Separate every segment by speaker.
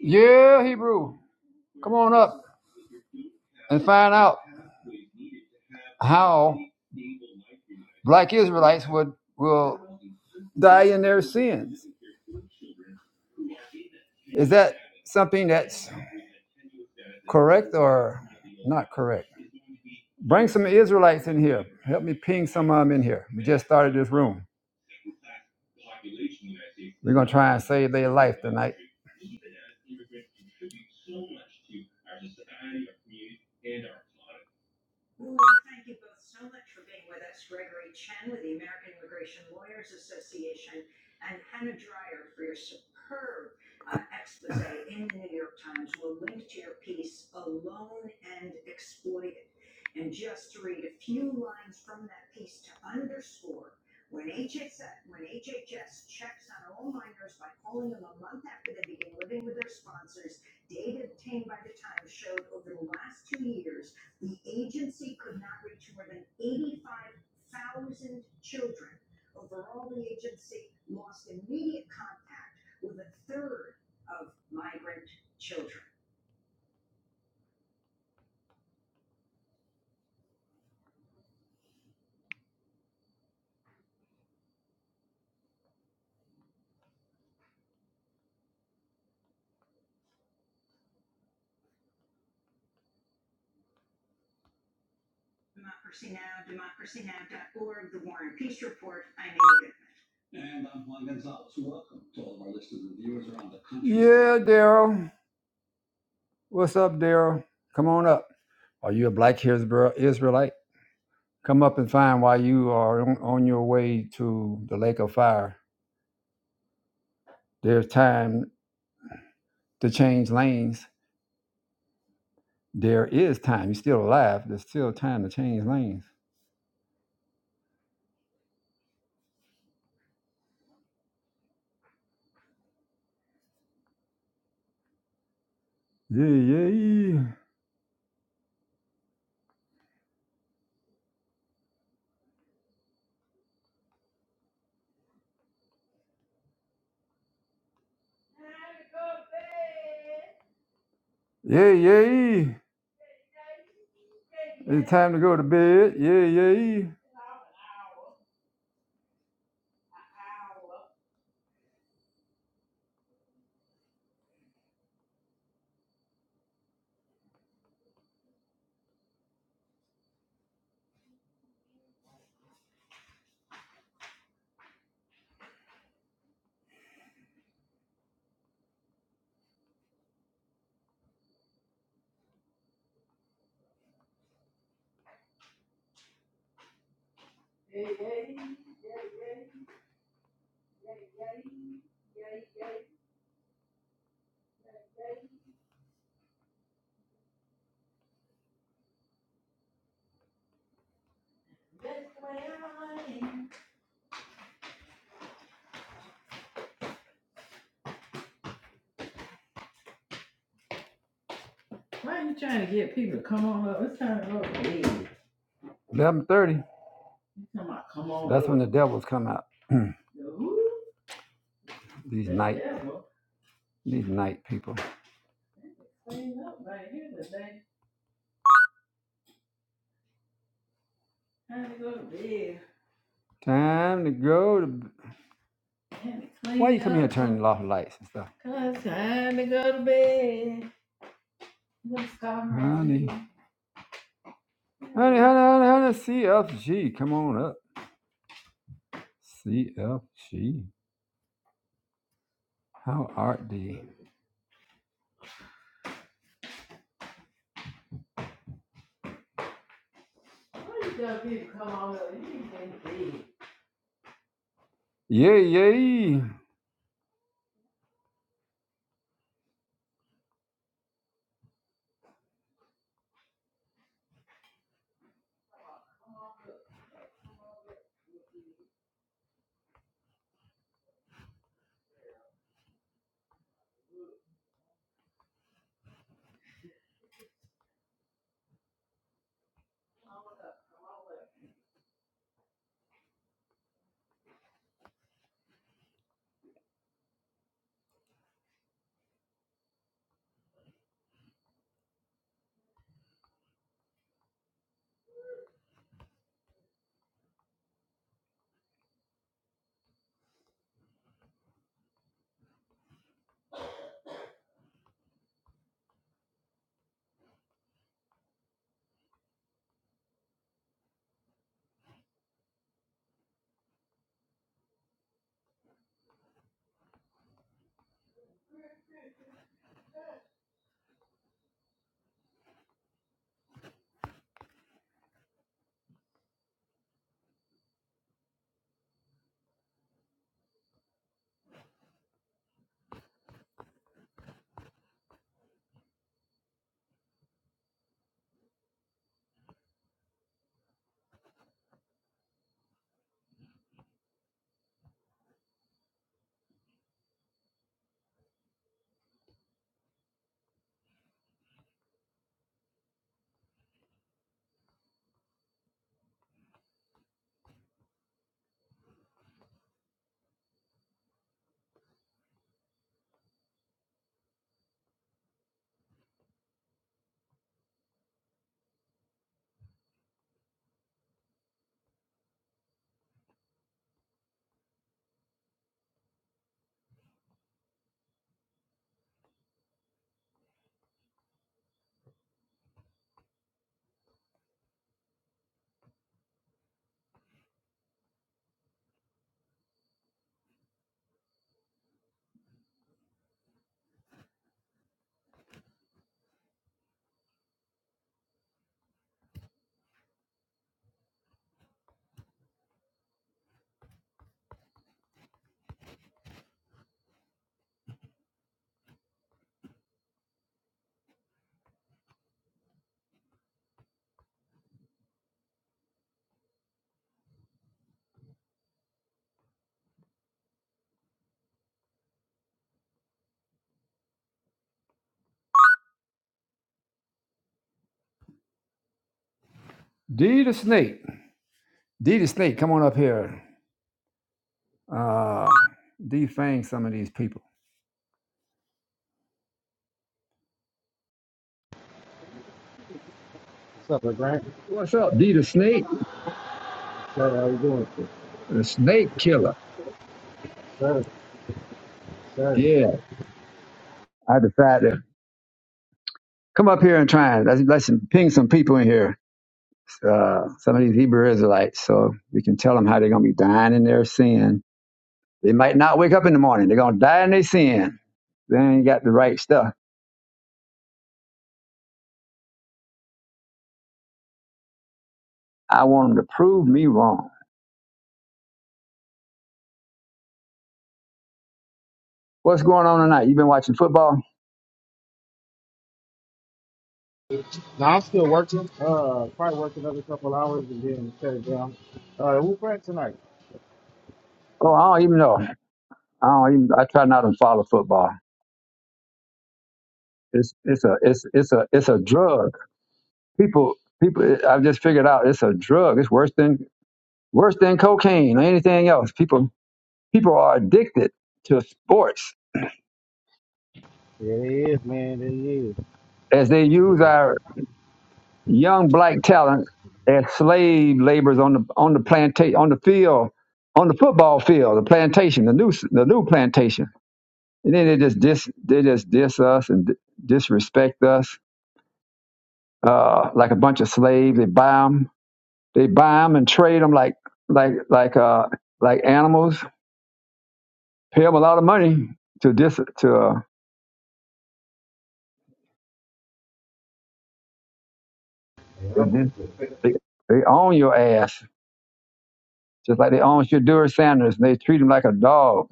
Speaker 1: Yeah, Hebrew. Come on up and find out how black Israelites would will die in their sins. Is that something that's correct or not correct? Bring some Israelites in here. Help me ping some of them in here. We just started this room. We're gonna try and save their life tonight. Yeah, Daryl. What's up, Daryl? Come on up. Are you a black Hebrew Israelite? Come up and find while you are on, on your way to the lake of fire. There's time to change lanes. There is time. You're still alive. There's still time to change lanes. Yeah, yeah, yeah, yeah. yeah, yeah. It's time to go to bed. Yeah, yeah. yeah. Eleven thirty. That's when the devils come out. These night, these night people. Time to go to. Why you come here turning off lights and stuff? Honey. Honey, honey, honey, honey, CFG, come on up. CFG, how art thee? Yay, yay. D the snake. D the snake, come on up here. Uh, defang some of these people.
Speaker 2: What's up, LeGrant?
Speaker 1: What's up, D the snake?
Speaker 2: Sir, how you doing, sir?
Speaker 1: The snake killer.
Speaker 2: Sir, sir.
Speaker 1: Yeah, I decided to come up here and try and let's, let's ping some people in here. Uh, some of these Hebrew Israelites, so we can tell them how they're going to be dying in their sin. They might not wake up in the morning. They're going to die in their sin. They ain't got the right stuff. I want them to prove me wrong. What's going on tonight? You been watching football?
Speaker 2: Now, I'm still working. Uh, probably work another couple hours and then shut it down. Uh, who Grant tonight?
Speaker 1: Oh, I don't even know. I don't even. I try not to follow football. It's it's a it's it's a it's a drug. People people. I've just figured out it's a drug. It's worse than worse than cocaine or anything else. People people are addicted to sports
Speaker 2: Yeah, it is, man. It is.
Speaker 1: as they use
Speaker 2: It's
Speaker 1: our young black talent as slave laborers on the on the plantation on the field on the football field, the plantation, the new the new plantation And then they just dis they just diss us and di- disrespect us uh, like a bunch of slaves. They buy them, they buy them and trade them like like like uh like animals. Pay them a lot of money to dis to uh, they, dis- they they own your ass just like they own Shadur Sanders. And they treat him like a dog.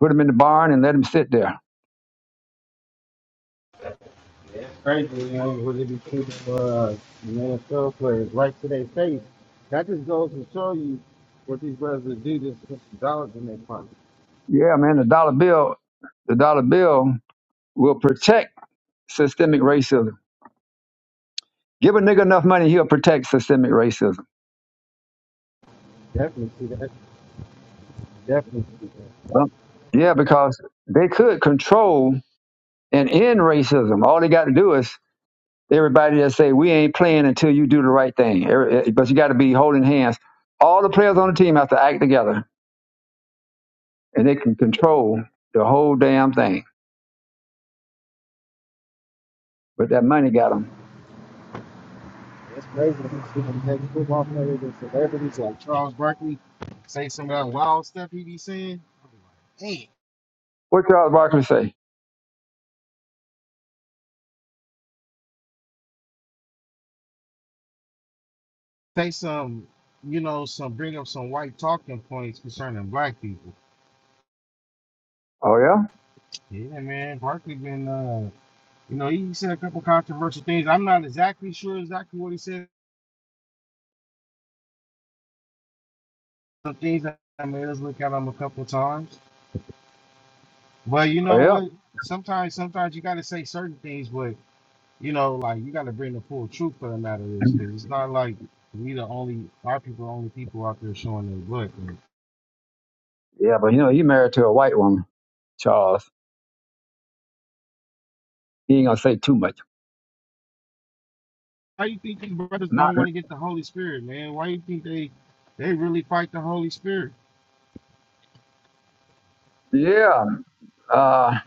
Speaker 1: Put him in the barn and let him sit there.
Speaker 2: crazy, man. What they be keeping uh, the NFL players right to their face. That just goes to show you what these brothers do just to put some dollars in their pocket.
Speaker 1: Yeah, man. The dollar bill, the dollar bill will protect systemic racism. Give a nigga enough money, he'll protect systemic racism
Speaker 2: Definitely see that. Definitely see that.
Speaker 1: Well, Yeah, because they could control and end racism. All they got to do is everybody that say we ain't playing until you do the right thing. Every- eh, But you got to be holding hands. All the players on the team have to act together, and they can control the whole damn thing. But that money got them.
Speaker 2: It's crazy to see them take football players and celebrities like Charles Barkley say some of that wild stuff he be saying. Hey,
Speaker 1: What Charles Barkley say?
Speaker 2: say some, you know, some bring up some white talking points concerning black people.
Speaker 1: Oh yeah,
Speaker 2: Yeah, man, Barkley been, uh, you know, he said a couple controversial things. I'm not exactly sure exactly what he said. Some things that I made us look at him a couple times. But you
Speaker 1: oh
Speaker 2: know
Speaker 1: yeah,
Speaker 2: what? Sometimes, sometimes you got to say certain things, but you know, like you got to bring the full truth for the matter is, because it's not like we the only our people are the only people out there showing their butt.
Speaker 1: yeah. But you know he married to a white woman, Charles. He ain't gonna say too much.
Speaker 2: Why you think these brothers
Speaker 1: Not
Speaker 2: don't want to get the Holy Spirit, man? Why you think they they really fight the Holy Spirit?
Speaker 1: yeah. Uh,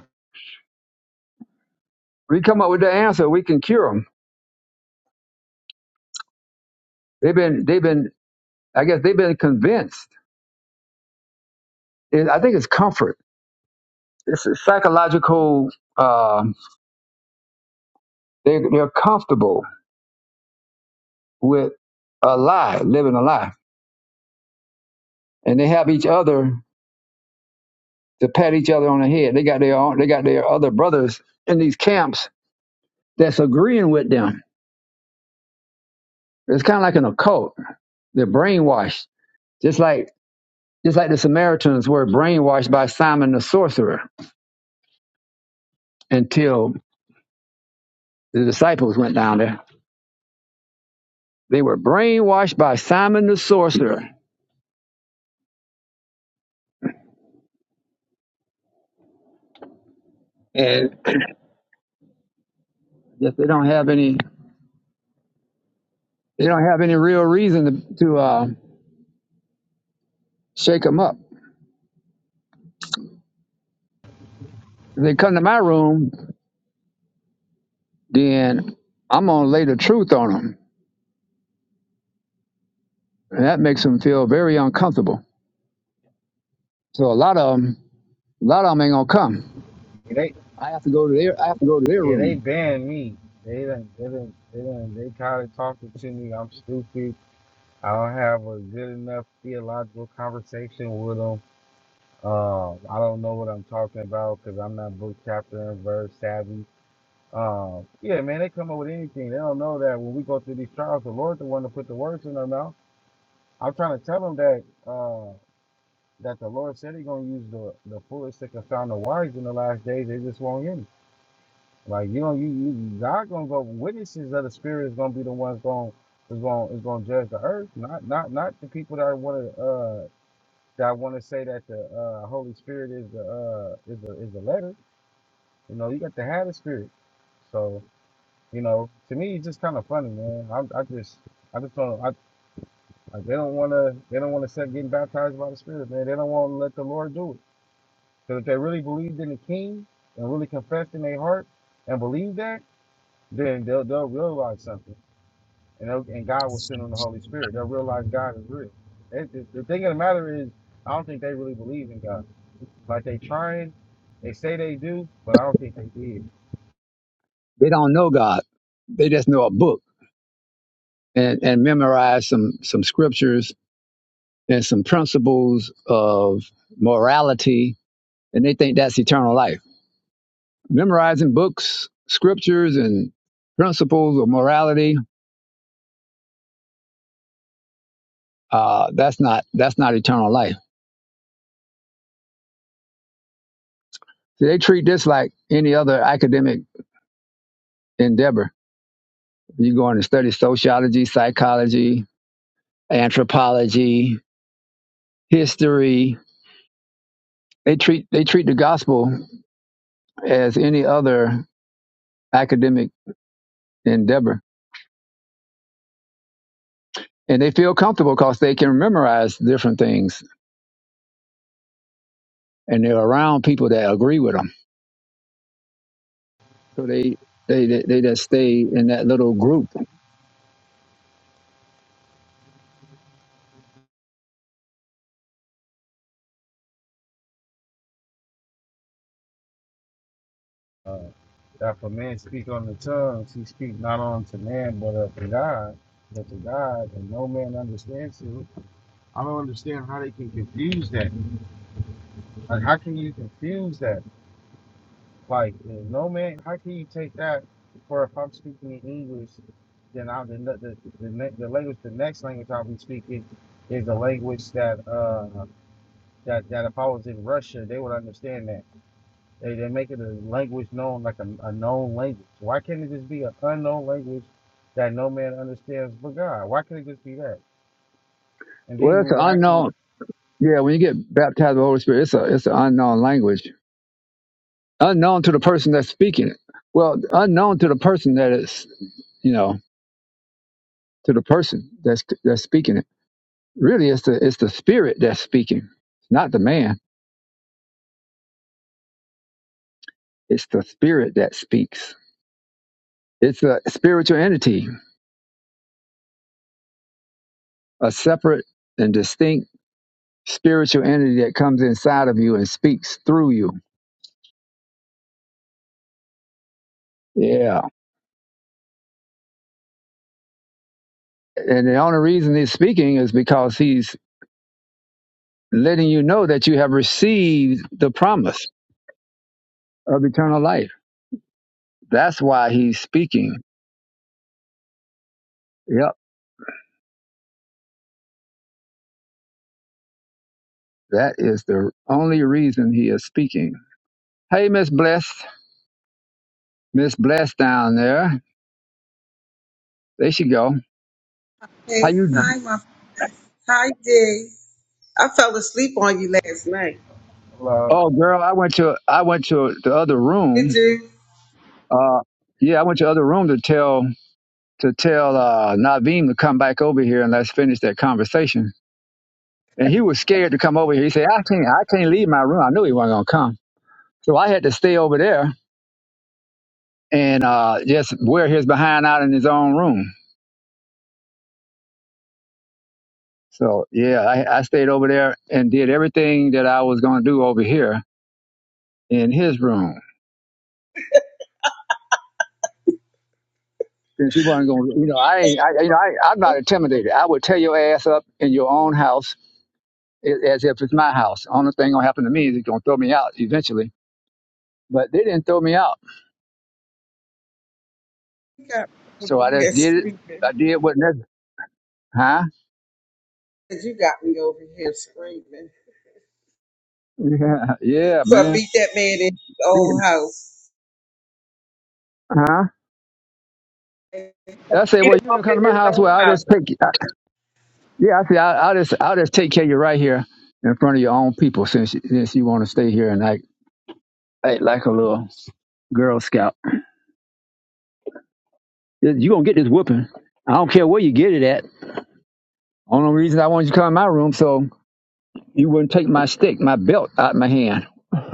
Speaker 1: we come up with the answer. We can cure them. They've been they've been I guess they've been convinced. It, I think it's comfort. It's a psychological. Uh, they they're comfortable with a lie, living a lie, and they have each other to pat each other on the head. They got their own, they got their other brothers in these camps that's agreeing with them. It's kind of like an occult. They're brainwashed, just like just like the Samaritans were brainwashed by Simon the sorcerer until the disciples went down there. They were brainwashed by Simon the sorcerer, and. Just they don't have any they don't have any real reason to, to uh, shake them up. If they come to my room, then I'm gonna lay the truth on them, and that makes them feel very uncomfortable. So a lot of them, a lot of them ain't gonna come.
Speaker 2: Yeah, They
Speaker 1: I have to go to their I have to go to their
Speaker 2: yeah, they
Speaker 1: room.
Speaker 2: banned me. They done, they done, they done, they tired of talking to me. I'm stupid. I don't have a good enough theological conversation with them. Um, I don't know what I'm talking about because I'm not book chapter and verse savvy. Um, yeah, man, they come up with anything. They don't know that when we go through these trials, the Lord the one to put the words in their mouth. I'm trying to tell them that. uh, that the Lord said He's gonna use the the foolish to confound the wise in the last days. They just won't hear Him. Like you know, you, you God gonna go witnesses of the Spirit is gonna be the ones going is going to is gonna judge the earth, not not not the people that want to uh that want to say that the uh Holy Spirit is the uh is the is the letter. You know, you got to have the Spirit. So you know, to me, it's just kind of funny, man. I, I just I just don't I like they don't want to they don't want to start getting baptized by the Spirit, man. They don't want to let the Lord do it. Because if they really believed in the king and really confessed in their heart and believed that, then they'll, they'll realize something. And, they'll, and God will send them the Holy Spirit. They'll realize God is real. It, the, the thing of the matter is, I don't think they really believe in God. Like they trying, they say they do, but I don't think they did.
Speaker 1: They don't know God. They just know a book and, and memorize some some scriptures and some principles of morality, and they think that's eternal life memorizing books, scriptures, and principles of morality, uh, that's not that's not eternal life. See, they treat this like any other academic endeavor. You go in and study sociology, psychology, anthropology, history. They treat they treat the gospel as any other academic endeavor, and they feel comfortable because they can memorize different things, and they're around people that agree with them. So they they they, they just stay in that little group
Speaker 2: Uh, that if a man speak on the tongues, he speak not unto man, but unto God. But to God, and no man understands him. I don't understand how they can confuse that. Like, how can you confuse that? Like, uh, no man, how can you take that for if I'm speaking in English, then I the the the, ne- the language, the next language I'll be speaking is the language that uh that that if I was in Russia, they would understand that. They they make it a language known like a, a known language. Why can't it just be an unknown language that no man understands but God? Why can't it just be that? And then
Speaker 1: Well,
Speaker 2: you
Speaker 1: it's an
Speaker 2: will actually
Speaker 1: unknown. Yeah, when you get baptized with the Holy Spirit, it's a it's an unknown language, unknown to the person that's speaking it. Well, unknown to the person that is, you know, to the person that's that's speaking it. Really, it's the it's the spirit that's speaking, not the man. It's the spirit that speaks. It's a spiritual entity, a separate and distinct spiritual entity that comes inside of you and speaks through you. Yeah, and the only reason he's speaking is because he's letting you know that you have received the promise of eternal life. That's why he's speaking. Yep, that is the only reason he is speaking. Hey, Miss Blessed, Miss Blessed down there. There she go. How
Speaker 3: Hey,
Speaker 1: you?
Speaker 3: hi, my friend. hi, Dee. I fell asleep on you last night.
Speaker 2: love.
Speaker 1: Oh, girl, I went to I went to the other
Speaker 3: Did
Speaker 1: room.
Speaker 3: you?
Speaker 1: Uh, yeah, I went to the other room to tell to tell uh, Naveem to come back over here and let's finish that conversation. And he was scared to come over here. He said, "I can't, I can't leave my room. I knew he wasn't gonna come." So I had to stay over there and uh, just wear his behind out in his own room. So yeah, I, I stayed over there and did everything that I was going to do over here in his room. Since he wasn't going, to you know, I ain't, I, you know, I, I'm not intimidated. I would tear your ass up in your own house a- as if it's my house. Only thing gonna happen to me is it's gonna throw me out eventually. But they didn't throw me out,
Speaker 3: You got me
Speaker 1: so
Speaker 3: over
Speaker 1: I
Speaker 3: here
Speaker 1: just did it.
Speaker 3: screaming.
Speaker 1: I did what necessary. Huh?
Speaker 3: You got me over here screaming.
Speaker 1: Yeah, yeah,
Speaker 3: So I
Speaker 1: man.
Speaker 3: beat that man in his
Speaker 1: Yeah,
Speaker 3: own house.
Speaker 1: Huh? I say,
Speaker 3: Beat
Speaker 1: well,
Speaker 3: him
Speaker 1: you ain't
Speaker 3: up
Speaker 1: come to
Speaker 3: in
Speaker 1: my
Speaker 3: his
Speaker 1: house. Well,
Speaker 3: own
Speaker 1: I'll
Speaker 3: house.
Speaker 1: just take you. Yeah, I see. I, I'll just I'll just take care of you right here in front of your own people since since you want to stay here and act, act like a little girl scout. You gonna get this whooping. I don't care where you get it at. Only reason I wanted you to come in my room so you wouldn't take my stick, my belt out of my hand.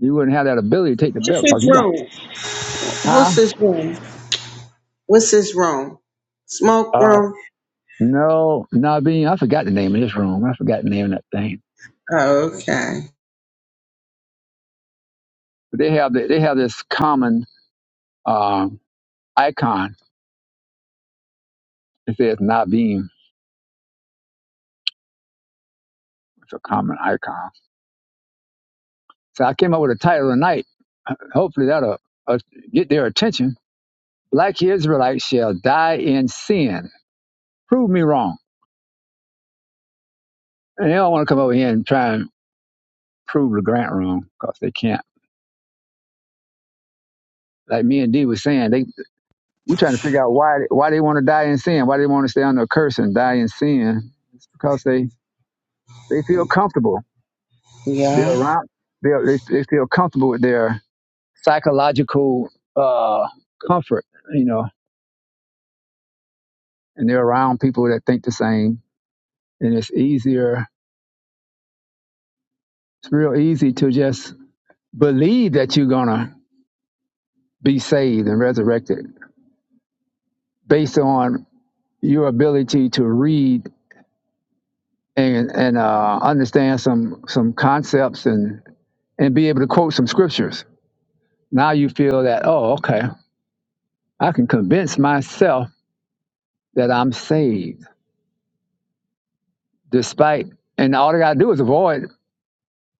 Speaker 1: you wouldn't have that ability to take the
Speaker 3: What's
Speaker 1: belt because
Speaker 3: his
Speaker 1: you don't.
Speaker 3: room?
Speaker 1: Huh?
Speaker 3: What's his room? What's his room? Smoke
Speaker 1: Uh,
Speaker 3: room?
Speaker 1: no, Naveen. I forgot the name of this room. I forgot the name of that thing.
Speaker 3: Oh, okay.
Speaker 1: But they have the, they have this common um icon. It says Naveen. It's a common icon So I came up with a title tonight. Hopefully that'll uh, get their attention. Black Israelites shall die in sin. Prove me wrong. And they don't want to come over here and try and prove the grant wrong because they can't. Like me and Dee was saying, they we're trying to figure out why why they want to die in sin, why they want to stay under a curse and die in sin. It's because they they feel comfortable.
Speaker 3: Yeah.
Speaker 1: They're around. They they they feel comfortable with their psychological uh, comfort, you know, and they're around people that think the same and it's easier it's real easy to just believe that you're going to be saved and resurrected based on your ability to read and and uh, understand some some concepts and and be able to quote some scriptures now you feel that oh okay i can convince myself that i'm saved despite and all i gotta do is avoid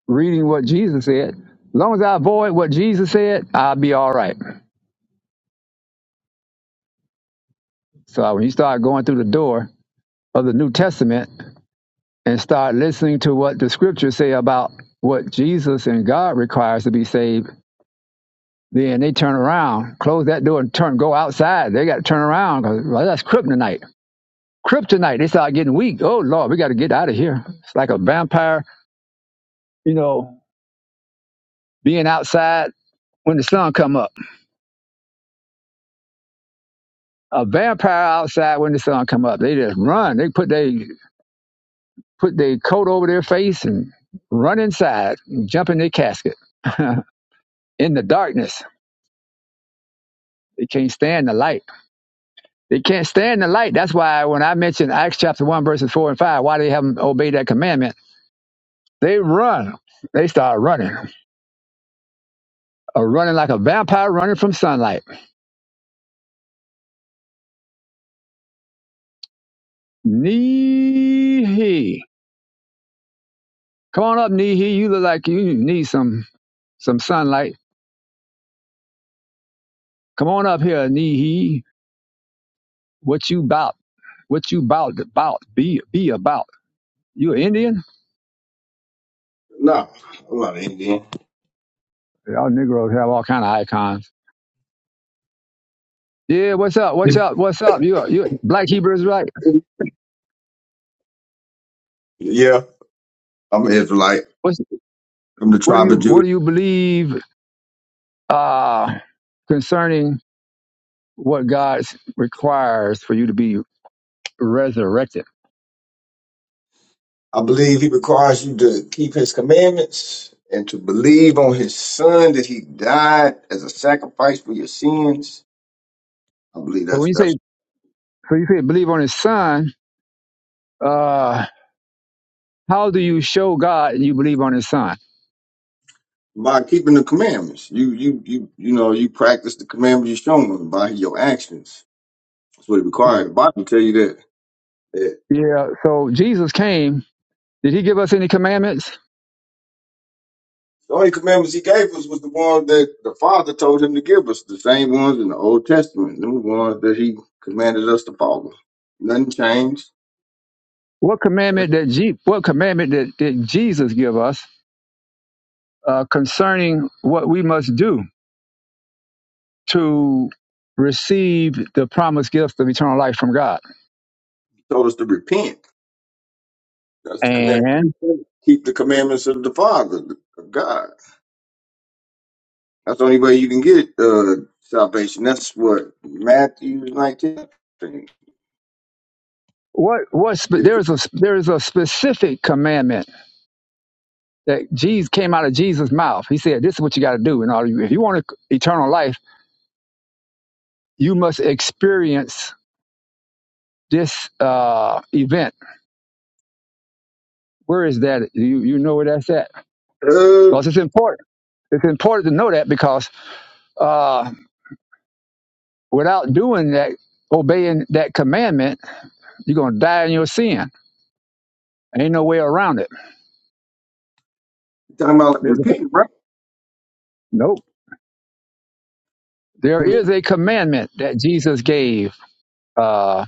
Speaker 1: reading what jesus said as long as i avoid what jesus said i'll be all right so when you start going through the door of the New Testament and start listening to what the scriptures say about what Jesus and God requires to be saved, then they turn around, close that door and turn, go outside. They got to turn around because well, that's kryptonite. Kryptonite, they start getting weak. Oh, Lord, we got to get out of here. It's like a vampire, you know, being outside when the sun come up. A vampire outside when the sun come up. They just run. They put their put their coat over their face and run inside and jump in their casket in the darkness They can't stand the light. They can't stand the light. That's why when I mentioned Acts chapter 1, verses 4 and 5, why they haven't obeyed that commandment, they run. They start running, or running like a vampire running from sunlight. Knee Come on up, Knee You look like you need some some sunlight. Come on up here, Knee What you about? What you about? About be be about? You an Indian?
Speaker 4: No, I'm not Indian.
Speaker 1: Y'all Negroes have all kind of icons. Yeah, what's up? What's up? What's up? You a- you a- black Hebrews, right?
Speaker 4: Yeah, I'm an Israelite. I'm the
Speaker 1: What do
Speaker 4: tribe
Speaker 1: you
Speaker 4: of
Speaker 1: What
Speaker 4: Judah.
Speaker 1: do you believe uh, concerning what God requires for you to be resurrected?
Speaker 4: I believe he requires you to keep his commandments and to believe on his son that he died as a sacrifice for your sins. I believe
Speaker 1: So when
Speaker 4: that's
Speaker 1: you say
Speaker 4: that's
Speaker 1: so, you say believe on His Son. Uh, how do you show God you believe on His Son?
Speaker 4: by keeping the commandments. You you you you know you practice the commandments you're shown by your actions. That's what it requires. The Bible tell you that.
Speaker 1: Yeah. So Jesus came. Did He give us any commandments?
Speaker 4: The only commandments he gave us was the ones that the Father told him to give us, the same ones in the Old Testament, the ones that he commanded us to follow. Nothing changed.
Speaker 1: What commandment that Je- What commandment did, did Jesus give us uh, concerning what we must do to receive the promised gift of eternal life from God?
Speaker 4: He told us to repent. That's the commandment.
Speaker 1: And
Speaker 4: to repent. Keep the commandments of the Father, of God. That's the only way you can get uh, salvation. That's what Matthew 19. I think.
Speaker 1: What what spe-
Speaker 4: Yeah,
Speaker 1: there
Speaker 4: 'cause,
Speaker 1: is a there is a specific commandment that Jesus came out of Jesus' mouth. He said, "This is what you got to do in order if you want eternal life, you must experience this uh, event." Where is that? You you know where that's at
Speaker 4: uh,
Speaker 1: because it's important. It's important to know that because uh, without doing that, obeying that commandment, you're gonna die in your sin. Ain't no way around it.
Speaker 4: talking about
Speaker 1: There's a,
Speaker 4: repenting, right?
Speaker 1: nope. There is
Speaker 4: Because
Speaker 1: a commandment that Jesus gave. Uh,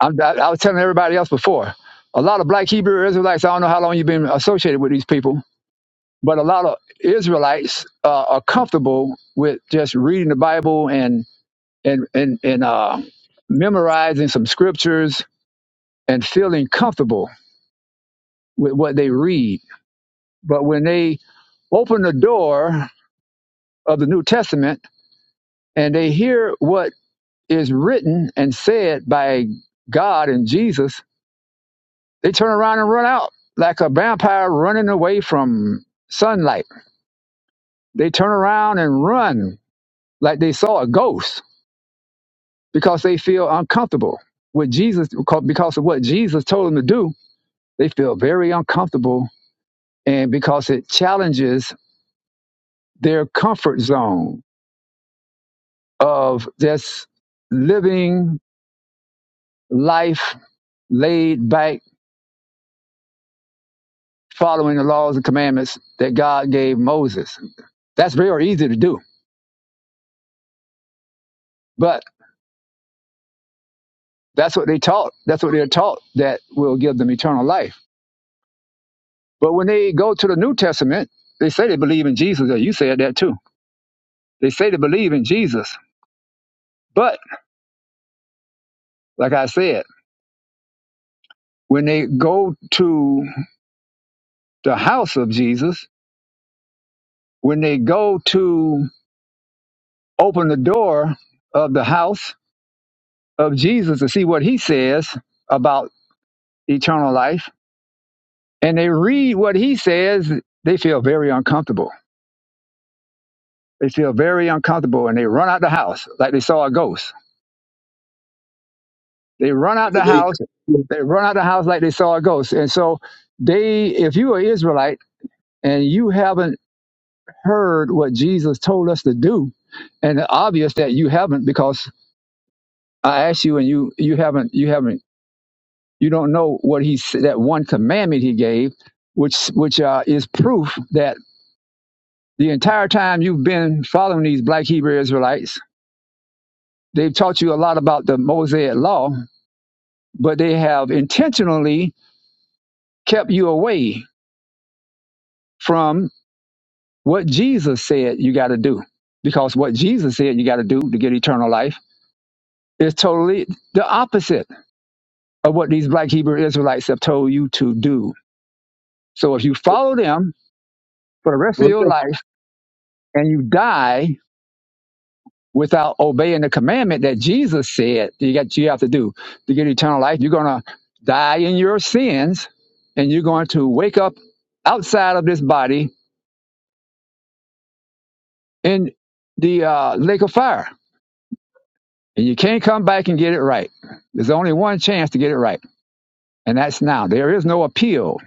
Speaker 1: I'm, I, I was telling everybody else before. A lot of black Hebrew Israelites. I don't know how long you've been associated with these people, but a lot of Israelites uh, are comfortable with just reading the Bible and and and and uh, memorizing some scriptures and feeling comfortable with what they read. But when they open the door of the New Testament and they hear what is written and said by God and Jesus, They turn around and run out like a vampire running away from sunlight. They turn around and run like they saw a ghost because they feel uncomfortable with Jesus because of what Jesus told them to do. They feel very uncomfortable and because it challenges their comfort zone of just living life laid back, following the laws and commandments that God gave Moses. That's very easy to do. but. That's what they taught. That's what they're taught that will give them eternal life. But when they go to the New Testament, they say they believe in Jesus. Yeah, You said that too. They say they believe in Jesus. But like I said, when they go to the house of Jesus, when they go to open the door of the house of Jesus to see what he says about eternal life, and they read what he says, they feel very uncomfortable. They feel very uncomfortable and they run out the house like they saw a ghost They run out the
Speaker 4: they,
Speaker 1: house. They run out the house like they saw a ghost. And so they, if you are Israelite and you haven't heard what Jesus told us to do, and obvious that you haven't because I asked you and you you haven't you haven't you don't know what he s- that one commandment he gave, which which uh, is proof that the entire time you've been following these Black Hebrew Israelites, they've taught you a lot about the Mosaic law, but they have intentionally kept you away from What Jesus said you got to do, because what Jesus said you got to do to get eternal life is totally the opposite of what these black Hebrew Israelites have told you to do. So if you follow them for the rest of
Speaker 4: well,
Speaker 1: your
Speaker 4: yeah,
Speaker 1: life and you die without obeying the commandment that Jesus said you got you have to do to get eternal life, you're gonna die in your sins and you're going to wake up outside of this body in the uh, lake of fire And you can't come back and get it right. There's only one chance to get it right, and that's now. There is no appeal.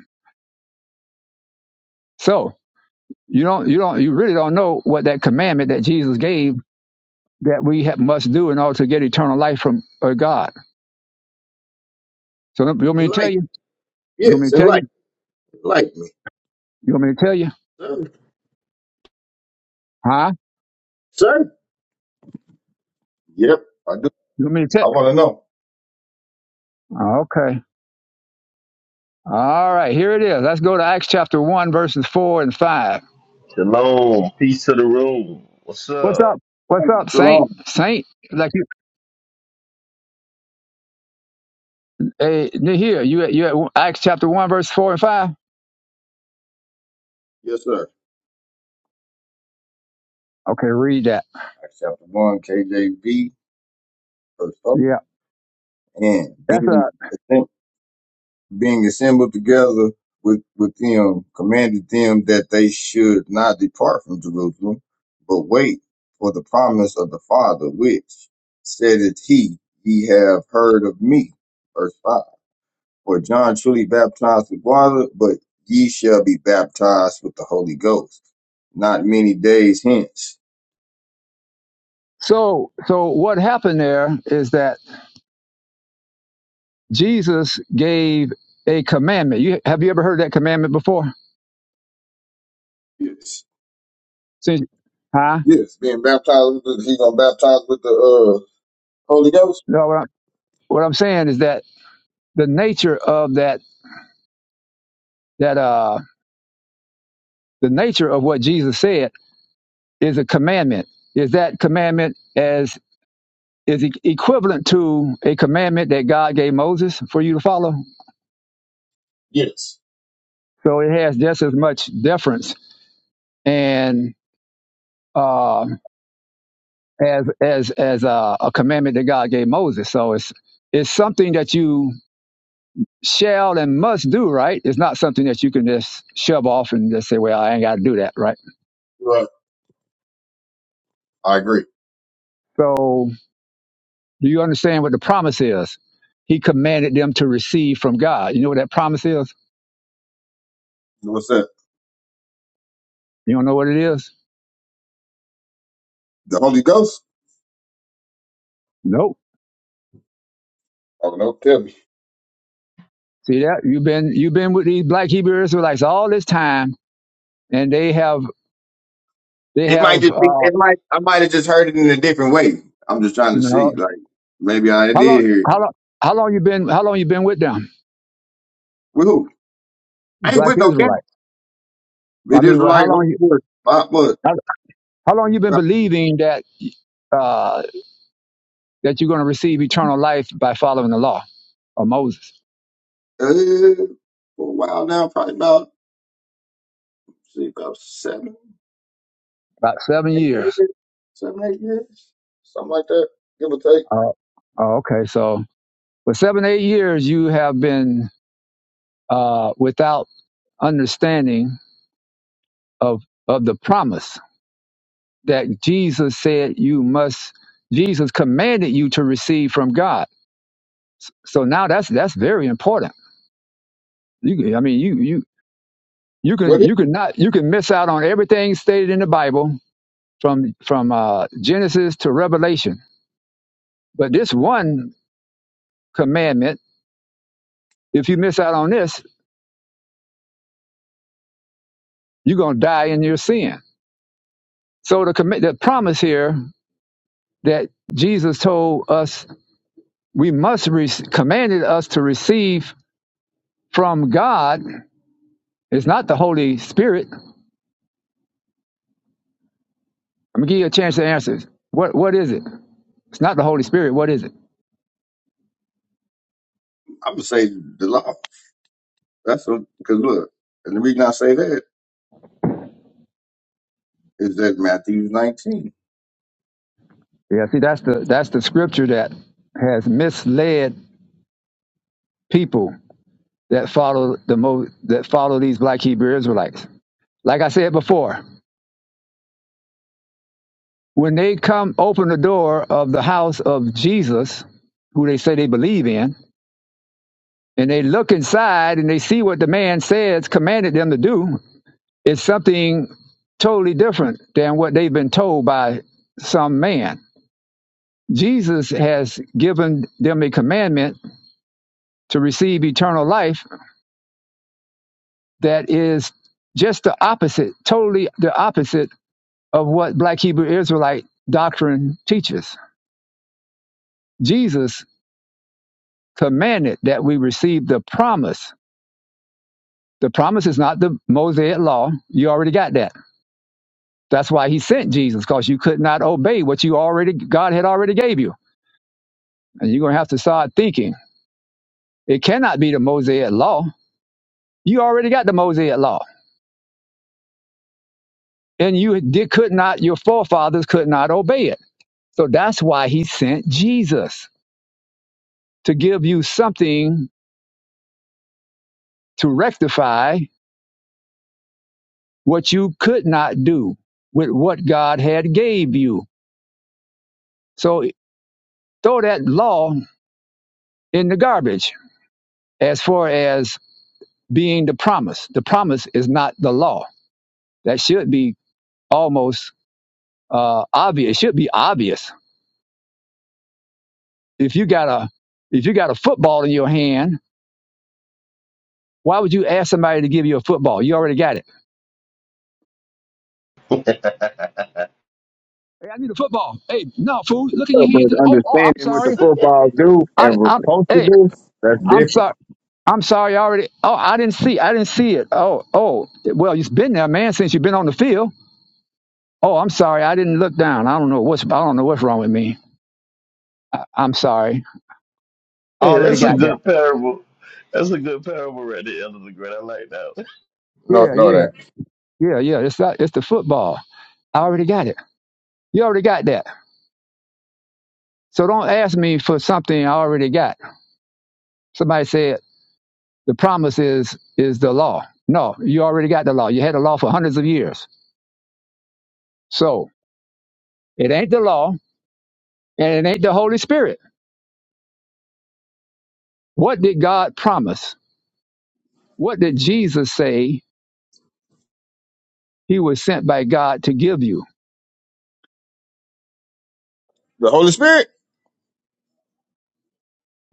Speaker 1: So you don't, you don't, you really don't know what that commandment that Jesus gave that we ha must do in order to get eternal life from uh, God. So you want me to tell
Speaker 4: enlighten.
Speaker 1: you? You want me
Speaker 4: Yes,
Speaker 1: to tell you?
Speaker 4: enlighten. Enlighten.
Speaker 1: You want me to tell you?
Speaker 4: Sir.
Speaker 1: Huh?
Speaker 4: Sir. Yep. I do.
Speaker 1: You want me to
Speaker 4: I
Speaker 1: tell?
Speaker 4: want to know.
Speaker 1: Okay. All right. Here it is. Let's go to Acts chapter one, verses four and five.
Speaker 5: Shalom, peace to the room. What's
Speaker 1: What's up?
Speaker 5: up?
Speaker 1: What's up, Saint?
Speaker 4: Shalom.
Speaker 1: Saint, like you, hey, here you, you at Acts chapter one, verse four and five.
Speaker 4: Yes, sir.
Speaker 1: Okay, read that.
Speaker 4: Acts chapter 1, KJV, verse 4.
Speaker 1: Yeah,
Speaker 4: And
Speaker 1: that's
Speaker 4: being,
Speaker 1: a
Speaker 4: assemb- being assembled together with, with them, commanded them that they should not depart from Jerusalem, but wait for the promise of the Father, which said it he, ye have heard of me. Verse 5. For John truly baptized with water, but ye shall be baptized with the Holy Ghost, not many days hence.
Speaker 1: so so. What happened there is that Jesus gave a commandment. You have you ever heard that commandment before? Since, huh?
Speaker 4: Yes, being baptized with the, he gonna baptize with the uh Holy Ghost.
Speaker 1: No. What I'm, what I'm saying is that the nature of that that uh the nature of what Jesus said is a commandment. Is that commandment as is e- equivalent to a commandment that God gave Moses for you to follow?
Speaker 4: Yes,
Speaker 1: So it has just as much deference and uh, as as as a, a commandment that God gave Moses. So it's it's something that you shall and must do, right? It's not something that you can just shove off and just say, "Well, I ain't got to do that," right?
Speaker 4: right. I agree.
Speaker 1: So do you understand what the promise is? He commanded them to receive from God. You know what that promise is?
Speaker 4: What's that?
Speaker 1: You don't know what it is?
Speaker 4: The Holy Ghost?
Speaker 1: Nope.
Speaker 4: Oh no, tell me.
Speaker 1: See that? You've been you've been with these black Hebrew Israelites all this time, and they have they
Speaker 4: It might
Speaker 1: have
Speaker 4: just be.
Speaker 1: uh,
Speaker 4: It might. I might have just heard it in a different way. I'm just trying
Speaker 1: you
Speaker 4: to see.
Speaker 1: know
Speaker 4: Like maybe I did
Speaker 1: how long
Speaker 4: hear it.
Speaker 1: how long how long you been how long you been with them?
Speaker 4: With who? I ain't
Speaker 1: Black
Speaker 4: with no
Speaker 1: Israelites.
Speaker 4: camp.
Speaker 1: I
Speaker 4: It is
Speaker 1: mean, well, how
Speaker 4: like
Speaker 1: long
Speaker 4: over
Speaker 1: you
Speaker 4: here. Uh, what?
Speaker 1: how, how long you been believing that uh, that you're going to receive eternal life by following the law of Moses?
Speaker 4: Uh, for a while now, probably about see about seven,
Speaker 1: About seven
Speaker 4: eight
Speaker 1: years.
Speaker 4: years, seven, eight years, something like that, give or take.
Speaker 1: Uh, oh, okay, so for seven eight years you have been uh, without understanding of of the promise that Jesus said you must. Jesus commanded you to receive from God. So now that's that's very important. You, can- I mean, you you you can
Speaker 4: What?
Speaker 1: you
Speaker 4: is
Speaker 1: can not you can miss out on everything stated in the Bible from from uh, Genesis to Revelation. But this one commandment, if you miss out on this, you're gonna die in your sin. So the comm- the promise here that Jesus told us we must re- commanded us to receive from God is not the Holy Spirit. I'm gonna give you a chance to answer. this. What what is it? It's not the Holy Spirit. What is it?
Speaker 4: I'm gonna say the longest. That's what, because look, and the reason I say that is that Matthew 19.
Speaker 1: Yeah, see, that's the that's the scripture that has misled people that follow the mo that follow these black Hebrew Israelites. Like I said before, when they come open the door of the house of Jesus, who they say they believe in, and they look inside and they see what the man says commanded them to do, it's something totally different than what they've been told by some man. Jesus has given them a commandment to receive eternal life that is just the opposite, totally the opposite of what Black Hebrew Israelite doctrine teaches. Jesus commanded that we receive the promise. The promise is not the Mosaic law. You already got that. That's why he sent Jesus, because you could not obey what you already God had already gave you. And you're gonna have to start thinking. It cannot be the Mosaic law. You already got the Mosaic law. And you did, could not, your forefathers could not obey it. So that's why he sent Jesus to give you something to rectify what you could not do with what God had gave you. So throw that law in the garbage as far as being the promise. The promise is not the law. That should be almost uh, obvious. It should be obvious. If you got a if you got a football in your hand, why would you ask somebody to give you a football? You already got it.
Speaker 5: hey,
Speaker 1: Hey, I need a football. Hey, no, fool, look in
Speaker 4: Yeah,
Speaker 1: your
Speaker 4: But
Speaker 1: hand. Oh, oh I'm
Speaker 4: understanding what the
Speaker 1: sorry.
Speaker 4: footballs do
Speaker 1: I,
Speaker 4: and we're
Speaker 1: I'm
Speaker 4: supposed to
Speaker 1: hey,
Speaker 4: do, that's
Speaker 1: I'm
Speaker 4: different.
Speaker 1: sorry. I'm sorry. I already. Oh, I didn't see. I didn't see it. Oh, oh. Well, you've been there, man, since you've been on the field. Oh, I'm sorry. I didn't look down. I don't know what's I don't know what's wrong with me. I, I'm sorry. I already
Speaker 5: that's a
Speaker 1: got that.
Speaker 5: good parable. That's a good parable right there, Elder Grant. I like that.
Speaker 4: No,
Speaker 1: Yeah,
Speaker 4: no,
Speaker 1: yeah,
Speaker 4: it ain't.
Speaker 1: yeah, yeah. It's not, it's the football. I already got it. You already got that. So don't ask me for something I already got. Somebody said the promise is is the law. No, you already got the law. You had the law for hundreds of years. So it ain't the law and it ain't the Holy Spirit. What did God promise? What did Jesus say he was sent by God to give you?
Speaker 4: The Holy Spirit?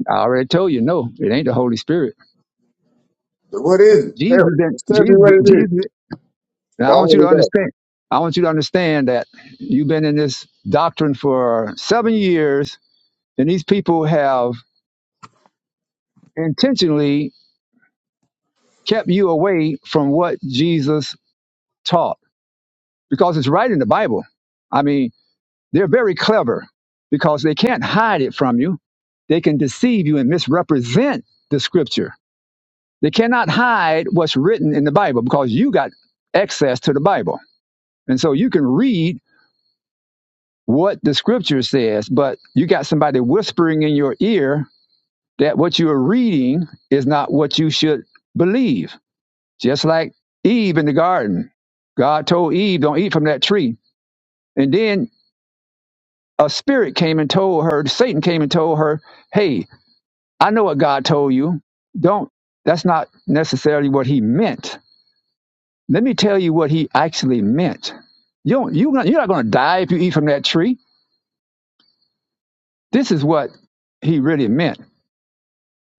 Speaker 1: I already told you, no, it ain't the Holy Spirit.
Speaker 4: What is it?
Speaker 1: Jesus
Speaker 4: Tell,
Speaker 1: didn't
Speaker 4: just tell me what
Speaker 1: Jesus
Speaker 4: it is.
Speaker 1: Jesus
Speaker 4: I
Speaker 1: now I want you to
Speaker 4: want to know.
Speaker 1: understand I want you to understand that you've been in this doctrine for seven years and these people have intentionally kept you away from what Jesus taught because it's right in the Bible. I mean, they're very clever because they can't hide it from you. They can deceive you and misrepresent the scripture. They cannot hide what's written in the Bible because you got access to the Bible. And so you can read what the scripture says, but you got somebody whispering in your ear that what you are reading is not what you should believe. Just like Eve in the garden. God told Eve, don't eat from that tree. And then a spirit came and told her, Satan came and told her, hey, I know what God told you. Don't, that's not necessarily what he meant. Let me tell you what he actually meant. You don't, you, you're not going to die if you eat from that tree. This is what he really meant.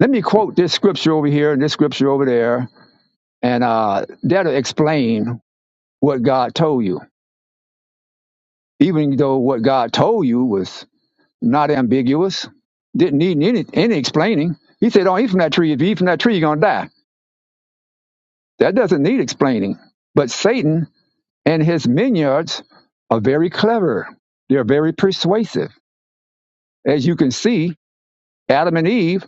Speaker 1: Let me quote this scripture over here and this scripture over there, and uh, that'll explain what God told you. Even though what God told you was not ambiguous, didn't need any, any explaining. He said, Don't eat from that tree. If you eat from that tree, you're going to die. That doesn't need explaining. But Satan and his minions are very clever, they're very persuasive. As you can see, Adam and Eve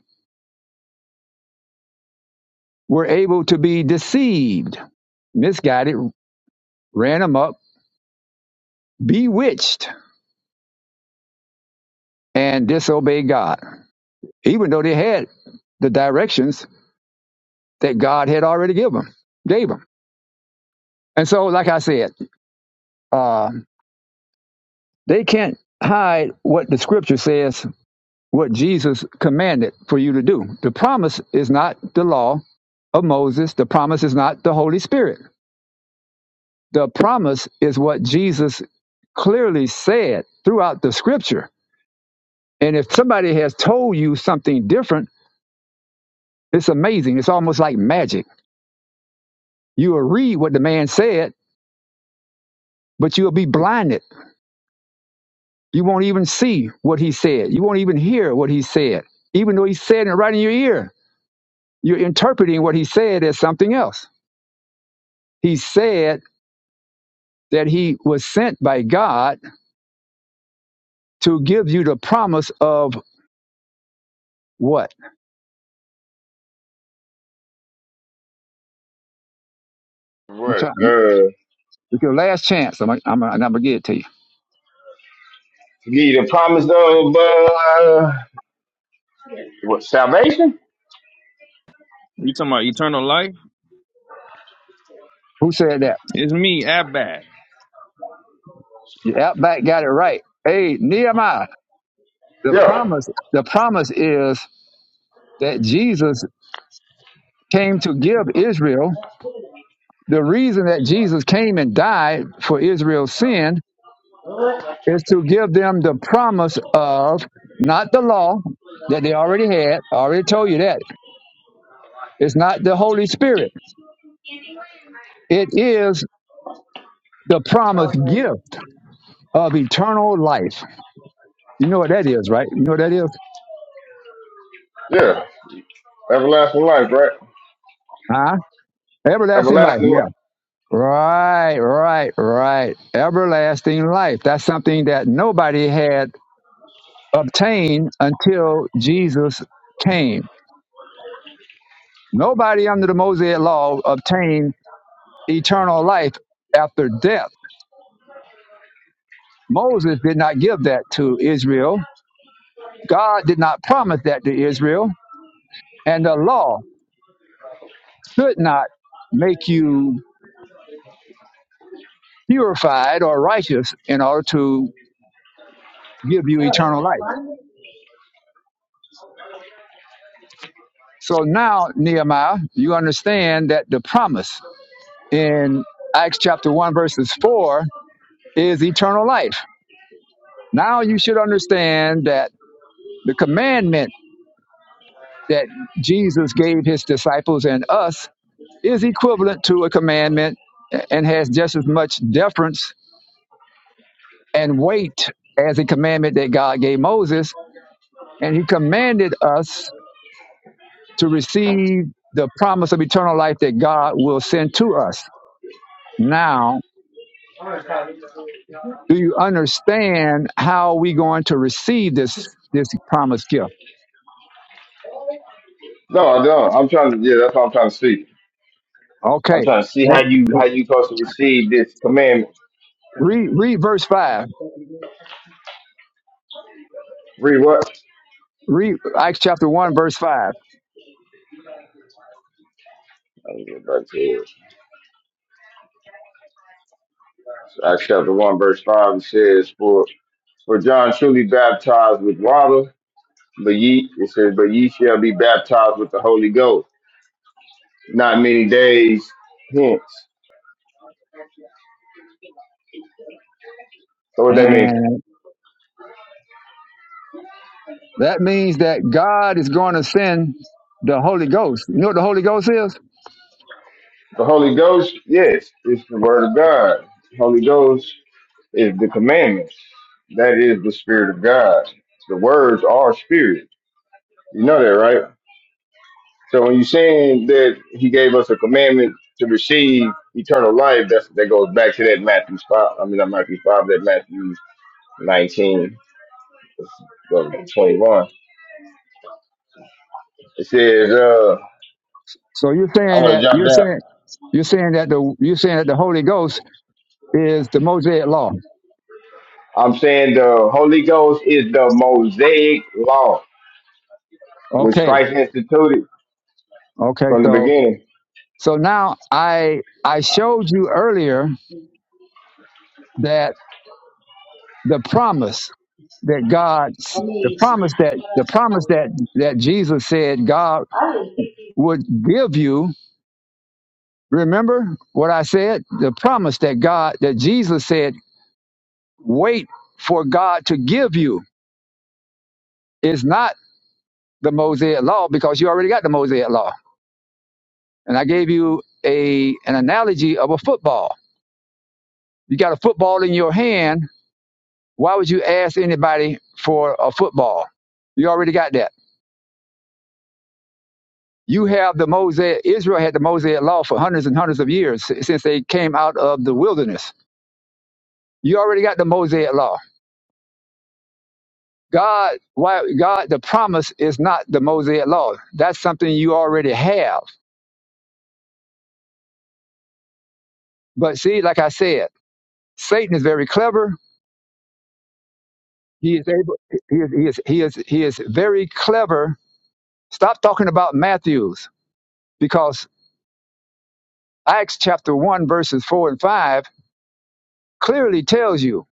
Speaker 1: were able to be deceived, misguided, ran amok, bewitched and disobeyed God, even though they had the directions that God had already given them, gave them. And so, like I said, uh, they can't hide what the Scripture says, what Jesus commanded for you to do. The promise is not the law of Moses. The promise is not the Holy Spirit. The promise is what Jesus clearly said throughout the Scripture. And if somebody has told you something different, it's amazing. It's almost like magic You will read what the man said, but you will be blinded. You won't even see what he said. You won't even hear what he said, even though he said it right in your ear. You're interpreting what he said as something else. He said that he was sent by God to give you the promise of what?
Speaker 4: What? Uh,
Speaker 1: it's your last chance. I'm, I'm, I'm going to get it to you.
Speaker 4: to give you the promise of uh, what salvation?
Speaker 6: You talking about eternal life?
Speaker 1: Who said that?
Speaker 6: It's me, Abad.
Speaker 1: You outback got it right. Hey, Nehemiah, the
Speaker 4: Yeah,
Speaker 1: promise, the promise is that Jesus came to give Israel. The reason that Jesus came and died for Israel's sin is to give them the promise of not the law that they already had. I already told you that. It's not the Holy Spirit. It is the promised gift of eternal life. You know what that is, right? You know what that is?
Speaker 4: yeah, everlasting life, right?
Speaker 1: Huh? Everlasting life.
Speaker 4: Everlasting
Speaker 1: Yeah.
Speaker 4: life.
Speaker 1: Right, right, right. Everlasting life. That's something that nobody had obtained until Jesus came. Nobody under the Mosaic law obtained eternal life after death. Moses did not give that to Israel. God did not promise that to Israel. And the law could not make you purified or righteous in order to give you eternal life. So now, Nehemiah, you understand that the promise in Acts chapter 1, verses 4 is eternal life. Now you should understand that the commandment that Jesus gave his disciples and us is equivalent to a commandment and has just as much deference and weight as a commandment that God gave Moses. And he commanded us to receive the promise of eternal life that God will send to us. Now, do you understand how we going to receive this this promised gift?
Speaker 4: No, I don't. I'm trying to. Yeah, that's what I'm trying to see. I'm
Speaker 1: Okay.
Speaker 4: trying to see how you how you supposed to receive this commandment.
Speaker 1: Read, read verse 5.
Speaker 4: Read what?
Speaker 1: Read Acts chapter 1, verse 5.
Speaker 4: I was get back to it. Acts chapter 1, verse 5, it says, For for John truly baptized with water, but ye it says, But ye shall be baptized with the Holy Ghost, not many days hence. So what that
Speaker 1: and.
Speaker 4: mean?
Speaker 1: That means that God is going to send the Holy Ghost. You know what the Holy Ghost is?
Speaker 4: The Holy Ghost, yes, it's the word of God. The Holy Ghost is the commandments. That is the Spirit of God. The words are spirit. You know that, right? So when you're saying that he gave us a commandment to receive eternal life, that's that goes back to that Matthew five. I mean, not Matthew five, that Matthew nineteen, uh, twenty-one. It says, uh,
Speaker 1: So you're
Speaker 4: "I
Speaker 1: saying
Speaker 4: want to
Speaker 1: that
Speaker 4: jump
Speaker 1: you're
Speaker 4: down."
Speaker 1: saying you're saying that the you're saying that the Holy Ghost is the Mosaic law.
Speaker 4: I'm saying the Holy Ghost is the Mosaic law, which
Speaker 1: Okay.
Speaker 4: Christ instituted
Speaker 1: Okay.
Speaker 4: from the
Speaker 1: So
Speaker 4: beginning.
Speaker 1: so now I I showed you earlier that the promise that God, the promise that the promise that that Jesus said God would give you. Remember what I said? The promise that God, that Jesus said, wait for God to give you is not the Mosaic law because you already got the Mosaic law. And I gave you a an analogy of a football. You got a football in your hand. Why would you ask anybody for a football? You already got that. You have the Mosaic, Israel had the Mosaic law for hundreds and hundreds of years si- since they came out of the wilderness. You already got the Mosaic law. God, why, God, the promise is not the Mosaic law. That's something you already have. But see, like I said, Satan is very clever. He is able, he is, he is, he is, he is very clever. Stop talking about Matthews because Acts chapter 1, verses 4 and 5 clearly tells you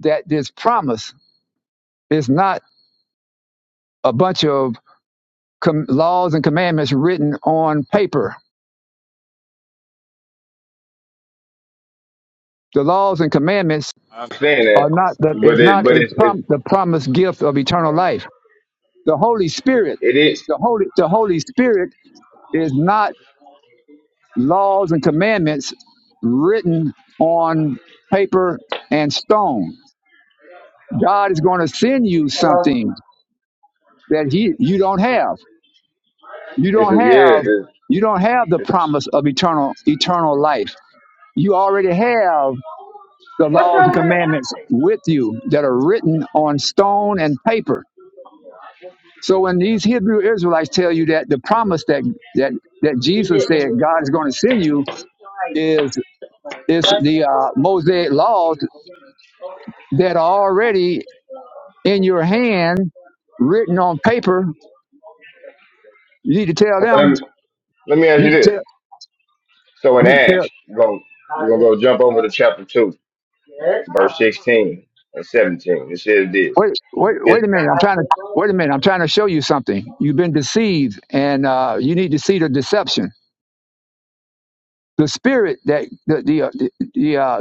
Speaker 1: that this promise is not a bunch of com- laws and commandments written on paper. The laws and commandments
Speaker 4: I'm saying
Speaker 1: are
Speaker 4: that,
Speaker 1: not the,
Speaker 4: but
Speaker 1: is
Speaker 4: it,
Speaker 1: not
Speaker 4: but
Speaker 1: a
Speaker 4: it, it,
Speaker 1: prom- the promised gift of eternal life. The Holy Spirit,
Speaker 4: it is,
Speaker 1: the Holy the Holy Spirit is not laws and commandments written on paper and stone. God is going to send you something that he you don't have. You
Speaker 4: it's a,
Speaker 1: don't
Speaker 4: yeah,
Speaker 1: have you don't have the
Speaker 4: it's, it's
Speaker 1: promise
Speaker 4: a,
Speaker 1: of eternal eternal life. You already have the laws and commandments with you that are written on stone and paper. So when these Hebrew Israelites tell you that the promise that that that Jesus said God is going to send you is is the uh, Mosaic laws that are already in your hand, written on paper. You need to tell
Speaker 4: okay, let me
Speaker 1: them.
Speaker 4: let me
Speaker 1: You
Speaker 4: ask you
Speaker 1: need to
Speaker 4: this.
Speaker 1: tell.
Speaker 4: So in
Speaker 1: You need to tell.
Speaker 4: Acts, we're going we're gonna go jump over to chapter 2, verse 16 and 17. It says this,
Speaker 1: Wait, wait,
Speaker 4: but this
Speaker 1: wait a minute! I'm trying to wait a minute. I'm trying to show you something. You've been deceived, and uh, you need to see the deception the spirit that the the uh, the, the, uh,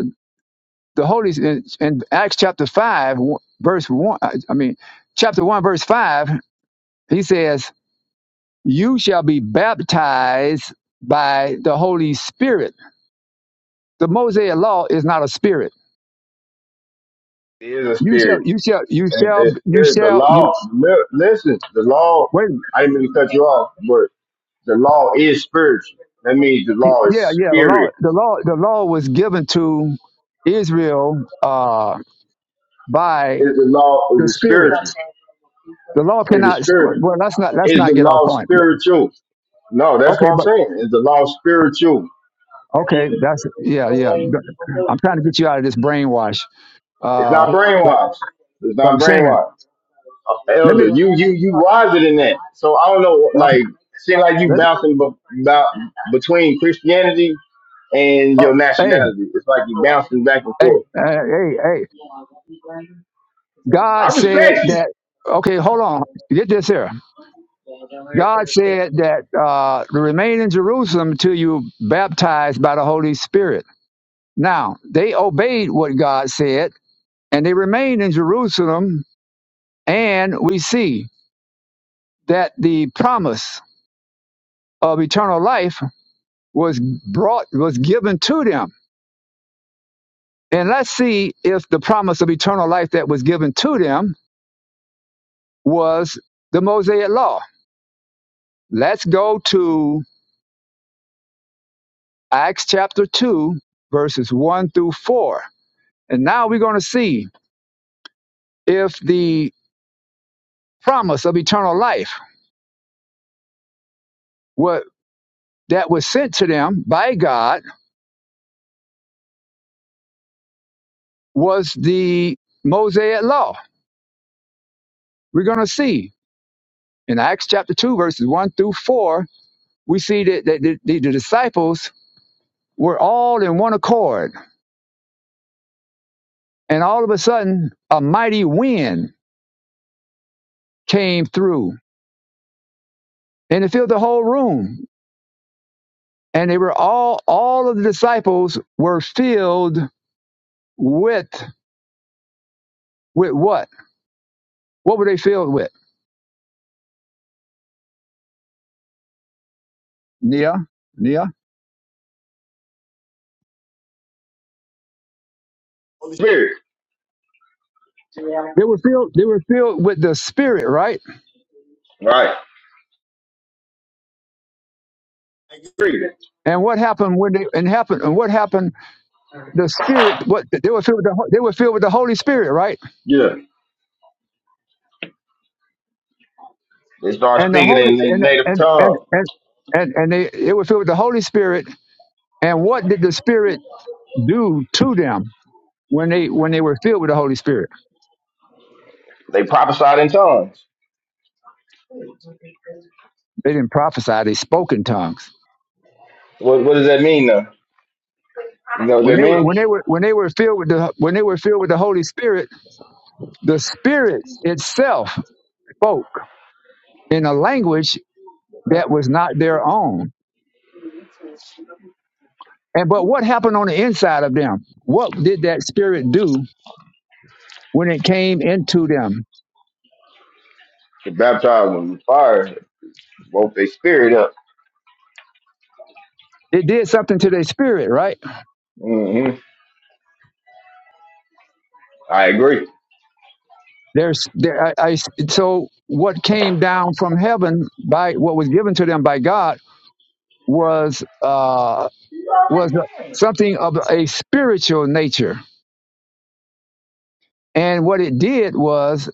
Speaker 1: the Holy in, in Acts chapter five, verse one. I mean, chapter one, verse five. He says, "You shall be baptized by the Holy Spirit." The Mosaic law is not a spirit.
Speaker 4: is a
Speaker 1: You shall,
Speaker 4: spirit.
Speaker 1: you shall, you
Speaker 4: And
Speaker 1: shall,
Speaker 4: the
Speaker 1: you
Speaker 4: spirit, the
Speaker 1: shall,
Speaker 4: law,
Speaker 1: you.
Speaker 4: li- listen, the law,
Speaker 1: Wait,
Speaker 4: I didn't mean to cut you off, but the law is spiritual. That means the law
Speaker 1: yeah,
Speaker 4: is
Speaker 1: yeah. The law,
Speaker 4: spirit.
Speaker 1: the law, the law was given to Israel uh, by
Speaker 4: Is the law is
Speaker 1: the
Speaker 4: it
Speaker 1: Spirit.
Speaker 4: spiritual? Is
Speaker 1: The law
Speaker 4: it
Speaker 1: cannot.
Speaker 4: spiritual?
Speaker 1: Well, let's not let's
Speaker 4: Is the
Speaker 1: not get off
Speaker 4: law
Speaker 1: point.
Speaker 4: spiritual? No, that's
Speaker 1: Okay,
Speaker 4: what I'm
Speaker 1: but.
Speaker 4: saying. Is the law spiritual?
Speaker 1: Okay, that's yeah, yeah. I'm trying to get you out of this brainwash.
Speaker 4: It's
Speaker 1: Uh,
Speaker 4: not
Speaker 1: but
Speaker 4: brainwashed. It's
Speaker 1: but I'm
Speaker 4: not
Speaker 1: saying,
Speaker 4: brainwashed. Oh,
Speaker 1: let me.
Speaker 4: elder. You you you wiser than that. So I don't know.
Speaker 1: Okay,
Speaker 4: Like, seem like you
Speaker 1: let,
Speaker 4: bouncing b- about between Christianity and
Speaker 1: uh,
Speaker 4: your
Speaker 1: hey,
Speaker 4: nationality. It's like you bouncing back and
Speaker 1: hey,
Speaker 4: forth.
Speaker 1: hey, hey, hey. God
Speaker 4: I
Speaker 1: said
Speaker 4: respect you,
Speaker 1: that. Okay, hold on. Get this here. God said that uh, to remain in Jerusalem till you baptized by the Holy Spirit. Now they obeyed what God said, and they remained in Jerusalem. And we see that the promise of eternal life was brought was given to them and let's see if the promise of eternal life that was given to them was the mosaic law let's go to acts chapter 2 verses 1 through 4 and now we're going to see if the promise of eternal life what that was sent to them by god was the mosaic law we're going to see in acts chapter 2 verses 1 through 4 we see that, that the, the disciples were all in one accord. And all of a sudden, a mighty wind came through and it filled the whole room. And they were all, all of the disciples were filled with, with what? What were they filled with? Nia, Nia.
Speaker 4: spirit.
Speaker 1: They were filled, they were filled with the spirit, right?
Speaker 4: Right. Agree.
Speaker 1: And what happened when they, and happened, and what happened? The spirit, what, they were filled with the, they were filled with the Holy Spirit, right?
Speaker 4: Yeah. They start
Speaker 1: And the
Speaker 4: speaking
Speaker 1: Holy,
Speaker 4: in their
Speaker 1: and,
Speaker 4: native
Speaker 1: and, and,
Speaker 4: tongue.
Speaker 1: and, and, and they, they were filled with the Holy Spirit And what did the Spirit do to them when they when they were filled with the Holy Spirit?
Speaker 4: They prophesied in tongues.
Speaker 1: They didn't prophesy; they spoke in tongues.
Speaker 4: What what does that mean though? You know what
Speaker 1: When
Speaker 4: that
Speaker 1: they were
Speaker 4: means?
Speaker 1: when they were when they were filled with the when they were filled with the Holy Spirit, the Spirit itself spoke in a language
Speaker 4: Okay.
Speaker 1: that was not their own. And but what happened on the inside of them? What did that Spirit do when it came into them?
Speaker 4: Get baptized with fire, woke their spirit up.
Speaker 1: It did something to their spirit, right?
Speaker 4: hmm I agree.
Speaker 1: There's there, I, I so what came down from heaven by what was given to them by God was uh, was something of a spiritual nature, and what it did was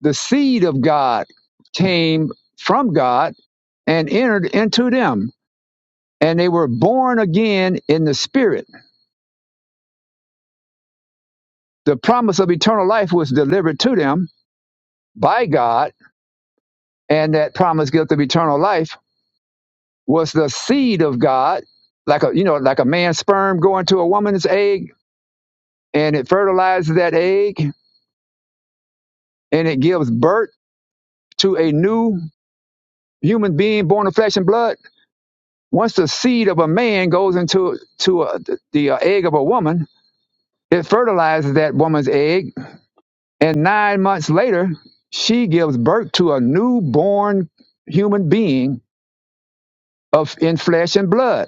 Speaker 1: the seed of God came from God and entered into them, and they were born again in the Spirit. The promise of eternal life was delivered to them by God, and that promise gift of eternal life was the seed of God, like a you know like a man's sperm going to a woman's egg, and it fertilizes that egg, and it gives birth to a new human being born of flesh and blood. Once the seed of a man goes into to a, the uh, egg of a woman, it fertilizes that woman's egg, and nine months later, she gives birth to a newborn human being of in flesh and blood.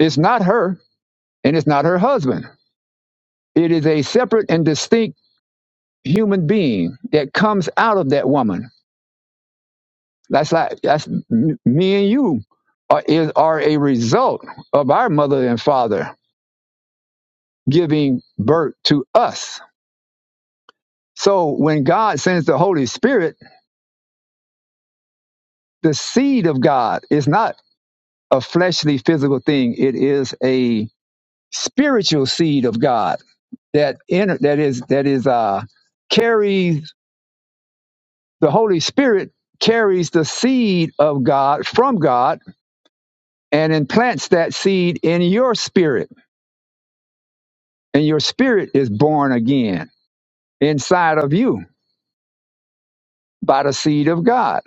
Speaker 1: It's not her, and it's not her husband. It is a separate and distinct human being that comes out of that woman That's like that's me and you are, is, are a result of our mother and father giving birth to us. So when God sends the Holy Spirit, the seed of God is not a fleshly physical thing. It is a spiritual seed of God that in, that is that is uh carries the Holy Spirit carries the seed of God from God and implants that seed in your spirit and your spirit is born again inside of you by the seed of God.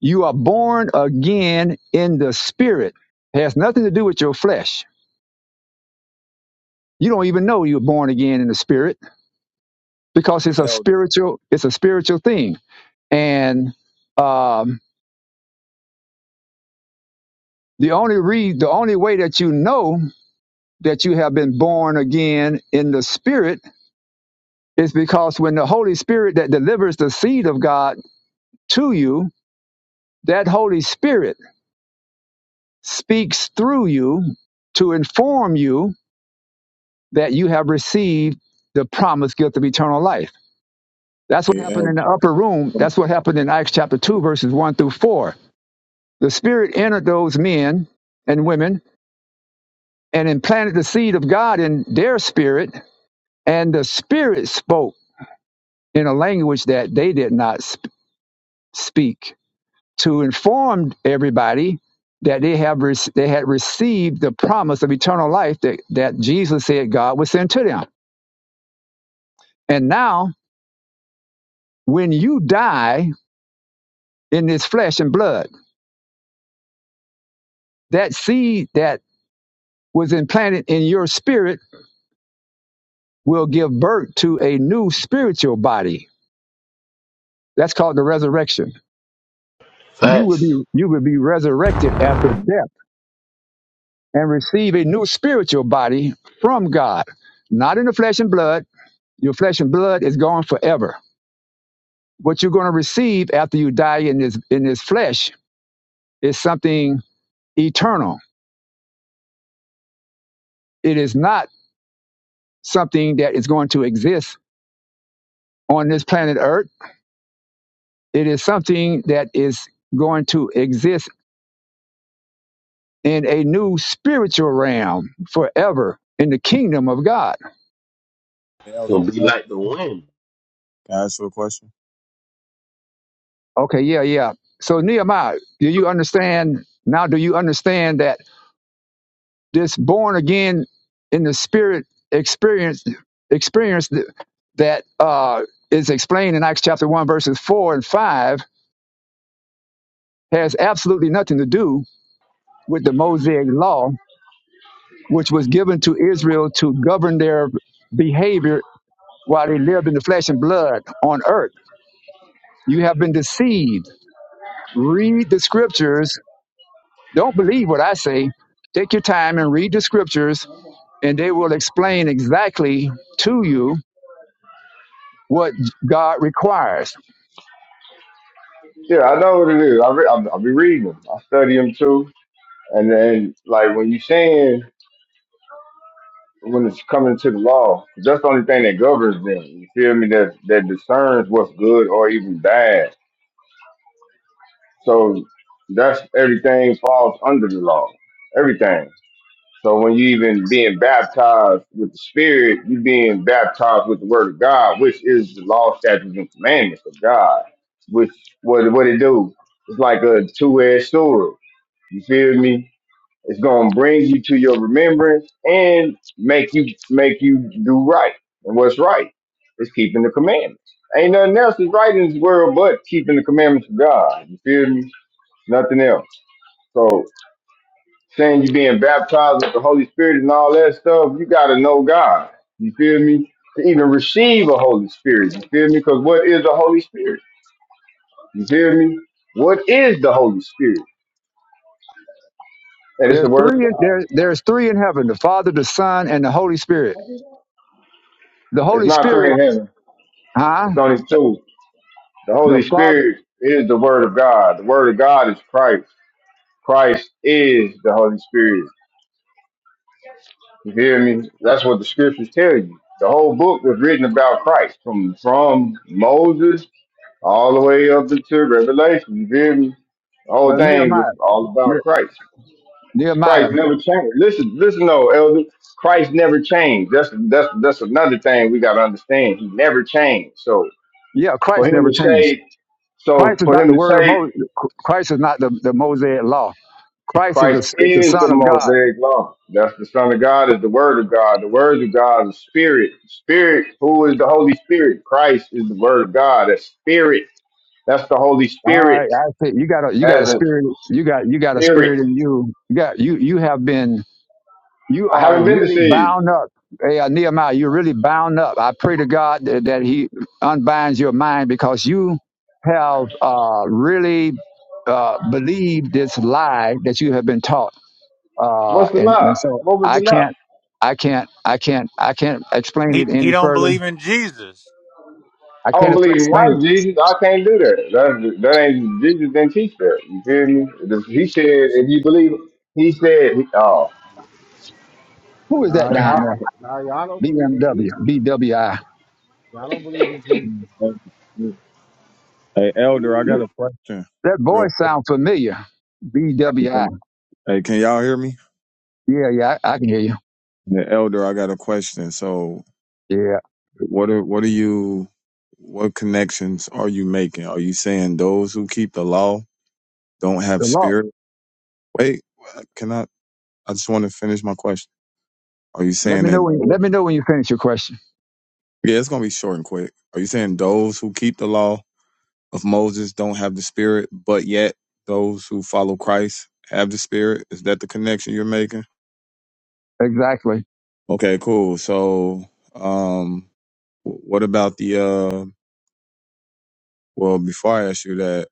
Speaker 1: You are born again in the spirit. It has nothing to do with your flesh. You don't even know you're born again in the spirit because
Speaker 7: Hey,
Speaker 1: it's a
Speaker 7: Elder.
Speaker 1: spiritual it's a spiritual thing. And um, the only re- the only way that you know that you have been born again in the spirit is because when the Holy Spirit that delivers the seed of God to you, that Holy Spirit speaks through you to inform you that you have received the promised gift of eternal life. That's what
Speaker 7: Hey,
Speaker 1: happened
Speaker 7: Elder.
Speaker 1: in the upper room. That's what happened in Acts chapter 2, verses 1 through 4. The Spirit entered those men and women and implanted the seed of God in their spirit, and the Spirit spoke in a language that they did not sp- speak to inform everybody that they have rec- they had received the promise of eternal life that, that Jesus said God would send to them. And now, when you die in this flesh and blood, that seed that was implanted in your spirit will give birth to a new spiritual body. That's called the resurrection. You will
Speaker 5: Facts.
Speaker 1: be you will be resurrected after death and receive a new spiritual body from God, not in the flesh and blood. Your flesh and blood is gone forever. What you're going to receive after you die in this in this flesh is something eternal. It is not something that is going to exist on this planet Earth. It is something that is going to exist in a new spiritual realm forever in the kingdom of God.
Speaker 7: Hey,
Speaker 5: It's
Speaker 7: Elder.
Speaker 5: gonna be
Speaker 7: Can
Speaker 5: like the wind.
Speaker 7: I ask you a question?
Speaker 1: Okay, yeah, yeah. So, Nehemiah, do you understand? Now, do you understand that this born again in the spirit experience, experience that uh, is explained in Acts chapter 1, verses 4 and 5, has absolutely nothing to do with the Mosaic law which was given to Israel to govern their behavior while they lived in the flesh and blood on earth. You have been deceived. Read the scriptures. Don't believe what I say. Take your time and read the scriptures, and they will explain exactly to you what God requires.
Speaker 4: Yeah, I know what it is. I re- I, I be reading them. I study them too. And then, like, when you saying when it's coming to the law, that's the only thing that governs them. You feel me? That that discerns what's good or even bad. So that's everything falls under the law. Everything. So when you even being baptized with the Spirit, you being baptized with the Word of God, which is the law, statutes, and commandments of God. Which what what it do? It's like a two-edged sword. You feel me? It's gonna bring you to your remembrance and make you make you do right. And what's right is keeping the commandments. Ain't nothing else is right in this world but keeping the commandments of God. You feel me? Nothing else. So saying you being baptized with the Holy Spirit and all that stuff, you gotta know God. You feel me? To even receive a Holy Spirit, you feel me? Because what is the Holy Spirit? You feel me? What is the Holy Spirit? And it's the
Speaker 1: There's
Speaker 4: Word of
Speaker 1: three. In,
Speaker 4: God.
Speaker 1: there, there's three in heaven: the Father, the Son, and the Holy Spirit. The
Speaker 4: It's
Speaker 1: Holy
Speaker 4: not three
Speaker 1: Spirit,
Speaker 4: in heaven.
Speaker 1: huh?
Speaker 4: It's only two. The
Speaker 1: The
Speaker 4: Holy
Speaker 1: Father.
Speaker 4: Spirit is the Word of God. The Word of God is Christ. Christ is the Holy Spirit. You hear me? That's what the scriptures tell you. The whole book was written about Christ from, from Moses all the way up into Revelation. You hear me? The whole
Speaker 1: Well,
Speaker 4: thing was
Speaker 1: Nehemiah.
Speaker 4: all
Speaker 1: Yeah,
Speaker 4: about Christ.
Speaker 1: Nehemiah.
Speaker 4: Christ never changed. Listen, listen, though, elder. Christ never changed. That's that's that's another thing we gotta understand. He never changed. So
Speaker 1: Yeah,
Speaker 4: for
Speaker 1: Christ
Speaker 4: him
Speaker 1: never
Speaker 4: to
Speaker 1: changed.
Speaker 4: say, so
Speaker 1: Christ is
Speaker 4: for
Speaker 1: not
Speaker 4: him
Speaker 1: the
Speaker 4: to
Speaker 1: word of
Speaker 4: say
Speaker 1: Moses. Christ is not the, the Mosaic law. Christ is, the
Speaker 4: Christ
Speaker 1: is the
Speaker 4: is
Speaker 1: Son
Speaker 4: the
Speaker 1: of God.
Speaker 4: Mosaic law. That's the Son of God is the Word of God. The Word of God is Spirit. Spirit, who is the Holy Spirit? Christ is the Word of God. That's Spirit. That's the Holy
Speaker 1: All
Speaker 4: Spirit.
Speaker 1: right, I see. You got a you
Speaker 4: That's
Speaker 1: got a
Speaker 4: a
Speaker 1: spirit. You got you got a
Speaker 4: Spirit.
Speaker 1: spirit in you. You got you you have been. You
Speaker 4: I
Speaker 1: are
Speaker 4: haven't been deceived.
Speaker 1: really bound up. Hey, uh, Nehemiah, you're really bound up. I pray to God that, that He unbinds your mind because you have uh, really uh, believed this lie that you have been taught. Uh,
Speaker 4: What's the
Speaker 1: and,
Speaker 4: love?
Speaker 1: and so
Speaker 4: What was
Speaker 1: I
Speaker 4: the love?
Speaker 1: can't, I can't, I can't, I can't explain
Speaker 8: He
Speaker 1: it
Speaker 8: he
Speaker 1: any
Speaker 8: don't
Speaker 1: further
Speaker 8: believe in Jesus.
Speaker 1: I
Speaker 4: I
Speaker 1: can't
Speaker 4: don't believe in
Speaker 1: explain
Speaker 4: white
Speaker 1: it.
Speaker 4: Jesus. I can't do that. That, that ain't Jesus didn't teach that. You feel me? This- He said, if you believe, he said, oh,
Speaker 1: Who is
Speaker 2: Nah,
Speaker 1: that down
Speaker 2: y'all,
Speaker 1: there?
Speaker 2: nah, y'all don't believe in
Speaker 1: BMW,
Speaker 2: Jesus.
Speaker 1: BWI.
Speaker 2: Y'all don't believe in Jesus.
Speaker 7: Hey, Elder, I
Speaker 1: You,
Speaker 7: got a question.
Speaker 1: that
Speaker 7: Real
Speaker 1: voice sounds familiar.
Speaker 7: quick.
Speaker 1: BWI.
Speaker 7: Hey, can y'all hear me?
Speaker 1: Yeah, yeah, I, I can hear you.
Speaker 7: Hey, Elder, I got a question. So,
Speaker 1: Yeah.
Speaker 7: what are what are you? What connections are you making? Are you saying those who keep the law don't have
Speaker 1: The law.
Speaker 7: spirit? Wait, can I? I just want to finish my question. Are you
Speaker 1: Let
Speaker 7: saying
Speaker 1: me know
Speaker 7: that?
Speaker 1: when.
Speaker 7: Those,
Speaker 1: Let me know when you finish your question.
Speaker 7: yeah, it's gonna be short and quick. Are you saying those who keep the law of Moses don't have the spirit, but yet those who follow Christ have the spirit. Is that the connection you're making?
Speaker 1: Exactly.
Speaker 7: Okay, cool. So, um, wh- what about the, uh, well, before I ask you that,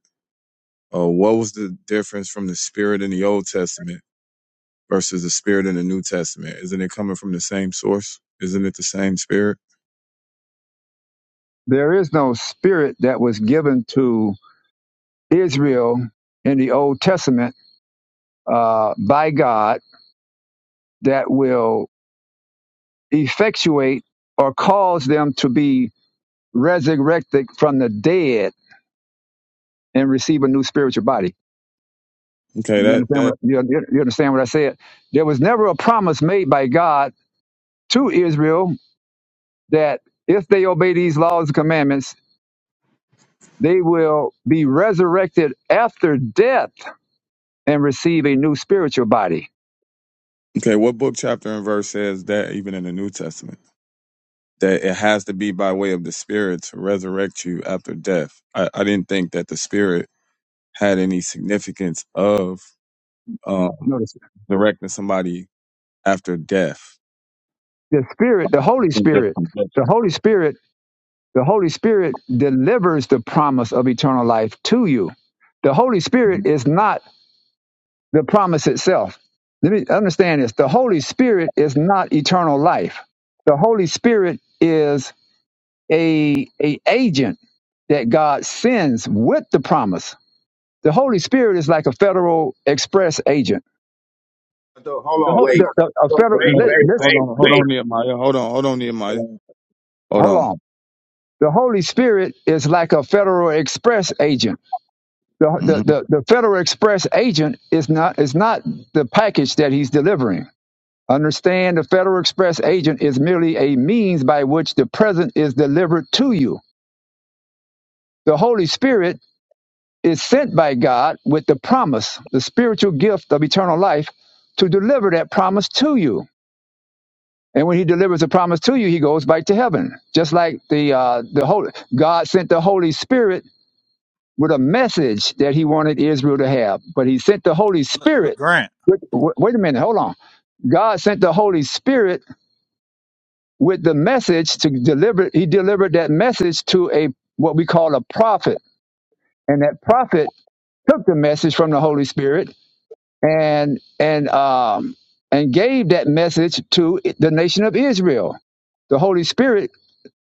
Speaker 7: uh, what was the difference from the spirit in the Old Testament versus the spirit in the New Testament? Isn't it coming from the same source? Isn't it the same spirit?
Speaker 1: There is no spirit that was given to Israel in the Old Testament uh, by God that will effectuate or cause them to be resurrected from the dead and receive a new spiritual body
Speaker 7: Okay,
Speaker 1: You
Speaker 7: that,
Speaker 1: understand what
Speaker 7: that,
Speaker 1: you, you you understand what I said? There was never a promise made by God to Israel that if they obey these laws and commandments, they will be resurrected after death and receive a new spiritual body.
Speaker 7: okay, what book, chapter, and verse says that even in the New Testament? that it has to be by way of the spirit to resurrect you after death. I, I didn't think that the spirit had any significance of um,
Speaker 1: Notice
Speaker 7: directing somebody after death.
Speaker 1: the Spirit, the Holy
Speaker 7: I think that's
Speaker 1: Spirit,
Speaker 7: conjecture.
Speaker 1: the Holy Spirit, the Holy Spirit delivers the promise of eternal life to you. The Holy Spirit is not the promise itself. Let me understand this. The Holy Spirit is not eternal life. The Holy Spirit is a, a agent that God sends with the promise. The Holy Spirit is like a federal express agent.
Speaker 4: hold
Speaker 1: The,
Speaker 4: on,
Speaker 1: Hol- the,
Speaker 4: wait,
Speaker 1: the a federal
Speaker 4: wait,
Speaker 7: Hold
Speaker 1: li-
Speaker 7: on,
Speaker 4: wait,
Speaker 1: listen,
Speaker 7: hold
Speaker 4: wait,
Speaker 7: on, hold
Speaker 1: listen,
Speaker 7: on, Nehemiah. Hold on, hold on,
Speaker 4: wait.
Speaker 7: Nehemiah. Hold
Speaker 1: hold
Speaker 7: on.
Speaker 1: on. The Holy Spirit is like a federal express agent. The, the,
Speaker 7: hmm
Speaker 1: the, the federal express agent is not is not the package that he's delivering Understand the Federal Express agent is merely a means by which the present is delivered to you. The Holy Spirit is sent by God with the promise, the spiritual gift of eternal life, to deliver that promise to you. And when he delivers the promise to you, he goes back to heaven. Just like the uh, the Holy God sent the Holy Spirit with a message that he wanted Israel to have, but he sent the Holy
Speaker 8: Look, look
Speaker 1: Spirit.
Speaker 8: Grant.
Speaker 1: Wait, wait a minute, hold on. God sent the Holy Spirit with the message to deliver he delivered that message to a what we call a prophet and that prophet took the message from the holy spirit and and um and gave that message to the nation of israel the holy spirit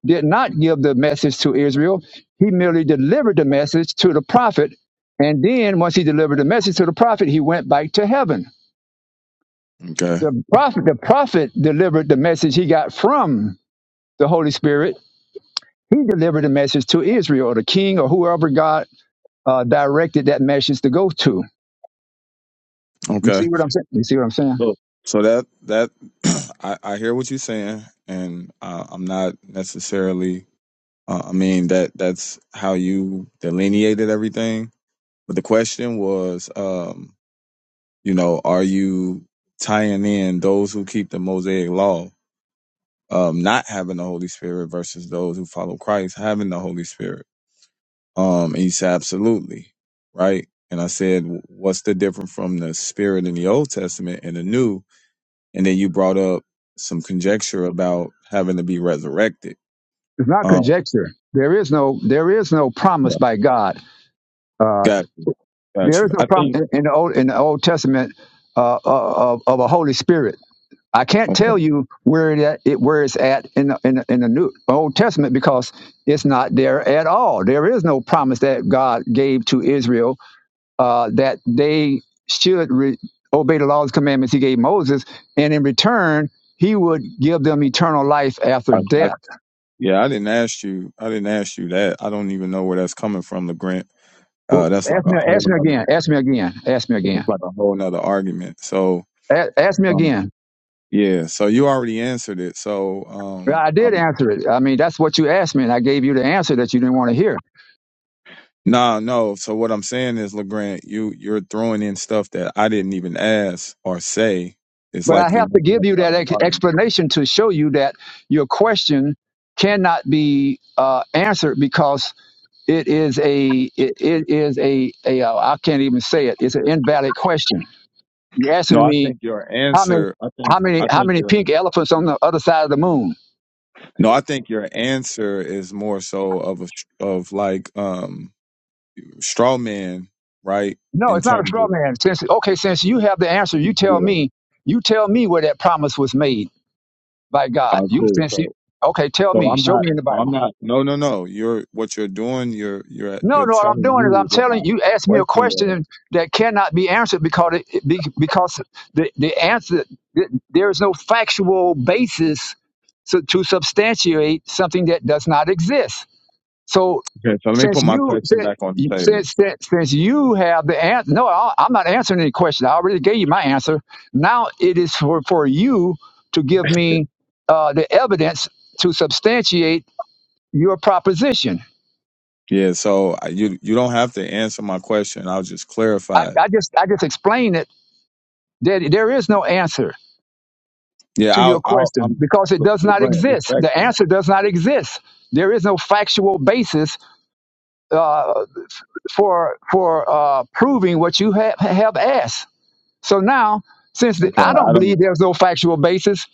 Speaker 1: did not give the message to israel he merely delivered the message to the prophet and then once he delivered the message to the prophet he went back to heaven
Speaker 7: Okay.
Speaker 1: the prophet the prophet delivered the message he got from the holy spirit He delivered a message to Israel, or the king, or whoever God uh, directed that message to go to. You
Speaker 7: Okay.
Speaker 1: see what I'm saying? You see what I'm saying?
Speaker 7: So, so that that I, I hear what you're saying, and uh, I'm not necessarily. Uh, I mean that that's how you delineated everything. But the question was, um, you know, are you tying in those who keep the Mosaic Law, um, not having the Holy Spirit, versus those who follow Christ having the Holy Spirit? Um, and you said absolutely, right? And I said, what's the difference from the Spirit in the Old Testament and the New? and then you brought up some conjecture about having to be resurrected.
Speaker 1: It's not
Speaker 7: Um,
Speaker 1: conjecture. There is no there is no promise by God. Uh,
Speaker 7: got you, got
Speaker 1: there is
Speaker 7: you.
Speaker 1: no
Speaker 7: I
Speaker 1: promise
Speaker 7: think.
Speaker 1: in in the Old in the Old Testament uh, uh, of, of a Holy Spirit. I can't tell
Speaker 7: Okay.
Speaker 1: you where it, at, it where it's at in the, in the, in the New Old Testament because it's not there at all. There is no promise that God gave to Israel uh, that they should re- obey the laws and commandments He gave Moses, and in return He would give them eternal life after
Speaker 7: I, I,
Speaker 1: death.
Speaker 7: yeah, I didn't ask you. I didn't ask you that. I don't even know where that's coming from, Legrand.
Speaker 1: Well,
Speaker 7: Uh, that's like
Speaker 1: ask
Speaker 7: a
Speaker 1: me,
Speaker 7: whole
Speaker 1: ask me
Speaker 7: nother.
Speaker 1: again. Ask me again. Ask me
Speaker 7: It's
Speaker 1: again.
Speaker 7: like a whole nother argument. So,
Speaker 1: A- ask me
Speaker 7: um,
Speaker 1: again.
Speaker 7: yeah. So you already answered it. So,
Speaker 1: Well,
Speaker 7: um,
Speaker 1: I did
Speaker 7: I'm,
Speaker 1: answer it. I mean, that's what you asked me, and I gave you the answer that you didn't want to hear.
Speaker 7: nah, no. So what I'm saying is, Legrand, you you're throwing in stuff that I didn't even ask or say. It's
Speaker 1: But I
Speaker 7: like you're
Speaker 1: have to
Speaker 7: making
Speaker 1: give
Speaker 7: up
Speaker 1: you
Speaker 7: your
Speaker 1: that
Speaker 7: own
Speaker 1: ex-
Speaker 7: argument.
Speaker 1: explanation to show you that your question cannot be uh, answered because it is a it, it is a, a uh, I can't even say it. It's an invalid question. You're
Speaker 7: No,
Speaker 1: asking
Speaker 7: I
Speaker 1: me
Speaker 7: think your
Speaker 1: how many
Speaker 7: answer. I think
Speaker 1: how many
Speaker 7: I
Speaker 1: how
Speaker 7: think
Speaker 1: many
Speaker 7: your.
Speaker 1: pink elephants on the other side of the moon?
Speaker 7: No, I think your answer is more so of a of like um straw man, right?
Speaker 1: No,
Speaker 7: In
Speaker 1: it's not a
Speaker 7: terms
Speaker 1: straw
Speaker 7: of
Speaker 1: man. Since okay, since you have the answer, you
Speaker 7: yeah.
Speaker 1: tell me. You tell me where that promise was made by
Speaker 7: all
Speaker 1: God.
Speaker 7: right,
Speaker 1: You
Speaker 7: cool.
Speaker 1: since you,
Speaker 7: So
Speaker 1: okay, tell
Speaker 7: so
Speaker 1: me.
Speaker 7: I'm
Speaker 1: Show
Speaker 7: not.
Speaker 1: me in the
Speaker 7: so
Speaker 1: Bible.
Speaker 7: I'm not. No, no, no. You're what you're doing. You're you're
Speaker 1: No,
Speaker 7: you're
Speaker 1: no. What I'm
Speaker 7: telling
Speaker 1: doing is
Speaker 7: me
Speaker 1: I'm
Speaker 7: what my
Speaker 1: telling you. Ask me a
Speaker 7: question was.
Speaker 1: question that cannot be answered because it, it- be- because the the answer th- there is no factual basis to, to substantiate something that does not exist. So
Speaker 7: Okay, so let me
Speaker 1: since
Speaker 7: put my
Speaker 1: you
Speaker 7: question
Speaker 1: since
Speaker 7: back on the table.
Speaker 1: since since since you have the answer, no, I, I'm not answering any question. I already gave you my answer. Now it is for for you to give me uh, the evidence to substantiate your proposition.
Speaker 7: Yeah. So I- you you don't have to answer my question. I'll just
Speaker 1: I,
Speaker 7: clarify it.
Speaker 1: I just I just explained it There, there is no answer
Speaker 7: Yeah.
Speaker 1: to your
Speaker 7: I'll I'll
Speaker 1: question
Speaker 7: I'm.
Speaker 1: because it does not
Speaker 7: LeBrant,
Speaker 1: exist. The
Speaker 7: respectfully.
Speaker 1: answer does not exist. There is no factual basis uh, for for uh, proving what you have have asked. So now, since the,
Speaker 7: Okay.
Speaker 1: I don't
Speaker 7: I don't.
Speaker 1: believe there's no factual basis,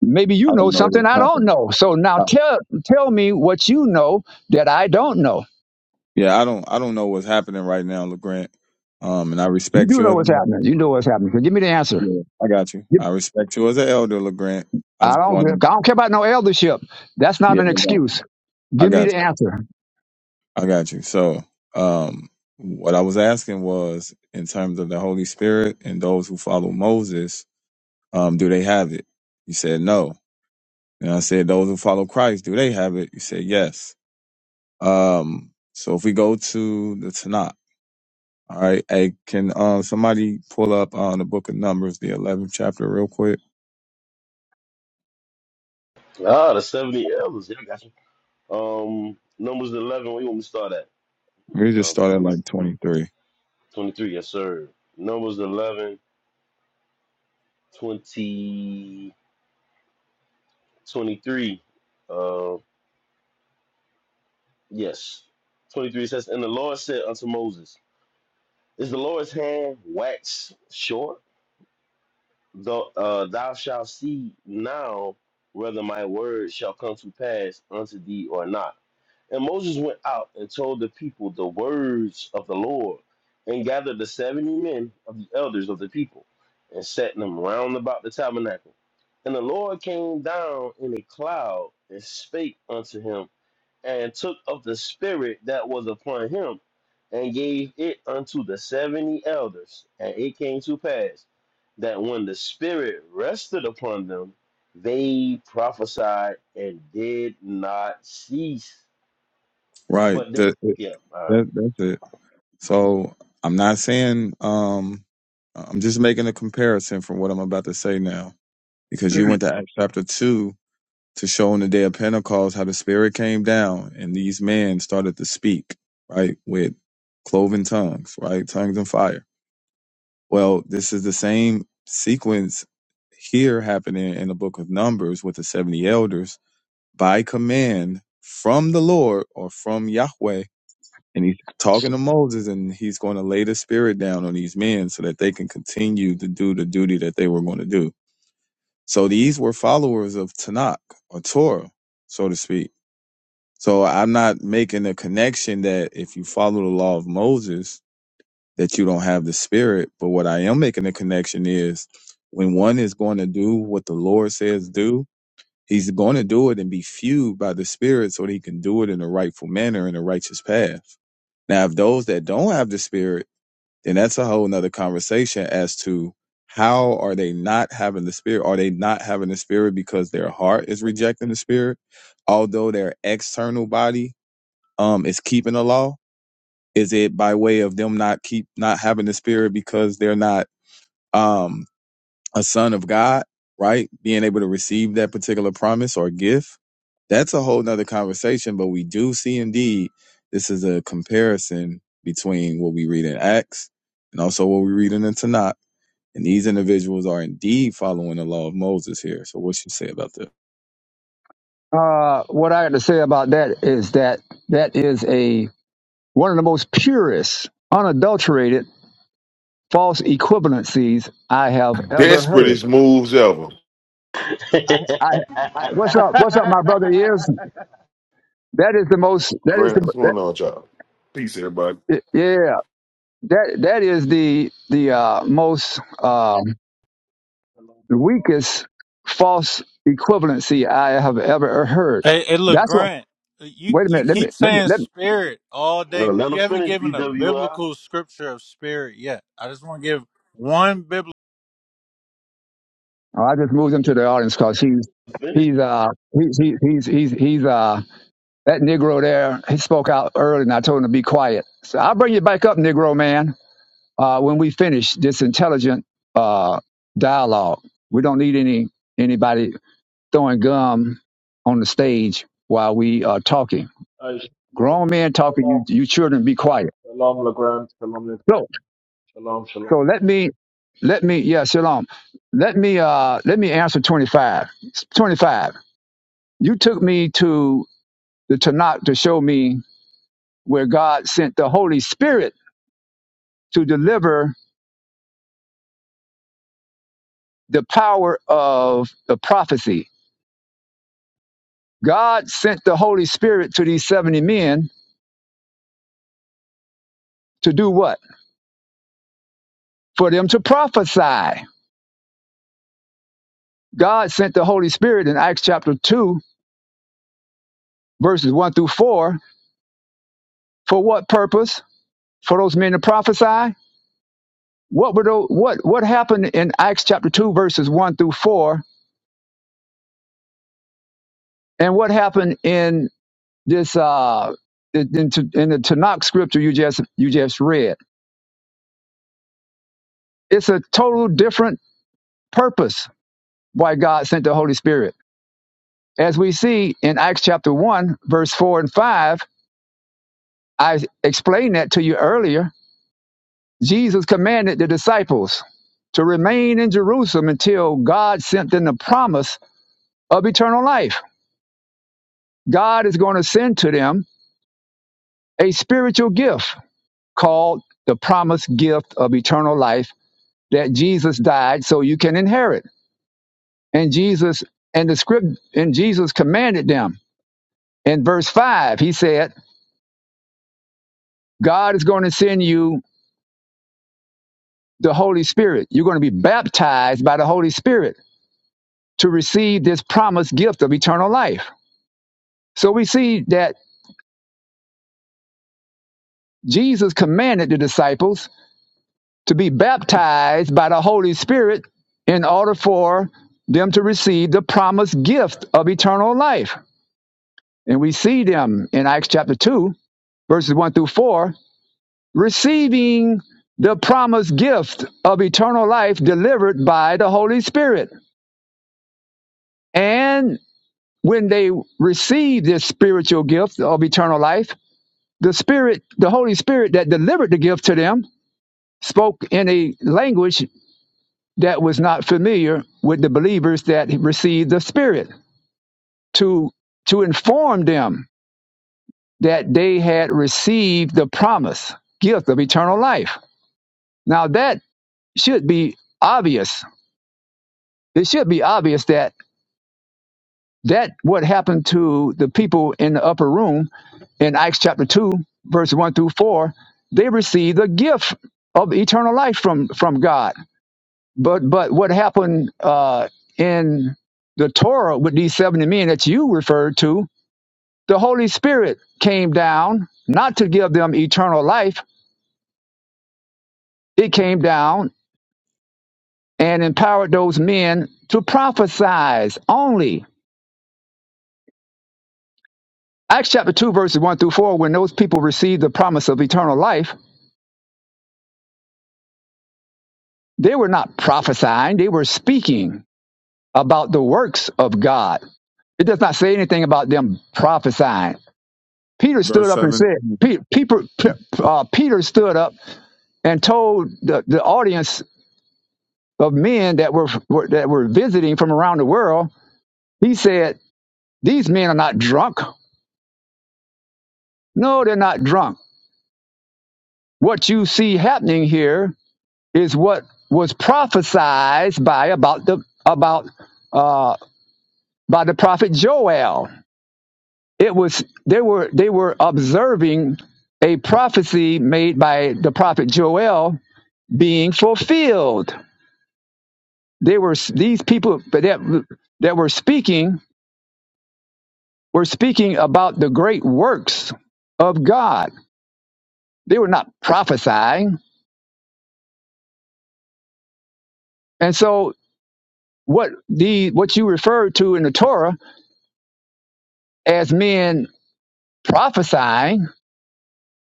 Speaker 1: maybe
Speaker 7: I
Speaker 1: you know
Speaker 7: don't know
Speaker 1: something
Speaker 7: what's
Speaker 1: I don't
Speaker 7: happening.
Speaker 1: know. So now
Speaker 7: Uh,
Speaker 1: tell tell me what you know that I don't know.
Speaker 7: yeah, I don't I don't know what's happening right now, LeGrant. Um, and I
Speaker 1: You
Speaker 7: respect
Speaker 1: do
Speaker 7: you
Speaker 1: know
Speaker 7: as
Speaker 1: what's
Speaker 7: an
Speaker 1: happening.
Speaker 7: elder.
Speaker 1: You know what's happening. So give me the answer.
Speaker 7: Yeah, I got you.
Speaker 1: Give-
Speaker 7: I respect you as an elder, LeGrant. I
Speaker 1: I
Speaker 7: just
Speaker 1: don't
Speaker 7: want
Speaker 1: I don't care about no eldership. That's not
Speaker 7: yeah,
Speaker 1: an excuse.
Speaker 7: I
Speaker 1: Give me
Speaker 7: got
Speaker 1: the
Speaker 7: you.
Speaker 1: answer.
Speaker 7: I got you. I got you. So um what I was asking was in terms of the Holy Spirit and those who follow Moses, um, do they have it? You said no. And I said those who follow Christ, do they have it? You said yes. Um, so if we go to the Tanakh. All right. Hey, can uh, somebody pull up uh, the book of Numbers, the 11th chapter, real quick?
Speaker 5: Ah, the seventy elders. Yeah, I got you. Um, numbers eleven. Where you want me to start at?
Speaker 7: We just
Speaker 5: Uh,
Speaker 7: start at
Speaker 5: 20,
Speaker 7: like 23.
Speaker 5: twenty-three. Yes, sir. Numbers eleven, twenty, twenty-three. Uh, yes. Twenty-three says, and the Lord said unto Moses, Is the Lord's hand waxed short? Though uh, thou shalt see now whether my word shall come to pass unto thee or not. And Moses went out and told the people the words of the Lord, and gathered the seventy men of the elders of the people, and set them round about the tabernacle. And the Lord came down in a cloud and spake unto him and took of the spirit that was upon him, and gave it unto the seventy elders. And it came to pass that when the spirit rested upon them, they prophesied and did not cease.
Speaker 7: Right.
Speaker 5: But they,
Speaker 7: That,
Speaker 5: yeah, all
Speaker 7: that, that's it. So I'm not saying, um, I'm just making a comparison from what I'm about to say now, because you went to Acts chapter 2 to show on the day of Pentecost how the Spirit came down and these men started to speak, right, with cloven tongues, right, tongues and fire. Well, this is the same sequence here happening in the book of Numbers with the 70 elders by command from the Lord or from Yahweh. And he's talking to Moses and he's going to lay the spirit down on these men so that they can continue to do the duty that they were going to do. So these were followers of Tanakh or Torah, so to speak. So I'm not making a connection that if you follow the law of Moses, that you don't have the spirit. But what I am making the connection is when one is going to do what the Lord says do, he's going to do it and be fueled by the spirit so that he can do it in a rightful manner in a righteous path. Now, if those that don't have the spirit, then that's a whole nother conversation as to how are they not having the spirit? Are they not having the spirit because their heart is rejecting the spirit? Although their external body um, is keeping the law, is it by way of them not keep not having the spirit because they're not um a son of God, right? Being able to receive that particular promise or gift. That's a whole nother conversation, but we do see indeed this is a comparison between what we read in Acts and also what we read in the Tanakh. And these individuals are indeed following the law of Moses here. So what you say about that?
Speaker 1: Uh, what I got to say about that is that that is a one of the most purest, unadulterated false equivalencies I have ever heard.
Speaker 9: Desperatest moves ever.
Speaker 1: I,
Speaker 5: right.
Speaker 1: I, I, what's up? What's up, my brother? Is that is the most that is
Speaker 9: Grant,
Speaker 1: the
Speaker 9: what's going on, with y'all? Peace, everybody.
Speaker 1: that, yeah that that is the the uh, most um,
Speaker 10: Shalom,
Speaker 1: the
Speaker 10: shalom.
Speaker 1: weakest false equivalency I have ever heard.
Speaker 8: Hey, hey, look,
Speaker 1: That's what.
Speaker 8: Grant. You
Speaker 1: Wait a
Speaker 8: you
Speaker 1: minute. Let me
Speaker 8: keep
Speaker 1: let me let
Speaker 8: saying
Speaker 1: me
Speaker 8: spirit all day,
Speaker 5: Well,
Speaker 8: but
Speaker 5: let him
Speaker 8: you haven't
Speaker 5: finish,
Speaker 8: given a
Speaker 5: BWI.
Speaker 8: biblical scripture of spirit yet. I just want to give one biblical.
Speaker 1: Oh, I just moved him to the audience because he's
Speaker 5: Finish.
Speaker 1: he's uh he's he's he's he's he's uh that Negro there. He spoke out early, and I told him to be quiet. So I'll bring you back up, Negro man. Uh, when we finish this intelligent uh dialogue, we don't need any anybody throwing gum on the stage while we are talking.
Speaker 10: Hey,
Speaker 1: Grown men talking,
Speaker 10: shalom,
Speaker 1: you you children be quiet.
Speaker 10: shalom, Legrand. Shalom,
Speaker 1: So
Speaker 10: shalom, shalom.
Speaker 1: so let me let me yeah shalom. Let me uh let me answer twenty five. Twenty five. You took me to the Tanakh to show me where God sent the Holy Spirit to deliver the power of the prophecy. God sent the Holy Spirit to these 70 men to do what? For them to prophesy. God sent the Holy Spirit in Acts chapter 2, verses 1 through 4. For what purpose? For those men to prophesy? What, were those, what, what happened in Acts chapter 2, verses 1 through 4? And what happened in this uh in, in in the Tanakh scripture you just you just read. It's a total different purpose why God sent the Holy Spirit. As we see in Acts chapter one, verse four and five, I explained that to you earlier. Jesus commanded the disciples to remain in Jerusalem until God sent them the promise of eternal life. God is going to send to them a spiritual gift called the promised gift of eternal life that Jesus died so you can inherit. And Jesus and the script and Jesus commanded them. In verse 5, he said, God is going to send you the Holy Spirit. You're going to be baptized by the Holy Spirit to receive this promised gift of eternal life. So we see that Jesus commanded the disciples to be baptized by the Holy Spirit in order for them to receive the promised gift of eternal life. And we see them in Acts chapter 2 verses 1 through 4, receiving the promised gift of eternal life delivered by the Holy Spirit. And when they receive this spiritual gift of eternal life, the Spirit, the Holy Spirit that delivered the gift to them, spoke in a language that was not familiar with the believers that received the Spirit to, to inform them that they had received the promise gift of eternal life. Now, that should be obvious. It should be obvious that that what happened to the people in the upper room in Acts chapter 2, verse 1 through 4, they received the gift of eternal life from, from God. But but what happened uh, in the Torah with these 70 men that you referred to, the Holy Spirit came down not to give them eternal life, it came down and empowered those men to prophesy only Acts chapter 2, verses 1 through 4, when those people received the promise of eternal life, they were not prophesying, they were speaking about the works of God. It does not say anything about them prophesying. Peter
Speaker 7: Verse
Speaker 1: stood up and
Speaker 7: seven.
Speaker 1: said, Peter, Peter, uh, Peter stood up and told the, the audience of men that were, were that were visiting from around the world, he said, These men are not drunk. No, they're not drunk. What you see happening here is what was prophesied by about the about uh, by the prophet Joel. It was they were they were observing a prophecy made by the prophet Joel being fulfilled. They were these people that that were speaking were speaking about the great works of God. They were not prophesying, and so what the what you refer to in the Torah as men prophesying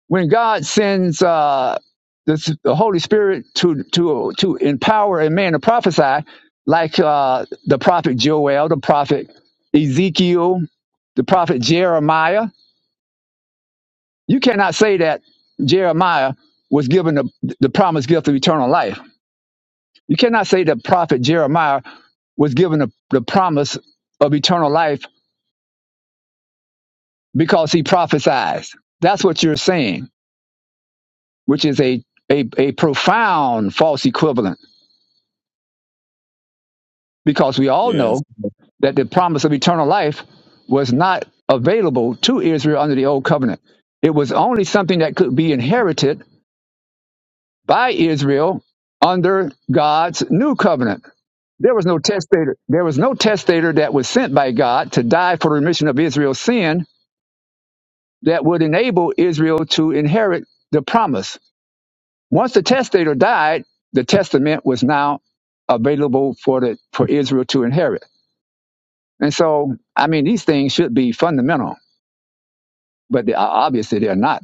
Speaker 1: when God sends uh, the, the Holy Spirit to to to empower a man to prophesy, like uh, the prophet Joel, the prophet Ezekiel, the prophet Jeremiah, you cannot say that Jeremiah was given the, the promised gift of eternal life. You cannot say the prophet Jeremiah was given the, the promise of eternal life because he prophesies. That's what you're saying, which is a a, a profound false equivalent because we all
Speaker 7: Yes.
Speaker 1: know that the promise of eternal life was not available to Israel under the old covenant. It was only something that could be inherited by Israel under God's new covenant. There was no testator. There was no testator that was sent by God to die for the remission of Israel's sin that would enable Israel to inherit the promise. Once the testator died, the testament was now available for the for Israel to inherit. And so, I mean, these things should be fundamental, but they, obviously they're not.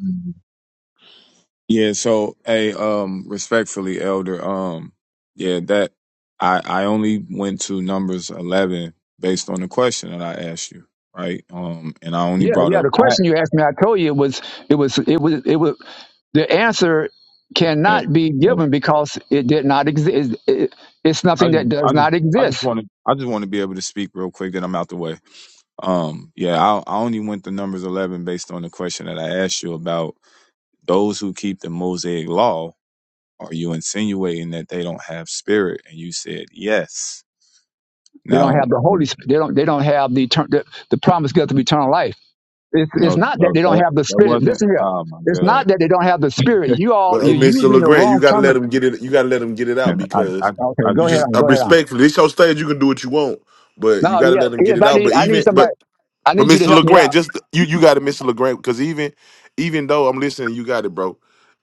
Speaker 7: Yeah, so hey, um, respectfully, Elder, um, yeah, that I I only went to numbers eleven based on the question that I asked you, right? Um, and I only
Speaker 1: Yeah,
Speaker 7: brought
Speaker 1: yeah.
Speaker 7: up
Speaker 1: The
Speaker 7: I
Speaker 1: question you asked me, I told you it was, it was, it was, it was. The answer
Speaker 7: hey,
Speaker 1: cannot be
Speaker 7: uh,
Speaker 1: given because it did not exist. It, it- it's
Speaker 7: I
Speaker 1: nothing that
Speaker 7: just
Speaker 1: does
Speaker 7: I just
Speaker 1: not
Speaker 7: I just
Speaker 1: exist.
Speaker 7: want to I just want to be able to speak real quick. Then I'm out the way. Um, yeah, I I only went to numbers eleven based on the question that I asked you about those who keep the Mosaic law. Are you insinuating that they don't have spirit? And you said yes.
Speaker 1: They don't
Speaker 7: Now.
Speaker 1: have the Holy. Spirit. They don't. They don't have the etern- the, the promised gift of eternal life. It's, it's
Speaker 7: No,
Speaker 1: not that
Speaker 7: no,
Speaker 1: they don't
Speaker 7: that
Speaker 1: have the
Speaker 7: that
Speaker 1: Spirit.
Speaker 7: wasn't.
Speaker 1: Listen here.
Speaker 7: Oh my
Speaker 1: It's
Speaker 7: god!
Speaker 1: not that they don't have the Spirit. You all,
Speaker 9: But hey,
Speaker 1: you're
Speaker 9: Mr.
Speaker 1: using the
Speaker 9: LeGrand, you
Speaker 1: wrong
Speaker 9: gotta
Speaker 1: term.
Speaker 9: let him get it. You gotta let him get it out
Speaker 7: I
Speaker 9: because
Speaker 7: I just-
Speaker 1: Okay,
Speaker 7: I just
Speaker 9: you
Speaker 1: go ahead
Speaker 7: want
Speaker 9: just
Speaker 1: on.
Speaker 7: to
Speaker 9: uh,
Speaker 7: say,
Speaker 1: Go ahead on.
Speaker 9: respectfully, it's your stage. You can do what you want, but you
Speaker 1: No,
Speaker 9: gotta
Speaker 1: yeah,
Speaker 9: let him get
Speaker 1: yes.
Speaker 9: it
Speaker 1: I
Speaker 9: out.
Speaker 1: need.
Speaker 9: But
Speaker 1: I need
Speaker 9: even but
Speaker 1: somebody. I
Speaker 9: but
Speaker 1: need you to
Speaker 9: Mr.
Speaker 1: help me out.
Speaker 9: LeGrand, just you you got to Mr. LeGrand, because even even though I'm listening, you got it, bro.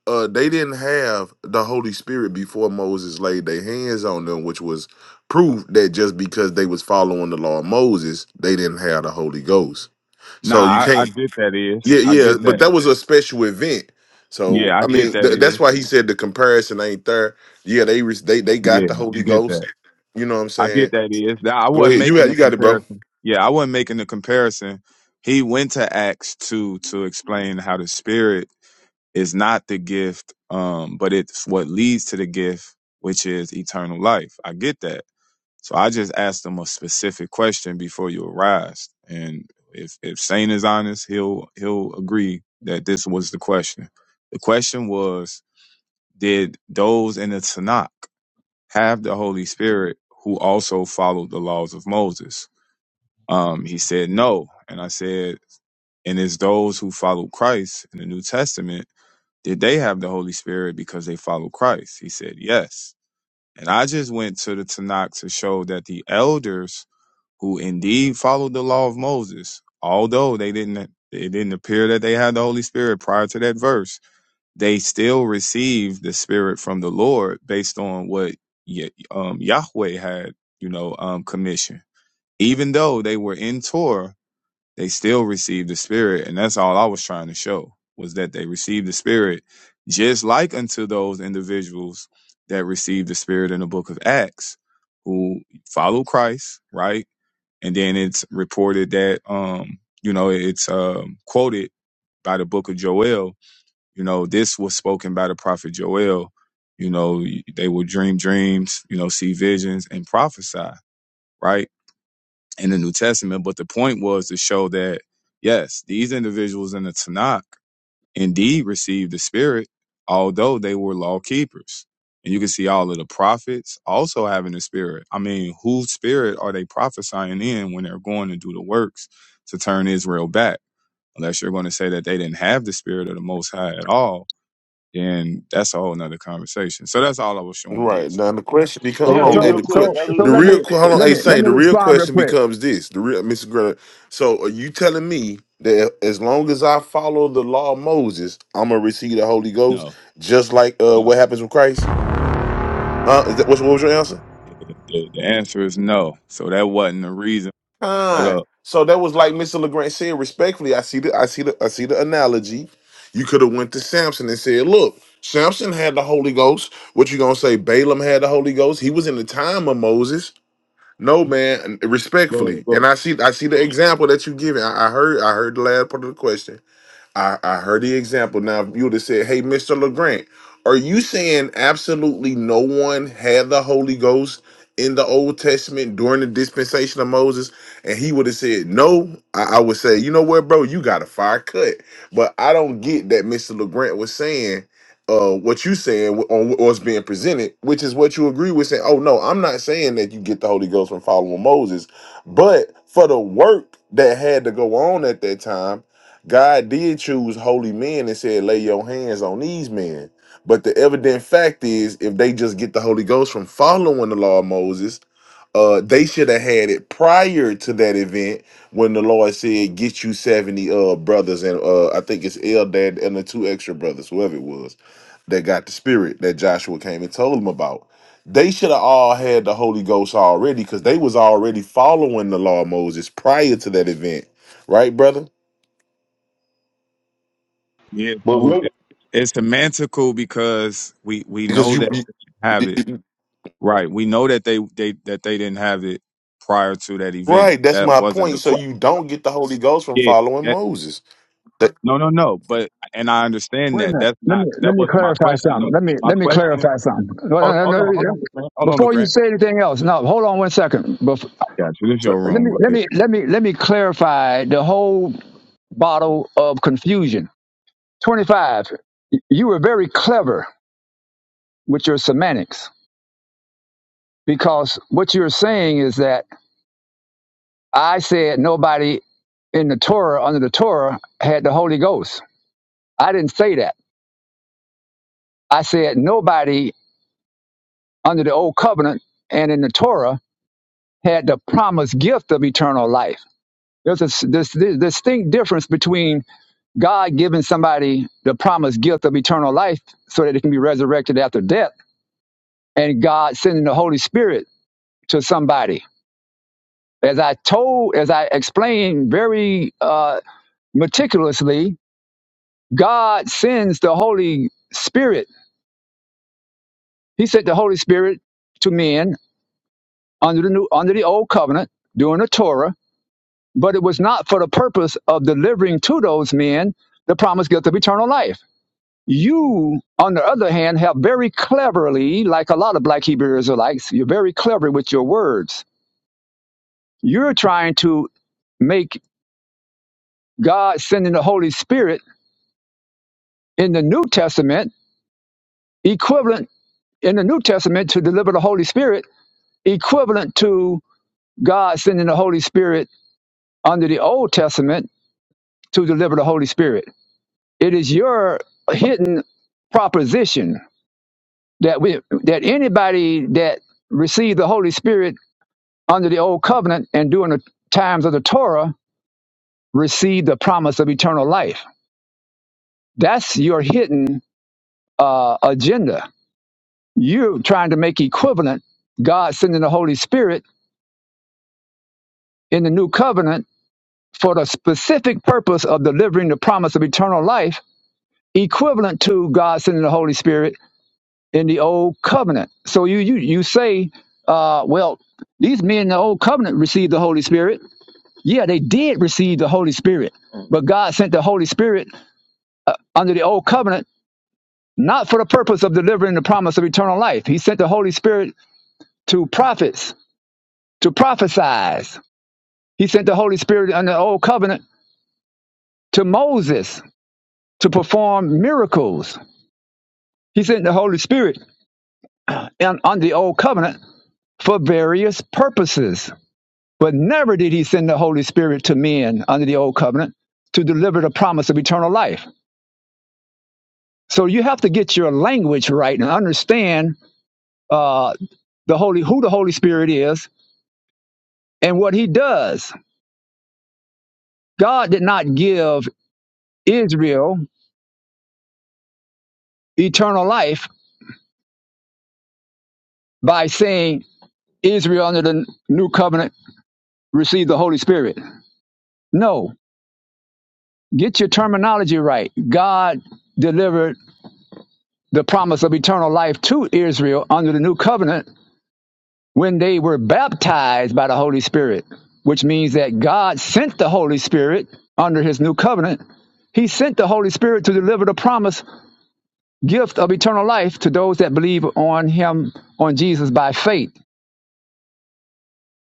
Speaker 9: Uh, they didn't have the Holy Spirit before Moses laid their hands on them, which was proof that just because they was following the law of Moses, they didn't have the Holy Ghost. So you
Speaker 7: nah,
Speaker 9: can't
Speaker 7: I I get that is,
Speaker 9: Yeah,
Speaker 7: I
Speaker 9: yeah,
Speaker 7: get
Speaker 9: but
Speaker 7: that.
Speaker 9: that was a special event. So
Speaker 7: Yeah, I
Speaker 9: I
Speaker 7: get
Speaker 9: mean,
Speaker 7: that
Speaker 9: th- that's
Speaker 7: is.
Speaker 9: why he said the comparison ain't there. Yeah, they re- they they got
Speaker 7: Yeah,
Speaker 9: the
Speaker 7: I
Speaker 9: Holy
Speaker 7: get
Speaker 9: Ghost.
Speaker 7: that.
Speaker 9: You know what I'm
Speaker 7: I get
Speaker 9: saying?
Speaker 7: that is. Nah, I
Speaker 9: Go
Speaker 7: wasn't
Speaker 9: ahead, you
Speaker 7: making
Speaker 9: got
Speaker 7: the
Speaker 9: you got it, bro.
Speaker 7: comparison. Yeah, I wasn't making the comparison. He went to Acts two to explain how the Spirit is not the gift, um, but it's what leads to the gift, which is eternal life. I get that. So I just asked him a specific question before you arrived, and if if Saint is honest, he'll he'll agree that this was the question. The question was, did those in the Tanakh have the Holy Spirit who also followed the laws of Moses? Um, he said no, and I said, and it's those who follow Christ in the New Testament. Did they have the Holy Spirit because they follow Christ? He said yes. And I just went to the Tanakh to show that the elders who indeed followed the law of Moses, although they didn't it didn't appear that they had the Holy Spirit prior to that verse, they still received the Spirit from the Lord based on what Ye- um, Yahweh had, you know, um, commissioned. Even though they were in Torah, they still received the Spirit, and that's all I was trying to show was that they received the Spirit, just like unto those individuals that received the Spirit in the Book of Acts, who followed Christ, right? and then it's reported that um you know it's um quoted by the book of Joel you know this was spoken by the prophet Joel you know they will dream dreams you know see visions and prophesy right in the New Testament but the point was to show that yes these individuals in the Tanakh indeed received the Spirit, although they were law keepers. And you can see all of the prophets also having the Spirit. I mean, whose Spirit are they prophesying in when they're going to do the works to turn Israel back? Unless you're going to say that they didn't have the Spirit of the Most High at all, then that's a whole nother conversation. So that's all I was showing
Speaker 9: Right
Speaker 7: is
Speaker 9: now, the question becomes: Hold
Speaker 5: Hey,
Speaker 1: Yeah,
Speaker 9: on,
Speaker 5: hey,
Speaker 9: hey,
Speaker 1: so
Speaker 5: real
Speaker 9: the
Speaker 5: quick,
Speaker 9: que-
Speaker 1: so
Speaker 5: Elder
Speaker 1: so
Speaker 9: the
Speaker 1: let
Speaker 9: real
Speaker 1: me
Speaker 5: LeGrand.
Speaker 9: que- hold on,
Speaker 1: let
Speaker 9: hey,
Speaker 1: me let
Speaker 9: Saint,
Speaker 1: me
Speaker 9: the real
Speaker 1: respond real
Speaker 9: question
Speaker 1: quick.
Speaker 9: becomes this: the real Mr. Greta. So are you telling me that as long as I follow the law of Moses, I'm gonna receive the Holy Ghost,
Speaker 7: no.
Speaker 9: just like uh, what happens with Christ? Huh? Is that, what's, what was your answer?
Speaker 7: The, the answer is no. So that wasn't the reason. But,
Speaker 9: Kind.
Speaker 7: uh,
Speaker 9: So that was like Mr. LeGrand said respectfully. I see the I see the I see the analogy. You could have went to Samson and said, look, Samson had the Holy Ghost. What you gonna say? Balaam had the Holy Ghost. He was in the time of Moses. No man,
Speaker 7: go,
Speaker 9: respectfully,
Speaker 7: go.
Speaker 9: and I see I see the example that you giving. I, I heard I heard the last part of the question. I, I heard the example. Now, if you would have said, Hey, Mr. LeGrant, are you saying absolutely no one had the Holy Ghost in the Old Testament during the dispensation of Moses? And he would have said, No. I, I would say, You know what, bro? You got a fire cut. But I don't get that Mr. LeGrant was saying uh, what you saying wh- on what's being presented, which is what you agree with saying, Oh, no, I'm not saying that you get the Holy Ghost from following Moses, but for the work that had to go on at that time God did choose holy men and said, lay your hands on these men. But the evident fact is, if they just get the Holy Ghost from following the law of Moses, uh, they should have had it prior to that event when the Lord said, get you 70 uh brothers and uh I think it's Eldad and the two extra brothers, whoever it was, that got the spirit that Joshua came and told them about. They should have all had the Holy Ghost already because they was already following the law of Moses prior to that event, right, brother?
Speaker 7: Yeah,
Speaker 5: But
Speaker 7: so
Speaker 5: real,
Speaker 7: it's semantical because we, we
Speaker 9: Because
Speaker 7: know
Speaker 9: you
Speaker 7: that have
Speaker 9: It-
Speaker 7: it.
Speaker 9: it-
Speaker 7: Right. We know that they they that they didn't have it prior to that event.
Speaker 9: Right, that's
Speaker 7: That
Speaker 9: my
Speaker 7: wasn't the
Speaker 9: point. So
Speaker 7: question.
Speaker 9: you don't get the Holy Ghost from
Speaker 7: Yeah.
Speaker 9: following
Speaker 7: that-
Speaker 9: Moses. That-
Speaker 7: no, no, no. But and I understand
Speaker 1: Wait a
Speaker 7: that.
Speaker 1: minute.
Speaker 7: That's
Speaker 1: Let
Speaker 7: not
Speaker 1: me let
Speaker 7: that
Speaker 1: me
Speaker 7: wasn't my
Speaker 1: clarify
Speaker 7: question though.
Speaker 1: something. Let me
Speaker 7: My
Speaker 1: let me
Speaker 7: question.
Speaker 1: clarify something.
Speaker 7: Hold,
Speaker 1: Well,
Speaker 7: hold
Speaker 1: no, no,
Speaker 7: on, hold
Speaker 1: no,
Speaker 7: on, LeGrand. Hold on,
Speaker 1: Before you
Speaker 7: LeGrand.
Speaker 1: say anything else, no, hold on one second. Bef-
Speaker 7: I got you. This your
Speaker 1: let
Speaker 7: room.
Speaker 1: me
Speaker 7: Go
Speaker 1: let
Speaker 7: ahead.
Speaker 1: me let me let me clarify the whole bottle of confusion. Twenty five. You were very clever with your semantics because what you're saying is that I said nobody in the Torah under the Torah had the Holy Ghost. I didn't say that. I said nobody under the old covenant and in the Torah had the promised gift of eternal life. There's a this, this distinct difference between God giving somebody the promised gift of eternal life so that it can be resurrected after death and God sending the Holy Spirit to somebody. As I told, as I explained very uh, meticulously, God sends the Holy Spirit. He sent the Holy Spirit to men under the new, under the old covenant during the Torah but it was not for the purpose of delivering to those men the promised gift of eternal life. You, on the other hand, have very cleverly, like a lot of black Hebrew Israelites, you're very clever with your words. You're trying to make God sending the Holy Spirit in the New Testament equivalent in the New Testament to deliver the Holy Spirit equivalent to God sending the Holy Spirit under the Old Testament to deliver the Holy Spirit. It is your hidden proposition that we that anybody that received the Holy Spirit under the old covenant and during the times of the Torah received the promise of eternal life. That's your hidden uh, agenda. You're trying to make equivalent God sending the Holy Spirit in the new covenant for the specific purpose of delivering the promise of eternal life, equivalent to God sending the Holy Spirit in the old covenant. So you you you say, uh, well, these men in the old covenant received the Holy Spirit Yeah, they did receive the Holy Spirit, but God sent the Holy Spirit under the old covenant, not for the purpose of delivering the promise of eternal life. He sent the Holy Spirit to prophets, to prophesize. He sent the Holy Spirit under the old covenant to Moses to perform miracles. He sent the Holy Spirit in, under the old covenant for various purposes, but never did he send the Holy Spirit to men under the old covenant to deliver the promise of eternal life. So you have to get your language right and understand uh, the holy who the Holy Spirit is and what He does. God did not give Israel eternal life by saying Israel under the new covenant received the Holy Spirit. No, get your terminology right. God delivered the promise of eternal life to Israel under the new covenant when they were baptized by the Holy Spirit, which means that God sent the Holy Spirit under his new covenant. He sent the Holy Spirit to deliver the promised gift of eternal life to those that believe on him, on Jesus by faith.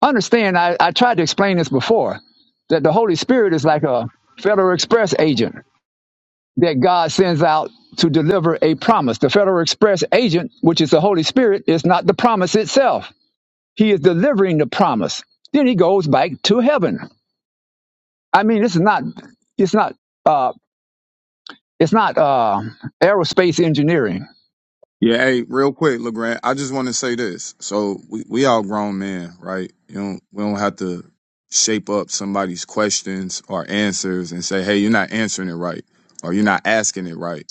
Speaker 1: Understand, I, I tried to explain this before, that the Holy Spirit is like a Federal Express agent that God sends out to deliver a promise. The Federal Express agent, which is the Holy Spirit, is not the promise itself. He is delivering the promise. Then he goes back to heaven. I mean, this is not, it's not, uh, it's not uh, aerospace engineering.
Speaker 7: Yeah, hey, real quick, LeGrand, I just want to say this. So we, we all grown men, right? You don't we don't have to shape up somebody's questions or answers and say, hey, you're not answering it right or you're not asking it right.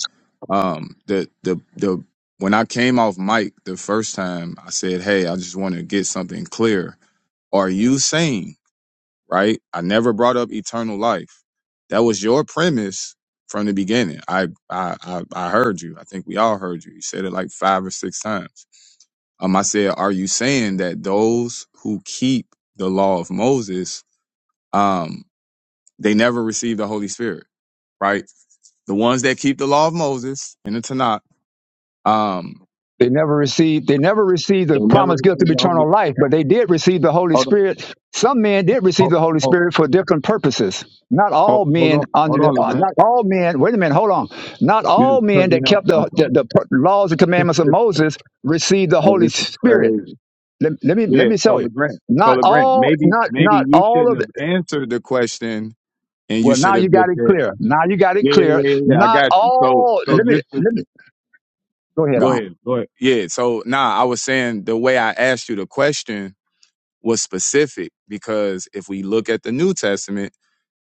Speaker 7: Um, the the the when I came off mic the first time, I said, "Hey, I just want to get something clear. Are you saying right? I never brought up eternal life. That was your premise from the beginning. I I I, I heard you. I think we all heard you. You said it like five or six times. Um, I said, "Are you saying that those who keep the law of Moses, um, they never receive the Holy Spirit?" right? The ones that keep the law of Moses in the Tanakh, um.'"
Speaker 1: They never received, they never received
Speaker 7: They
Speaker 1: the
Speaker 7: never
Speaker 1: promised gift of
Speaker 7: received the Holy.
Speaker 1: eternal life, but they did receive the Holy
Speaker 7: Hold on,
Speaker 1: Spirit. Some men did receive
Speaker 7: hold,
Speaker 1: the Holy
Speaker 7: hold,
Speaker 1: Spirit for different purposes. Not
Speaker 7: hold,
Speaker 1: all
Speaker 7: hold
Speaker 1: men
Speaker 7: on,
Speaker 1: under
Speaker 7: hold
Speaker 1: the,
Speaker 7: on,
Speaker 1: uh,
Speaker 7: Legrand.
Speaker 1: not all men. Wait a minute, hold on. Not
Speaker 7: You
Speaker 1: all
Speaker 7: just cut
Speaker 1: men
Speaker 7: me
Speaker 1: that
Speaker 7: off.
Speaker 1: kept the the,
Speaker 7: Okay,
Speaker 1: the per- laws and commandments of Moses received the
Speaker 7: hey,
Speaker 1: Holy
Speaker 7: this is
Speaker 1: Spirit.
Speaker 7: crazy.
Speaker 1: Let, let me let
Speaker 7: Yeah,
Speaker 1: me
Speaker 7: so
Speaker 1: tell you.
Speaker 7: Legrand, so
Speaker 1: Not
Speaker 7: Legrand,
Speaker 1: all,
Speaker 7: maybe,
Speaker 1: not
Speaker 7: maybe
Speaker 1: not
Speaker 7: you
Speaker 1: all
Speaker 7: shouldn't
Speaker 1: of
Speaker 7: have answered the question, and you
Speaker 1: Well,
Speaker 7: should
Speaker 1: now
Speaker 7: have
Speaker 1: you got
Speaker 7: just
Speaker 1: it
Speaker 7: said,
Speaker 1: clear. Now you got it
Speaker 7: yeah, yeah,
Speaker 1: clear.
Speaker 7: yeah, yeah, yeah, I
Speaker 1: Not
Speaker 7: got you. So,
Speaker 1: all.
Speaker 7: so
Speaker 1: Let me
Speaker 7: just to,
Speaker 1: let me go ahead
Speaker 7: go
Speaker 1: on.
Speaker 7: ahead, go ahead. Yeah, so nah, I was saying the way I asked you the question was specific because if we look at the New Testament.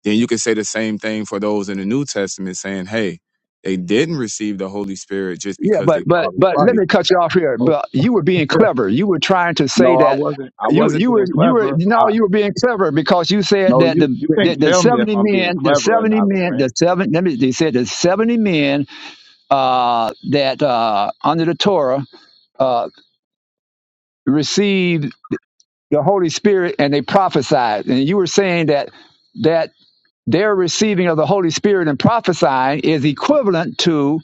Speaker 7: Then you can say the same thing for those in the New Testament saying, hey, they didn't receive the Holy Spirit just
Speaker 1: Yeah,
Speaker 7: because
Speaker 1: but
Speaker 7: they
Speaker 1: but
Speaker 7: followed
Speaker 1: but let
Speaker 7: Christ.
Speaker 1: me cut you off here.
Speaker 7: Oh,
Speaker 1: But you were being clever. You were trying to say
Speaker 7: no, I
Speaker 1: that
Speaker 7: wasn't. I
Speaker 1: you
Speaker 7: wasn't
Speaker 1: you were
Speaker 7: being
Speaker 1: you were
Speaker 7: clever.
Speaker 1: no
Speaker 7: I
Speaker 1: you were being clever because you said
Speaker 7: no,
Speaker 1: that
Speaker 7: you
Speaker 1: the
Speaker 7: you
Speaker 1: the,
Speaker 7: can't
Speaker 1: the
Speaker 7: tell me if
Speaker 1: seventy
Speaker 7: I'm being
Speaker 1: men the
Speaker 7: clever or
Speaker 1: seventy
Speaker 7: not,
Speaker 1: men
Speaker 7: Legrand.
Speaker 1: the seven let me they said the seventy men uh that uh under the Torah uh, received the Holy Spirit and they prophesied. And you were saying that that their receiving of the Holy Spirit and prophesying is equivalent to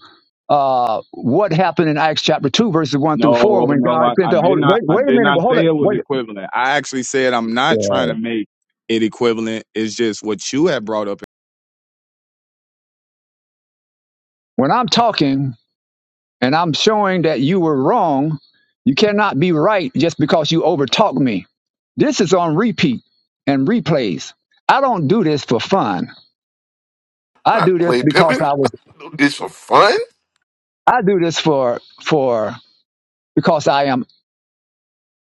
Speaker 1: uh, what happened in Acts chapter 2, verses 1 through 4,
Speaker 7: No,
Speaker 1: when
Speaker 7: no,
Speaker 1: God
Speaker 7: I,
Speaker 1: sent
Speaker 7: I
Speaker 1: the
Speaker 7: did
Speaker 1: Holy
Speaker 7: not.
Speaker 1: Wait,
Speaker 7: I
Speaker 1: wait a
Speaker 7: did
Speaker 1: minute,
Speaker 7: not
Speaker 1: but hold
Speaker 7: say
Speaker 1: it.
Speaker 7: it was
Speaker 1: Wait.
Speaker 7: equivalent. I actually said I'm not
Speaker 1: Yeah.
Speaker 7: trying to make it equivalent. It's just what you had brought up.
Speaker 1: When I'm talking and I'm showing that you were wrong, you cannot be right just because you overtalk me. This is on repeat and replays. I don't do this for fun. I
Speaker 9: Not
Speaker 1: do this
Speaker 9: play
Speaker 1: because
Speaker 9: pimping.
Speaker 1: I was
Speaker 9: Do this for fun.
Speaker 1: I do this for for because I am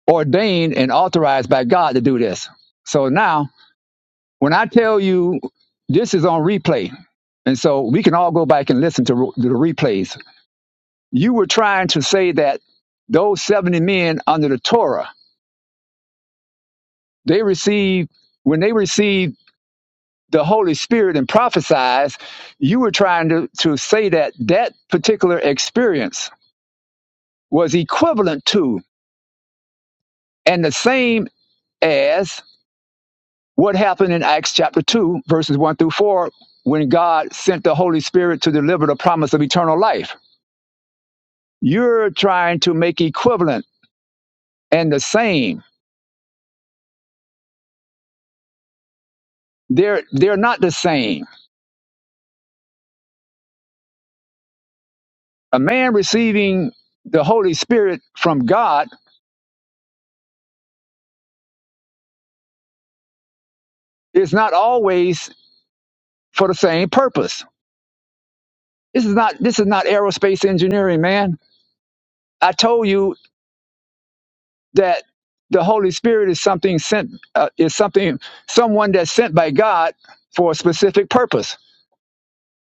Speaker 1: ordained and authorized by God to do this. So now When I tell you this is on replay, and so we can all go back and listen to re- the replays. You were trying to say that those 70 men under the Torah, they received, when they received the Holy Spirit and prophesied, you were trying to, to say that that particular experience was equivalent to and the same as what happened in Acts chapter 2, verses 1 through 4, when God sent the Holy Spirit to deliver the promise of eternal life You're trying to make equivalent and the same. They're they're not the same. A man receiving the Holy Spirit from God is not always for the same purpose. This is not this is not aerospace engineering, man. I told you that the Holy Spirit is something sent uh, is something someone that's sent by God for a specific purpose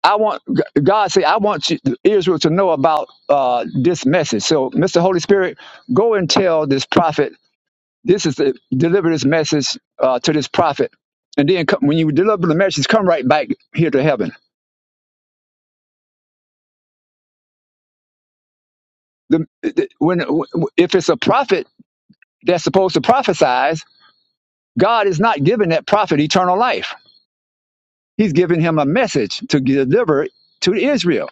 Speaker 1: I want God say I want you, Israel to know about uh, this message. So, Mr. Holy Spirit, go and tell this prophet. This is the deliver this message uh, to this prophet, and then come, when you deliver the message, come right back here to heaven. The, the, when if it's a prophet that's supposed to prophesize, God is not giving that prophet eternal life. He's giving him a message to deliver to Israel.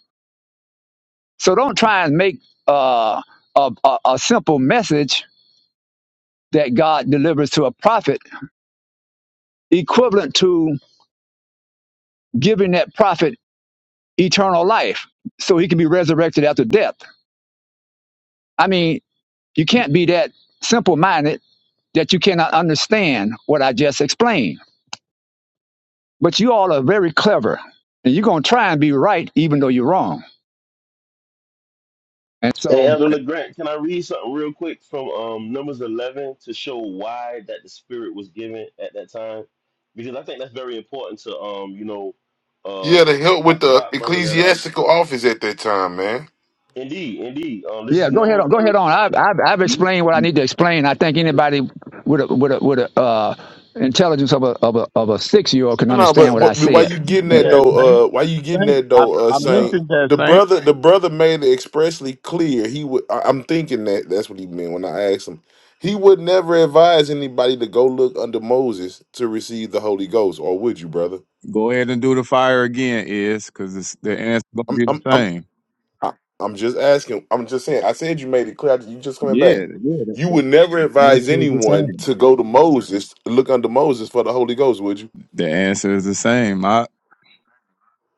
Speaker 1: So don't try and make uh, a, a, a simple message that God delivers to a prophet, equivalent to giving that prophet eternal life so he can be resurrected after death. I mean, you can't be that simple minded that you cannot understand what I just explained. But you all are very clever and you're going to try and be right even though you're wrong. And
Speaker 5: Hey,
Speaker 1: so,
Speaker 5: Elder LeGrant, can I read something real quick from um, Numbers 11 to show why that the Spirit was given at that time? Because I think that's very important to, um, you know, uh,
Speaker 9: Yeah, to help
Speaker 5: Doc,
Speaker 9: with the
Speaker 5: Doc bringing that up.
Speaker 9: ecclesiastical office at that time, man.
Speaker 5: Indeed, indeed. Um, this is
Speaker 1: yeah, go ahead
Speaker 5: Numbers.
Speaker 1: on. Go
Speaker 5: Uh,
Speaker 1: ahead on. I've, I've, I've
Speaker 7: You-
Speaker 1: explained what I need
Speaker 7: you
Speaker 1: to explain. I think
Speaker 5: this,
Speaker 1: anybody with a, with a, with a, uh, intelligence of a, of a, of a six year old can
Speaker 9: no, no,
Speaker 1: understand
Speaker 9: but,
Speaker 1: what I
Speaker 9: but why
Speaker 1: said.
Speaker 9: you getting
Speaker 5: yeah,
Speaker 9: that
Speaker 7: said that saint.
Speaker 9: though? Uh, why you getting
Speaker 7: thing.
Speaker 9: that
Speaker 7: I
Speaker 9: though? Uh,
Speaker 7: I
Speaker 5: yeah.
Speaker 9: saying
Speaker 7: mentioned that
Speaker 9: the
Speaker 7: Saint.
Speaker 9: brother, the brother made it expressly clear he would. I, I'm thinking that that's what he meant when I asked him. He would never advise anybody to go look under Moses to receive the Holy Ghost, or would you, brother?
Speaker 7: Go ahead and do the fire again, is because it's the answer gonna
Speaker 9: I'm,
Speaker 7: be
Speaker 9: I'm,
Speaker 7: the
Speaker 9: I'm
Speaker 7: same.
Speaker 9: I- I'm just asking. I'm just saying. I said you made it clear. You just coming
Speaker 7: Yeah,
Speaker 9: back.
Speaker 7: yeah, the,
Speaker 9: You
Speaker 7: the
Speaker 9: would never
Speaker 7: the
Speaker 9: advise
Speaker 7: answer is the
Speaker 9: anyone
Speaker 7: same.
Speaker 9: to go to Moses, look under Moses for the Holy Ghost, would you?
Speaker 7: The answer is the same. I,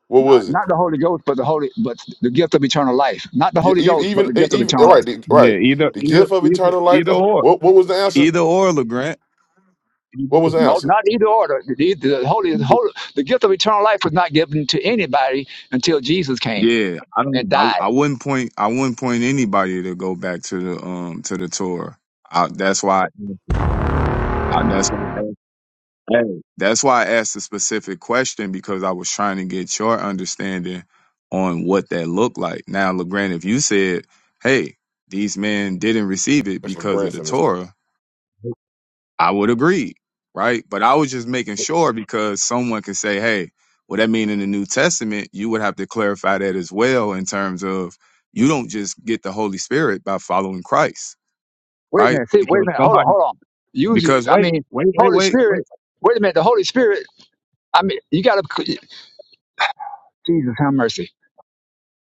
Speaker 9: What
Speaker 1: Not
Speaker 9: was it?
Speaker 1: not the Holy Ghost, but the Holy, but the gift of eternal life. Not the
Speaker 9: You,
Speaker 1: Holy
Speaker 9: even,
Speaker 1: Ghost, but
Speaker 9: even,
Speaker 1: the
Speaker 9: e,
Speaker 1: gift of
Speaker 9: even,
Speaker 1: eternal
Speaker 9: all
Speaker 1: life.
Speaker 9: right, the,
Speaker 7: yeah,
Speaker 9: right.
Speaker 7: either,
Speaker 9: The
Speaker 7: either,
Speaker 9: gift of
Speaker 7: either,
Speaker 9: eternal life.
Speaker 7: either
Speaker 9: the-
Speaker 7: or,
Speaker 9: What, what was the answer?
Speaker 7: either or, Legrand. Either
Speaker 9: What was the
Speaker 1: No,
Speaker 9: answer?
Speaker 1: not either order. The, the the Holy, the
Speaker 7: or.
Speaker 1: Holy, the gift of eternal life was not given to anybody until Jesus came
Speaker 7: Yeah, I don't.
Speaker 1: and
Speaker 7: I,
Speaker 1: died.
Speaker 7: I wouldn't point. I wouldn't point anybody to go back to the um to the tour. I, that's why. I, that's why. Hey, that's why I asked a specific question because I was trying to get your understanding on what that looked like. Now, LeGrand, if you said, hey, these men didn't receive it
Speaker 9: That's my
Speaker 7: because of the
Speaker 9: grandson. Is,
Speaker 7: Torah, I would agree, right? But I was just making sure because someone can say, hey, what that mean in the New Testament, you would have to clarify that as well in terms of you don't just get the Holy Spirit by following Christ,
Speaker 1: Wait a
Speaker 7: right?
Speaker 1: minute. See, wait a
Speaker 7: Because
Speaker 1: minute. Hold on.
Speaker 7: somebody
Speaker 1: Hold on. Use.
Speaker 7: because
Speaker 1: I
Speaker 7: wait,
Speaker 1: mean,
Speaker 7: wait, wait,
Speaker 1: Holy
Speaker 7: wait, wait.
Speaker 1: Spirit. Wait a minute. The Holy Spirit. I mean, you got to. Jesus, have mercy.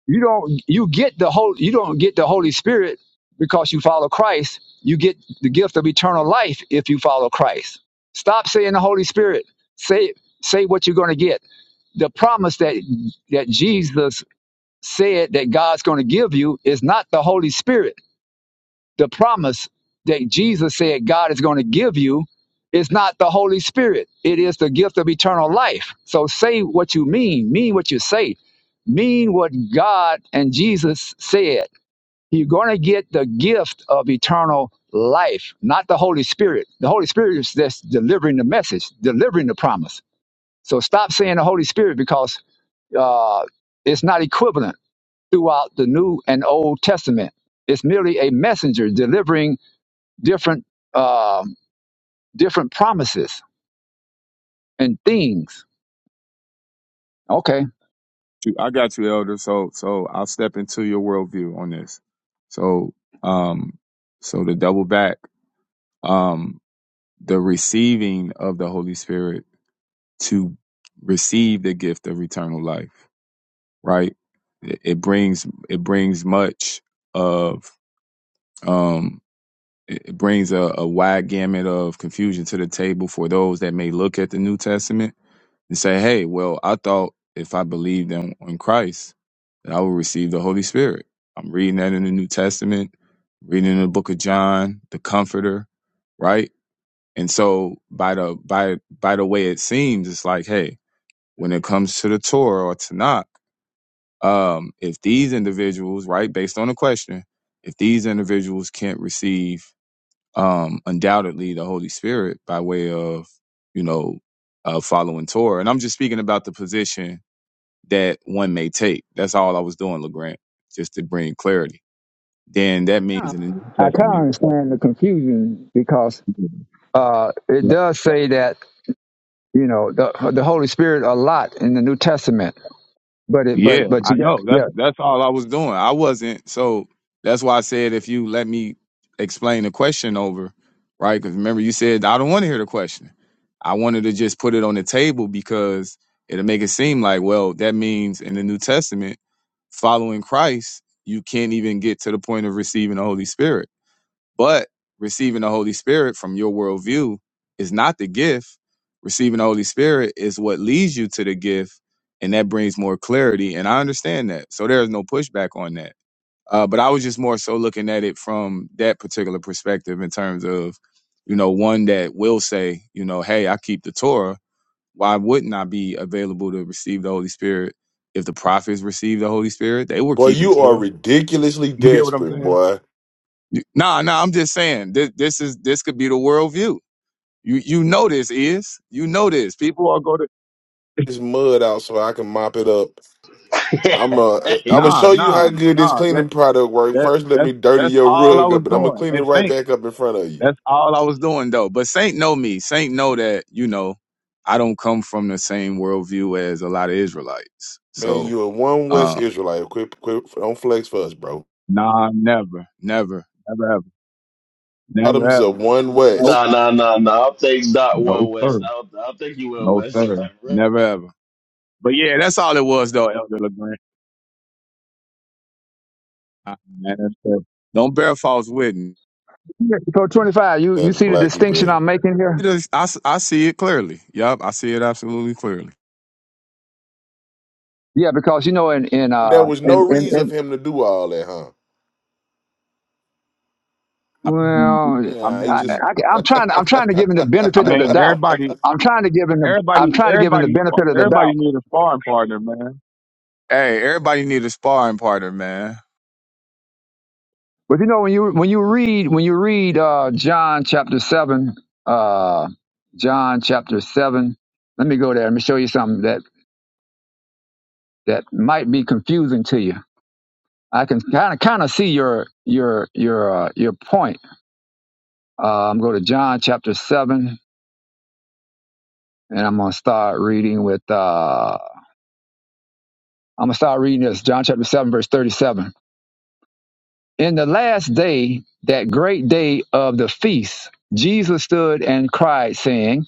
Speaker 1: You don't you get the whole you don't get the Holy Spirit because you follow Christ. You get the gift of eternal life if you follow Christ. Stop saying the Holy Spirit. Say say what you're going to get. The promise that that Jesus said that God's going to give you is not the Holy Spirit. The promise that Jesus said God is going to give you is not the Holy Spirit. It is the gift of eternal life. So say what you mean, mean what you say, mean what God and Jesus said. You're going to get the gift of eternal life, not the Holy Spirit. The Holy Spirit is just delivering the message, delivering the promise. So stop saying the Holy Spirit because uh, it's not equivalent throughout the New and Old Testament. It's merely a messenger delivering different um, different promises and things. Okay,
Speaker 7: you. I got you, Elder. So so I'll step into your worldview on this. So um so to double back, um the receiving of the Holy Spirit to receive the gift of eternal life, right? It, it brings it brings much of um it it brings a, a wide gamut of confusion to the table for those that may look at the New Testament and say, hey, well, I thought if I believed in, in Christ, that I would receive the Holy Spirit. I'm reading that in the New Testament, reading in the book of John, the Comforter, right? And so by the by by the way it seems, it's like, hey, when it comes to the Torah or Tanakh, um, if these individuals, right, based on the question, if these individuals can't receive um undoubtedly the Holy Spirit by way of, you know, uh following Torah. And I'm just speaking about the position that one may take. That's all I was doing, LeGrant, just to bring clarity. Then that
Speaker 1: Yeah.
Speaker 7: means in the New
Speaker 1: I kind of
Speaker 7: Testament.
Speaker 1: understand the confusion because uh, it
Speaker 7: Yeah,
Speaker 1: does say that you know the the Holy Spirit a lot in the New Testament, but it but
Speaker 7: Yeah,
Speaker 1: but
Speaker 7: I
Speaker 1: you got
Speaker 7: know. That's
Speaker 1: yeah.
Speaker 7: that's all I was doing. I wasn't so that's why I said if you let me explain the question over, right? Because remember you said I don't want to hear the question. I wanted to just put it on the table because it'll make it seem like, well, that means in the New Testament, following Christ, you can't even get to the point of receiving the Holy Spirit But receiving the Holy Spirit from your worldview is not the gift. Receiving the Holy Spirit is what leads you to the gift, and that brings more clarity. And I understand that. So there is no pushback on that. Uh, but I was just more so looking at it from that particular perspective in terms of, you know, one that will say, you know, hey, I keep the Torah. Why wouldn't I be available to receive the Holy Spirit if the prophets received the Holy Spirit? They were
Speaker 9: boy,
Speaker 7: keeping
Speaker 9: you are
Speaker 7: Torah.
Speaker 9: ridiculously
Speaker 7: You get what I'm
Speaker 9: desperate,
Speaker 7: saying?
Speaker 9: boy.
Speaker 7: Nah, nah. I'm just saying this. This is this could be the worldview. You you know this is you know this. People are going to
Speaker 9: It's mud out, so I can mop it up. I'm uh,
Speaker 5: hey,
Speaker 9: I'm gonna
Speaker 5: you
Speaker 7: nah
Speaker 9: show you
Speaker 7: nah
Speaker 9: how
Speaker 5: crazy.
Speaker 9: good this
Speaker 7: nah. That
Speaker 9: cleaning product works.
Speaker 7: that
Speaker 9: First, let
Speaker 7: that's
Speaker 9: me dirty
Speaker 7: that's
Speaker 9: your
Speaker 7: all I
Speaker 9: rug
Speaker 7: was
Speaker 9: up, and I'm gonna
Speaker 7: doing.
Speaker 9: clean it
Speaker 7: And
Speaker 9: right
Speaker 7: Saint,
Speaker 9: back up in front of you.
Speaker 7: that's all I was doing though. But Saint know me. Saint know that you know I don't come from the same worldview as a lot of Israelites.
Speaker 9: Man,
Speaker 7: So
Speaker 9: you a one West
Speaker 7: um
Speaker 9: Israelite. Quit, quit, don't flex for us, bro.
Speaker 7: nah, never, never, never ever, never
Speaker 9: Adams a
Speaker 7: ever.
Speaker 9: one
Speaker 7: Nope,
Speaker 9: West.
Speaker 5: Nah, nah, nah, nah. I'll take Doc
Speaker 7: no
Speaker 5: one
Speaker 7: sir,
Speaker 5: West. I'll, I'll take you one
Speaker 7: no
Speaker 5: West.
Speaker 7: sir, never ever. But yeah, that's all it was though, Elder LeGrand. Ah, man, that's terrible. Don't bear false witness.
Speaker 1: Yeah, So twenty five, you you
Speaker 9: That
Speaker 1: see the
Speaker 9: black
Speaker 1: distinction
Speaker 9: Hebrew.
Speaker 1: I'm making here?
Speaker 7: It is- I, s- I see it clearly. Yep, I see it absolutely clearly.
Speaker 1: Yeah, because you know in in uh
Speaker 9: There was
Speaker 1: in
Speaker 9: no
Speaker 1: in,
Speaker 9: reason
Speaker 1: in
Speaker 9: for him to do all that, huh?
Speaker 7: I mean,
Speaker 1: well.
Speaker 7: I
Speaker 9: Yeah, he
Speaker 1: I,
Speaker 9: just.
Speaker 7: mean,
Speaker 1: I, I'm trying. I'm trying to give him the
Speaker 7: I
Speaker 1: benefit of the
Speaker 7: mean,
Speaker 1: doubt.
Speaker 7: everybody,
Speaker 1: I'm trying to give him the. I'm
Speaker 7: everybody,
Speaker 1: trying to give him the
Speaker 7: everybody,
Speaker 1: benefit of the doubt
Speaker 7: everybody need a sparring partner, man. Hey, everybody need a sparring partner, man.
Speaker 1: But you know, when you when you read when you read uh, John chapter seven, uh, John chapter seven. Let me go there. Let me show you something that that might be confusing to you. I can kind of kind of see your your your uh, your point. Uh, I'm going to John chapter seven, and I'm going to start reading with. Uh, I'm going to start reading this John chapter seven, verse thirty-seven. In the last day, that great day of the feast, Jesus stood and cried, saying.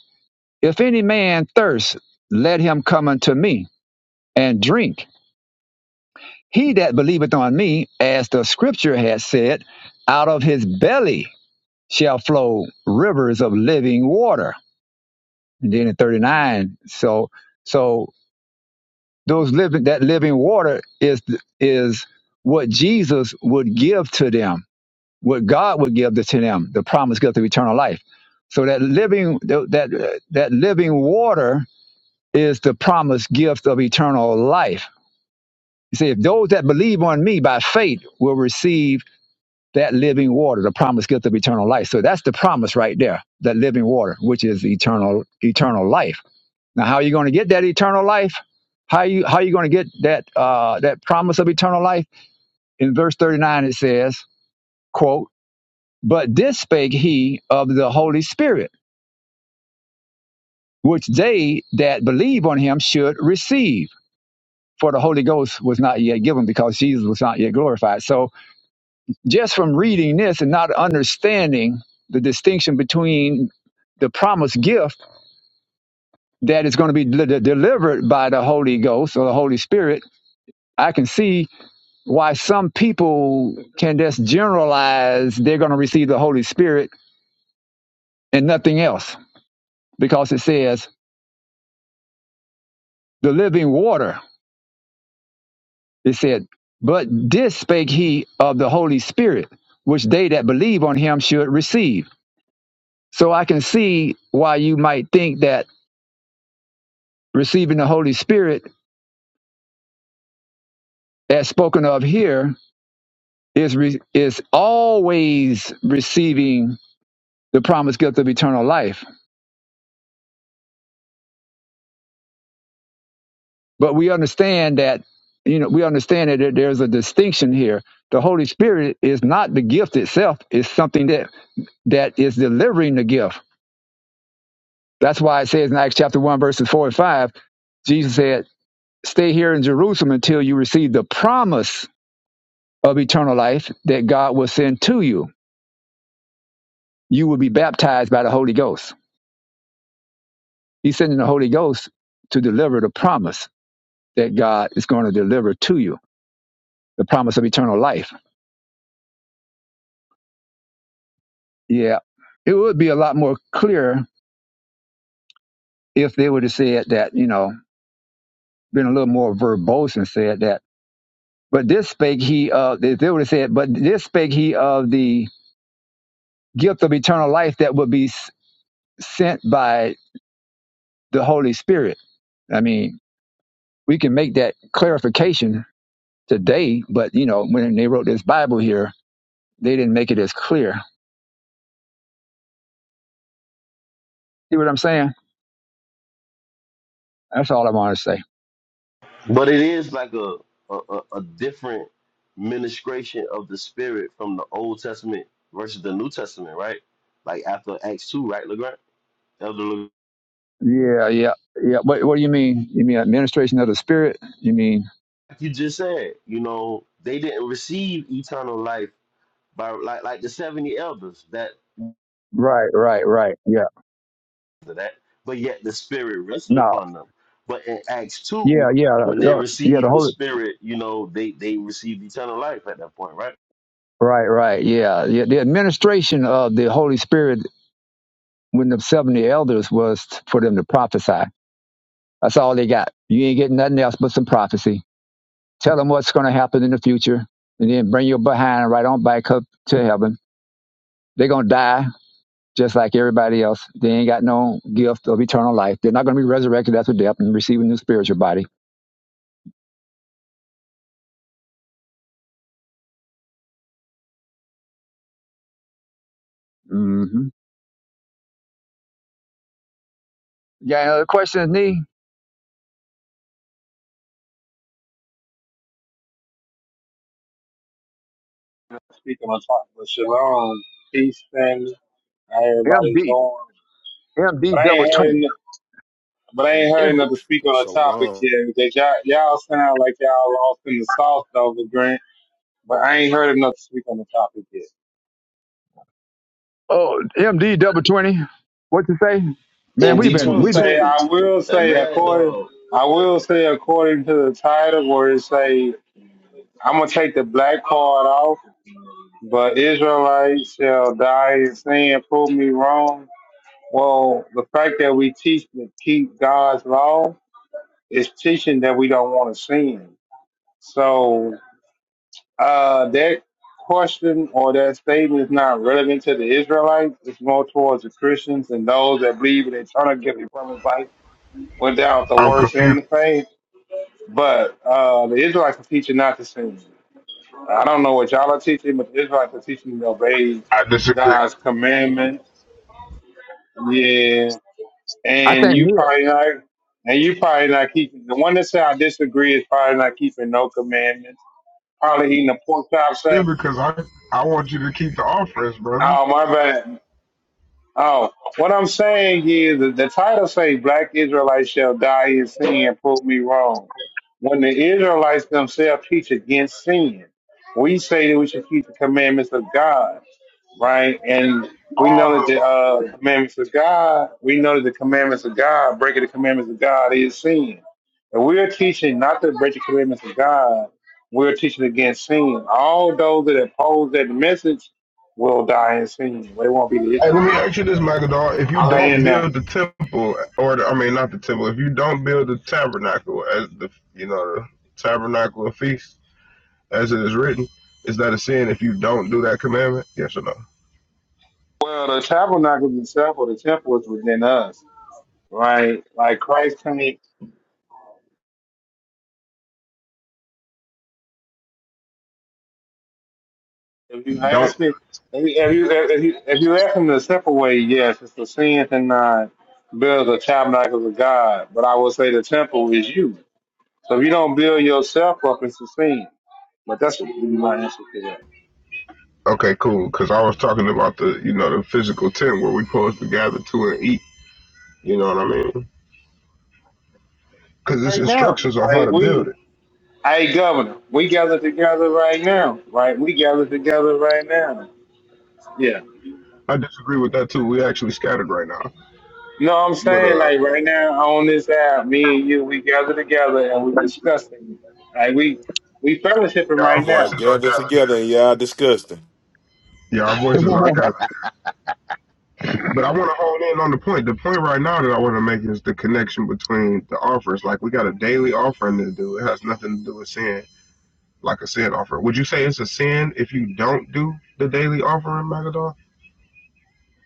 Speaker 1: If any man thirst, let him come unto me and drink. He that believeth on me, as the scripture has said, out of his belly shall flow rivers of living water. And then in 39, so so those living that living water is is what Jesus would give to them, what God would give to them, the promise gift of eternal life. So that living that that living water is the promised gift of eternal life. You see, if those that believe on me by faith will receive that living water, the promised gift of eternal life. So that's the promise right there, that living water, which is eternal eternal life. Now, how are you going to get that eternal life? How you how you going to get that uh, that promise of eternal life? In verse thirty nine, it says, "quote But this spake he of the Holy Spirit, which they that believe on him should receive." for the Holy Ghost was not yet given because Jesus was not yet glorified. So just from reading this and not understanding the distinction between the promised gift that is going to be de- delivered by the Holy Ghost or the Holy Spirit, I can see why some people can just generalize they're going to receive the Holy Spirit and nothing else because it says the living water. It said, but this spake he of the Holy Spirit, which they that believe on him should receive So I can see why you might think that receiving the Holy Spirit, as spoken of here, is re- is always receiving the promised gift of eternal life. But we understand that you know we understand that there's a distinction here. The Holy Spirit is not the gift itself; it's something that that is delivering the gift. That's why it says in Acts chapter one verses four and five, Jesus said, "Stay here in Jerusalem until you receive the promise." of eternal life that God will send to you. You will be baptized by the Holy Ghost. He's sending the Holy Ghost to deliver the promise that God is going to deliver to you, the promise of eternal life. Yeah. It would be a lot more clear if they would have said that, you know, been a little more verbose and said that. But this spake he of, if they would have said, but this spake he of the gift of eternal life that would be s- sent by the Holy Spirit. I mean, we can make that clarification today, but you know, when they wrote this Bible here, they didn't make it as clear. See what I'm saying? That's all I want to say.
Speaker 5: But it is like a a, a, a different ministration of the spirit from the Old Testament versus the New Testament, right? Like after Acts two, right, Legrand? Elder Legrand,
Speaker 1: Yeah, yeah, yeah. What, what do you mean? You mean administration of the Spirit? You mean
Speaker 5: like you just said, you know, they didn't receive eternal life by like like the seventy elders that
Speaker 1: right, right, right? Yeah,
Speaker 5: that, but yet the spirit rested
Speaker 1: no,
Speaker 5: upon them. But in Acts two,
Speaker 1: yeah, yeah,
Speaker 5: when they
Speaker 1: yeah. yeah, The
Speaker 5: received the
Speaker 1: Holy,
Speaker 5: spirit, you know, they they received eternal life at that point, right?
Speaker 1: right, right, yeah, yeah. The administration of the Holy Spirit when the seventy elders was for them to prophesy. That's all they got. You ain't getting nothing else but some prophecy. Tell them what's going to happen in the future, and then bring your behind right on back up to heaven They're going to die just like everybody else. They ain't got no gift of eternal life. They're not going to be resurrected after death and receive a new spiritual body. hmm Yeah, another question is me.
Speaker 11: Not speaking on top, but shalom, peace, family. How everybody's
Speaker 1: MD.
Speaker 11: doing? But
Speaker 1: MD
Speaker 11: I
Speaker 1: double
Speaker 11: ain't heard,
Speaker 1: 20.
Speaker 11: n- but I ain't heard
Speaker 1: M-
Speaker 11: another speak on the topic
Speaker 9: Shalom.
Speaker 11: yet. Because y'all, y'all sound like y'all lost in the sauce though, the grant. But I ain't heard enough to speak on the topic yet.
Speaker 1: oh, MD double 20. What you say? Man, we've
Speaker 5: MD
Speaker 11: I
Speaker 1: been,
Speaker 11: will
Speaker 5: twenty
Speaker 1: we've been,
Speaker 11: say,
Speaker 5: twenty,
Speaker 11: I will
Speaker 5: a
Speaker 11: say,
Speaker 5: mad
Speaker 11: according,
Speaker 5: dog
Speaker 11: I will say, according to the title, where it say, I'm gonna take the black card off, but Israelites shall die in sin. Prove me wrong. Well, the fact that we teach to keep God's law It's teaching that we don't want to sin. So uh, that question or that statement is not relevant to the Israelites. It's more towards the Christians and those that believe in eternal gift of promised life without the
Speaker 12: I'm
Speaker 11: works in
Speaker 12: confused.
Speaker 11: the faith. But uh, the Israelites are teaching not to sin. I don't know what y'all are teaching, but the Israelites are teaching to obey
Speaker 12: I disagree.
Speaker 11: God's commandment. Yeah,
Speaker 1: I
Speaker 11: and
Speaker 1: think
Speaker 11: you
Speaker 1: me.
Speaker 11: probably not, and you probably not keeping the one that said I disagree is probably not keeping no commandments probably eating a pork chop sandwich.
Speaker 12: Because I, I want you to keep the offerings, brother.
Speaker 11: Oh my bad. Oh, what I'm saying is that the title say black Israelites shall die in sin and prove me wrong. When the Israelites themselves teach against sin, we say that we should keep the commandments of God, right? And we
Speaker 12: All of
Speaker 11: know that
Speaker 12: them.
Speaker 11: the uh, commandments of God, we know that the commandments of God, breaking the commandments of God is sin. And we're teaching not to break the commandments of God, we're teaching against sin. All those that oppose that message will die in sin. They won't be the
Speaker 12: And let
Speaker 11: Israelites.
Speaker 12: me ask you this, Magadol. If you
Speaker 11: I lay
Speaker 12: don't
Speaker 11: in that.
Speaker 12: build the temple, or the, I mean, not the temple, if you don't build the tabernacle as the, you know, the tabernacle of feast, as it is written, is that a sin if you don't do that commandment? Yes or no?
Speaker 11: Well, the tabernacle itself or the temple is within us, right? Like Christ came. If you
Speaker 12: You don't.
Speaker 11: ask him, if you if you if you, if you ask him to separate, yes, it's the sin cannot build the tabernacle of God. But I will say the temple is you. So if you don't build yourself up, it's a sin. But that's what we my answer to that.
Speaker 12: Okay, cool. Because I was talking about the, you know, the physical tent where we are supposed to gather to and eat. You know what I mean? Because it's
Speaker 11: Right now,
Speaker 12: instructions on how
Speaker 11: like
Speaker 12: to build
Speaker 11: we,
Speaker 12: it.
Speaker 11: hey governor, we gather together right now, right? We gather together right now. Yeah.
Speaker 12: I disagree with that too. We actually scattered right now,
Speaker 11: No, I'm
Speaker 12: but
Speaker 11: saying
Speaker 12: uh,
Speaker 11: like right now on this app, me and you, we gather together and we discuss things. Like we we fellowshipping
Speaker 12: yeah, our
Speaker 11: right
Speaker 9: Y'all
Speaker 11: now.
Speaker 12: voices are
Speaker 9: gather
Speaker 12: gathered here.
Speaker 9: together and y'all disgusting.
Speaker 12: Yeah, our voices are gathered. But I want to hone in on the point. The point right now that I want to make is the connection between the offers. Like we got a daily offering to do. It has nothing to do with sin, like a sin offering. Would you say it's a sin if you don't do the daily offering, Magadol?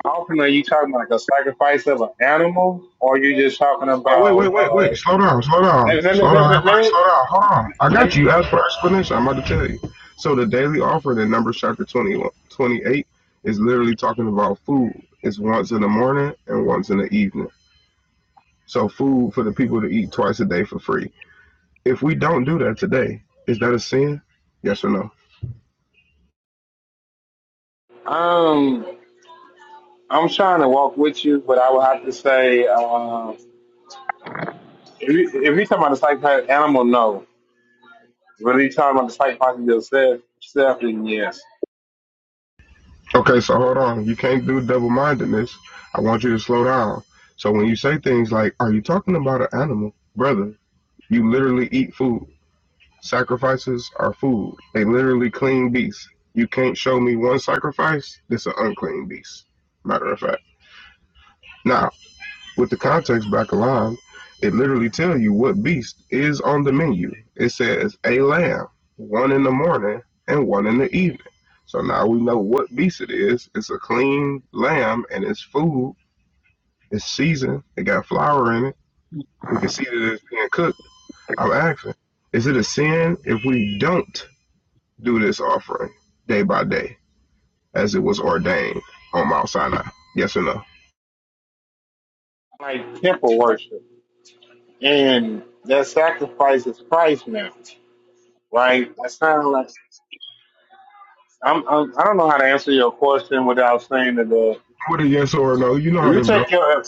Speaker 11: How often are you talking about like a sacrifice of an animal, or you just talking
Speaker 12: Well, wait, wait,
Speaker 11: about?
Speaker 12: wait, wait.
Speaker 11: Uh,
Speaker 12: Slow down, slow down,
Speaker 11: let, let, let,
Speaker 12: slow down,
Speaker 11: let, let,
Speaker 12: everybody,
Speaker 11: let,
Speaker 12: slow down. Hold on. I
Speaker 11: let
Speaker 12: got
Speaker 11: me-
Speaker 12: you. As for the explanation, I'm about to tell you. So the daily offering in Numbers chapter 21, 28, is literally talking about food. It's once in the morning and once in the evening. So food for the people to eat twice a day for free. If we don't do that today, is that a sin? Yes or no?
Speaker 11: um, I'm trying to walk with you, but I would have to say, um, if you if you talking about the sacrifice of animal, no. But if you talking about the sacrifice of yourself, yourself, then yes.
Speaker 12: Okay, so hold on. You can't do double mindedness. I want you to slow down. So when you say things like, Are you talking about an animal? Brother, you literally eat food. Sacrifices are food. They literally clean beasts. You can't show me one sacrifice that's an unclean beast. Matter of fact. Now, with the context back aligned, it literally tell you what beast is on the menu. It says a lamb, one in the morning and one in the evening. So now we know what beast it is. It's a clean lamb and it's food. It's seasoned. It got flour in it. We can see that it's being cooked. I'm asking, is it a sin if we don't do this offering day by day as it was ordained on Mount Sinai? Yes or no?
Speaker 11: Like temple worship. and that sacrifice is Christ now, right? That's kind of like I'm, I'm I don't know how to answer your question without saying that uh,
Speaker 12: What a yes or no, you know how
Speaker 11: if you
Speaker 12: this go.
Speaker 11: take your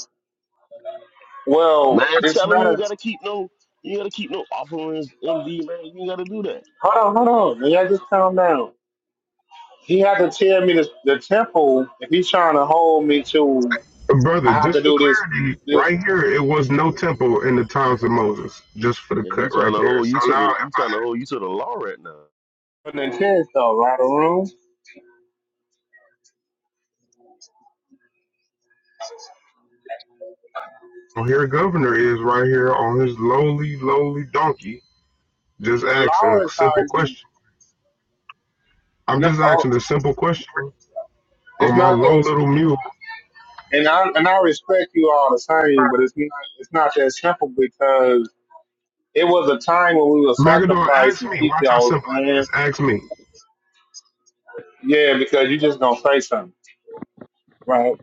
Speaker 11: well,
Speaker 5: Man,
Speaker 11: it's
Speaker 5: tell him
Speaker 11: not
Speaker 5: you ain't
Speaker 11: a
Speaker 5: gotta keep no you ain't gotta keep no offerings, MD man. You ain't gotta do that.
Speaker 11: hold on, hold on, yeah, just calm down. He had to tell me the, the temple if he's trying to hold me to. I
Speaker 12: Brother,
Speaker 11: have to
Speaker 12: just for
Speaker 11: do this
Speaker 12: clarity,
Speaker 11: this
Speaker 12: right here, it was no temple in the times of Moses, just for the
Speaker 5: Yeah, he
Speaker 12: cut
Speaker 5: trying
Speaker 12: right
Speaker 5: to
Speaker 12: there.
Speaker 5: hold
Speaker 12: So
Speaker 5: you to
Speaker 12: now,
Speaker 5: the he
Speaker 12: if
Speaker 5: trying to hold you to the law right now.
Speaker 11: with an intent though, right or wrong.
Speaker 12: I here, governor is right here on his lowly, lowly donkey, just
Speaker 11: The
Speaker 12: asking
Speaker 11: law
Speaker 12: a
Speaker 11: is how
Speaker 12: simple
Speaker 11: you.
Speaker 12: question. I'm
Speaker 11: No,
Speaker 12: just
Speaker 11: oh,
Speaker 12: asking a simple question
Speaker 11: it's
Speaker 12: on my
Speaker 11: not
Speaker 12: low
Speaker 11: that
Speaker 12: little mule.
Speaker 11: and I and I respect you all the same, but it's not it's not that simple because It was a time when we would
Speaker 12: Magador,
Speaker 11: sacrifice
Speaker 12: ask
Speaker 11: and
Speaker 12: me.
Speaker 11: keep
Speaker 12: Watch how
Speaker 11: y'all's
Speaker 12: simple it
Speaker 11: land.
Speaker 12: is. Ask me.
Speaker 11: Yeah, because you just gonna say something, right?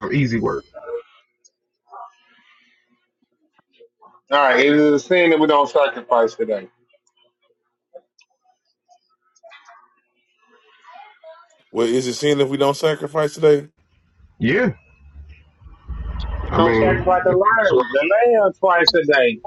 Speaker 12: An easy word.
Speaker 11: All right, it is a sin that we don't sacrifice today. We
Speaker 9: Well, is it sin if we don't sacrifice today?
Speaker 12: Yeah. I
Speaker 11: don't
Speaker 12: mean,
Speaker 11: sacrifice the
Speaker 12: if you just
Speaker 11: lion, the lamb twice a day.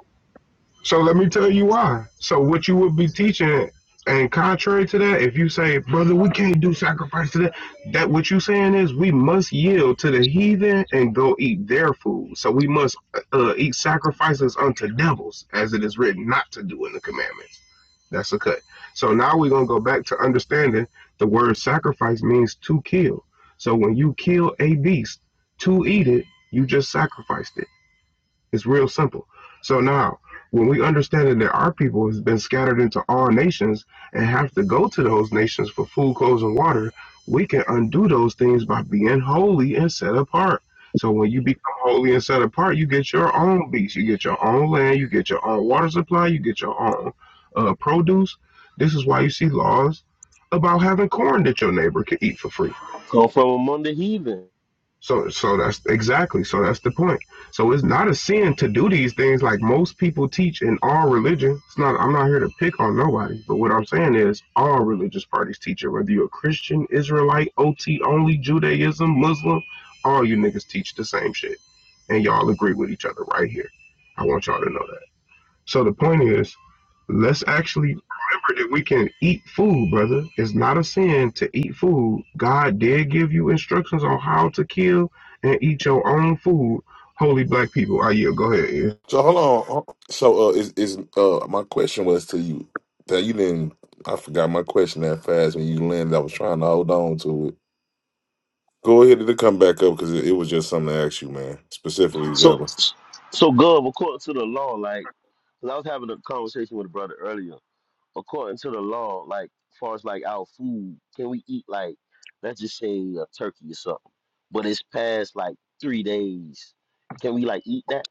Speaker 12: So let me tell you why. So what you would be teaching, and contrary to that, if you say, brother, we can't do sacrifice to that, that what you saying is we must yield to the heathen and go eat their food. So we must uh, eat sacrifices unto devils, as it is written, not to do in the commandments. That's a cut. So now we're gonna go back to understanding the word sacrifice means to kill. So when you kill a beast to eat it, you just sacrificed it. It's real simple. So now, when we understand that there are people who's been scattered into all nations and have to go to those nations for food, clothes, and water, we can undo those things by being holy and set apart. So when you become holy and set apart, you get your own beasts, you get your own land, you get your own water supply, you get your own uh, produce. This is why you see laws about having corn that your neighbor can eat for free
Speaker 5: Come from among the heathen.
Speaker 12: so so that's exactly so that's the point. So it's not a sin to do these things like most people teach in all religion. It's not I'm not here to pick on nobody, but what I'm saying is all religious parties teach it, whether you're a Christian, Israelite, OT only, Judaism, Muslim, all you niggas teach the same shit. And y'all agree with each other right here. I want y'all to know that. So the point is, let's actually remember that we can eat food, brother. It's not a sin to eat food. God did give you instructions on how to kill and eat your own food. Holy black people. Ah, yeah, go ahead.
Speaker 9: So hold on. Ho- So uh, is is uh my question was to you that you didn't. I forgot my question that fast when you landed. I was trying to hold on to it. Go ahead and come back up because it, it was just something to ask you, man. Specifically,
Speaker 5: So
Speaker 9: Governor.
Speaker 5: so Gov, according to the law, like 'cause I was having a conversation with a brother earlier. According to the law, like far as like our food, can we eat like let's just say a turkey or something, but it's past like three days. Can we like eat that?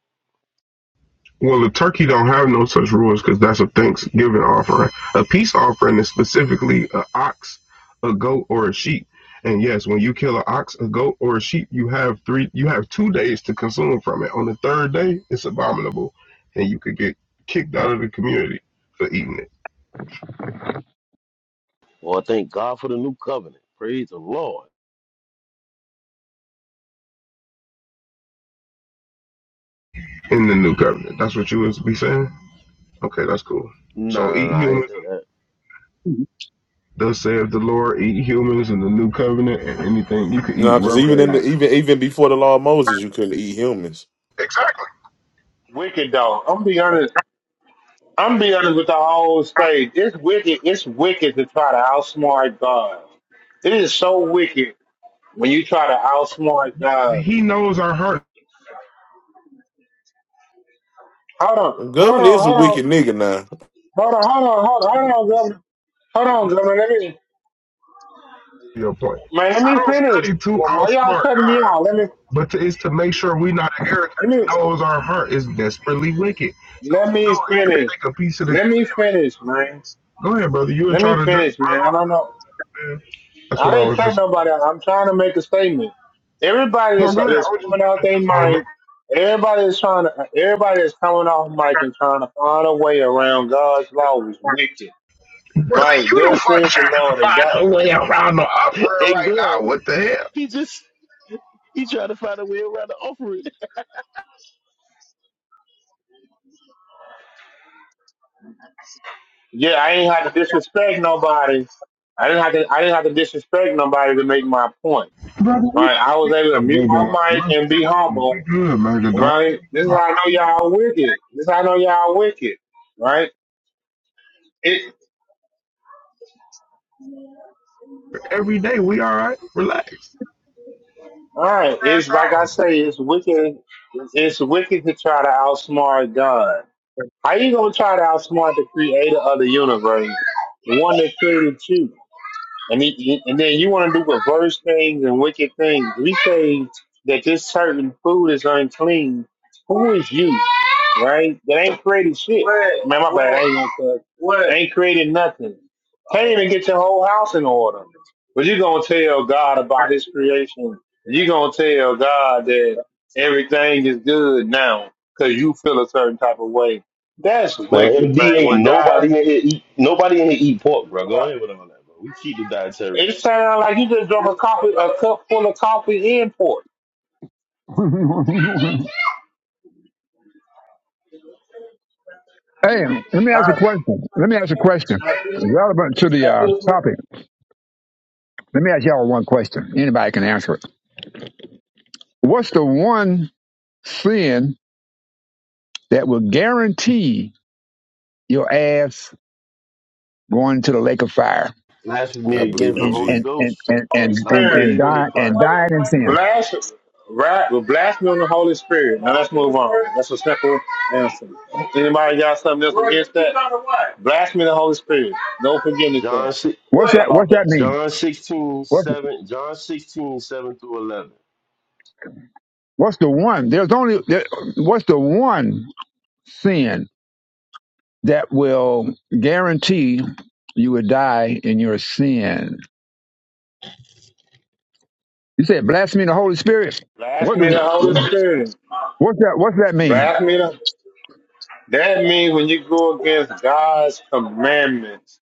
Speaker 12: Well, the turkey don't have no such rules because that's a Thanksgiving offering. A peace offering is specifically a ox, a goat, or a sheep. And yes, when you kill an ox, a goat, or a sheep, you have three, you have two days to consume from it. On the third day, it's abominable, and you could get kicked out of the community for eating it
Speaker 5: Well, thank God for the new covenant. Praise the Lord.
Speaker 12: in the new covenant. That's what you would be saying. Okay, that's cool.
Speaker 5: Nah,
Speaker 12: So
Speaker 5: nah,
Speaker 12: eat
Speaker 5: nah. I ain't
Speaker 12: humans,
Speaker 5: say that.
Speaker 12: thus saith the Lord. Eat humans in the new covenant, and anything you could eat
Speaker 9: No,
Speaker 5: It's
Speaker 9: because
Speaker 12: rubber.
Speaker 9: even in the
Speaker 5: crazy.
Speaker 9: even even before the law of Moses, you couldn't eat humans.
Speaker 12: Exactly.
Speaker 11: Wicked though. I'm be honest. I'm be honest with the whole state. It's wicked. It's wicked to try to outsmart God. It is so wicked when you try to outsmart God.
Speaker 12: He knows our heart.
Speaker 11: Hold on. Hold
Speaker 9: Governor
Speaker 11: on.
Speaker 9: is a
Speaker 11: Hold on.
Speaker 9: wicked nigga now.
Speaker 11: Hold on. Hold on. Hold on. Hold on, governor. Hold on, governor. Let me
Speaker 12: your point.
Speaker 11: Man, let
Speaker 12: I
Speaker 11: me
Speaker 12: don't
Speaker 11: finish.
Speaker 12: study to
Speaker 11: Why
Speaker 12: outsmart
Speaker 11: why y'all cutting me
Speaker 12: God,
Speaker 11: off? Let me,
Speaker 12: but to, it's to make sure we're not an arrogant.
Speaker 11: let
Speaker 12: He
Speaker 11: me,
Speaker 12: knows our heart is desperately wicked. So,
Speaker 11: let
Speaker 12: you
Speaker 11: me
Speaker 12: know, if
Speaker 11: finish.
Speaker 12: you take a piece of the.
Speaker 11: Let me finish, man.
Speaker 12: Go ahead, brother. You were
Speaker 11: Let me
Speaker 12: trying to just
Speaker 11: finish,
Speaker 12: run
Speaker 11: man. I
Speaker 12: off,
Speaker 11: don't know.
Speaker 12: man. That's what
Speaker 11: I
Speaker 12: I
Speaker 11: didn't
Speaker 12: was
Speaker 11: cut
Speaker 12: just.
Speaker 11: nobody. out. I'm trying to make a statement. Everybody
Speaker 12: No,
Speaker 11: that's,
Speaker 12: go ahead. I
Speaker 11: that's
Speaker 12: was just
Speaker 11: coming
Speaker 12: giving
Speaker 11: out
Speaker 12: a
Speaker 11: their
Speaker 12: testimony.
Speaker 11: mind, everybody is trying to, everybody that's coming off mic and trying to find a way around God's law is wicked.
Speaker 12: Brother,
Speaker 11: Right?
Speaker 12: you the one
Speaker 11: Thus
Speaker 12: trying
Speaker 11: saith the Lord. If
Speaker 12: to find
Speaker 11: God,
Speaker 12: a way around the offering
Speaker 5: And
Speaker 12: right now.
Speaker 5: Gov,
Speaker 12: What the hell?
Speaker 5: he just he tried to find a way around the offering.
Speaker 11: yeah, I ain't have to disrespect nobody. I didn't have to. I didn't have to disrespect nobody to make my point
Speaker 12: Brother, we
Speaker 11: Right, I was able
Speaker 12: got
Speaker 11: to
Speaker 12: a
Speaker 11: mute my mic and be
Speaker 12: we
Speaker 11: humble.
Speaker 12: good, man. The dog.
Speaker 11: Right, this is how I know y'all wicked. This is how I know y'all wicked. Right, it.
Speaker 12: Every day, we all right. Relax.
Speaker 11: All right,
Speaker 12: Crash
Speaker 11: it's like I
Speaker 12: on.
Speaker 11: say, it's wicked. It's wicked to try to outsmart God. How you gonna try to outsmart the Creator of the universe, the one that created you? And, he, and then you want to do perverse things and wicked things. We say that this certain food is unclean. Who is you? Right? That ain't created shit. Man, my bad. I ain't gonna cut. Ain't created nothing. Can't even get your whole house in order. But you're going to tell God about his creation. You're going to tell God that everything is good now because you feel a certain type of way. That's
Speaker 5: Man,
Speaker 11: wicked,
Speaker 5: MD
Speaker 11: man. When
Speaker 5: ain't nobody
Speaker 11: God
Speaker 5: in here eat nobody in here eat pork, bro. Go ahead with all that, bro. We keep the dietary law.
Speaker 11: it sounded like you just drunk a coffee, a cup full of coffee in port. All
Speaker 1: Hey, let me ask a
Speaker 11: right,
Speaker 1: question. Let me ask a question. Relevant to the uh, topic. Let me ask y'all one question. Anybody can answer it. What's the one sin that will guarantee your ass going to the lake of fire
Speaker 5: blasphemy
Speaker 9: Not
Speaker 5: against
Speaker 9: believing
Speaker 5: the
Speaker 9: in
Speaker 1: and
Speaker 5: Holy
Speaker 1: and
Speaker 9: Jesus.
Speaker 5: Ghost
Speaker 1: and and
Speaker 11: Holy
Speaker 1: and
Speaker 5: and not
Speaker 1: and, and
Speaker 11: Spirit.
Speaker 5: believing
Speaker 1: die
Speaker 5: in Christ.
Speaker 1: and dying in sin.
Speaker 11: Blast, right? Well, blast me on the Holy Spirit. Now let's move on. That's a simple answer. Anybody got something else against that? Blast me the Holy Spirit. No forgiveness for
Speaker 5: John
Speaker 11: that.
Speaker 5: six,
Speaker 1: What's
Speaker 11: How
Speaker 1: that?
Speaker 11: about
Speaker 1: What's that
Speaker 11: that?
Speaker 1: mean?
Speaker 5: John sixteen
Speaker 1: What's
Speaker 5: seven, John 16 7 through eleven.
Speaker 1: what's the one? There's only there, what's the one sin that will guarantee you will die in your sin? You said blasphemy of the Holy Spirit.
Speaker 11: Blast
Speaker 1: What
Speaker 11: me
Speaker 1: does
Speaker 11: the Holy
Speaker 1: what's
Speaker 11: Spirit.
Speaker 1: that? What's that mean?
Speaker 11: Blast me the. That means when you go against God's commandments,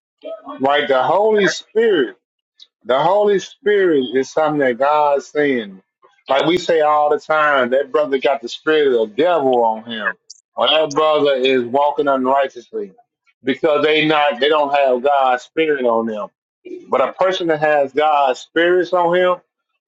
Speaker 11: like The Holy Spirit The Holy Spirit is something that God's saying. Like we say all the time, that brother got the spirit of the devil on him. Or that brother is walking unrighteously because they not they don't have God's spirit on them. But a person that has God's spirits on him,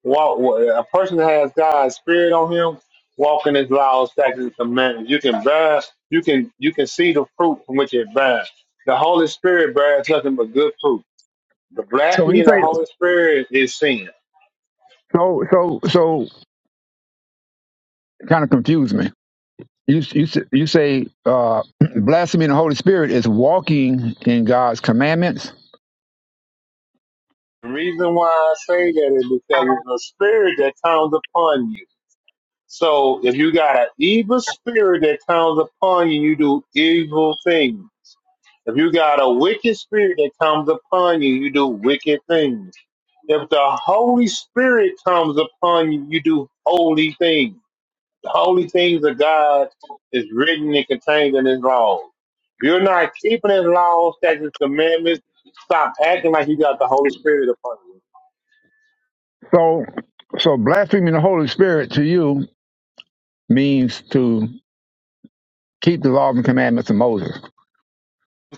Speaker 11: walk a person that has God's spirit on him, walking his laws, statutes, and commandments. You can bear, you can you can see the fruit from which it bears. The Holy Spirit bears nothing but good fruit the
Speaker 1: So when
Speaker 11: blasphemy
Speaker 1: you
Speaker 11: of the
Speaker 1: say
Speaker 11: Holy Spirit is sin.
Speaker 1: so so so, it kind of confused me you you s- you say uh, blasphemy in the Holy Spirit is walking in God's commandments.
Speaker 11: The reason why I say that is because it's a spirit that comes upon you. So if you got an evil spirit that comes upon you, you do evil things. If you got a wicked spirit that comes upon you, you do wicked things. If the Holy Spirit comes upon you, you do holy things. The holy things of God is written and contained in His laws. If you're not keeping His laws, statutes, commandments, stop acting like you got the Holy Spirit upon you.
Speaker 1: So so blaspheming the Holy Spirit to you means to keep the law and commandments of Moses.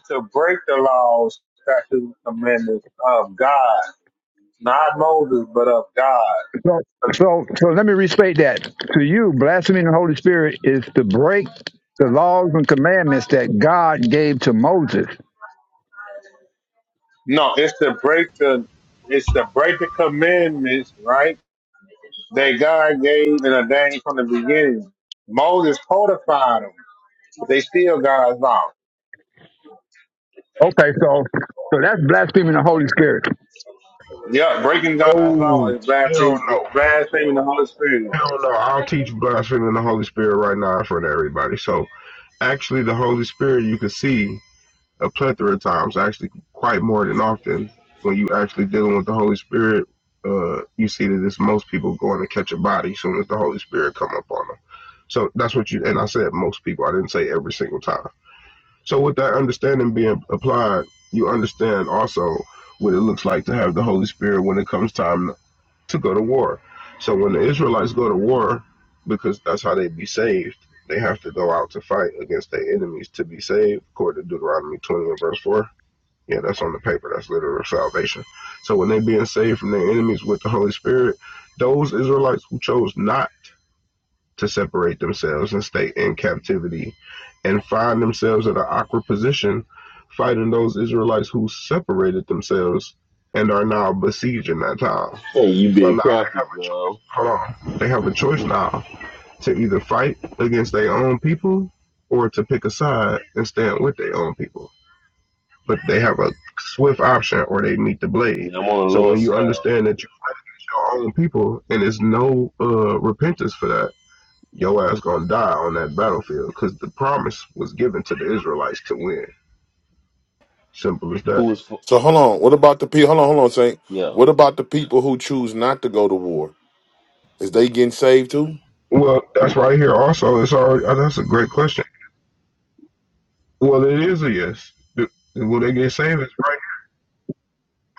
Speaker 11: To break the laws, statutes, and commandments of God, not Moses, but of God.
Speaker 1: So so so let me restate that to you. Blaspheming the Holy Spirit is to break the laws and commandments that God gave to Moses.
Speaker 11: No, it's to break the it's to break the commandments, right? That God gave and ordained from the beginning. Moses codified them. They still God's law.
Speaker 1: Okay, so so that's blaspheming the Holy Spirit.
Speaker 11: Yeah, breaking God's law
Speaker 12: No.
Speaker 11: is
Speaker 12: Hell
Speaker 11: blaspheming,
Speaker 12: no.
Speaker 11: blaspheming the Holy Spirit.
Speaker 12: Hell no, I'll teach blaspheming the Holy Spirit right now in front of everybody. So actually the Holy Spirit you can see a plethora of times, actually quite more than often. When you actually dealing with the Holy Spirit, uh, you see that it's most people going to catch a body as soon as the Holy Spirit come up on them. So that's what you and I said most people, I didn't say every single time. So with that understanding being applied, you understand also what it looks like to have the Holy Spirit when it comes time to go to war. So when the Israelites go to war, because that's how they be saved, they have to go out to fight against their enemies to be saved, according to Deuteronomy 20 and verse 4. Yeah, that's on the paper. That's literal salvation. So when they being saved from their enemies with the Holy Spirit, those Israelites who chose not to separate themselves and stay in captivity and find themselves in an awkward position fighting those Israelites who separated themselves and are now besieging that town
Speaker 5: Hey, you
Speaker 12: so now
Speaker 5: being
Speaker 12: they
Speaker 5: crafty,
Speaker 12: have a choice.
Speaker 5: girl.
Speaker 12: Hold on. They have a choice now to either fight against their own people or to pick a side and stand with their own people. But they have a swift option or they meet the
Speaker 5: I
Speaker 12: blade.
Speaker 5: mean, I'm on the
Speaker 12: So when
Speaker 5: Lord's
Speaker 12: you
Speaker 5: side.
Speaker 12: understand that you was your own people and there's no uh, repentance for that, your ass gonna die on that battlefield because the promise was given to the Israelites to win. Simple as that.
Speaker 5: Who is for
Speaker 9: So hold on. What about the people? Hold on, hold on, Saint.
Speaker 5: yeah.
Speaker 9: What about the people who choose not to go to war? Is they getting saved too?
Speaker 12: Well, that's right here. Also, it's already uh, that's a great question. Well, it is a yes. Do- Will they get saved? It's right.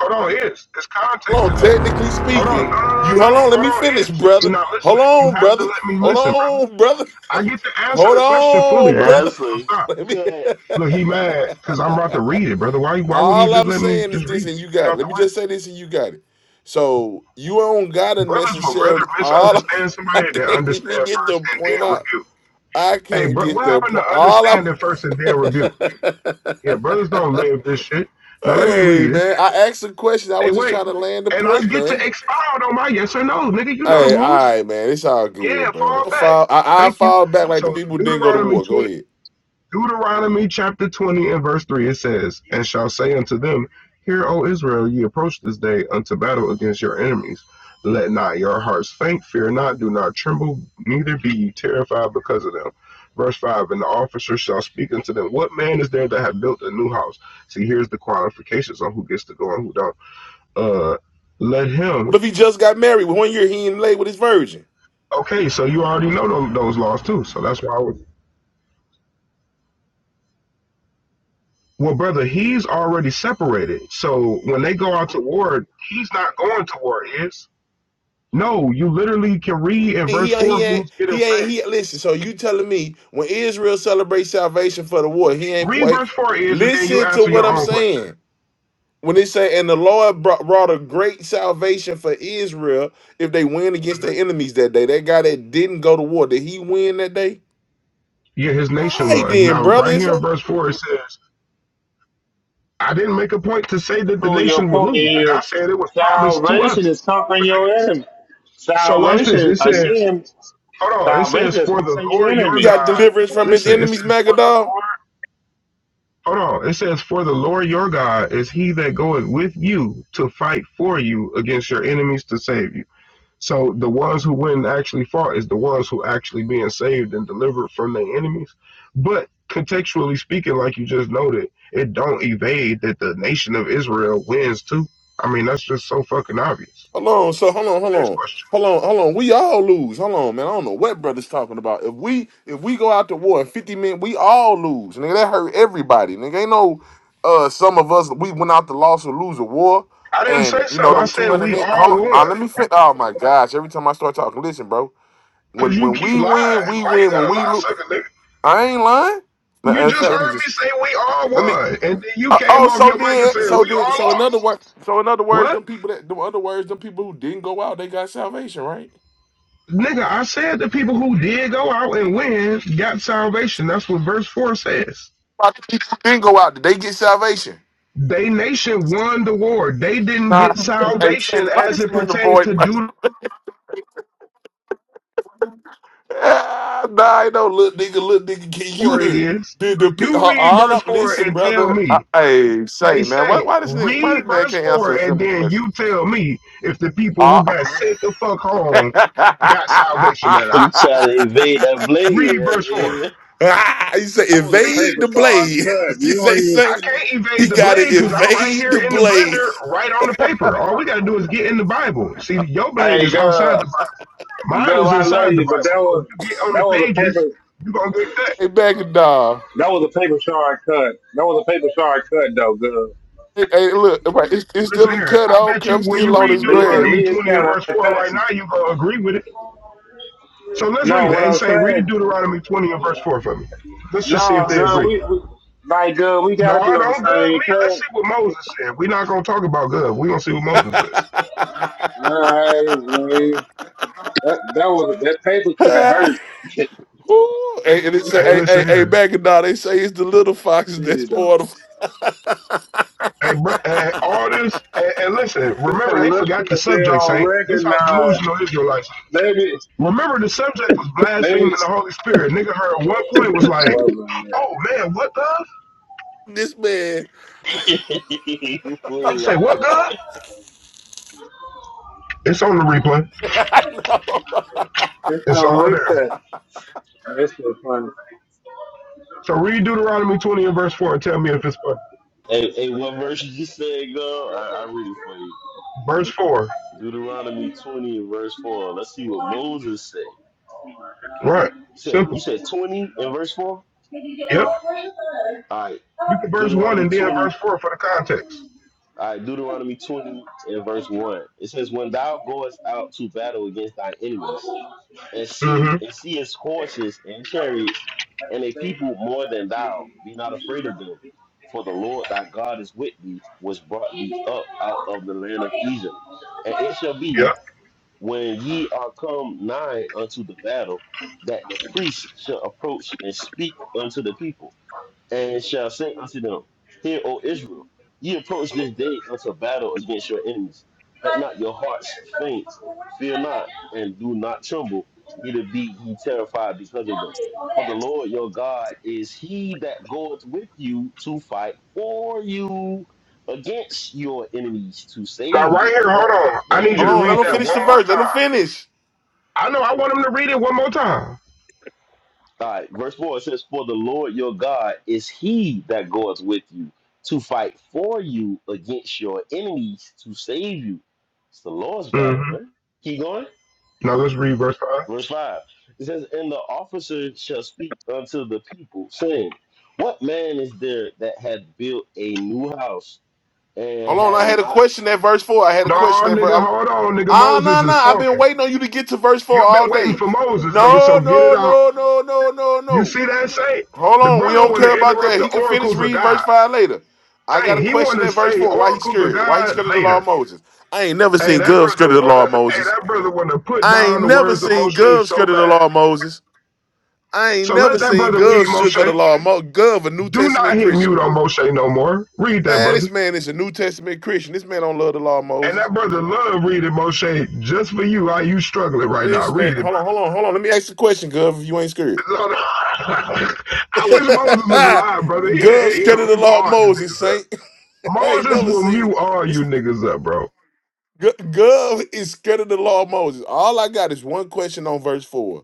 Speaker 12: Hold on, it's it's context to
Speaker 9: Hold on.
Speaker 12: that.
Speaker 9: Technically
Speaker 12: Hold on, no, no,
Speaker 9: speaking,
Speaker 12: no,
Speaker 9: you
Speaker 12: no.
Speaker 9: hold on. Let
Speaker 12: Hold
Speaker 9: me
Speaker 12: on,
Speaker 9: finish,
Speaker 12: it's you're
Speaker 9: brother.
Speaker 12: not
Speaker 9: Hold
Speaker 12: listening. You
Speaker 9: on,
Speaker 12: have to
Speaker 9: brother.
Speaker 12: let me
Speaker 9: Hold
Speaker 12: listen, brother.
Speaker 9: on, brother.
Speaker 12: I get to answer
Speaker 9: Hold
Speaker 12: the question fully,
Speaker 9: on,
Speaker 5: Yeah,
Speaker 12: brother.
Speaker 9: brother.
Speaker 5: That's
Speaker 12: So
Speaker 5: a
Speaker 12: stop.
Speaker 9: Let
Speaker 5: cut.
Speaker 12: Look, he
Speaker 9: me.
Speaker 12: mad because I'm about to read it, brother. Why why wouldn't you
Speaker 9: All
Speaker 12: just
Speaker 9: I'm
Speaker 12: let me
Speaker 9: saying is
Speaker 12: just
Speaker 9: this,
Speaker 12: read it?
Speaker 9: and you
Speaker 12: Get
Speaker 9: got
Speaker 12: it
Speaker 9: it.
Speaker 12: out the
Speaker 9: Let me just
Speaker 12: way.
Speaker 9: say this, and you got it. So you don't gotta
Speaker 12: Brothers would rather
Speaker 9: necessarily. All
Speaker 12: misunderstand
Speaker 9: I
Speaker 12: somebody than
Speaker 9: can't even
Speaker 12: understand
Speaker 9: get the
Speaker 12: first and
Speaker 9: point
Speaker 12: then
Speaker 9: out.
Speaker 12: rebuke.
Speaker 9: I
Speaker 12: Hey,
Speaker 9: can't
Speaker 12: bro,
Speaker 9: get
Speaker 12: what
Speaker 9: the
Speaker 12: happened to
Speaker 9: point. All I.
Speaker 12: understanding first and then rebuke? Yeah, brothers don't live this shit. Now let me
Speaker 9: hey
Speaker 12: read. It
Speaker 9: man, I
Speaker 12: says,
Speaker 9: asked a question. I
Speaker 12: "Hey,
Speaker 9: was just
Speaker 12: wait,
Speaker 9: trying to land the
Speaker 12: and I
Speaker 9: point,
Speaker 12: get
Speaker 9: man.
Speaker 12: to expound on my yes or no, nigga. You know the
Speaker 9: Hey, all
Speaker 12: rules."
Speaker 9: right, man. It's all
Speaker 12: Yeah,
Speaker 9: good, brother.
Speaker 12: fall
Speaker 9: I
Speaker 12: back.
Speaker 9: fall, I, I
Speaker 12: Thank you.
Speaker 9: fall back like the
Speaker 12: So
Speaker 9: people who didn't go to
Speaker 12: Deuteronomy
Speaker 9: war. Go
Speaker 12: twenty
Speaker 9: ahead.
Speaker 12: Deuteronomy chapter twenty and verse three it says, And shall say unto them, Hear, O Israel, ye approach this day unto battle against your enemies. Let not your hearts faint, fear not, do not tremble, neither be ye terrified because of them. Verse 5 And the officer shall speak unto them, What man is there that hath built a new house? See, here's the qualifications on who gets to go and who don't. Uh, let
Speaker 9: What
Speaker 12: him.
Speaker 9: if he just got married? One year he ain't late with his virgin.
Speaker 12: Okay, so you already know those, those laws too. So that's why I was Well, brother, he's already separated. So when they go out to war, he's not going to war, is? No, you literally can read in verse
Speaker 9: He ain't- he
Speaker 12: 4
Speaker 9: ain't
Speaker 12: who's getting
Speaker 9: he ain't
Speaker 12: saved.
Speaker 9: he. Listen, so you telling me when Israel celebrates salvation for the war, he ain't
Speaker 12: Read
Speaker 9: play.
Speaker 12: verse 4 is, and then you
Speaker 9: Listen to
Speaker 12: answer
Speaker 9: what
Speaker 12: your
Speaker 9: I'm
Speaker 12: own question.
Speaker 9: saying. When they say, and the Lord brought, brought a great salvation for Israel if they win
Speaker 12: Mhm.
Speaker 9: against their enemies that day. That guy that didn't go to war, did he win that day?
Speaker 12: Yeah, his
Speaker 9: All
Speaker 12: nation
Speaker 9: right,
Speaker 12: won.
Speaker 9: then,
Speaker 12: Now,
Speaker 9: brother.
Speaker 12: right
Speaker 9: It's,
Speaker 12: here in verse 4, it says, I didn't make a point to say
Speaker 11: To
Speaker 12: that the
Speaker 11: prove your
Speaker 12: nation would
Speaker 11: point
Speaker 12: lose. Like I said
Speaker 11: is
Speaker 12: it was promised to
Speaker 11: salvation
Speaker 12: us.
Speaker 11: is conquering your enemy.
Speaker 12: So watch this.
Speaker 11: Salvation,
Speaker 12: It says,
Speaker 11: again,
Speaker 12: hold on. It says,
Speaker 11: salvation is
Speaker 12: for the
Speaker 11: conquering your
Speaker 12: Lord
Speaker 9: he
Speaker 12: your
Speaker 11: enemies.
Speaker 9: got
Speaker 12: God.
Speaker 9: deliverance from his
Speaker 12: Listen, it
Speaker 9: enemies,
Speaker 12: says, for the Lord."
Speaker 9: Magadol.
Speaker 12: Hold on. It says, For the Lord your God is he that goeth with you to fight for you against your enemies to save you. So the ones who went and actually fought is the ones who actually being saved and delivered from their enemies. But contextually speaking, like you just noted, it don't evade that the nation of Israel wins too. I mean, that's just so fucking obvious.
Speaker 9: Hold on, so hold on, hold
Speaker 12: Next
Speaker 9: on,
Speaker 12: question.
Speaker 9: hold on, hold on. We all lose. Hold on, man. I don't know what brother's talking about. If we if we go out to war in fifty men, we all lose. Nigga, that hurt everybody. Nigga, ain't no uh some of us we went out to loss or lose a war,
Speaker 12: I didn't say
Speaker 9: and you know
Speaker 12: something. I
Speaker 9: them two
Speaker 12: said
Speaker 9: hundred
Speaker 12: we
Speaker 9: men. Hold
Speaker 12: all
Speaker 9: on, uh,
Speaker 12: won.
Speaker 9: let me fit. Oh my gosh! Every time I start talking, listen, bro.
Speaker 12: Cause
Speaker 9: When
Speaker 12: you
Speaker 9: when
Speaker 12: keep
Speaker 9: we
Speaker 12: lying.
Speaker 9: win, we
Speaker 12: Why you
Speaker 9: win. When
Speaker 12: gotta
Speaker 9: we
Speaker 12: lie,
Speaker 9: lose,
Speaker 12: sucker nigga?
Speaker 9: I ain't lying.
Speaker 12: You
Speaker 9: Ma- In
Speaker 12: just
Speaker 9: fact, let me
Speaker 12: heard
Speaker 9: just
Speaker 12: me say we all
Speaker 9: let me
Speaker 12: won, and then you
Speaker 9: uh,
Speaker 12: came
Speaker 9: oh,
Speaker 12: off
Speaker 9: so
Speaker 12: your mic and
Speaker 9: then,
Speaker 12: said
Speaker 9: so
Speaker 12: we
Speaker 9: then,
Speaker 12: all
Speaker 9: so in other
Speaker 12: lost.
Speaker 9: words, so in other words,
Speaker 12: What?
Speaker 9: them people that, the other words, them people who didn't go out, they got salvation, right?
Speaker 12: Nigga, I said the people who did go out and win got salvation. That's what verse 4 says.
Speaker 9: Why the people who didn't go out? Did they get salvation?
Speaker 12: They nation won the war. They didn't
Speaker 9: Nah.
Speaker 12: get
Speaker 9: Hey, Santa,
Speaker 12: salvation
Speaker 9: why
Speaker 12: as
Speaker 9: this
Speaker 12: it
Speaker 9: man
Speaker 12: pertains to
Speaker 9: avoid? my- Ah, nah, I know, little nigga, little nigga, can you
Speaker 12: Deuteronomy
Speaker 9: hear?
Speaker 12: is.
Speaker 9: Did the pe- uh,
Speaker 12: You read
Speaker 9: all
Speaker 12: verse
Speaker 9: up?
Speaker 12: 4
Speaker 9: Listen,
Speaker 12: and tell
Speaker 9: brother. I,
Speaker 12: me.
Speaker 9: hey,
Speaker 12: Hey,
Speaker 9: say, man, why,
Speaker 12: Saint,
Speaker 9: why this nigga, why
Speaker 12: read
Speaker 9: this man
Speaker 12: verse
Speaker 9: can't answer
Speaker 12: 4
Speaker 9: a
Speaker 12: and
Speaker 9: simple
Speaker 12: then
Speaker 9: question?
Speaker 12: you tell me if the people
Speaker 9: Uh,
Speaker 12: who got sent the fuck home got salvation or
Speaker 5: He
Speaker 12: not.
Speaker 5: trying to invade that
Speaker 12: Read verse 4.
Speaker 5: blade.
Speaker 9: Ah, he said,
Speaker 11: That was
Speaker 12: See,
Speaker 11: a
Speaker 9: evade
Speaker 11: paper
Speaker 9: the
Speaker 11: star
Speaker 9: blade.
Speaker 11: cut.
Speaker 9: What you
Speaker 11: You
Speaker 9: say,
Speaker 11: were,
Speaker 12: I
Speaker 9: Saint?
Speaker 12: can't
Speaker 9: He
Speaker 12: evade the
Speaker 9: got to
Speaker 12: blade because I'm right
Speaker 9: evade
Speaker 12: here
Speaker 9: the
Speaker 12: in the
Speaker 9: blade.
Speaker 12: blender, right on the paper. All we got to do is get in the Bible. See, your blade
Speaker 11: hey,
Speaker 12: is outside
Speaker 11: God,
Speaker 12: the Bible. Mine
Speaker 11: God,
Speaker 12: is
Speaker 11: I love
Speaker 12: inside the
Speaker 11: you, but
Speaker 12: Bible.
Speaker 11: that
Speaker 12: So if
Speaker 11: was,
Speaker 12: you get on
Speaker 11: that
Speaker 12: the
Speaker 11: was a paper,
Speaker 12: pages, you're going to get cut.
Speaker 9: Hey, back it down.
Speaker 11: that was a paper star cut. That was a paper star cut, though, God.
Speaker 9: Hey, hey, look, right, it's, it's
Speaker 12: Listen
Speaker 9: still a
Speaker 12: here.
Speaker 9: cut. I
Speaker 12: I
Speaker 9: don't
Speaker 12: bet
Speaker 9: care. i
Speaker 12: you when you
Speaker 9: still on
Speaker 12: read
Speaker 9: his
Speaker 11: you leaking. It
Speaker 9: grand.
Speaker 12: Deuteronomy
Speaker 11: is
Speaker 12: 20 and
Speaker 11: kind
Speaker 12: verse
Speaker 11: of
Speaker 12: 4 right
Speaker 11: country.
Speaker 12: now, you're going to agree with it. So let's read
Speaker 11: No,
Speaker 12: it.
Speaker 11: what
Speaker 12: Hey,
Speaker 11: I'm
Speaker 12: Saint, read
Speaker 11: saying,
Speaker 12: Deuteronomy 20 and verse 4 for me. Let's just see
Speaker 11: no,
Speaker 12: if they
Speaker 11: son,
Speaker 12: agree.
Speaker 11: we, we like, uh, we gotta
Speaker 12: No,
Speaker 11: be on the
Speaker 12: don't good
Speaker 11: same
Speaker 12: me. Let's see
Speaker 11: page.
Speaker 12: what Moses said. We're not going to talk about good. We're going to see what Moses said.
Speaker 11: Alright, man. That, that was that paper couldn't hurt.
Speaker 9: Ooh, hey, and they say,
Speaker 12: Hey,
Speaker 9: hey,
Speaker 12: listen
Speaker 9: hey, hey,
Speaker 12: here.
Speaker 9: back it down. They say it's the little foxes
Speaker 11: Read
Speaker 9: that
Speaker 11: it though.
Speaker 9: spoil
Speaker 12: Hey, bro, hey, all this,
Speaker 9: the.
Speaker 12: and, and listen,
Speaker 11: Get
Speaker 12: remember
Speaker 11: them
Speaker 12: they forgot the
Speaker 11: listeners they
Speaker 12: subject,
Speaker 11: don't
Speaker 12: Saint. This how
Speaker 11: recognize.
Speaker 12: delusional Israelites.
Speaker 11: Maybe,
Speaker 12: Remember the subject was blaspheming
Speaker 11: maybe.
Speaker 12: the Holy Spirit. Nigga heard one point was
Speaker 11: I
Speaker 12: like,
Speaker 11: love doing that.
Speaker 12: oh man, what God?
Speaker 9: This man.
Speaker 5: you
Speaker 12: Nigga
Speaker 5: fool
Speaker 12: say,
Speaker 5: up,
Speaker 12: what God?
Speaker 5: man.
Speaker 12: It's on the replay.
Speaker 9: I know.
Speaker 11: yeah. It's
Speaker 12: It's
Speaker 11: no
Speaker 12: all there.
Speaker 11: listeners. This was funny.
Speaker 12: So read Deuteronomy 20 and verse 4 and tell me if it's funny.
Speaker 5: Hey, hey, what verse you just said, go? I, I read it for you.
Speaker 12: Verse 4.
Speaker 5: Deuteronomy 20 and verse 4. Let's see what Moses said.
Speaker 12: Right.
Speaker 5: You said
Speaker 12: Simple.
Speaker 5: you said 20 and verse 4? All
Speaker 12: Yep.
Speaker 5: right.
Speaker 12: You can verse 1
Speaker 5: Deuteronomy
Speaker 12: and then
Speaker 5: 20.
Speaker 12: verse 4 for the context.
Speaker 5: All right, Deuteronomy 20 and verse 1. It says, When thou goest out to battle against thy enemies, and see
Speaker 12: Mm-hmm.
Speaker 5: and seest horses and chariots and a people more than thou. Be not afraid of them, for the Lord thy God is with thee, which brought thee up out of the land of Egypt. And it shall be
Speaker 12: Yep.
Speaker 5: when ye are come nigh unto the battle, that the priest shall approach and speak unto the people and shall say unto them, Hear, O Israel, ye approach this day unto battle against your enemies. Let not your hearts faint, fear not, and do not tremble, neither be ye terrified because of them. For the Lord your God is he that goeth with you to fight for you against your enemies to
Speaker 12: Now
Speaker 5: save
Speaker 12: right
Speaker 5: you.
Speaker 12: here,
Speaker 5: Man,
Speaker 12: hold on. I
Speaker 5: they
Speaker 12: need
Speaker 5: ain't
Speaker 12: you
Speaker 9: Hold
Speaker 12: to
Speaker 5: even
Speaker 9: on, let
Speaker 12: read
Speaker 9: him
Speaker 12: that
Speaker 5: fighting,
Speaker 9: finish
Speaker 12: one
Speaker 9: the
Speaker 5: Gov.
Speaker 12: more
Speaker 9: verse. Let him
Speaker 12: time.
Speaker 9: finish.
Speaker 12: I know I want him to read it one more time.
Speaker 5: All right, verse 4 it says, For the Lord your God is he that goeth with you to fight for you against your enemies to save you. It's the Lord's battle,
Speaker 12: Mm-hmm.
Speaker 5: man. Keep going.
Speaker 12: Now let's read verse 5.
Speaker 5: Verse 5 it says, And the officer shall speak unto the people, saying, What man is there that hath built a new house and
Speaker 9: Hold on,
Speaker 5: hath
Speaker 9: I had a
Speaker 5: not.
Speaker 9: question at verse four. I had a
Speaker 12: No,
Speaker 9: question at
Speaker 12: nigga,
Speaker 9: verse.
Speaker 12: hold on, nigga.
Speaker 9: Ah,
Speaker 12: Moses
Speaker 9: no, no,
Speaker 12: is
Speaker 9: I've been
Speaker 12: talking.
Speaker 9: waiting on you to get to verse four
Speaker 12: You've
Speaker 9: all
Speaker 12: been waiting
Speaker 9: day.
Speaker 12: for Moses, nigga, so
Speaker 9: No,
Speaker 12: get it
Speaker 9: no,
Speaker 12: out.
Speaker 9: no, no, no, no,
Speaker 12: You
Speaker 9: no.
Speaker 12: see that, Saint?
Speaker 9: Hold
Speaker 12: The
Speaker 9: on, we
Speaker 12: brother
Speaker 9: don't
Speaker 12: want
Speaker 9: care
Speaker 12: to
Speaker 9: about
Speaker 12: interrupt
Speaker 9: that.
Speaker 12: the
Speaker 9: He can finish
Speaker 12: oracles of
Speaker 9: reading verse
Speaker 12: God.
Speaker 9: five later. I got
Speaker 12: Saint,
Speaker 9: a
Speaker 12: he want
Speaker 9: question
Speaker 12: to
Speaker 9: at verse
Speaker 12: say
Speaker 9: four. Why he
Speaker 12: oracles of
Speaker 9: scared? Why he
Speaker 12: God
Speaker 9: scared of the law of
Speaker 12: later.
Speaker 9: Moses? I ain't never
Speaker 12: Hey,
Speaker 9: seen
Speaker 12: that
Speaker 9: Gov
Speaker 12: brother
Speaker 9: scared of the law
Speaker 12: want
Speaker 9: of
Speaker 12: to. Hey,
Speaker 9: Moses.
Speaker 12: that brother want to put
Speaker 9: I
Speaker 12: down
Speaker 9: ain't
Speaker 12: the
Speaker 9: never
Speaker 12: words of
Speaker 9: seen
Speaker 12: Moshe
Speaker 9: Gov
Speaker 12: so
Speaker 9: scared of the law of
Speaker 12: bad.
Speaker 9: Moses. I ain't
Speaker 12: So
Speaker 9: never
Speaker 12: let that
Speaker 9: seen
Speaker 12: brother read
Speaker 9: Gov shook of
Speaker 12: Moshe.
Speaker 9: the law of Moses. Gov, a New
Speaker 12: Do not
Speaker 9: Testament
Speaker 12: hit mute
Speaker 9: Christian.
Speaker 12: on Moshe no more. Read that,
Speaker 9: Man, this
Speaker 12: brother.
Speaker 9: man is a New Testament Christian. This man don't love the law of
Speaker 12: And
Speaker 9: Moses.
Speaker 12: that brother love reading Moshe just for you. How you struggling right now?
Speaker 9: This man,
Speaker 12: Read it,
Speaker 9: hold on, hold on, hold on. Let me ask you a question, Gov. If you ain't scared,
Speaker 12: No, no. I wish Moses was alive, brother.
Speaker 9: Gov
Speaker 12: He'll, he'll
Speaker 9: scared of the
Speaker 12: mute
Speaker 9: law of
Speaker 12: all you
Speaker 9: Moses,
Speaker 12: niggas up.
Speaker 9: Saint. I ain't
Speaker 12: Moses
Speaker 9: never
Speaker 12: will mute
Speaker 9: seen
Speaker 12: all you
Speaker 9: this.
Speaker 12: niggas up, bro.
Speaker 9: Gov is scared of the law of Moses. All I got is one question on verse four.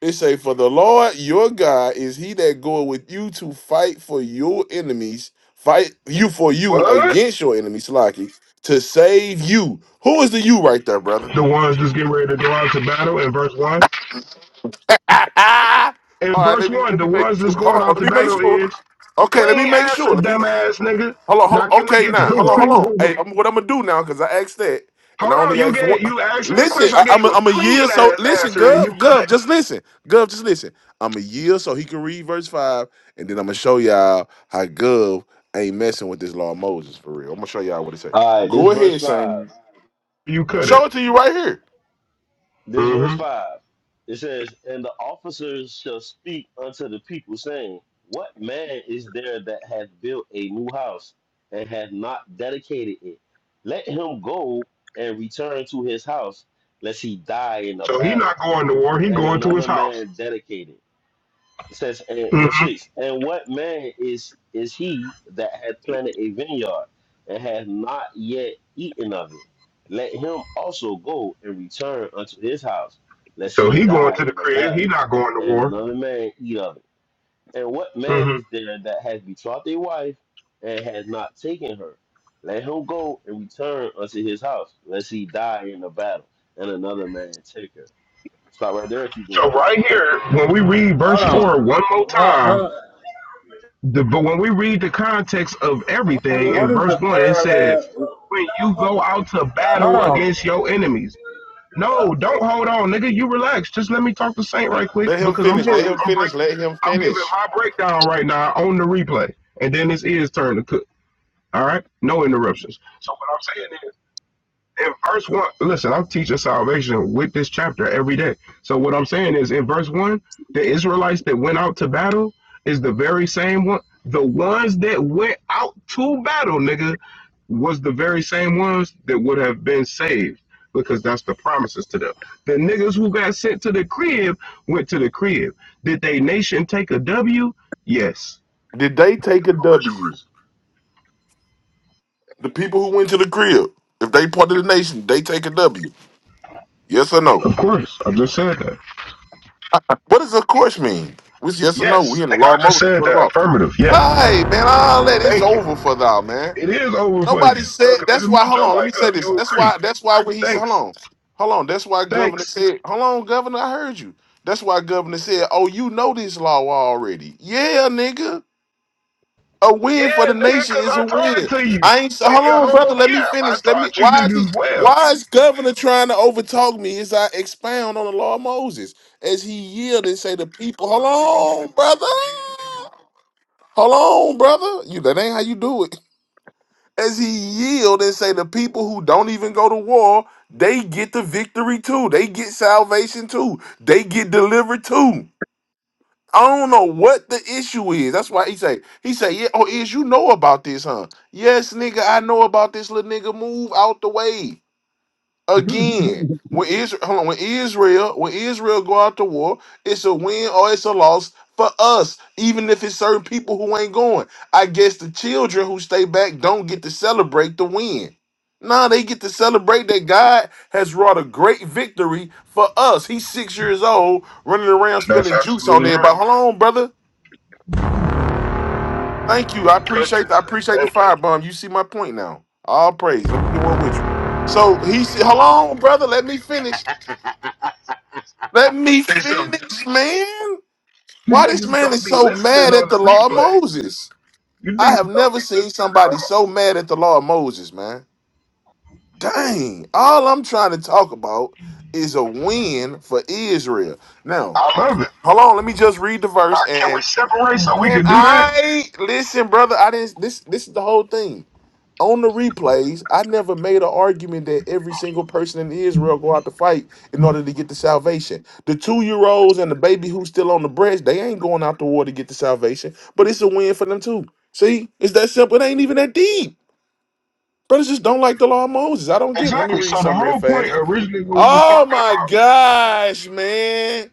Speaker 9: It say, "For the Lord your God is He that goeth with you to fight for your enemies, fight you for you
Speaker 12: What?
Speaker 9: against your enemies, Slaki, to save you." Who is the you right there, brother?
Speaker 12: The ones that's getting ready to go out to battle in verse 1.
Speaker 9: All
Speaker 12: In
Speaker 9: right,
Speaker 12: verse
Speaker 9: let me
Speaker 12: 1,
Speaker 9: let me
Speaker 12: the
Speaker 9: make
Speaker 12: ones
Speaker 9: sure.
Speaker 12: that's
Speaker 9: Hold
Speaker 12: going
Speaker 9: on,
Speaker 12: out
Speaker 9: let
Speaker 12: to
Speaker 9: me make
Speaker 12: battle
Speaker 9: sure.
Speaker 12: is
Speaker 9: Okay, let
Speaker 12: clean
Speaker 9: me make
Speaker 12: answer,
Speaker 9: sure. Let me
Speaker 12: dumbass nigga.
Speaker 9: hold on. Hold
Speaker 12: Now,
Speaker 9: on.
Speaker 12: can we
Speaker 9: Okay,
Speaker 12: get to
Speaker 9: now
Speaker 12: the
Speaker 9: hold on, hold
Speaker 12: point?
Speaker 1: hey,
Speaker 9: on. Hey, I'm, what I'm gonna do now? Because I asked that, and I
Speaker 12: Hold on,
Speaker 9: only
Speaker 12: you
Speaker 9: asked one.
Speaker 12: gave you asked me a
Speaker 9: Listen,
Speaker 12: question. I
Speaker 9: I,
Speaker 12: gave
Speaker 9: I'm a,
Speaker 12: you a
Speaker 9: I'm a
Speaker 12: clean
Speaker 9: year so.
Speaker 12: ass
Speaker 9: Listen,
Speaker 12: answer, and you
Speaker 9: Gov, Gov,
Speaker 12: cut.
Speaker 9: just listen, Gov, just listen. I'm a year so he can read verse five, and then I'm gonna show y'all how Gov ain't messing with this law of Moses for real. I'm gonna show y'all what it say.
Speaker 5: All right, this
Speaker 9: Go
Speaker 5: is verse
Speaker 9: ahead,
Speaker 5: 5.
Speaker 9: Shane.
Speaker 12: You cut it.
Speaker 9: Show it to you right here.
Speaker 5: This verse
Speaker 12: hmm
Speaker 5: 5. It says, And the officers shall speak unto the people, saying, What man is there that hath built a new house and hath not dedicated it? Let him go and return to his house, lest he die in the
Speaker 12: So he
Speaker 5: battle,
Speaker 12: not going to war. He
Speaker 5: and
Speaker 12: going to his
Speaker 5: another
Speaker 12: house.
Speaker 5: man dedicate it. It says in
Speaker 12: hmm
Speaker 5: verse six, and what man is is he that hath planted a vineyard and hath not yet eaten of it? Let him also go and return unto his house, lest
Speaker 12: So
Speaker 5: he
Speaker 12: he going
Speaker 5: die
Speaker 12: to the
Speaker 5: in the
Speaker 12: crib. He
Speaker 5: battle,
Speaker 12: not going to
Speaker 5: and
Speaker 12: war.
Speaker 5: another man eat of it. And what man
Speaker 12: hmm
Speaker 5: is there that hath betrothed a wife and hath not taken her? Let him go and return unto his house, lest he die in the battle, and another man take her. Stop right there, keep going.
Speaker 12: So right here, when we read verse
Speaker 11: Hold on.
Speaker 12: four one more
Speaker 11: Uh,
Speaker 12: time,
Speaker 11: huh,
Speaker 12: the, but when we read the context of everything in
Speaker 11: what is the
Speaker 12: verse one, it says,
Speaker 11: parallel?
Speaker 12: "When you go out to
Speaker 11: Hold
Speaker 12: battle
Speaker 11: on.
Speaker 12: against your enemies." No, don't hold on, nigga. You relax. Just let me talk to Saint right quick
Speaker 9: Let him
Speaker 12: because I'm
Speaker 9: finish. Let
Speaker 11: You
Speaker 12: talking.
Speaker 9: him
Speaker 11: just
Speaker 12: I'm break.
Speaker 9: finish. Let him
Speaker 12: I'm giving
Speaker 9: finish.
Speaker 12: my breakdown right now on the replay, and then it's his turn to cook. All right, no interruptions. So what I'm saying in verse one, listen, I'm teaching salvation with this chapter every day. So what I'm saying is, in verse one, the Israelites that went out to battle is the very same one. The ones that went out to battle, nigga, was the very same ones that would have been saved because that's the promises to them. The niggas who got sent to the crib went to the crib. Did they nation take a W? Yes.
Speaker 9: Did they take a W? The people who went to the crib, if they part of the nation, they take a W. Yes or no?
Speaker 12: Of course. I just said that.
Speaker 9: What does of course mean? Which yes or no? We
Speaker 12: Yes,
Speaker 9: in the
Speaker 12: nigga,
Speaker 9: law
Speaker 12: I just
Speaker 9: mode
Speaker 12: said
Speaker 9: for the
Speaker 12: that.
Speaker 9: law.
Speaker 12: Affirmative. Yes.
Speaker 9: Hey man, all that it's
Speaker 12: Thank you.
Speaker 9: over for thou man.
Speaker 12: It is over for
Speaker 9: Nobody
Speaker 12: you.
Speaker 9: said
Speaker 12: Sucker,
Speaker 9: that's
Speaker 12: nigga, mute
Speaker 9: why. Hold
Speaker 12: your
Speaker 9: on, let
Speaker 12: mic
Speaker 9: me say
Speaker 12: up.
Speaker 9: this.
Speaker 12: You
Speaker 9: That's
Speaker 12: agree.
Speaker 9: why. That's why when he said, hold
Speaker 12: Thanks.
Speaker 9: on, hold on. That's why governor
Speaker 12: Thanks.
Speaker 9: said, hold on, governor, I heard you. That's why governor said, oh, you know this law already. Yeah, nigga. A win for
Speaker 12: Yeah,
Speaker 9: the
Speaker 12: nigga,
Speaker 9: nation
Speaker 12: because
Speaker 9: is
Speaker 12: I
Speaker 9: a
Speaker 12: taught it
Speaker 9: win.
Speaker 12: to you.
Speaker 9: I ain't.
Speaker 12: Hey,
Speaker 9: Hold
Speaker 12: your
Speaker 9: on,
Speaker 12: homo
Speaker 9: brother. Let me
Speaker 12: cap. I
Speaker 9: finish. Let me.
Speaker 12: taught you
Speaker 9: Why is he?
Speaker 12: niggas well.
Speaker 9: Why is governor trying to overtalk me as I expound on the law of Moses as he yield and say the people? Hold on, brother. Hold on, brother. You that ain't how you do it. As he yield and say the people who don't even go to war, they get the victory too. They get salvation too. They get delivered too. I don't know what the issue is. That's why he say he say yeah. Oh, is you know about this, huh? Yes, nigga, I know about this little nigga. Move out the way. Again, when Israel, hold on, when Israel, when Israel go out to war, it's a win or it's a loss for us, even if it's certain people who ain't going. I guess the children who stay back don't get to celebrate the win. Nah, they get to celebrate that God has wrought a great victory for us. He's six years old, running around
Speaker 12: That's
Speaker 9: spilling juice
Speaker 12: absolutely
Speaker 9: on
Speaker 12: right.
Speaker 9: everybody. Hold on, brother. Thank you. I appreciate. I
Speaker 12: Goodness,
Speaker 9: appreciate the
Speaker 12: thank you.
Speaker 9: firebomb. You see my point now. All praise. Let me get one with you. So he said, "Hold on, brother. Let me finish." Let me finish, man.
Speaker 12: You
Speaker 9: Why this
Speaker 12: niggas
Speaker 9: man
Speaker 12: don't
Speaker 9: is
Speaker 12: be
Speaker 9: so
Speaker 12: listening
Speaker 9: mad
Speaker 12: on
Speaker 9: at
Speaker 12: the
Speaker 9: the law of
Speaker 12: replay.
Speaker 9: Moses?
Speaker 12: You
Speaker 9: I have
Speaker 12: niggas don't
Speaker 9: never
Speaker 12: be
Speaker 9: seen
Speaker 12: listening at
Speaker 9: somebody so mad at the law of Moses, man. Dang. All I'm trying to talk about is a win for Israel. Now,
Speaker 12: all. I love it.
Speaker 9: hold on. Let me just read the
Speaker 12: Now,
Speaker 9: verse. And,
Speaker 12: can we
Speaker 9: and
Speaker 12: separate so we
Speaker 9: can
Speaker 12: can do that?
Speaker 9: I listen, brother? I didn't. This this is the whole thing on the replays, I never made an argument that every single person in Israel go out to fight in order to get the salvation. The two year olds and the baby who's still on the breast, they ain't going out to war to get the salvation, but it's a win for them too. See, it's that simple. It ain't even that deep. Brothers just don't like the law of Moses. I don't get it. Let me
Speaker 12: Exactly.
Speaker 9: read
Speaker 12: So the
Speaker 9: something real
Speaker 12: whole point
Speaker 9: fast.
Speaker 12: originally what we was
Speaker 9: Oh
Speaker 12: talking
Speaker 9: my
Speaker 12: about
Speaker 9: gosh, man.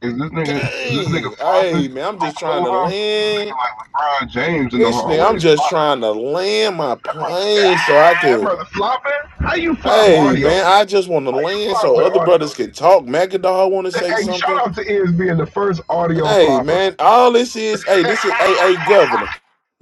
Speaker 12: Is this nigga is this nigga
Speaker 9: Dang. Hey,
Speaker 12: flopping
Speaker 9: man, I'm
Speaker 12: on
Speaker 9: just trying to
Speaker 12: Clubhouse? This nigga
Speaker 9: land.
Speaker 12: like LeBron James in the
Speaker 9: This nigga, I'm
Speaker 12: hallways
Speaker 9: just
Speaker 12: flopping.
Speaker 9: trying to land my
Speaker 12: That brother said,
Speaker 9: plane so I
Speaker 12: ah, that
Speaker 9: can
Speaker 12: brother flopping? How you flop
Speaker 9: Hey
Speaker 12: audio?
Speaker 9: man,
Speaker 12: How
Speaker 9: I just want to
Speaker 12: you
Speaker 9: land
Speaker 12: flop
Speaker 9: so
Speaker 12: with
Speaker 9: other
Speaker 12: audio?
Speaker 9: brothers can talk. Magadol want to
Speaker 12: is?
Speaker 9: say
Speaker 12: Hey, shout
Speaker 9: something.
Speaker 12: out to Iz being the first audio
Speaker 9: Hey
Speaker 12: flopper.
Speaker 9: man, all this is hey this is hey hey governor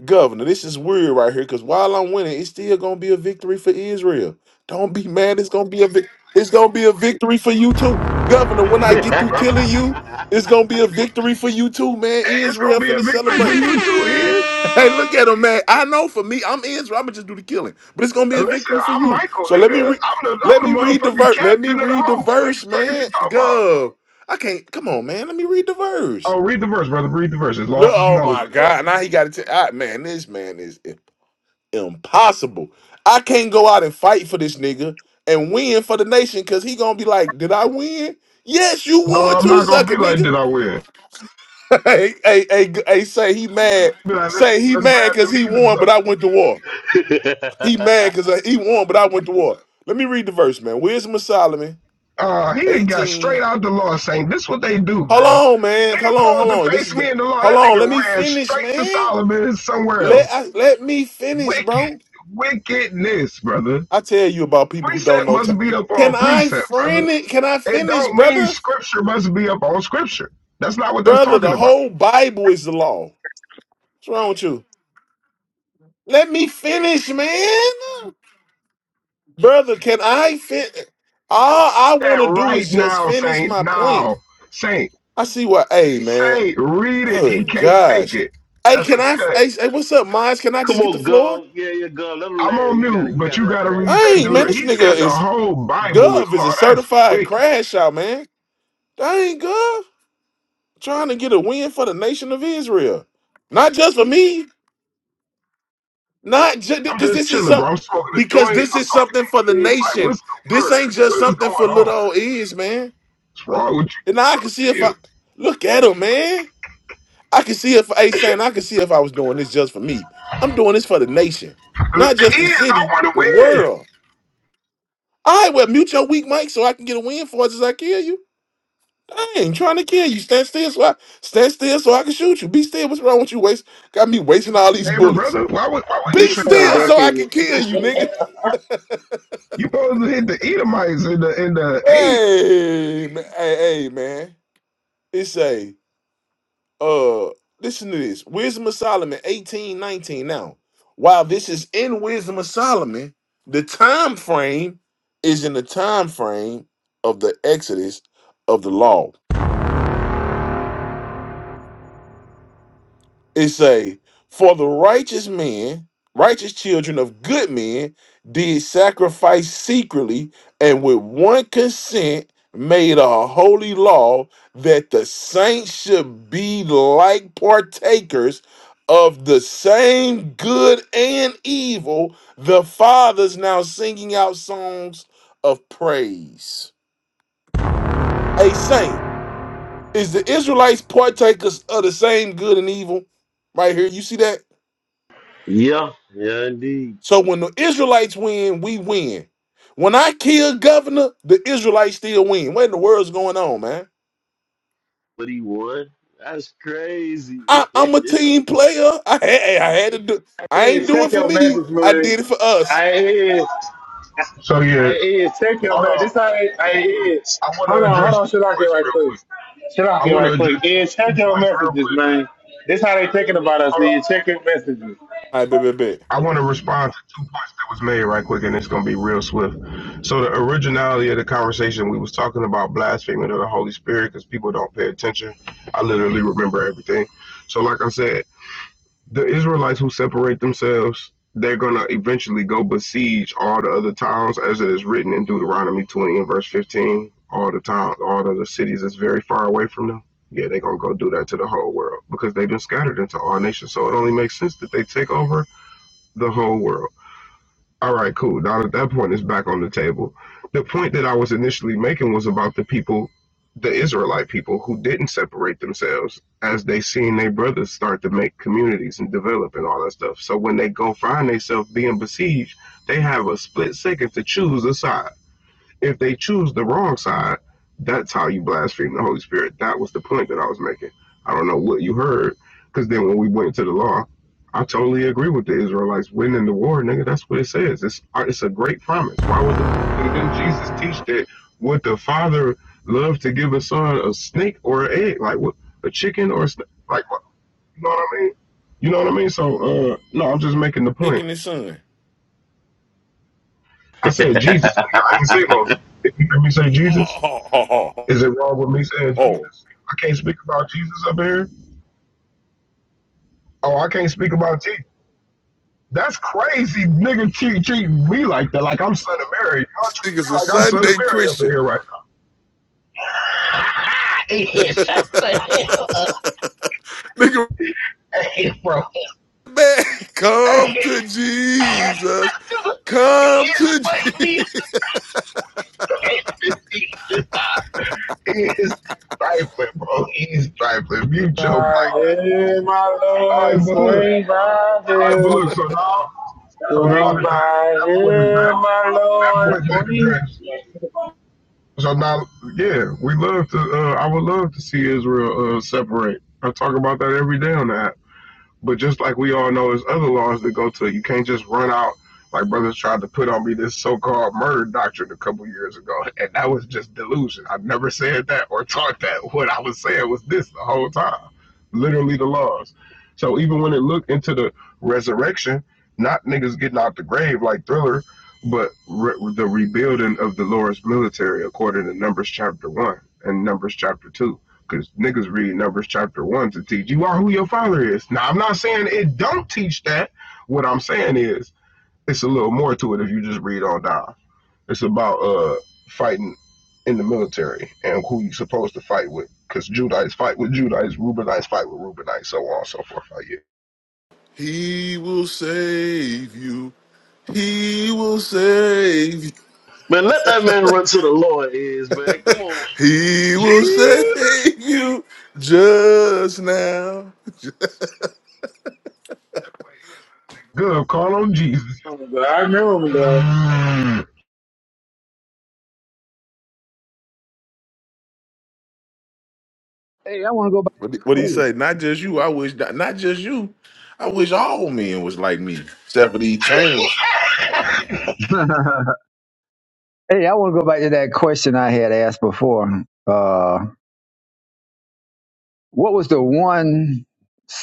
Speaker 9: governor. This is weird right here because while I'm winning, it's still gonna be a victory for Israel. Don't be mad. It's gonna be a vic- it's gonna be a victory for you too, governor. When I get
Speaker 12: victory,
Speaker 9: through killing
Speaker 12: brother.
Speaker 9: you, it's gonna be a victory for you too, man.
Speaker 12: Hey, it's gonna
Speaker 9: Israel
Speaker 12: be a
Speaker 9: finna
Speaker 12: victory for
Speaker 9: celebrate.
Speaker 12: you too, Iz.
Speaker 9: Hey, look at him, man. I know for me, I'm Israel. I'm gonna just do the killing, but it's gonna be
Speaker 12: And
Speaker 9: a
Speaker 12: listen,
Speaker 9: victory for
Speaker 12: I'm
Speaker 9: you.
Speaker 12: Michael,
Speaker 9: So let me
Speaker 12: nigga.
Speaker 9: read.
Speaker 12: I'm the I'm
Speaker 9: Let me
Speaker 12: the
Speaker 9: read the
Speaker 12: motherfucking
Speaker 9: verse. Let me
Speaker 12: captain of the
Speaker 9: read the
Speaker 12: house. Nigga,
Speaker 9: verse,
Speaker 12: The fuck is you
Speaker 9: man.
Speaker 12: talking about?
Speaker 9: Go. I can't. Come on, man. Let me read the verse.
Speaker 12: Oh, read the verse, brother. Read the verse. As
Speaker 9: Look.
Speaker 12: lost as
Speaker 9: Oh
Speaker 12: Moses,
Speaker 9: my
Speaker 12: though.
Speaker 9: God. Now he got to. All right, man. This man is i- impossible. I can't go out and fight for this nigga and win for the nation because he gonna be like, "Did I win? Yes, you
Speaker 12: No,
Speaker 9: won
Speaker 12: I'm
Speaker 9: too,
Speaker 12: not gonna be
Speaker 9: sucker
Speaker 12: like
Speaker 9: nigga."
Speaker 12: that. I will.
Speaker 9: hey, hey, hey, g- hey. Say he mad.
Speaker 12: Be like, let's
Speaker 9: Say he
Speaker 12: let's
Speaker 9: mad
Speaker 12: grab them
Speaker 9: because he
Speaker 12: heathens
Speaker 9: won, but
Speaker 12: up.
Speaker 9: I went to war. He mad because he won, but I went to war. Let me read the verse, man. Wisdom of Solomon,
Speaker 12: Uh, he didn't got
Speaker 9: 18.
Speaker 12: straight out the law saying this what they do,
Speaker 9: Hold
Speaker 12: bro.
Speaker 9: on, man.
Speaker 12: Nigga
Speaker 9: Hold on,
Speaker 12: posed
Speaker 9: hold
Speaker 12: to
Speaker 9: on. This is
Speaker 12: face
Speaker 9: the
Speaker 12: me in the law.
Speaker 9: hold
Speaker 12: That
Speaker 9: on. Let
Speaker 12: nigga
Speaker 9: me
Speaker 12: ran
Speaker 9: finish,
Speaker 12: straight to
Speaker 9: man.
Speaker 12: Solomon and somewhere
Speaker 9: Let
Speaker 12: else.
Speaker 9: I, let me finish,
Speaker 12: Wicked,
Speaker 9: bro.
Speaker 12: wickedness, brother.
Speaker 9: I tell you about people who don't
Speaker 12: Precept
Speaker 9: know time.
Speaker 12: must be up
Speaker 9: Can
Speaker 12: on
Speaker 9: I
Speaker 12: precept, brother.
Speaker 9: friend it? Can I
Speaker 12: It
Speaker 9: finish,
Speaker 12: don't mean
Speaker 9: brother?
Speaker 12: scripture must be up on scripture. That's not what that's
Speaker 9: Brother,
Speaker 12: talking
Speaker 9: the
Speaker 12: about.
Speaker 9: whole Bible is the law. What's wrong with you? Let me finish, man. Brother, can I finish? All I want
Speaker 12: That
Speaker 9: to do
Speaker 12: right
Speaker 9: is just
Speaker 12: now,
Speaker 9: finish
Speaker 12: Saint.
Speaker 9: my point.
Speaker 12: Now, Saint.
Speaker 9: I see what. Hey, man.
Speaker 12: Saint, read it.
Speaker 9: Oh
Speaker 12: He can't take
Speaker 9: gosh.
Speaker 12: it.
Speaker 9: Hey,
Speaker 12: That's a
Speaker 9: can I?
Speaker 12: cut.
Speaker 9: Hey, hey, what's up, Miles? Can I
Speaker 5: Come
Speaker 9: just get the
Speaker 5: on,
Speaker 9: floor?
Speaker 5: Gov. Yeah, yeah, Gov. Let him
Speaker 12: I'm
Speaker 5: land.
Speaker 12: on
Speaker 5: You got it.
Speaker 12: mute,
Speaker 5: You
Speaker 12: but
Speaker 5: got
Speaker 12: you
Speaker 5: it after
Speaker 12: gotta
Speaker 5: that. The
Speaker 12: read that
Speaker 9: Dang, man,
Speaker 5: MD
Speaker 12: dude.
Speaker 5: want
Speaker 9: this
Speaker 5: to
Speaker 12: He
Speaker 5: get in
Speaker 9: nigga
Speaker 12: said the
Speaker 5: it.
Speaker 9: is
Speaker 12: whole Bible is
Speaker 9: Gov is
Speaker 12: law.
Speaker 9: a
Speaker 12: That's
Speaker 9: certified
Speaker 12: wicked.
Speaker 9: crash out, man. Dang, Gov, trying to get a win for the nation of Israel, not just for me, not just
Speaker 12: I'm
Speaker 9: because
Speaker 12: just
Speaker 9: this is
Speaker 12: chilling,
Speaker 9: some
Speaker 12: bro. I'm smoking a
Speaker 9: because
Speaker 12: joint.
Speaker 9: this
Speaker 12: I'm
Speaker 9: is
Speaker 12: talking
Speaker 9: something for
Speaker 12: to
Speaker 9: the
Speaker 12: you. It's like,
Speaker 9: nation.
Speaker 12: what's the
Speaker 9: This
Speaker 12: word?
Speaker 9: ain't just
Speaker 12: What is
Speaker 9: something
Speaker 12: going
Speaker 9: for little
Speaker 12: on?
Speaker 9: old ears, man.
Speaker 12: What's wrong with you,
Speaker 9: And I
Speaker 12: bro?
Speaker 9: can see if I
Speaker 12: Chill.
Speaker 9: look at him, man. I can see if hey saying I can see if I was doing this just for me. I'm doing this for the nation,
Speaker 12: The
Speaker 9: not just the
Speaker 12: thing I
Speaker 9: city,
Speaker 12: want to
Speaker 9: the
Speaker 12: win.
Speaker 9: world. All right, well, mute your weak mic so I can get a win for us as I kill you. I ain't trying to kill you. Stand still so I stand still so I can shoot you. Be still. What's wrong with you? Waste got me wasting all these
Speaker 12: Hey, my
Speaker 9: bullets.
Speaker 12: brother, why would why wouldn't you
Speaker 9: Be
Speaker 12: shoot the
Speaker 11: playing
Speaker 9: still
Speaker 12: eye?
Speaker 9: so I
Speaker 11: decade.
Speaker 9: can kill you, nigga.
Speaker 12: You supposed to hit the Edomites in the in the eight.
Speaker 9: Hey, ma- hey, hey, man. It's a uh listen to this wisdom of solomon eighteen nineteen. now while this is in wisdom of solomon the time frame is in the time frame of the exodus of the law It say, "For the righteous men, righteous children of good men, did sacrifice secretly, and with one consent made a holy law that the saints should be like partakers of the same good and evil." The fathers now singing out songs of praise. A saint is the Israelites partakers of the same good and evil. Right here, you see that?
Speaker 5: Yeah, yeah, indeed.
Speaker 9: So when the Israelites win, we win. When I kill governor, the Israelites still win. What in the world's going on, man?
Speaker 5: But he won. That's crazy.
Speaker 9: I,
Speaker 5: man,
Speaker 9: I'm a team player. I had, hey, I had to do. I ain't
Speaker 11: Is
Speaker 9: do it
Speaker 11: check
Speaker 9: for
Speaker 11: your
Speaker 9: me.
Speaker 11: message,
Speaker 9: I
Speaker 11: man.
Speaker 9: did it for us.
Speaker 11: I is.
Speaker 12: So
Speaker 11: I
Speaker 12: yeah,
Speaker 11: is. Check your
Speaker 12: hold
Speaker 11: man. This
Speaker 12: on.
Speaker 11: how it- I is.
Speaker 12: I want
Speaker 11: Hold
Speaker 12: to
Speaker 11: on, hold
Speaker 12: address
Speaker 11: on.
Speaker 12: two
Speaker 11: Shut out here
Speaker 12: points
Speaker 11: right
Speaker 12: real
Speaker 11: quick.
Speaker 12: quick.
Speaker 11: Shut out
Speaker 12: I
Speaker 11: here
Speaker 12: want to
Speaker 11: right quick.
Speaker 12: address
Speaker 11: Is check
Speaker 12: two
Speaker 11: your
Speaker 12: points real
Speaker 11: messages,
Speaker 12: quick.
Speaker 11: man. This how they thinking about us.
Speaker 12: Hold on.
Speaker 11: Is check your messages.
Speaker 9: I bet, bet, bet.
Speaker 12: I want to respond to two points that was made right quick, and it's going to be real swift. So the originality of the conversation, we was talking about blaspheming of the Holy Spirit because people don't pay attention. I literally remember everything. So like I said, the Israelites who separate themselves, they're going to eventually go besiege all the other towns as it is written in Deuteronomy 20 and verse 15. All the towns, all the other cities that's very far away from them. Yeah, they're going to go do that to the whole world because they've been scattered into all nations. So it only makes sense that they take over the whole world. All right, cool. Now at that point, it's back on the table. The point that I was initially making was about the people, the Israelite people, who didn't separate themselves as they seen their brothers start to make communities and develop and all that stuff. So when they go find themselves being besieged, they have a split second to choose a side. If they choose the wrong side, that's how you blaspheme the Holy Spirit. That was the point that I was making. I don't know what you heard, because then when we went to the law, I totally agree with the Israelites winning the war, nigga. That's what it says. It's uh, it's a great promise. Why would the nigga didn't Jesus teach that? Would the Father love to give a son a snake or an egg, like what a chicken or a snake? Like what? You know what I mean? You know what I mean? So uh, no, I'm just making the point.
Speaker 9: Taking his son.
Speaker 12: I said Jesus, nigga. I ain't say Moses. If you hear me say Jesus,
Speaker 9: Oh, oh, oh, oh,
Speaker 12: Is it wrong with me saying
Speaker 9: oh.
Speaker 12: Jesus? I can't speak about Jesus up here. Oh, I can't speak about Jesus. That's crazy, nigga. Treat treating me like that, like I'm son of Mary. Y'all
Speaker 9: This
Speaker 12: treat
Speaker 9: nigga's
Speaker 12: me
Speaker 9: a
Speaker 12: like I'm son of
Speaker 9: Sunday
Speaker 12: Mary up
Speaker 9: Christian.
Speaker 12: here right now. Hey, shut the hell,
Speaker 9: Nigga,
Speaker 12: hey, bro.
Speaker 9: man, come
Speaker 12: Hey,
Speaker 9: to Jesus. Come
Speaker 12: he's
Speaker 9: to
Speaker 12: fucking me.
Speaker 9: Jesus.
Speaker 12: Hey, hey, hey, He's trifling, bro. He's trifling. Mute your mic.
Speaker 11: I hear my
Speaker 12: All right,
Speaker 11: Lord
Speaker 12: but look.
Speaker 11: swing by
Speaker 12: All right, but
Speaker 11: him.
Speaker 12: look. So now, so now
Speaker 11: Swing
Speaker 12: that that,
Speaker 11: by
Speaker 12: that point is
Speaker 11: him,
Speaker 12: back,
Speaker 11: my
Speaker 12: that
Speaker 11: Lord
Speaker 12: point back
Speaker 11: swing.
Speaker 12: addressed. So now, yeah, we love to. Uh, I would love to see Israel uh, separate. I talk about that every day on the app. But just like we all know, there's other laws that go to it. You can't just run out like brothers tried to put on me this so-called murder doctrine a couple years ago, and that was just delusion. I never said that or taught that. What I was saying was this the whole time, literally the laws. So even when it looked into the resurrection, not niggas getting out the grave like Thriller, but re- the rebuilding of the Lord's military according to Numbers chapter one and Numbers chapter two because niggas read Numbers chapter 1 to teach you are who your father is. Now, I'm not saying it don't teach that. What I'm saying is it's a little more to it if you just read on down. It's about uh fighting in the military and who you're supposed to fight with. Because Judites fight with Judites, Reubenites fight with Reubenites, so on and so forth. Like, yeah.
Speaker 9: He will save you. He will save you.
Speaker 5: let that man run to the Lord is, man. Come on.
Speaker 9: He will
Speaker 12: Jesus!
Speaker 9: save you just now.
Speaker 12: Good, call on Jesus.
Speaker 11: Oh, God, I remember him though.
Speaker 1: I want to go
Speaker 9: What did, what did he say? Not just you. I wish that, not just you. I wish all men was like me. Except for these chains,
Speaker 1: back. Hey, I want to go back to that question I had asked before. Uh, what was the one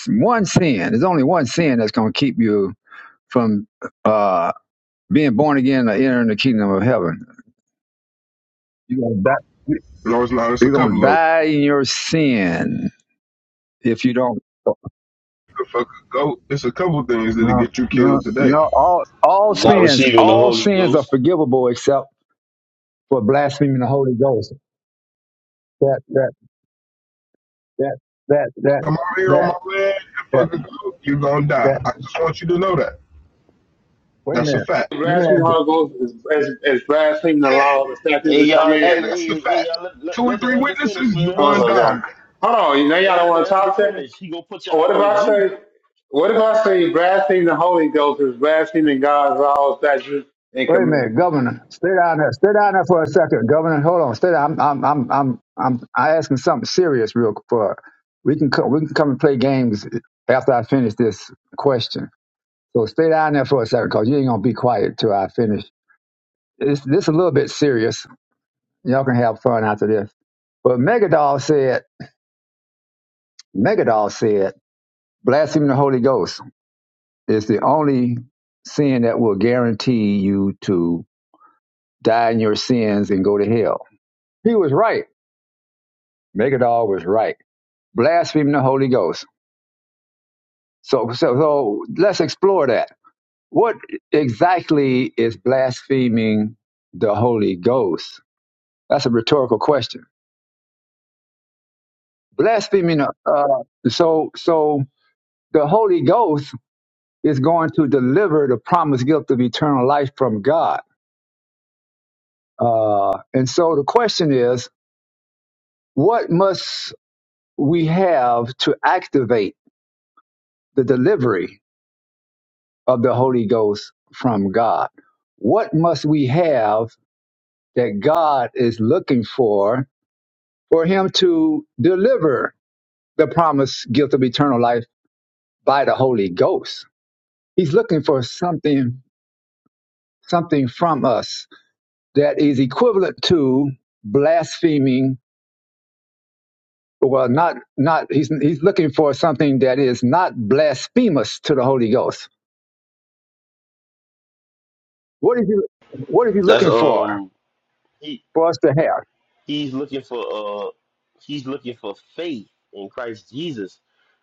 Speaker 1: one sin? There's only one sin that's going to keep you from uh, being born again or entering the kingdom of heaven. You're going to die,
Speaker 12: No, it's not. It's a
Speaker 1: you're gonna
Speaker 12: couple of
Speaker 1: die in your sin if you don't.
Speaker 12: the fuck a goat. It's a couple things that'll
Speaker 1: No,
Speaker 12: get you
Speaker 1: no,
Speaker 12: killed today.
Speaker 1: no. All all
Speaker 5: Not
Speaker 1: sins,
Speaker 5: receiving the
Speaker 1: all
Speaker 5: Holy
Speaker 1: sins are
Speaker 5: Ghost.
Speaker 1: forgivable except for blaspheming the Holy Ghost. That that that that that
Speaker 12: Come out here on
Speaker 1: that
Speaker 12: my land and
Speaker 1: that
Speaker 12: fucking go, you're gonna
Speaker 1: that.
Speaker 12: die. I just want you to know that.
Speaker 1: Wait a
Speaker 12: That's a
Speaker 1: minute.
Speaker 12: fact.
Speaker 1: Let me ask
Speaker 11: Blasphemy,
Speaker 1: you.
Speaker 11: Holy Ghost, is, is, is blaspheming the
Speaker 12: hey,
Speaker 11: law, the statutes,
Speaker 5: Hey,
Speaker 11: and
Speaker 5: y'all. Hey,
Speaker 11: commandments.
Speaker 12: that's the
Speaker 5: hey, hey,
Speaker 12: fact.
Speaker 5: y'all. Let, let,
Speaker 12: Two or
Speaker 5: let the
Speaker 12: three
Speaker 5: elder finish,
Speaker 12: witnesses, you're
Speaker 5: man.
Speaker 12: going
Speaker 11: Also, John,
Speaker 12: down.
Speaker 11: hold on. You know, y'all
Speaker 5: Hey,
Speaker 11: don't
Speaker 5: let the
Speaker 11: want to
Speaker 5: elder
Speaker 11: talk to me.
Speaker 5: finish. He gonna put
Speaker 11: What
Speaker 5: y'all
Speaker 11: if
Speaker 5: in the
Speaker 11: I
Speaker 5: goo
Speaker 11: say,
Speaker 5: now.
Speaker 11: what if I say blaspheme the Holy Ghost is blaspheming God's laws, statutes, and
Speaker 1: Wait a minute,
Speaker 11: commandments?
Speaker 1: Governor. Stay down there. Stay down there for a second, Governor. Hold on. Stay down. I'm, I'm, I'm, I'm, I'm I asking something serious, real quick. We can, co- we can come and play games after I finish this question. So stay down there for a second, cause you ain't gonna be quiet till I finish. This, this a little bit serious. Y'all can have fun after this. But Megadol said, Megadol said, blaspheming the Holy Ghost is the only sin that will guarantee you to die in your sins and go to hell. He was right Megadol was right. Blaspheming the Holy Ghost. So, so, so let's explore that. What exactly is blaspheming the Holy Ghost? That's a rhetorical question. Blaspheming, uh, so, so the Holy Ghost is going to deliver the promised gift of eternal life from God. Uh, and so the question is, what must we have to activate the delivery of the Holy Ghost from God. What must we have that God is looking for for him to deliver the promised gift of eternal life by the Holy Ghost? He's looking for something something from us that is equivalent to blaspheming well not not he's he's looking for something that is not blasphemous to the Holy Ghost. What is he what is he
Speaker 5: That's
Speaker 1: looking for
Speaker 5: um.
Speaker 1: for us to have?
Speaker 5: He's looking for uh he's looking for faith in Christ Jesus.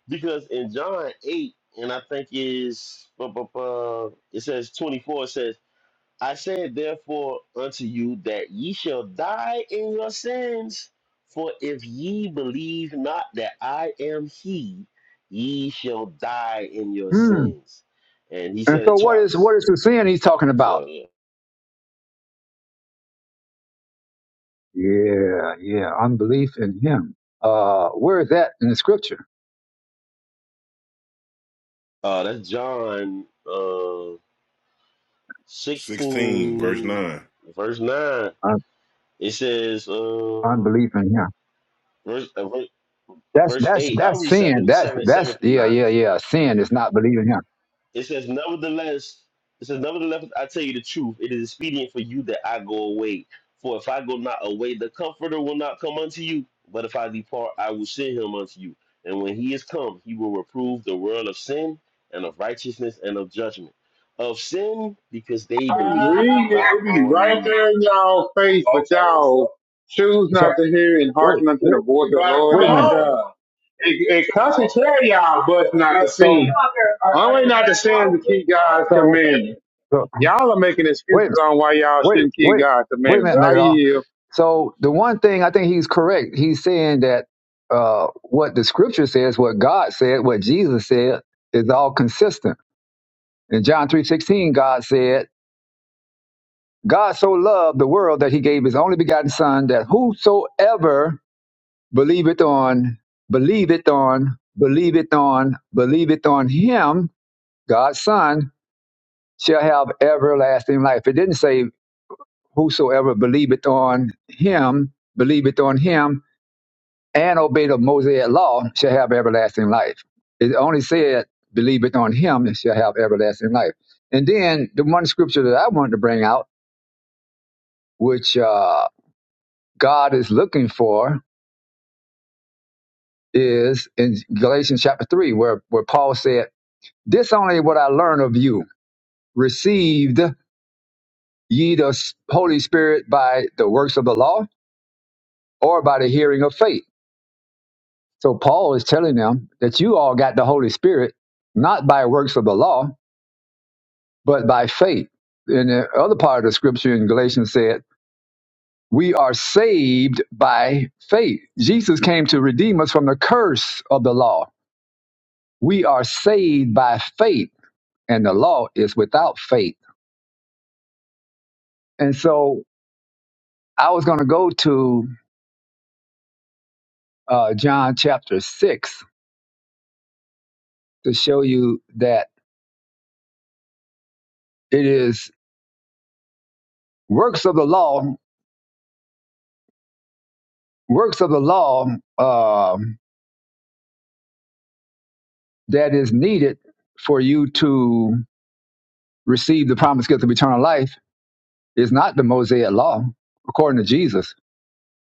Speaker 5: Because in John 8, and I think is bu- bu- bu- it says 24, it says, I said therefore unto you that ye shall die in your sins, for if ye believe not that I am he, ye shall die in your
Speaker 1: Hmm.
Speaker 5: sins. And he
Speaker 1: And
Speaker 5: said
Speaker 1: so
Speaker 5: it
Speaker 1: what is
Speaker 5: twice.
Speaker 1: what is the sin he's talking about?
Speaker 5: So yeah.
Speaker 1: Yeah, yeah, unbelief in him. Uh where is that in the scripture?
Speaker 5: Uh that's John uh,
Speaker 9: 16, verse
Speaker 5: 16
Speaker 9: 9.
Speaker 5: verse 9
Speaker 1: Un-
Speaker 5: it says uh
Speaker 1: unbelief in him.
Speaker 5: verse uh, ver-
Speaker 1: That's
Speaker 5: verse
Speaker 1: that's
Speaker 5: 8 i'll
Speaker 1: that's
Speaker 5: read
Speaker 1: sin.
Speaker 5: 7,
Speaker 1: That's
Speaker 5: 7, 7
Speaker 1: that's
Speaker 5: through
Speaker 1: yeah,
Speaker 5: 9
Speaker 1: yeah, yeah. Sin is not believing him.
Speaker 5: it says nevertheless it says nevertheless i tell you the truth it is expedient for you that i go away for if i go not away the comforter will not come unto you but if i depart i will send him unto you and when he is come he will reprove the world of sin and of righteousness and of judgment of sin because they
Speaker 11: I mean,
Speaker 5: believe
Speaker 11: read it.
Speaker 5: not
Speaker 11: It be
Speaker 5: on
Speaker 11: right
Speaker 5: me
Speaker 11: there in y'all face, but Okay. y'all choose
Speaker 1: So
Speaker 11: not to hear and
Speaker 1: wait,
Speaker 11: hearken unto the
Speaker 1: wait,
Speaker 11: voice of the Right, Lord
Speaker 1: wait
Speaker 11: come
Speaker 1: a
Speaker 11: thy
Speaker 1: minute.
Speaker 11: on. God. It, it constantly tell y'all, but not to
Speaker 1: So
Speaker 11: sin. Only not to sin to keep God's
Speaker 1: so
Speaker 11: commandment.
Speaker 1: so
Speaker 11: Y'all are making
Speaker 1: wait a
Speaker 11: excuses
Speaker 1: minute.
Speaker 11: on why y'all
Speaker 1: Wait,
Speaker 11: shouldn't keep
Speaker 1: wait,
Speaker 11: God's
Speaker 1: wait a
Speaker 11: commandment,
Speaker 1: minute,
Speaker 11: but I
Speaker 1: Megadol.
Speaker 11: yield.
Speaker 1: So the one thing I think he's correct. He's saying that uh what the scripture says, what God said, what Jesus said is all consistent. In John three sixteen, God said God so loved the world that he gave his only begotten son that whosoever believeth on, believeth on, believeth on, believeth on him, God's son, shall have everlasting life. It didn't say whosoever believeth on him, believeth on him, and obey the Mosaic law shall have everlasting life. It only said believeth on him and shall have everlasting life. And then the one scripture that I wanted to bring out, which uh, God is looking for is in Galatians chapter 3, where, where Paul said, This only what I learned of you received ye the Holy Spirit by the works of the law or by the hearing of faith. So Paul is telling them that you all got the Holy Spirit not by works of the law, but by faith. In the other part of the scripture in Galatians said, we are saved by faith. Jesus came to redeem us from the curse of the law. We are saved by faith, and the law is without faith And so I was going to go to uh, John chapter 6 to show you that it is works of the law, works of the law um that is needed for you to receive the promised gift of eternal life is not the Mosaic law, according to Jesus.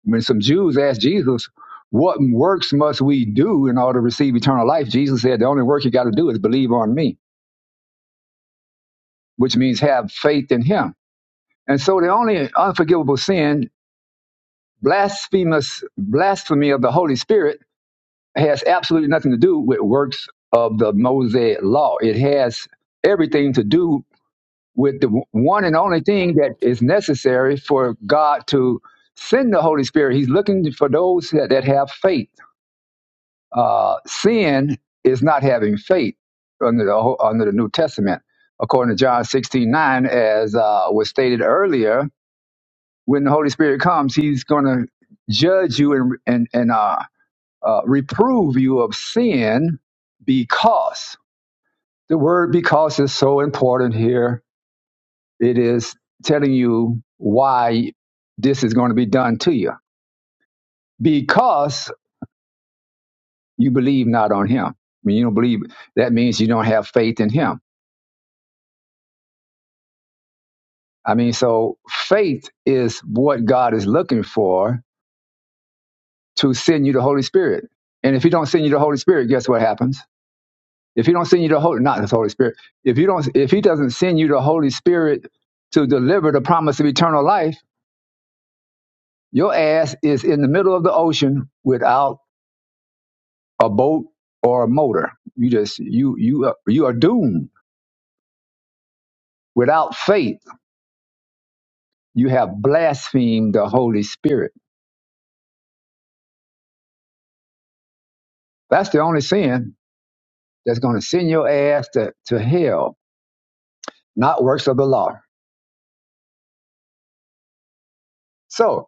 Speaker 1: When some Jews asked Jesus, what works must we do in order to receive eternal life? Jesus said, the only work you got to do is believe on me, which means have faith in him. And so the only unforgivable sin Blasphemous blasphemy of the Holy Spirit has absolutely nothing to do with works of the Mosaic law. It has everything to do with the one and only thing that is necessary for God to send the Holy Spirit. He's looking for those that, that have faith. Uh, sin is not having faith under the under the New Testament, according to John sixteen nine, as uh, was stated earlier. When the Holy Spirit comes, He's going to judge you and and and uh, uh, reprove you of sin because the word because is so important here. It is telling you why this is going to be done to you because you believe not on him. I mean, you don't believe, that means you don't have faith in him. I mean, so faith is what God is looking for to send you the Holy Spirit. And if he don't send you the Holy Spirit, guess what happens? If he don't send you the Holy, not the Holy Spirit. If you don't, if he doesn't send you the Holy Spirit to deliver the promise of eternal life, your ass is in the middle of the ocean without a boat or a motor. You just you you are- you are doomed. Without faith, you have blasphemed the Holy Spirit. That's the only sin that's going to send your ass to, to hell, not works of the law. So,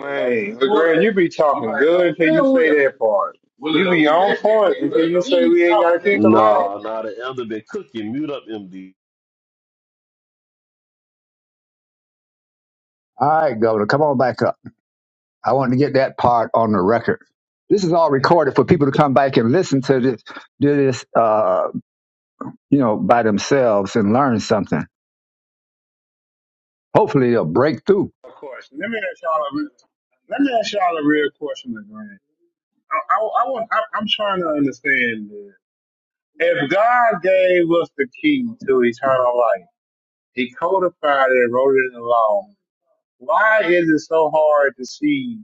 Speaker 11: Man, the girl, you be talking good until you say that part. You be on point until you say we ain't gotta keep the law.
Speaker 5: No, no, the elder been cooking. Mute up, MD.
Speaker 1: all right, governor, come on back up. I want to get that part on the record. This is all recorded for people to come back and listen to this, do this, uh, you know, by themselves and learn something. Hopefully, they'll break through.
Speaker 11: Of course. Let me ask y'all a real, let me ask y'all a real question, LeGrand. I, I, I want, I, I'm trying to understand this. If God gave us the key to eternal life, He codified it and wrote it in the law. Why is it so hard to see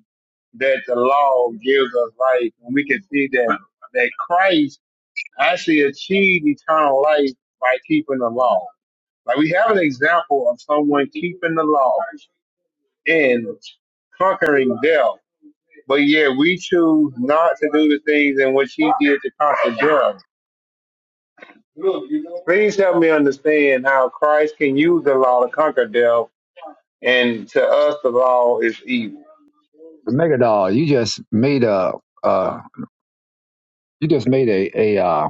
Speaker 11: that the law gives us life when we can see that that Christ actually achieve eternal life by keeping the law. Like we have an example of someone keeping the law and conquering death, but yet we choose not to do the things in which he did to conquer death. Please help me understand how Christ can use the law to conquer death, and to us the law is evil.
Speaker 1: Megadol, you just made a, uh, you just made a a, uh,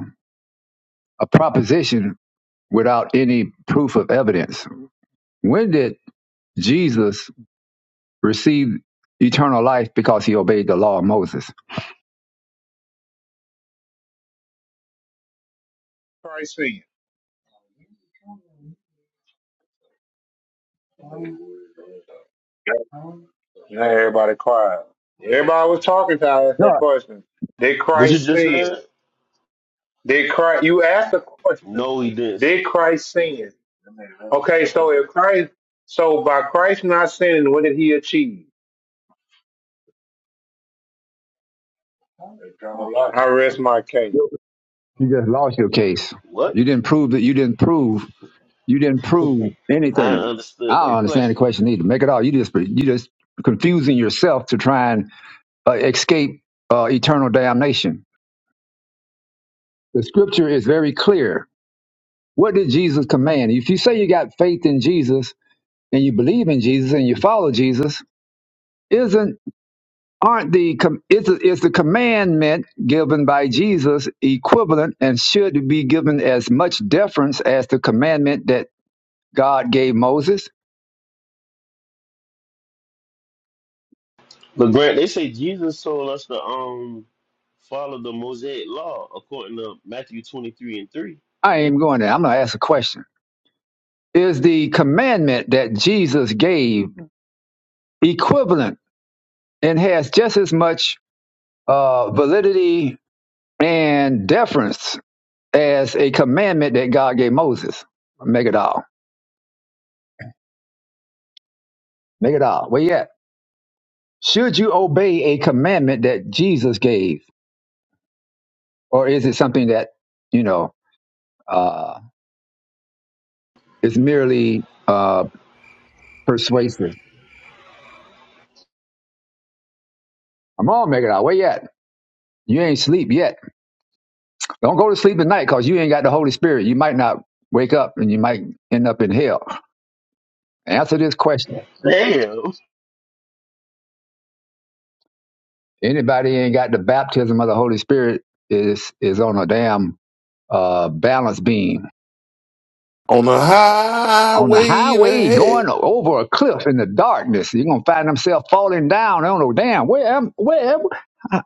Speaker 1: a proposition without any proof of evidence. When did Jesus receive eternal life because he obeyed the law of Moses?
Speaker 11: Christ sin. Now everybody quiet. Everybody was talking to us that
Speaker 1: No.
Speaker 11: question. Did
Speaker 5: What you
Speaker 11: Christ
Speaker 5: just
Speaker 11: sin?
Speaker 5: said?
Speaker 11: Did Christ? You asked the question.
Speaker 5: No, he didn't. say-
Speaker 11: Did Christ sin? Okay, so if Christ, so by Christ not sinning, what did he achieve? I rest my case.
Speaker 1: You just lost your case. You
Speaker 5: What?
Speaker 1: didn't prove that you didn't prove you didn't prove
Speaker 5: I
Speaker 1: anything.
Speaker 5: understood
Speaker 1: I don't
Speaker 5: that
Speaker 1: understand the
Speaker 5: question.
Speaker 1: question either. Make it all. You just you just confusing yourself to try and uh, escape uh, eternal damnation. The scripture is very clear. What did Jesus command? If you say you got faith in Jesus and you believe in Jesus and you follow Jesus, isn't aren't the com- is, is the commandment given by Jesus equivalent and should be given as much deference as the commandment that God gave Moses?
Speaker 5: But Grant, they say Jesus told us to um follow the Mosaic law according to Matthew twenty three and three.
Speaker 1: I ain't going there. I'm going to ask a question. Is the commandment that Jesus gave equivalent and has just as much uh, validity and deference as a commandment that God gave Moses? Make it all. Make it all. Where you at? Should you obey a commandment that Jesus gave? Or is it something that, you know, uh, is merely uh, persuasive? Come on, make it out. Where you at? You ain't sleep yet. Don't go to sleep at night because you ain't got the Holy Spirit. You might not wake up and you might end up in hell. Answer this question.
Speaker 5: Damn.
Speaker 1: Anybody ain't got the baptism of the Holy Spirit is is on a damn uh, balance beam.
Speaker 9: On the
Speaker 1: On the
Speaker 9: highway to
Speaker 1: highway
Speaker 9: hell.
Speaker 1: going over a cliff in the darkness. You're gonna find themselves falling down. I don't know, damn, where am where am- I,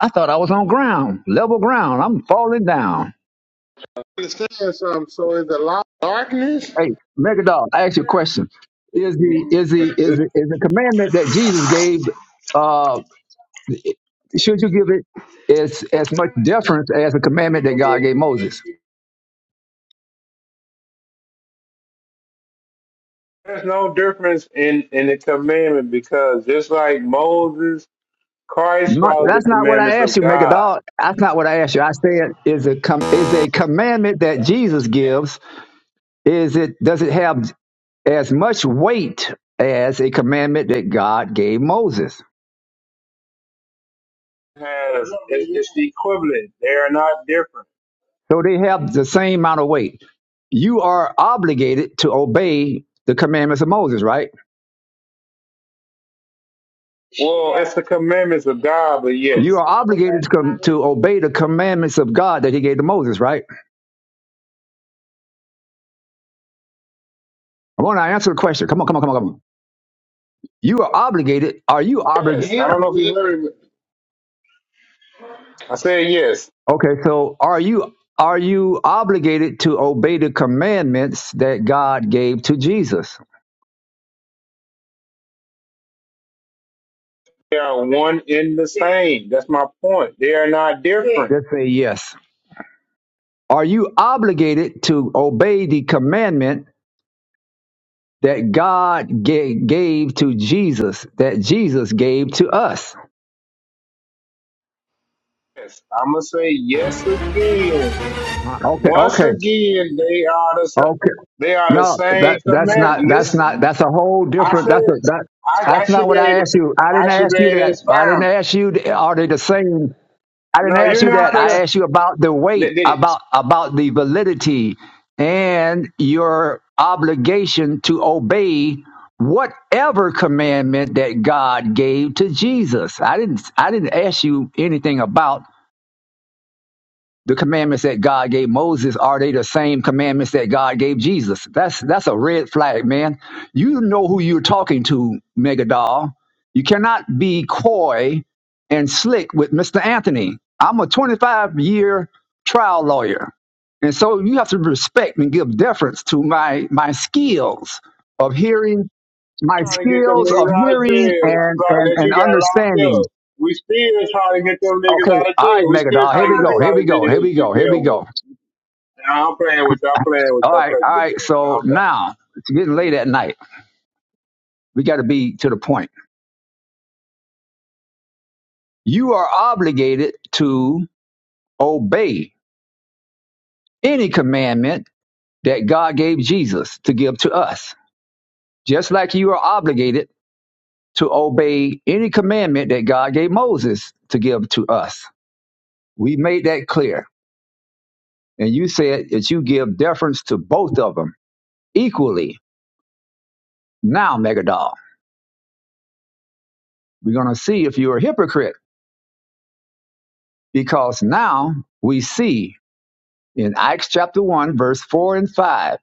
Speaker 1: I thought I was on ground, level ground. I'm falling down.
Speaker 11: Understand something? So is the light darkness?
Speaker 1: Hey, Megadog, I ask you a question. Is the
Speaker 11: There's
Speaker 1: is the is the, is the commandment that Jesus gave? uh, Should you give it as as much deference as the commandment that God gave Moses?
Speaker 11: no difference in in the commandment because just like Moses, Christ
Speaker 1: Not,
Speaker 11: followed the
Speaker 1: that's not what I
Speaker 11: commandments of
Speaker 1: asked you,
Speaker 11: God.
Speaker 1: Megadol. That's not what I asked you. I said is a com- is a commandment that Jesus gives. Is it does it have as much weight as a commandment that God gave Moses?
Speaker 11: Has it's, it's the equivalent. They are not different.
Speaker 1: So they have the same amount of weight. You are obligated to obey the commandments of Moses, right?
Speaker 11: Well, it's the commandments of God, but
Speaker 1: You
Speaker 11: yes.
Speaker 1: are obligated to, com- to obey the commandments of God that He gave to Moses, right? I want to answer the question. Come on, come on, come on, come on. You are obligated. Are you obligated?
Speaker 11: Yes. I don't know if you heard me. I said yes.
Speaker 1: Okay, so are you are you obligated to obey the commandments that God gave to Jesus?
Speaker 11: They are one in the same. That's my point. They are not different.
Speaker 1: Let's say yes. Are you obligated to obey the commandment that God ga- gave to Jesus? That Jesus gave to us?
Speaker 11: Yes. I'm going to say yes again.
Speaker 1: Okay,
Speaker 11: Once
Speaker 1: okay,
Speaker 11: again, they are the same.
Speaker 1: okay,
Speaker 11: They are the
Speaker 1: No,
Speaker 11: same
Speaker 1: that that's
Speaker 11: commandment.
Speaker 1: not that's not
Speaker 11: Listen,
Speaker 1: that's a whole
Speaker 11: I
Speaker 1: different.
Speaker 11: said
Speaker 1: That's a that
Speaker 11: I, I
Speaker 1: that's
Speaker 11: should
Speaker 1: not
Speaker 11: be
Speaker 1: what
Speaker 11: able
Speaker 1: I
Speaker 11: to,
Speaker 1: asked you. I didn't
Speaker 11: I should
Speaker 1: ask
Speaker 11: be
Speaker 1: you
Speaker 11: able to
Speaker 1: that. I didn't
Speaker 11: expound.
Speaker 1: ask you. Are they the same? I didn't
Speaker 11: No,
Speaker 1: ask
Speaker 11: you're
Speaker 1: you
Speaker 11: not
Speaker 1: that.
Speaker 11: gonna.
Speaker 1: I asked you about the weight, about about the validity, and your obligation to obey whatever commandment that God gave to Jesus. I didn't I didn't ask you anything about the commandments that God gave Moses are they the same commandments that God gave Jesus? That's that's a red flag, man. You know who you're talking to, Megadol. You cannot be coy and slick with Mr. Anthony. I'm a 25 year trial lawyer, and so you have to respect and give deference to my my skills of hearing, my
Speaker 11: trying to get them
Speaker 1: skills
Speaker 11: niggas
Speaker 1: of
Speaker 11: out of
Speaker 1: hearing
Speaker 11: jail that you
Speaker 1: and
Speaker 11: got
Speaker 1: and
Speaker 11: that
Speaker 1: and
Speaker 11: you got locked
Speaker 1: understanding.
Speaker 11: up. We still trying to get them niggas
Speaker 1: Okay,
Speaker 11: out of
Speaker 1: all right,
Speaker 11: jail. We still
Speaker 1: Megadol.
Speaker 11: trying
Speaker 1: Here we
Speaker 11: to get the
Speaker 1: go.
Speaker 11: people
Speaker 1: Here
Speaker 11: out
Speaker 1: we
Speaker 11: of
Speaker 1: go.
Speaker 11: jail
Speaker 1: Here
Speaker 11: that
Speaker 1: we go.
Speaker 11: you
Speaker 1: Here we
Speaker 11: deal with.
Speaker 1: go.
Speaker 11: Now I'm playing with y'all, playing with
Speaker 1: All
Speaker 11: y'all,
Speaker 1: right,
Speaker 11: playing
Speaker 1: all
Speaker 11: with
Speaker 1: right.
Speaker 11: Greg.
Speaker 1: So
Speaker 11: Calm down.
Speaker 1: now it's getting late at night. We got to be to the point. You are obligated to obey any commandment that God gave Jesus to give to us, just like you are obligated to obey any commandment that God gave Moses to give to us. We made that clear. And you said that you give deference to both of them equally. Now, Megadol, we're going to see if you're a hypocrite because now we see In Acts chapter 1, verse 4 and 5,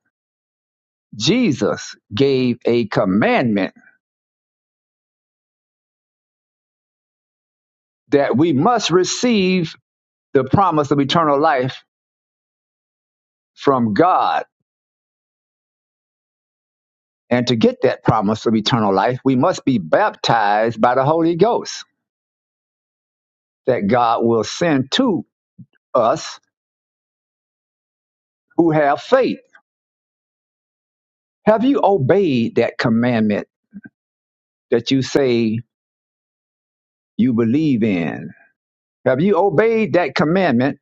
Speaker 1: Jesus gave a commandment that we must receive the promise of eternal life from God. And to get that promise of eternal life, we must be baptized by the Holy Ghost that God will send to us who have faith. Have you obeyed that commandment that you say you believe in? Have you obeyed that commandment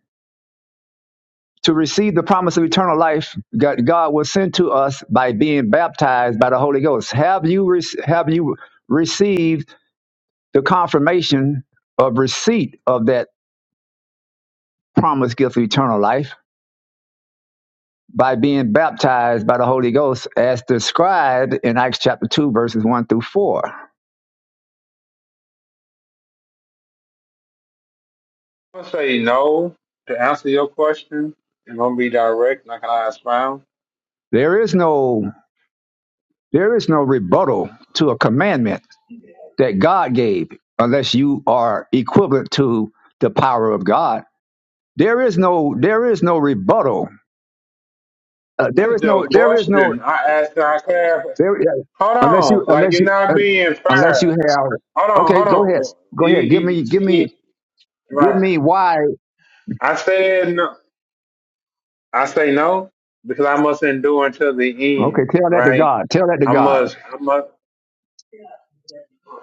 Speaker 1: to receive the promise of eternal life God, God was sent to us by being baptized by the Holy Ghost. Have you rec- have you received the confirmation of receipt of that promised gift of eternal life by being baptized by the Holy Ghost as described in Acts chapter 2 verses 1 through 4?
Speaker 11: I'm gonna say no to answer your question. I'm gonna be direct, not gonna expound.
Speaker 1: There is no there is no rebuttal to a commandment that God gave unless you are equivalent to the power of God. There is no there is no rebuttal Uh, there
Speaker 11: That's
Speaker 1: is
Speaker 11: your
Speaker 1: no, there is no,
Speaker 11: question. I asked, I clarify.
Speaker 1: there uh,
Speaker 11: Hold
Speaker 1: unless
Speaker 11: on,
Speaker 1: you,
Speaker 11: like
Speaker 1: unless
Speaker 11: you're
Speaker 1: you, uh,
Speaker 11: not being
Speaker 1: unless you
Speaker 11: fair.
Speaker 1: have.
Speaker 11: Hold on,
Speaker 1: Okay,
Speaker 11: hold
Speaker 1: go ahead,
Speaker 11: on.
Speaker 1: go
Speaker 11: You,
Speaker 1: ahead. Give
Speaker 11: you
Speaker 1: me, give me,
Speaker 11: see,
Speaker 1: give
Speaker 11: right?
Speaker 1: me why.
Speaker 11: I said no. I say no because I must endure until the
Speaker 1: Okay,
Speaker 11: end,
Speaker 1: tell that to
Speaker 11: right?
Speaker 1: God. Tell that to
Speaker 11: I
Speaker 1: God.
Speaker 11: must, I must.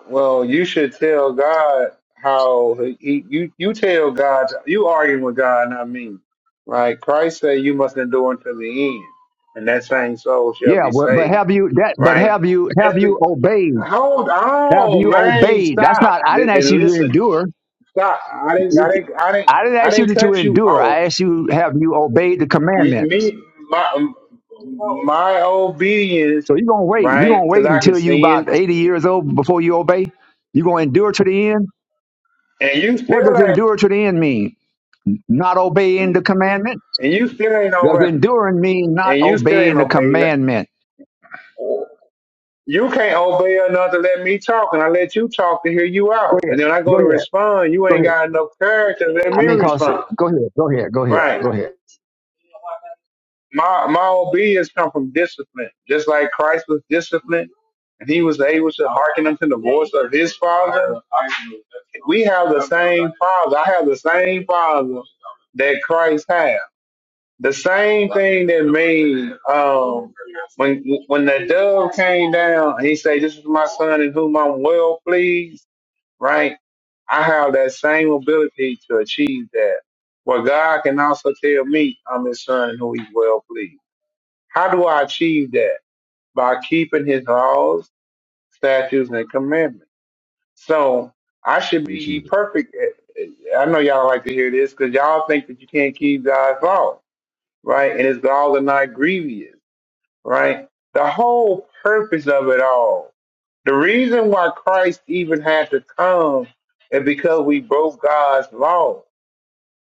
Speaker 11: Well, you should tell God how he, you you tell God you arguing with God, not me, right? Christ said you must endure until the end, and that same soul shall
Speaker 1: Yeah,
Speaker 11: be
Speaker 1: but but
Speaker 11: saved,
Speaker 1: have you that? But
Speaker 11: right?
Speaker 1: have you have
Speaker 11: Just be,
Speaker 1: you obeyed?
Speaker 11: hold
Speaker 1: Have
Speaker 11: on,
Speaker 1: you
Speaker 11: man,
Speaker 1: obeyed? That's not.
Speaker 11: stop
Speaker 1: I didn't ask you
Speaker 11: and
Speaker 1: to
Speaker 11: listen,
Speaker 1: endure.
Speaker 11: stop. I didn't, I
Speaker 1: It-
Speaker 11: didn't, I didn't,
Speaker 1: I didn't
Speaker 11: I
Speaker 1: ask you
Speaker 11: didn't
Speaker 1: to, to
Speaker 11: cut you
Speaker 1: endure.
Speaker 11: off.
Speaker 1: I asked you, have you obeyed the commandment?
Speaker 11: me my my obedience,
Speaker 1: So you're gonna wait. You're
Speaker 11: right?
Speaker 1: gonna wait
Speaker 11: Because I can
Speaker 1: until you
Speaker 11: sin,
Speaker 1: about 80 years old before you obey. You're gonna endure to the end.
Speaker 11: and you
Speaker 1: What does
Speaker 11: still ain't,
Speaker 1: endure to the end mean? Not obeying the commandment?
Speaker 11: and you still ain't
Speaker 1: Does
Speaker 11: over,
Speaker 1: enduring mean not
Speaker 11: and you still ain't
Speaker 1: obeying the
Speaker 11: obeying.
Speaker 1: commandment?
Speaker 11: You can't obey enough to let me talk, and I let you talk to hear you
Speaker 1: Go
Speaker 11: out,
Speaker 1: ahead.
Speaker 11: and then I
Speaker 1: Go
Speaker 11: go to
Speaker 1: ahead.
Speaker 11: respond. You
Speaker 1: Go
Speaker 11: ain't
Speaker 1: ahead.
Speaker 11: got enough character to let
Speaker 1: I
Speaker 11: me
Speaker 1: mean, cause
Speaker 11: respond,
Speaker 1: go ahead. Go ahead. Go ahead.
Speaker 11: right?
Speaker 1: Go ahead.
Speaker 11: my my obedience come from discipline, just like Christ was disciplined, and he was able to hearken unto the voice of his father. We have the same father. I have the same father that Christ had. The same thing that made um, when when the dove came down, he said, "This is my son in whom I'm well pleased." Right? I have that same ability to achieve that. Well, God can also tell me I'm His son in whom He's well pleased. How do I achieve that? By keeping his laws, statutes, and commandments. So I should
Speaker 13: You
Speaker 11: be ye
Speaker 13: achieved it.
Speaker 11: perfect. Eh, I know y'all like to hear this because y'all think that you can't keep God's law, right? And his laws are not grievous, right? The whole purpose of it all, the reason why Christ even had to come is because we broke God's law.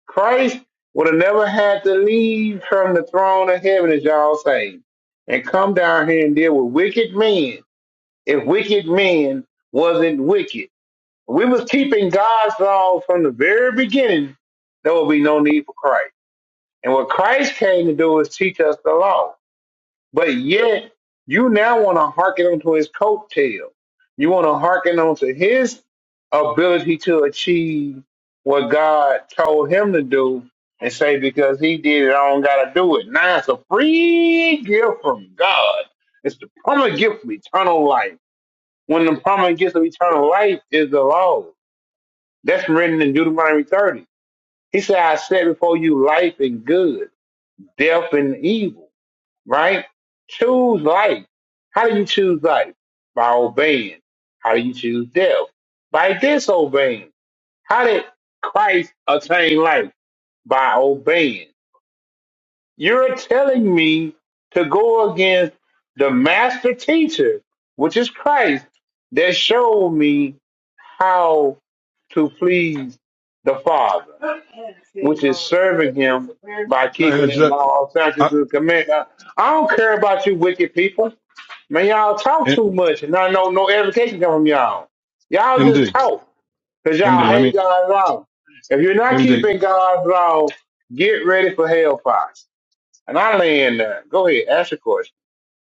Speaker 11: Christ would have never had to leave from the throne of heaven, as y'all say, and come down here and deal with wicked men if wicked men wasn't wicked. We was keeping God's law from the very beginning. There would be no need for Christ. And what Christ came to do is teach us the law. But yet, you now want to hearken onto his coattail. You want to hearken onto his ability to achieve what God told him to do and say, because he did it, I don't got to do it. Now it's a free gift from God. It's the promised gift of eternal life. When the promised gift of eternal life is the law, that's written in Deuteronomy 30. He said, "I set before you life and and good, death and evil." right? Choose life. How do you choose life? By obeying. How do you choose death? By disobeying. How did Christ attain life? By obeying. You're telling me to go against the master teacher, which is Christ, that showed me how to please the Father, which is serving Him by
Speaker 13: And, I- and
Speaker 11: keeping
Speaker 13: it's
Speaker 11: His
Speaker 13: just,
Speaker 11: law,
Speaker 13: I,
Speaker 11: statutes, and commandments. I don't care about you wicked people. Man, y'all talk
Speaker 13: and,
Speaker 11: too much, and I know no education come from y'all. Y'all just
Speaker 13: MD,
Speaker 11: talk because y'all
Speaker 13: MD, let
Speaker 11: hate
Speaker 13: me,
Speaker 11: God's law. If you're not
Speaker 13: MD,
Speaker 11: keeping God's law, get ready for hellfire. And I land there. Go ahead, ask your question.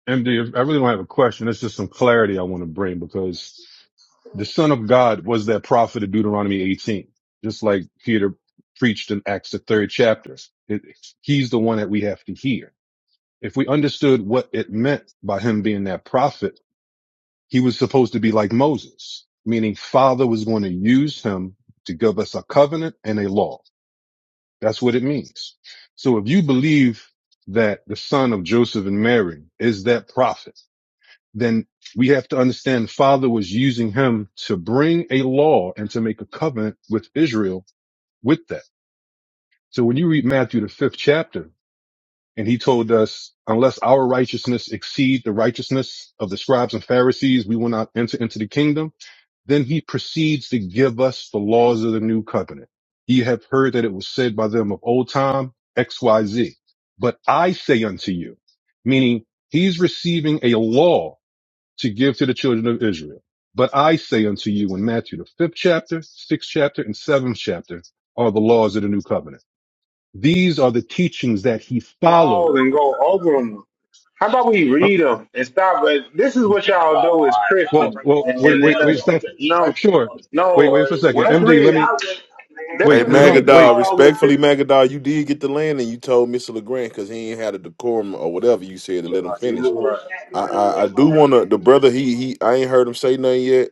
Speaker 13: MD, I really don't have a question. It's just some clarity I want to bring because the son of God was that prophet of Deuteronomy 18, just like Peter preached in Acts, the third chapter. It, he's the one that we have to hear. If we understood what it meant by him being that prophet, he was supposed to be like Moses, meaning father was going to use him to give us a covenant and a law. That's what it means. So if you believe that the son of Joseph and Mary is that prophet, then we have to understand the father was using him to bring a law and to make a covenant with Israel with that. So when you read Matthew, the fifth chapter, and he told us, unless our righteousness exceed the righteousness of the scribes and Pharisees, we will not enter into the kingdom then he proceeds to give us the laws of the new covenant. Ye have heard that it was said by them of old time, XYZ. But I say unto you, meaning he's receiving a law to give to the children of Israel. But I say unto you in Matthew, the fifth chapter, sixth chapter, and seventh chapter are the laws of the new covenant. These are the teachings that he
Speaker 11: Laws
Speaker 13: followed.
Speaker 11: and go over them. How about we
Speaker 13: Uh,
Speaker 11: read them and stop? But this is what y'all do as
Speaker 13: Well,
Speaker 11: Christians,
Speaker 13: well,
Speaker 11: and,
Speaker 13: wait,
Speaker 11: and
Speaker 13: wait,
Speaker 11: then uh,
Speaker 13: wait, Stephen.
Speaker 11: no,
Speaker 13: Sure.
Speaker 11: no.
Speaker 13: Wait, wait for a second.
Speaker 11: Well, let's
Speaker 13: MD, let
Speaker 11: read.
Speaker 13: me,
Speaker 11: Let's
Speaker 9: Hey,
Speaker 13: wait,
Speaker 11: just
Speaker 13: no, don't,
Speaker 11: read the
Speaker 13: wait.
Speaker 9: Magadol,
Speaker 11: laws and.
Speaker 9: respectfully, Magadol, you did get the land and you told Mr. LeGrand because he ain't had a decorum or whatever you said to let him
Speaker 11: see-
Speaker 9: finish. I I, I
Speaker 11: right.
Speaker 9: do want to, the brother, he, he, I ain't heard him say nothing yet.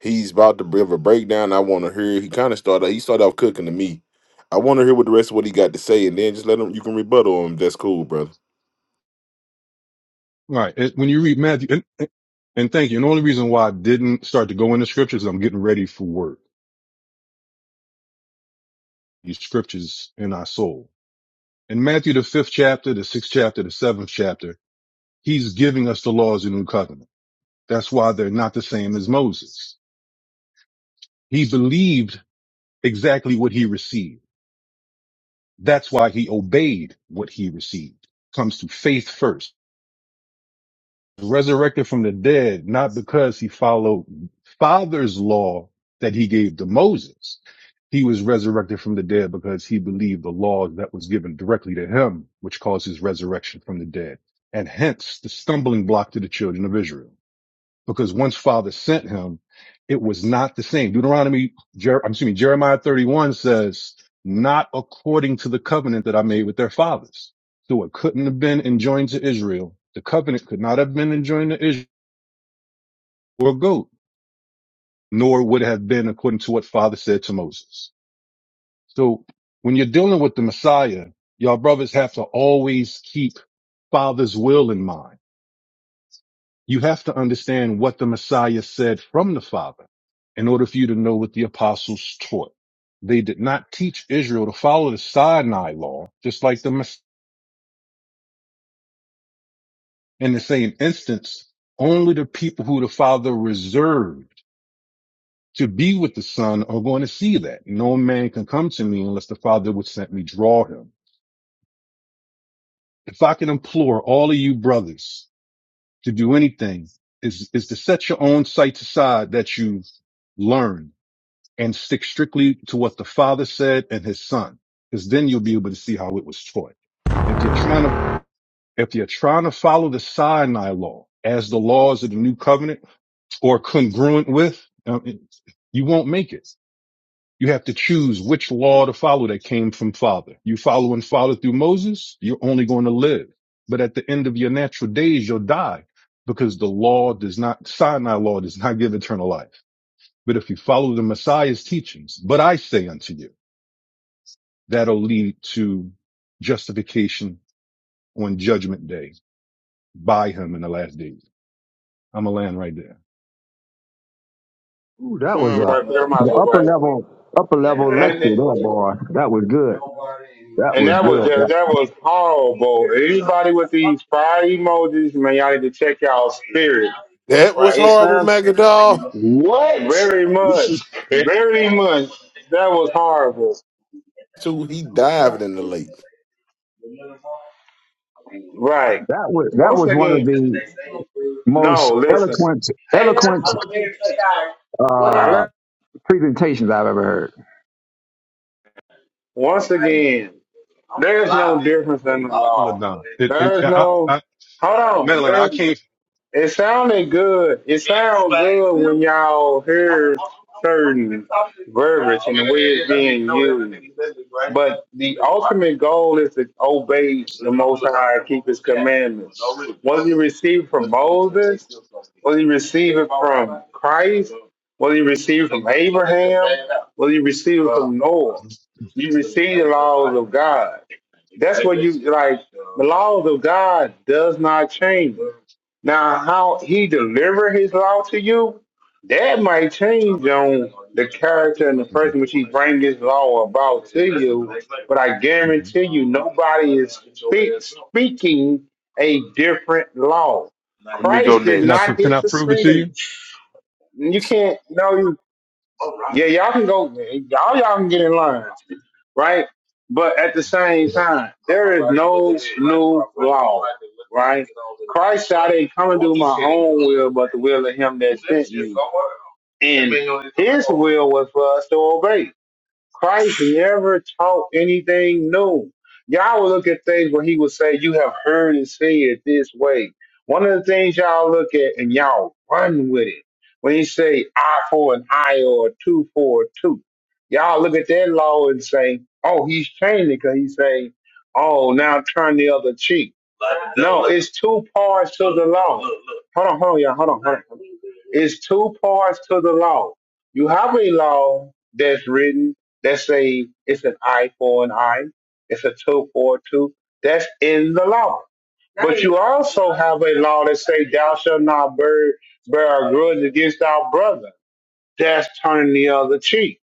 Speaker 9: He's about to give a breakdown. I want to hear. He kind of started. He started off cooking to me. I want to hear what the rest of what he got to say, and then just let him. You can rebuttal him. That's cool, brother.
Speaker 13: Right. It- when you read Matthew, and, and and thank you. And the only reason why I didn't start to go into scriptures, is I'm getting ready for work. These scriptures in our soul. In Matthew, the fifth chapter, the sixth chapter, the seventh chapter, he's giving us the laws of the new covenant. That's why they're not the same as Moses. He believed exactly what he received. That's why he obeyed what he received. Comes to faith first. resurrected from the dead, not because he followed Father's law that he gave to Moses. He was resurrected from the dead because he believed the law that was given directly to him, which caused his resurrection from the dead, and hence the stumbling block to the children of Israel because once Father sent him, it was not the same. Deuteronomy, Jer- I'm assuming Jeremiah 31 says, not according to the covenant that I made with their fathers. So it couldn't have been enjoined to Israel. The covenant could not have been enjoined to Israel or a goat, nor would it have been according to what Father said to Moses. So when you're dealing with the Messiah, y'all brothers have to always keep Father's will in mind You have to understand what the Messiah said from the Father in order for you to know what the apostles taught. They did not teach Israel to follow the Sinai law, just like the Mess- in the same instance, only the people who the Father reserved to be with the Son are going to see that. No man can come to me unless the Father would sent me draw him. If I can implore all of you brothers to do anything, is is to set your own sights aside that you've learned and stick strictly to what the father said and his son, because then you'll be able to see how it was taught. If you're trying to, if you're trying to follow the Sinai law as the laws of the new covenant or congruent with, uh, it- you won't make it. You have to choose which law to follow that came from father. You follow and follow through Moses, you're only going to live. But at the end of your natural days, you'll die because the law does not, Sinai law does not give eternal life. But if you follow the Messiah's teachings, but I say unto you, That'll lead to justification on judgment day by him in the last days. I'm a land right there.
Speaker 1: Ooh, that was
Speaker 11: Son,
Speaker 1: a
Speaker 11: right there, my
Speaker 1: upper
Speaker 11: way.
Speaker 1: level, upper level lecture
Speaker 11: And
Speaker 1: there, boy. That was good. That
Speaker 11: and
Speaker 1: was
Speaker 11: that was
Speaker 1: good.
Speaker 11: just
Speaker 1: That,
Speaker 11: that was horrible. Anybody with these fire emojis, man, y'all need to check y'all spirit.
Speaker 9: That was horrible, Magadol.
Speaker 5: What?
Speaker 11: Very much,
Speaker 5: This is crazy.
Speaker 11: very much. That was horrible.
Speaker 9: So he dived in the lake.
Speaker 11: Right.
Speaker 1: that was that
Speaker 11: Once
Speaker 1: was one of
Speaker 11: again,
Speaker 1: the most
Speaker 11: no, listen.
Speaker 1: eloquent, eloquent
Speaker 11: I
Speaker 1: uh,
Speaker 11: le-
Speaker 1: presentations I've ever heard.
Speaker 11: once again, there's no difference in the
Speaker 13: Madeline,
Speaker 11: law.
Speaker 13: nah. It, it,
Speaker 11: There's
Speaker 13: I,
Speaker 11: no,
Speaker 13: I,
Speaker 11: hold
Speaker 13: Madeline, I
Speaker 11: on.
Speaker 13: can't.
Speaker 11: It sounded good. It sounds good when y'all hear certain verbiage and the way it's being used. But the ultimate goal is to obey the Most High and keep His commandments. Was he received from Moses? Was he received it from Christ? Was he received from Abraham? Was he received it from Noah? You receive the laws of God. That's what you like. The laws of God does not change. Now, how he deliver his law to you, that might change on the character and the
Speaker 13: Mhm,
Speaker 11: person which he bring his law about to you. But I
Speaker 13: mhm.
Speaker 11: guarantee you, nobody is speak, speaking a different law.
Speaker 9: Let me go
Speaker 11: Christ did
Speaker 13: Can I, pr-
Speaker 9: next.
Speaker 11: not
Speaker 13: can
Speaker 11: hit
Speaker 13: I
Speaker 11: the
Speaker 13: prove it to
Speaker 11: sin.
Speaker 13: you?
Speaker 11: You can't. No, yeah, y'all can go. Y'all, y'all can get in line, right? But at the same time, there is no new law, right? Christ said, "I didn't come and do my own will, but the will of Him that sent me." And His will was for us to obey. Christ never taught anything new. Y'all will look at things where he would say, You have heard and seen it this way. One of the things y'all look at and y'all run with it. When he say eye for an eye or a two for a two, y'all look at that law and say, Oh, he's changing because he's saying, Oh, now turn the other cheek. Like, No, look, it's two parts to look, the law. Look, look. Hold on, hold on, y'all. Hold on, hold on. It's two parts to the law. You have a law that's written that say it's an eye for an eye, it's a two for a two. That's in the law. But you also have a law that say thou shalt not bear, bear a grudge against thy brother. That's turning the other cheek.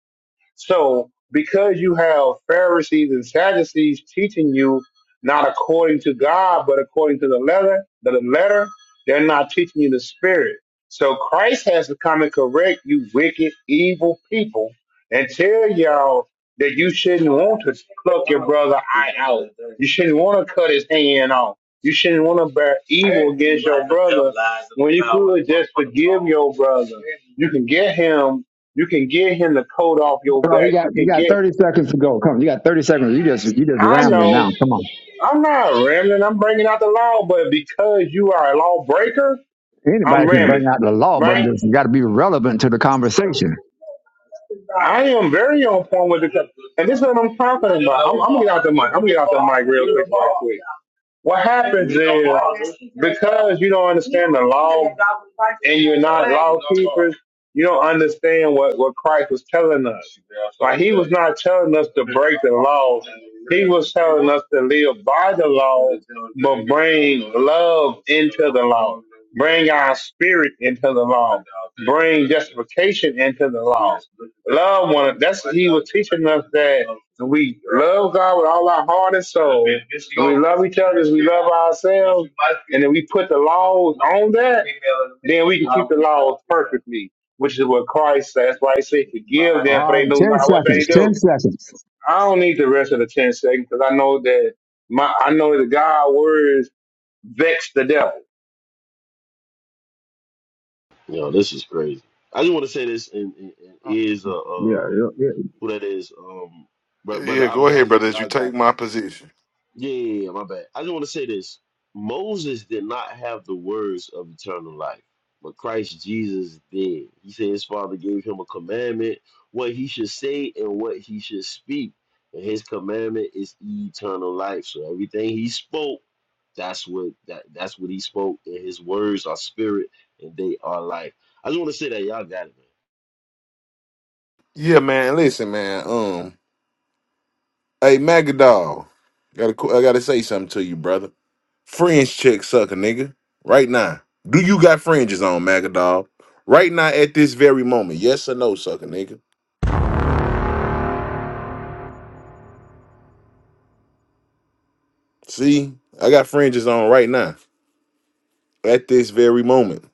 Speaker 11: So, because you have Pharisees and Sadducees teaching you not according to God, but according to the letter, the letter, they're not teaching you the spirit. So Christ has to come and correct you wicked, evil people and tell y'all that you shouldn't want to pluck your brother eye out. You shouldn't want to cut his hand off. You shouldn't want to bear evil against your brother when you could just forgive your brother. You can get him you can get him the coat off your
Speaker 1: Come on, you
Speaker 11: back. You
Speaker 1: got you
Speaker 11: can
Speaker 1: got
Speaker 11: get.
Speaker 1: thirty seconds to go. Come, on, you got thirty seconds. You just you just
Speaker 11: I
Speaker 1: rambling
Speaker 11: know.
Speaker 1: now. Come on.
Speaker 11: I'm not rambling. I'm bringing out the law, but because you are a lawbreaker,
Speaker 1: Anybody
Speaker 11: I'm
Speaker 1: can bring
Speaker 11: rambling.
Speaker 1: out the law, but
Speaker 11: Right?
Speaker 1: it's got to be relevant to the conversation.
Speaker 11: I am very on point with the. And this is what I'm talking about. I'm, I'm gonna get out the mic. I'm gonna get out the mic real quick, right quick. What happens is because you don't understand the law and you're not law keepers, you don't understand what, what Christ was telling us. Like he was not telling us to break the law. He was telling us to live by the law, but bring love into the law. Bring our spirit into the law. Bring justification into the law. Love one. That's he was teaching us that and we love God with all our heart and soul. And we love each other as we love ourselves. And then we put the laws on that, then we can keep the laws perfectly, which is what Christ says. That's why he said, forgive them for
Speaker 1: All
Speaker 11: they
Speaker 1: right,
Speaker 11: know
Speaker 1: 10
Speaker 11: not what they
Speaker 1: seconds, 10
Speaker 11: do.
Speaker 1: seconds.
Speaker 11: I don't need the rest of the 10 seconds because I know that my I know that God's words vex the devil.
Speaker 5: Yo, this is crazy. I just want to say this and, and, and is uh,
Speaker 1: Yeah,
Speaker 5: uh
Speaker 1: yeah, yeah.
Speaker 5: who that is um bro- brother
Speaker 9: Yeah, go ahead,
Speaker 5: Abiyah,
Speaker 9: brother. As you
Speaker 5: y'all got it.
Speaker 9: take my position.
Speaker 5: Yeah, yeah, yeah, my bad. I just want to say this. Moses did not have the words of eternal life, but Christ Jesus did. He said his father gave him a commandment, what he should say and what he should speak. And his commandment is eternal life. So everything he spoke, that's what that that's what he spoke. And his words are spirit and they are life. I just want to say that y'all got
Speaker 9: Yeah, man. Listen, man. Um, hey, Magadol, got I gotta say something to you, brother. Fringe check sucker, nigga. Right now. Do you got fringes on, Magadol? Right now at this very moment. Yes or no, sucker, nigga. See, I got fringes on right now. At this very moment.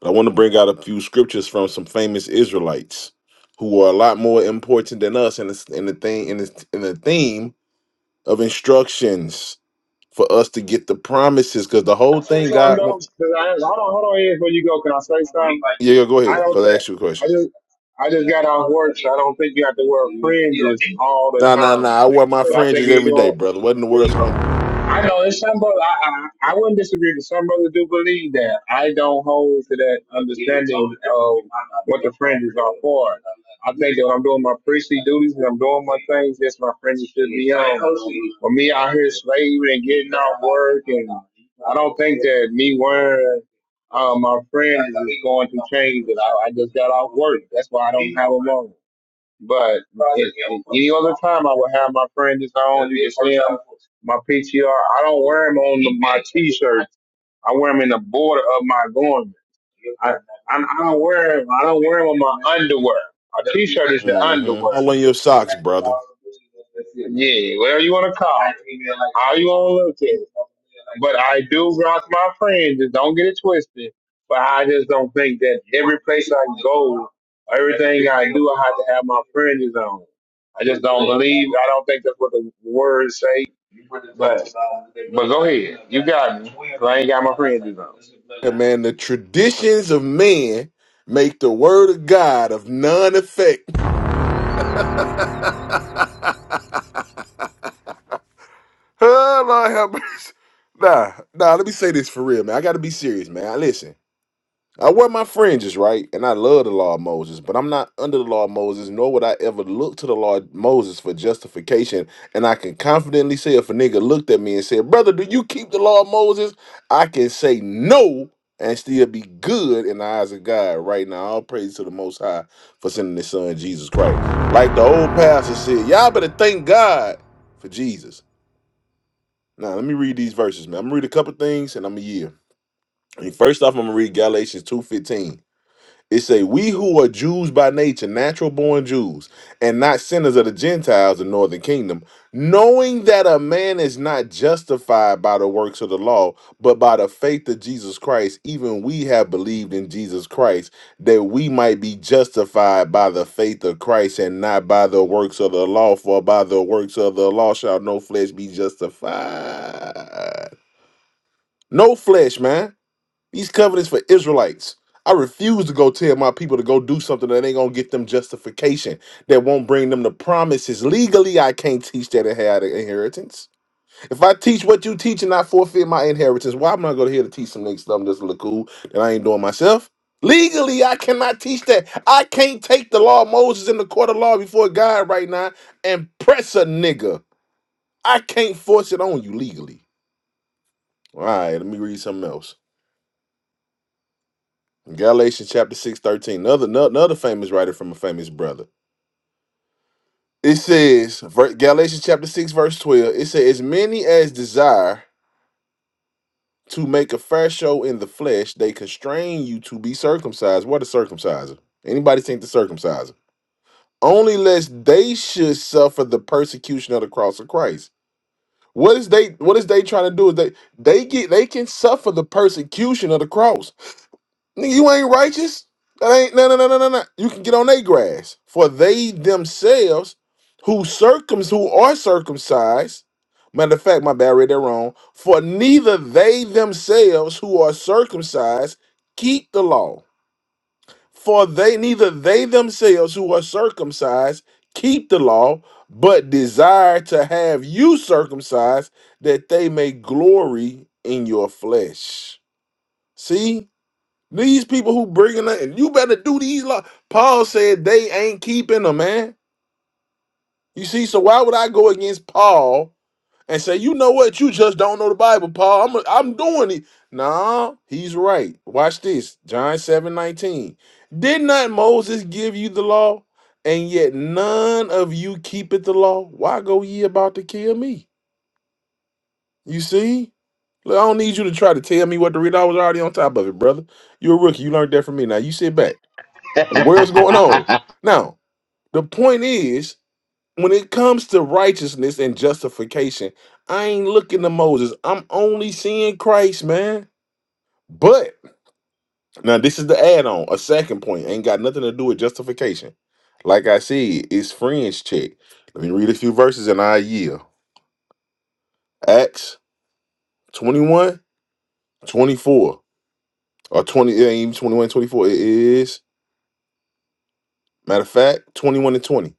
Speaker 9: But I want to bring out a few scriptures from some famous Israelites who are a lot more important than us in the, in the thing in the, in the theme of instructions for us to get the promises. Cause the
Speaker 11: Can
Speaker 9: whole
Speaker 11: I say
Speaker 9: thing
Speaker 11: something
Speaker 9: God
Speaker 11: though? 'Cause I, hold on, hold on here before you go. Can I say something?
Speaker 9: Yeah, go
Speaker 11: I
Speaker 9: ahead.
Speaker 11: don't
Speaker 9: Cause I
Speaker 11: think
Speaker 9: asked you a
Speaker 11: I
Speaker 9: question.
Speaker 11: just I just got off work, so I don't think you have to wear fringes all the
Speaker 9: Nah, nah,
Speaker 11: time.
Speaker 9: nah. I wear my
Speaker 11: But I think
Speaker 9: fringes
Speaker 11: you
Speaker 9: every day,
Speaker 11: do.
Speaker 9: brother. What in the world's going
Speaker 11: I know it's some brothers. I, I I wouldn't disagree. But some brothers do believe that. I don't hold to that understanding of what the fringes are for. I think that when I'm doing my priestly duties and I'm doing my things, that's my fringes should be on. For me out here slaving and getting off work, and I don't think that me wearing um, my fringes is going to change it. I, I just got off work. That's why I don't have them on. But in, in any other time, I would have my friend friends on. You can see 'em, my PTR. I don't wear them on the, my T-shirts. I wear them in the border of my garment. I, I I don't wear wear 'em- I don't wear them on my underwear. A T-shirt is the
Speaker 9: Mm-hmm.
Speaker 11: underwear.
Speaker 9: All on your socks, brother.
Speaker 11: Yeah, whatever you want to call it. How you want to look at it. But I do rock my friends, and don't get it twisted. But I just don't think that every place I go, everything I do, I have to have my fringes on. I just don't believe. I don't think that's what the words say. But but go ahead, you got me. 'cause I ain't got my fringes on.
Speaker 9: Yeah, man, the traditions of men make the word of God of none effect. Oh, Lord have mercy. Nah, nah, let me say this for real, man. I gotta be serious, man. Listen. I wear my fringes, right? And I love the law of Moses, but I'm not under the law of Moses, nor would I ever look to the law of Moses for justification. And I can confidently say if a nigga looked at me and said, Brother, do you keep the law of Moses? I can say no and still be good in the eyes of God right now. All praise to the Most High for sending His Son, Jesus Christ. Like the old pastor said, y'all better thank God for Jesus. Now, let me read these verses, man. I'm going to read a couple things and I'm going to yield. I mean, First off, I'm going to read Galatians 2.15. It say, "We who are Jews by nature, natural born Jews, and not sinners of the Gentiles, the northern kingdom, knowing that a man is not justified by the works of the law, but by the faith of Jesus Christ. Even we have believed in Jesus Christ, that we might be justified by the faith of Christ, and not by the works of the law. For by the works of the law shall no flesh be justified. No flesh, man." These covenants for Israelites. I refuse to go tell my people to go do something that ain't gonna get them justification, that won't bring them the promises. Legally, I can't teach that and have an inheritance. If I teach what you teach and I forfeit my inheritance, why am I going to here to teach some niggas something that's look cool that I ain't doing myself? Legally, I cannot teach that. I can't take the law of Moses in the court of law before God right now and press a nigga. I can't force it on you legally. All right, let me read something else. Galatians chapter six thirteen 13. Another, no- another famous writer from a famous brother. It says, ver- Galatians chapter 6, verse 12, it says, As many as desire to make a fair show in the flesh, they constrain you to be circumcised. What a circumciser. Anybody think the circumciser? Only lest they should suffer the persecution of the cross of Christ. What is they what is they trying to do? Is they they get they can suffer the persecution of the cross. Nigga, you ain't righteous. That ain't no no no no no no. You can get on their grass. For they themselves who circums who are circumcised. Matter of fact, my bad, I read that wrong. For neither they themselves who are circumcised keep the law. For they neither they themselves who are circumcised keep the law, but desire to have you circumcised, that they may glory in your flesh. See? These people who bringing that, you better do these law. Paul said they ain't keeping them, man. You see, so why would I go against Paul and say, you know what, you just don't know the Bible, Paul. I'm I'm doing it. Nah, he's right. Watch this, John seven nineteen. Did not Moses give you the law, and yet none of you keepeth the law? Why go ye about to kill me? You see, look, I don't need you to try to tell me what to read. I was already on top of it, brother. You're a rookie. You learned that from me. Now you sit back. And the world's going on. Now, the point is, when it comes to righteousness and justification, I ain't looking to Moses. I'm only seeing Christ, man. But now this is the add-on, a second point. Ain't got nothing to do with justification. Like I said, it's friends check. Let me read a few verses and I yield. Acts 21 24 Or 20, it ain't even 21, twenty-four. It is, matter of fact, 21 and 20.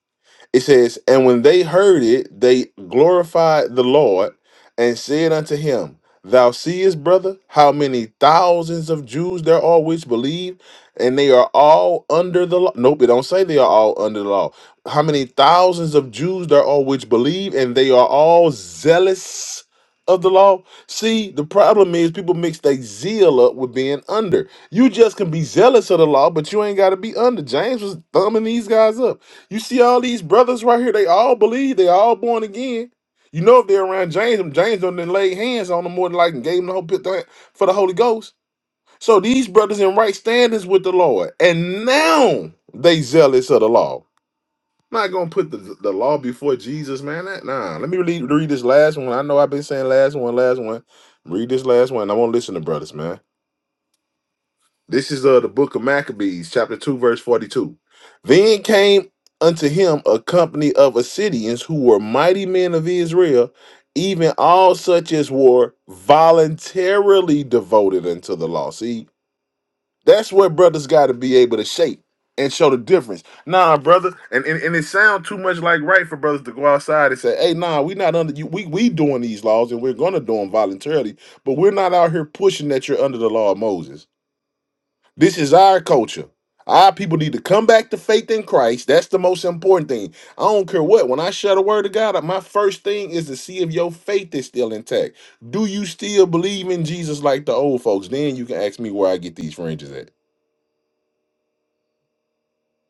Speaker 9: It says, And when they heard it, they glorified the Lord and said unto him, Thou seest, brother, how many thousands of Jews there are which believe, and they are all under the law. Nope, it don't say they are all under the law. How many thousands of Jews there are which believe, and they are all zealous of the law. See, the problem is people mix their zeal up with being under. You just can be zealous of the law, but you ain't got to be under. James was thumbing these guys up. You see all these brothers right here, they all believe, they all born again. You know if they're around James, them James don't then lay hands on them more than like and gave them the whole pit the- for the Holy Ghost. So these brothers in right standings with the Lord, and now they zealous of the law. not gonna put the, the law before Jesus, man. That, nah, let me read, read this last one. I know I've been saying last one, last one. Read this last one. I won't listen to brothers, man. This is uh, the book of Maccabees, chapter 2, verse 42. Then came unto him a company of Assyrians who were mighty men of Israel, even all such as were voluntarily devoted unto the law. See, that's where brothers got to be able to shape and show the difference. Nah, brother, and, and, and it sounds too much like right for brothers to go outside and say, hey, nah, we not under you. We, we doing these laws and we're going to do them voluntarily, but we're not out here pushing that you're under the law of Moses. This is our culture. Our people need to come back to faith in Christ. That's the most important thing. I don't care what. When I shut a word of God, my first thing is to see if your faith is still intact. Do you still believe in Jesus like the old folks? Then you can ask me where I get these fringes at.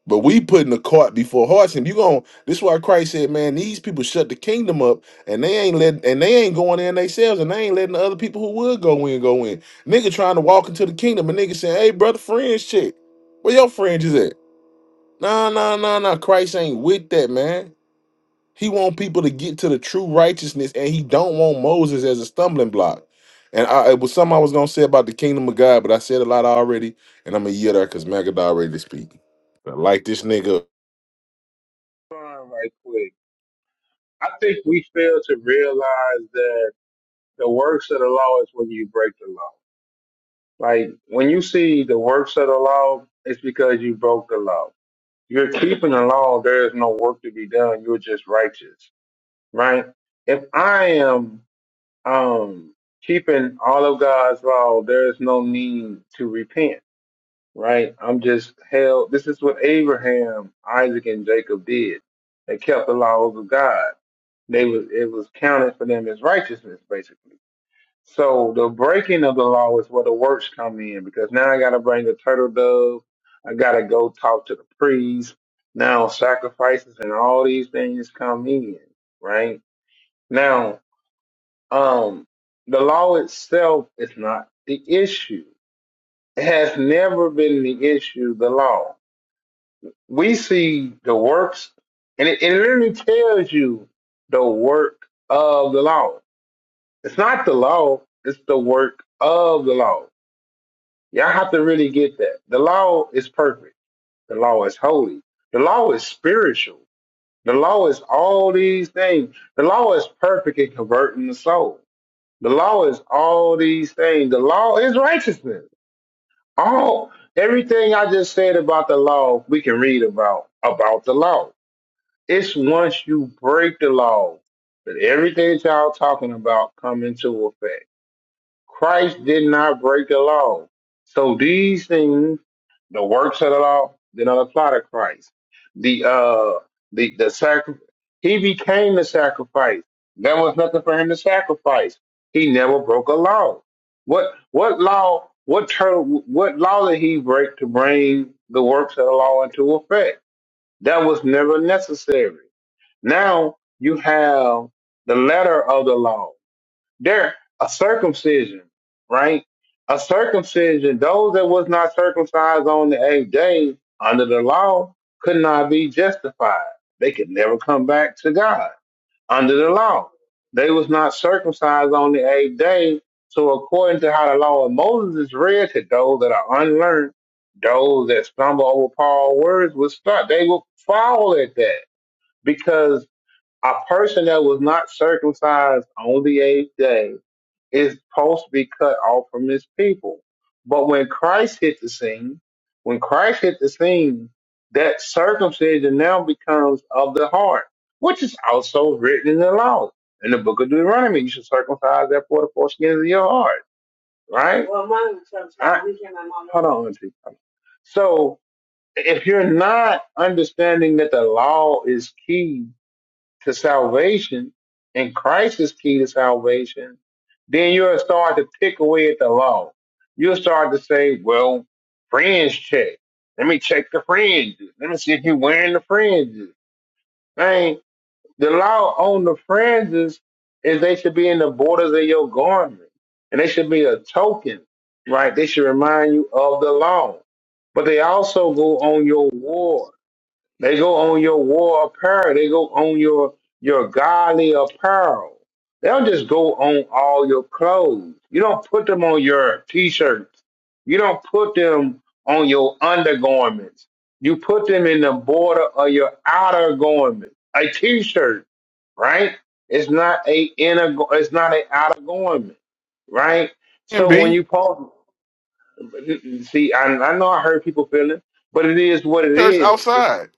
Speaker 9: But we putting the cart before horse, and you going this is why Christ said, Man, these people shut the kingdom up and they ain't let, and they ain't going in themselves and they ain't letting the other people who would go in go in. Nigga trying to walk into the kingdom and nigga saying, Hey brother, fringe check. Where your fringes at? Nah, nah, nah, nah. Christ ain't with that, man. He want people to get to the true righteousness, and he don't want Moses as a stumbling block. And I, it was something I was gonna say about the kingdom of God, but I said a lot already, and I'm a year there because Magadar ready to speak. I like this nigga.
Speaker 11: Fine, Right quick, I think we fail to realize that the works of the law is when you break the law. Like when you see the works of the law, it's because you broke the law. You're keeping the law. There is no work to be done. You're just righteous, right? If I am um, keeping all of God's law, there is no need to repent, right? I'm just held. This is what Abraham, Isaac, and Jacob did. They kept the laws of God. They was it was counted for them as righteousness, basically. So the breaking of the law is where the works come in because now I got to bring a turtle dove. I got to go talk to the priest. Now sacrifices and all these things come in, right? Now, um, the law itself is not the issue. It has never been the issue, the law. We see the works, and it, it literally tells you the work of the law. It's not the law, it's the work of the law Y'all have to really get that. The law is perfect. The law is holy. The law is spiritual. The law is all these things. The law is perfect in converting the soul. The law is all these things. The law is righteousness. All everything I just said about the law, we can read about about the law. It's once you break the law that everything y'all talking about come into effect. Christ did not break the law. So these things, the works of the law, did not apply to Christ. The uh the the sacri- he became the sacrifice. There was nothing for him to sacrifice. He never broke a law. What what law what ter- what law did he break to bring the works of the law into effect? That was never necessary. Now you have the letter of the law there a circumcision, right? A circumcision, those that was not circumcised on the eighth day under the law could not be justified. They could never come back to God under the law. They was not circumcised on the eighth day. So according to how the law of Moses is read to those that are unlearned, those that stumble over Paul's words will start. They will fall at that because a person that was not circumcised on the eighth day is supposed to be cut off from his people. But when Christ hit the scene, when Christ hit the scene, that circumcision now becomes of the heart, which is also written in the law. In the book of Deuteronomy, you should circumcise that for the foreskin of your heart, right? Well, mine was circumcised. I- we came out Hold on, Auntie. So if you're not understanding that the law is key to salvation and Christ is key to salvation, then you'll start to pick away at the law. You'll start to say, well, fringe check. Let me check the fringes. Let me see if you're wearing the fringes. Man, the law on the fringes is they should be in the borders of your garment and they should be a token, right? They should remind you of the law, but they also go on your ward. They go on your war apparel. They go on your your godly apparel. They don't just go on all your clothes. You don't put them on your t-shirts. You don't put them on your undergarments. You put them in the border of your outer garment. A t-shirt, right? It's not a inner. gar- It's not an outer garment, right?
Speaker 9: Can
Speaker 11: So when
Speaker 9: be
Speaker 11: you post, see, I, I know I hurt people feeling, but it is what it
Speaker 9: shirts
Speaker 11: is.
Speaker 9: outside.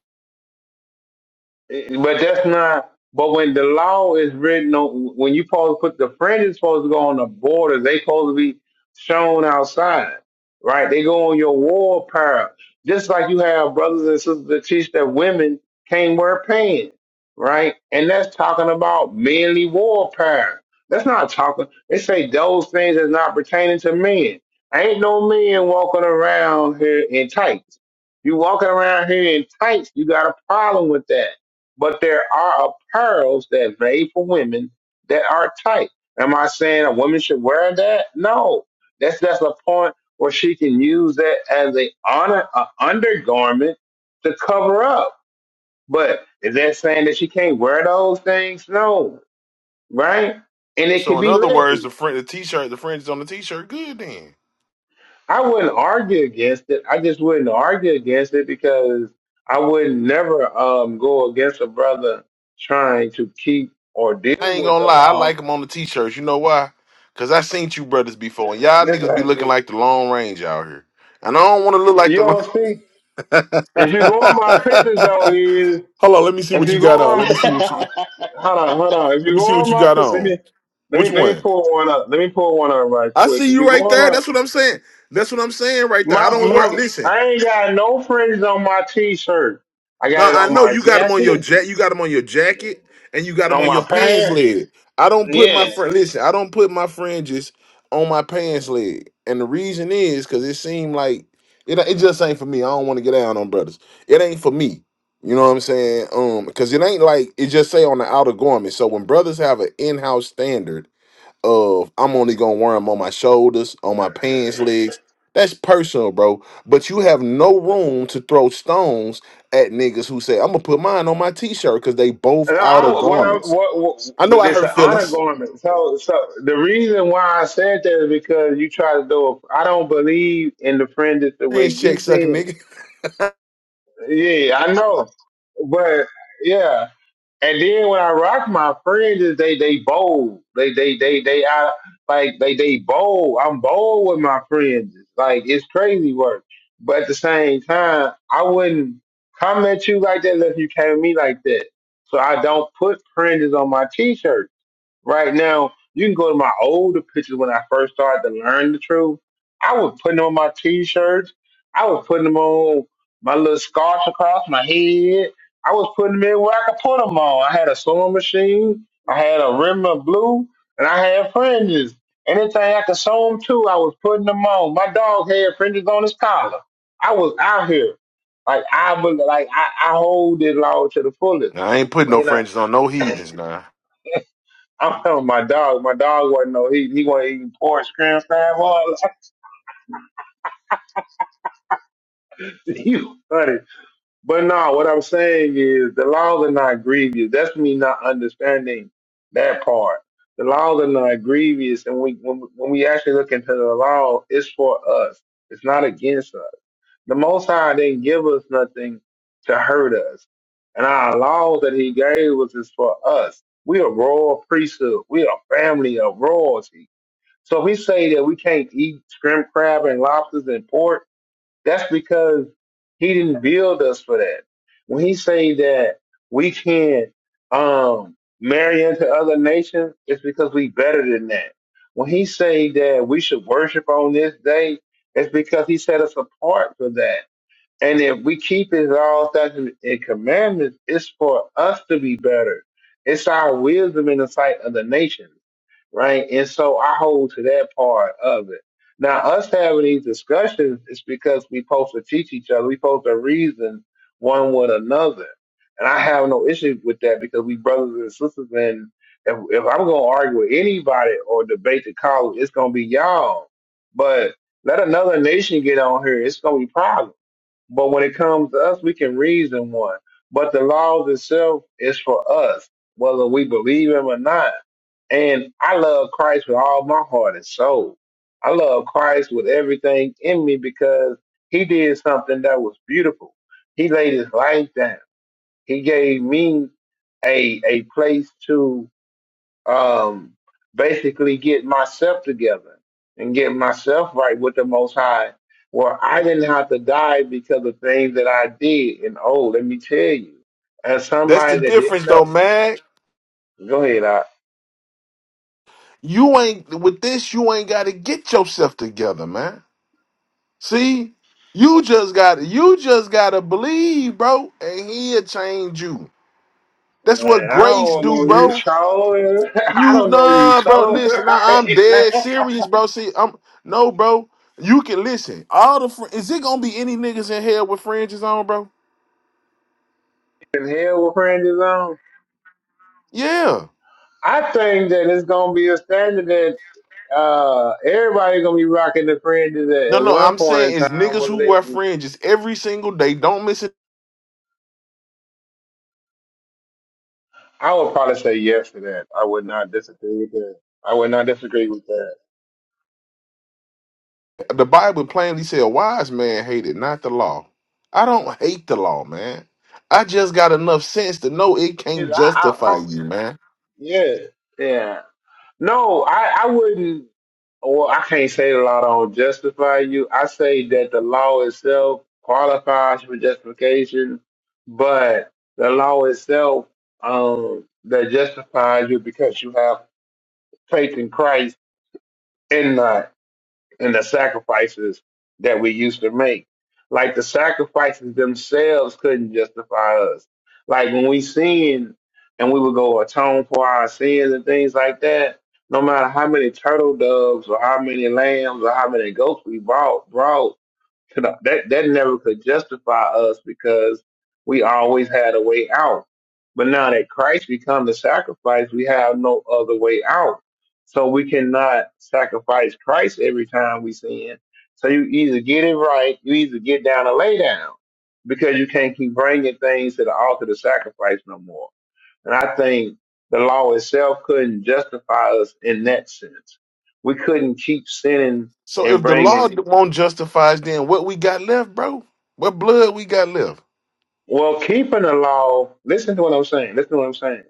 Speaker 11: It- But that's not. But when the law is written on, when you supposed to put the friend is supposed to go on the border, they supposed to be shown outside, right? They go on your wall apparel, just like you have brothers and sisters that teach that women can't wear pants, right? And that's talking about manly war apparel. That's not talking. They say those things is not pertaining to men. Ain't no men walking around here in tights. You walking around here in tights, you got a problem with that but there are apparels that are made for women that are tight. Am I saying a woman should wear that? No. That's that's a point where she can use that as a honor a undergarment to cover up. But is that saying that she can't wear those things? No. Right? And it
Speaker 9: So
Speaker 11: can
Speaker 9: in
Speaker 11: be
Speaker 9: other words, the
Speaker 11: ladies.
Speaker 9: friend, the t-shirt, the fringe on the t-shirt. Good then.
Speaker 11: I wouldn't argue against it. I just wouldn't argue against it because I would never um go against a brother trying to keep or
Speaker 9: I
Speaker 11: deal
Speaker 9: ain't
Speaker 11: with
Speaker 9: gonna
Speaker 11: the
Speaker 9: lie, I like
Speaker 11: law
Speaker 9: them on the t-shirts. You know why? Cause I seen you brothers before, and y'all
Speaker 11: This,
Speaker 9: niggas
Speaker 11: uh,
Speaker 9: be looking like the Long Range out here, and I don't want to look like
Speaker 11: you
Speaker 9: the.
Speaker 11: don't see. If you go on my pictures though, is
Speaker 9: Hold on, let me see
Speaker 11: if
Speaker 9: what you
Speaker 11: you go
Speaker 9: got on.
Speaker 11: on,
Speaker 9: Let me see what you
Speaker 11: hold on, hold on. If
Speaker 9: let
Speaker 11: you
Speaker 9: me see
Speaker 11: go on
Speaker 9: what you
Speaker 11: my
Speaker 9: got
Speaker 11: pictures, let
Speaker 9: on.
Speaker 11: me let
Speaker 9: Which
Speaker 11: me let me
Speaker 9: one?
Speaker 11: pull one up. Let me pull one up right
Speaker 9: I
Speaker 11: quick.
Speaker 9: see
Speaker 11: If
Speaker 9: you
Speaker 11: you go
Speaker 9: right there.
Speaker 11: on
Speaker 9: That's what I'm saying. That's what I'm saying right there. I
Speaker 11: my my,
Speaker 9: don't work.
Speaker 11: my
Speaker 9: Listen,
Speaker 11: I ain't got no fringes on my t-shirt. I got
Speaker 9: Now
Speaker 11: it
Speaker 9: I
Speaker 11: on
Speaker 9: know
Speaker 11: my
Speaker 9: you got them on your
Speaker 11: jacket,
Speaker 9: jack. You got them on your jacket, and you got them
Speaker 11: on
Speaker 9: on
Speaker 11: my
Speaker 9: your pants
Speaker 11: pants.
Speaker 9: leg. I don't put my
Speaker 11: Yeah,
Speaker 9: fr- listen. I don't put my fringes on my pants leg, and the reason is because it seemed like it. It just ain't for me. I don't want to get down on brothers. It ain't for me. You know what I'm saying? Um, because it ain't like it just say on the outer garment. So when brothers have an in-house standard of I'm only gonna wear them on my shoulders, on my pants legs. That's personal, bro. But you have no room to throw stones at niggas who say, I'm gonna put mine on my t-shirt because they both
Speaker 11: No,
Speaker 9: out
Speaker 11: I,
Speaker 9: of
Speaker 11: what I
Speaker 9: garments.
Speaker 11: what, what
Speaker 9: I know
Speaker 11: but
Speaker 9: I
Speaker 11: it's an
Speaker 9: hurt
Speaker 11: honor
Speaker 9: feelings.
Speaker 11: garment. So so the reason why I said that is because you try to do. I I don't believe in the friend is the way
Speaker 9: Fringe
Speaker 11: you
Speaker 9: check sucking
Speaker 11: think.
Speaker 9: nigga.
Speaker 11: Yeah, I know, but yeah, and then when I rock my friends, is they they bold. They they they they I like they they bold. I'm bold with my friends. Like it's crazy work. But at the same time, I wouldn't come at you like that unless you came at me like that. So I don't put printers on my t-shirts. Right now, you can go to my older pictures when I first started to learn the truth. I was putting on my t-shirts. I was putting them on my little scarf across my head. I was putting them in where I could put them on. I had a sewing machine. I had a rim of blue, and I had fringes. Anything I could sew them to, I was putting them on. My dog had fringes on his collar. I was out here. Like I was, like I, I hold it law to the fullest.
Speaker 9: I ain't putting no fringes on no heathens, nah.
Speaker 11: I'm telling my dog. My dog wasn't no eating. He wasn't eating pork, scram, crab, all that. He was funny. But no, what I'm saying is the laws are not grievous. That's me not understanding that part. The laws are not grievous, and we when, when we actually look into the law, it's for us. It's not against us. The Most High didn't give us nothing to hurt us, and our laws that He gave us is for us. We a royal priesthood. We a family of royalty. So if we say that we can't eat shrimp, crab, and lobsters and pork, that's because he didn't build us for that. When he say that we can't um, marry into other nations, it's because we better than that. When he say that we should worship on this day, it's because he set us apart for that. And if we keep his all statutes and commandments, it's for us to be better. It's our wisdom in the sight of the nations right? And so I hold to that part of it. Now, us having these discussions is because we supposed to teach each other. We supposed to reason one with another. And I have no issue with that because we brothers and sisters. And if, if I'm going to argue with anybody or debate the college, it's going to be y'all. But let another nation get on here, it's going to be problems but when it comes to us, we can reason one. But the laws itself is for us, whether we believe him or not. And I love Christ with all my heart and soul. I love Christ with everything in me because he did something that was beautiful. He laid his life down. He gave me a a place to um, basically get myself together and get myself right with the Most High, where I didn't have to die because of things that I did. And oh, let me tell you, as
Speaker 9: That's the
Speaker 11: somebody that didn't
Speaker 9: difference
Speaker 11: know,
Speaker 9: though, man.
Speaker 11: go ahead. I,
Speaker 9: You ain't with this, you ain't gotta get yourself together, man. See? You just gotta you just gotta believe, bro, and he'll change you. That's
Speaker 11: man,
Speaker 9: what
Speaker 11: I
Speaker 9: grace
Speaker 11: don't
Speaker 9: do,
Speaker 11: know you,
Speaker 9: bro.
Speaker 11: Charles. I
Speaker 9: You
Speaker 11: don't know you,
Speaker 9: nah, bro.
Speaker 11: Charles.
Speaker 9: Listen, nah, I'm dead serious, bro. See, I'm no, bro. You can listen. All the fr- is it gonna be any niggas in hell with fringes on, bro?
Speaker 11: in hell with Randy's on.
Speaker 9: Yeah.
Speaker 11: I think that it's gonna be a standard that uh everybody's gonna be rocking the fringes at,
Speaker 9: No,
Speaker 11: at
Speaker 9: no.
Speaker 11: one
Speaker 9: I'm
Speaker 11: point
Speaker 9: saying
Speaker 11: in
Speaker 9: is
Speaker 11: time,
Speaker 9: niggas
Speaker 11: whether
Speaker 9: who wear
Speaker 11: they
Speaker 9: fringes every single day. Don't miss it.
Speaker 11: I would probably say yes to that. I would not disagree with that. I would not disagree with that.
Speaker 9: The Bible plainly said, "A wise man hated not the law." I don't hate the law, man. I just got enough sense to know it
Speaker 11: 'Cause
Speaker 9: can't
Speaker 11: I, I,
Speaker 9: justify
Speaker 11: I'm,
Speaker 9: you, man.
Speaker 11: yeah, yeah. No, I, I wouldn't. Well, I can't say the law don't justify you. I say that the law itself qualifies for justification, but the law itself um, that justifies you because you have faith in Christ and not and the sacrifices that we used to make. Like the sacrifices themselves couldn't justify us. Like when we sin and we would go atone for our sins and things like that, no matter how many turtle doves or how many lambs or how many goats we bought, brought, You know, that that never could justify us because we always had a way out. But now that Christ become the sacrifice, we have no other way out. So we cannot sacrifice Christ every time we sin. So you either get it right, you either get down and lay down because you can't keep bringing things to the altar to sacrifice no more. And I think the law itself couldn't justify us in that sense. We couldn't keep sinning
Speaker 9: So
Speaker 11: and
Speaker 9: if the
Speaker 11: bringing
Speaker 9: law won't justify us, then what we got left, bro? What blood we got left?
Speaker 11: Well, keeping the law, listen to what I'm saying. Listen to what I'm saying.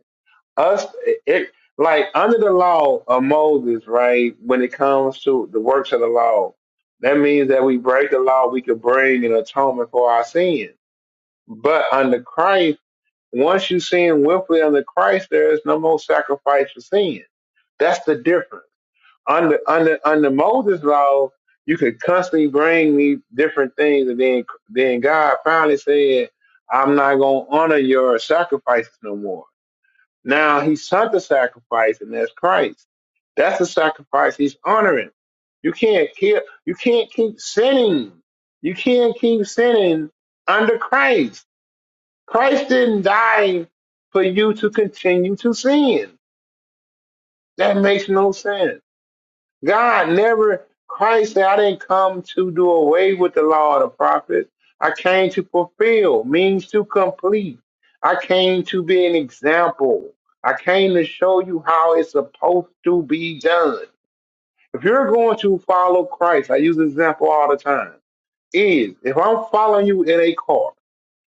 Speaker 11: Us, it, like under the law of Moses, right? When it comes to the works of the law, that means that we break the law, we could bring an atonement for our sin. But under Christ, once you sin willfully under Christ, there is no more sacrifice for sin. That's the difference under under under Moses' law, you could constantly bring me different things, and then then God finally said, "I'm not gonna honor your sacrifices no more." Now He sent the sacrifice, and that's Christ. That's the sacrifice He's honoring. You can't keep you can't keep sinning. You can't keep sinning under Christ. Christ didn't die for you to continue to sin. That makes no sense. God never, Christ said, I didn't come to do away with the law of the prophets. I came to fulfill, means to complete. I came to be an example. I came to show you how it's supposed to be done. If you're going to follow Christ, I use this example all the time, is if I'm following you in a car,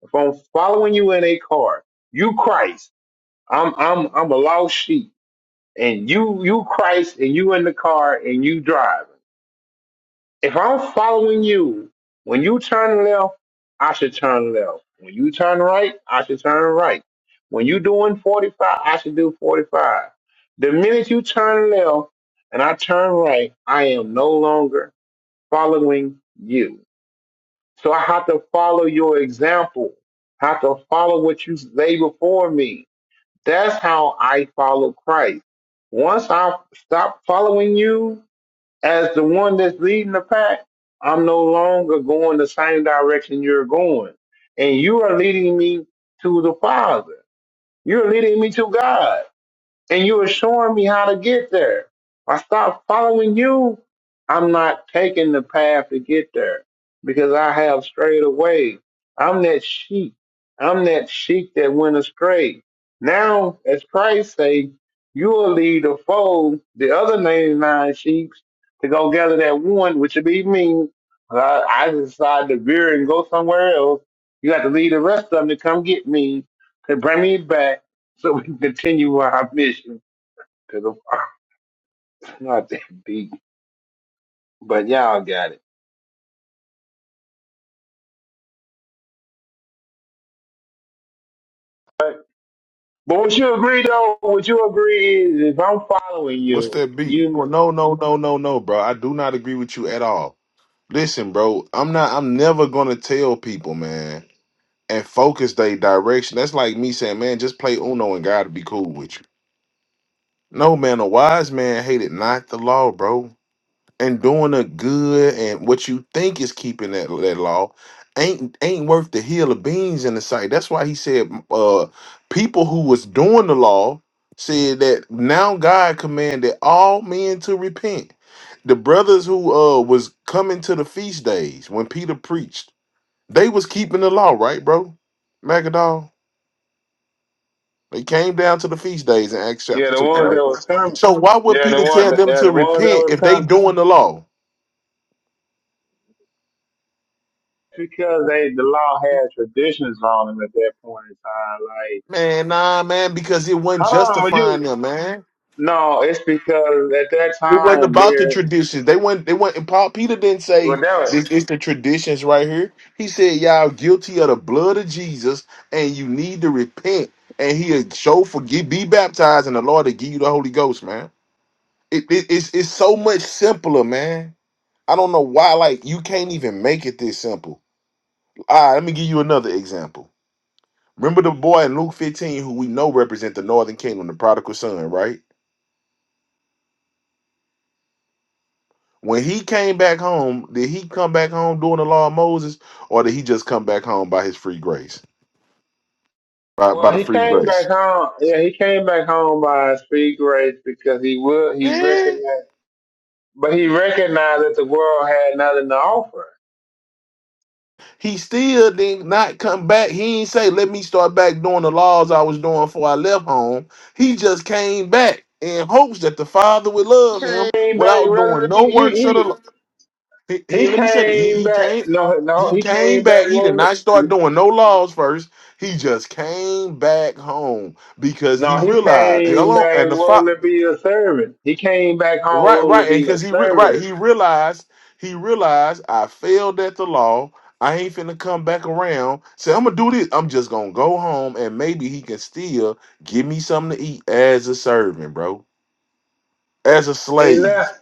Speaker 11: if I'm following you in a car, you Christ, I'm I'm I'm a lost sheep, and you you Christ, and you in the car, and you driving. If I'm following you, when you turn left, I should turn left. When you turn right, I should turn right. When you doing 45, I should do 45. The minute you turn left and I turn right, I am no longer following you. So I have to follow your example. I have to follow what you lay before me. That's how I follow Christ. Once I stop following you, as the one that's leading the pack, I'm no longer going the same direction you're going. And you are leading me to the Father. You're leading me to God and you were showing me how to get there. If I stop following you, I'm not taking the path to get there because I have strayed away. I'm that sheep. I'm that sheep that went astray. Now, as Christ say, you will lead the fold, the other 99 sheep, to go gather that one, which would be me. I, I decide to veer and go somewhere else. You got to lead the rest of them to come get me, to bring me back so we can continue our mission. Because I'm not that deep, but y'all got it. But, but would you agree though? Would you agree is if I'm following
Speaker 9: What's
Speaker 11: you,
Speaker 9: that be?
Speaker 11: you
Speaker 9: Oh no, no, no, no, no, bro. I do not agree with you at all. Listen, bro, I'm not I'm never gonna tell people, man, and focus their direction. That's like me saying, man, just play Uno and God will be cool with you. No, man, a wise man hated not the law, bro. and doing the good and what you think is keeping that, that law ain't ain't worth the hill of beans in the sight. That's why he said uh people who was doing the law said that now God commanded all men to repent. The brothers who uh was coming to the feast days when Peter preached, they was keeping the law, right, bro? Magadol. They came down to the feast days in Acts chapter
Speaker 11: yeah the
Speaker 9: two,
Speaker 11: ones
Speaker 9: right?
Speaker 11: that was coming,
Speaker 9: So why would
Speaker 11: yeah the
Speaker 9: Peter
Speaker 11: one
Speaker 9: tell
Speaker 11: that
Speaker 9: them
Speaker 11: yeah,
Speaker 9: to
Speaker 11: the ones that
Speaker 9: repent
Speaker 11: was
Speaker 9: if they
Speaker 11: coming
Speaker 9: doing the law?
Speaker 11: because they the law had traditions on them at that point in time. Like
Speaker 9: Man, nah, man, because it wasn't
Speaker 11: hold on, would
Speaker 9: justifying
Speaker 11: you?
Speaker 9: them, man.
Speaker 11: No, it's because at that
Speaker 9: It wasn't
Speaker 11: time
Speaker 9: about the
Speaker 11: there
Speaker 9: traditions. They weren't. They weren't. And Paul Peter didn't say
Speaker 11: well that was.
Speaker 9: this is the traditions right here. He said y'all guilty of the blood of Jesus, and you need to repent, and He'll show forgive, be baptized, and the Lord will give you the Holy Ghost, man. It, it, it's it's so much simpler, man. I don't know why. Like you can't even make it this simple. All right, let me give you another example. Remember the boy in Luke 15 who we know represent the northern kingdom, the prodigal son, right? When he came back home, did he come back home doing the law of Moses, or did he just come back home by his free grace? By
Speaker 11: Well,
Speaker 9: by the
Speaker 11: he
Speaker 9: free
Speaker 11: came back
Speaker 9: grace.
Speaker 11: home. Yeah, he came back home by his free grace because he would. He
Speaker 9: Yeah.
Speaker 11: recognized. But he recognized that the world had nothing to offer.
Speaker 9: He still did not come back. He ain't say, let me start back doing the laws I was doing before I left home. He just came back in hopes that the Father would love
Speaker 11: He
Speaker 9: him
Speaker 11: came back
Speaker 9: without doing
Speaker 11: rather to be
Speaker 9: no
Speaker 11: he
Speaker 9: works of the law.
Speaker 11: he
Speaker 9: He, he
Speaker 11: he
Speaker 9: let me say it. He
Speaker 11: came
Speaker 9: he
Speaker 11: back
Speaker 9: came
Speaker 11: no
Speaker 9: he
Speaker 11: no he
Speaker 9: came
Speaker 11: came back
Speaker 9: back. He did
Speaker 11: willing
Speaker 9: not start
Speaker 11: to,
Speaker 9: doing no laws first. He just came back home because he
Speaker 11: no he
Speaker 9: realized
Speaker 11: came
Speaker 9: hello and
Speaker 11: back
Speaker 9: the fa-
Speaker 11: willing to be a servant. He came back home
Speaker 9: right
Speaker 11: willing to
Speaker 9: right and
Speaker 11: be a
Speaker 9: because he re- right he
Speaker 11: servant.
Speaker 9: realized he realized I failed at the law. I ain't finna come back around. Say I'm gonna do this. I'm just gonna go home and maybe he can still give me something to eat as a servant, bro, as a
Speaker 11: He
Speaker 9: slave.
Speaker 11: left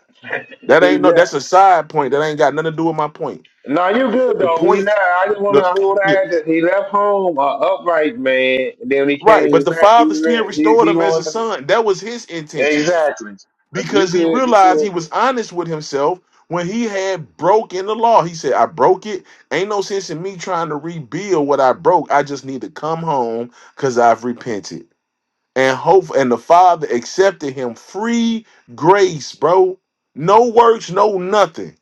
Speaker 9: That
Speaker 11: he
Speaker 9: ain't no. That's
Speaker 11: left.
Speaker 9: a side point. That ain't got nothing to do with my point.
Speaker 11: No, you good
Speaker 9: The
Speaker 11: though. He
Speaker 9: point.
Speaker 11: left. I just want to
Speaker 9: The,
Speaker 11: hold
Speaker 9: yeah,
Speaker 11: out that he left home a upright man, and then when he
Speaker 9: Right, but
Speaker 11: came
Speaker 9: the
Speaker 11: back,
Speaker 9: father
Speaker 11: he
Speaker 9: still
Speaker 11: re- he
Speaker 9: restored
Speaker 11: he
Speaker 9: him as a
Speaker 11: wanted to,
Speaker 9: son. That was his intentions
Speaker 11: exactly. You
Speaker 9: because he
Speaker 11: good? You good?
Speaker 9: realized he was honest with himself when he had broken the law. He said, "I broke it. Ain't no sense in me trying to rebuild what I broke. I just need to come home because I've repented." And hope and the father accepted him free grace, bro. No works, no nothing.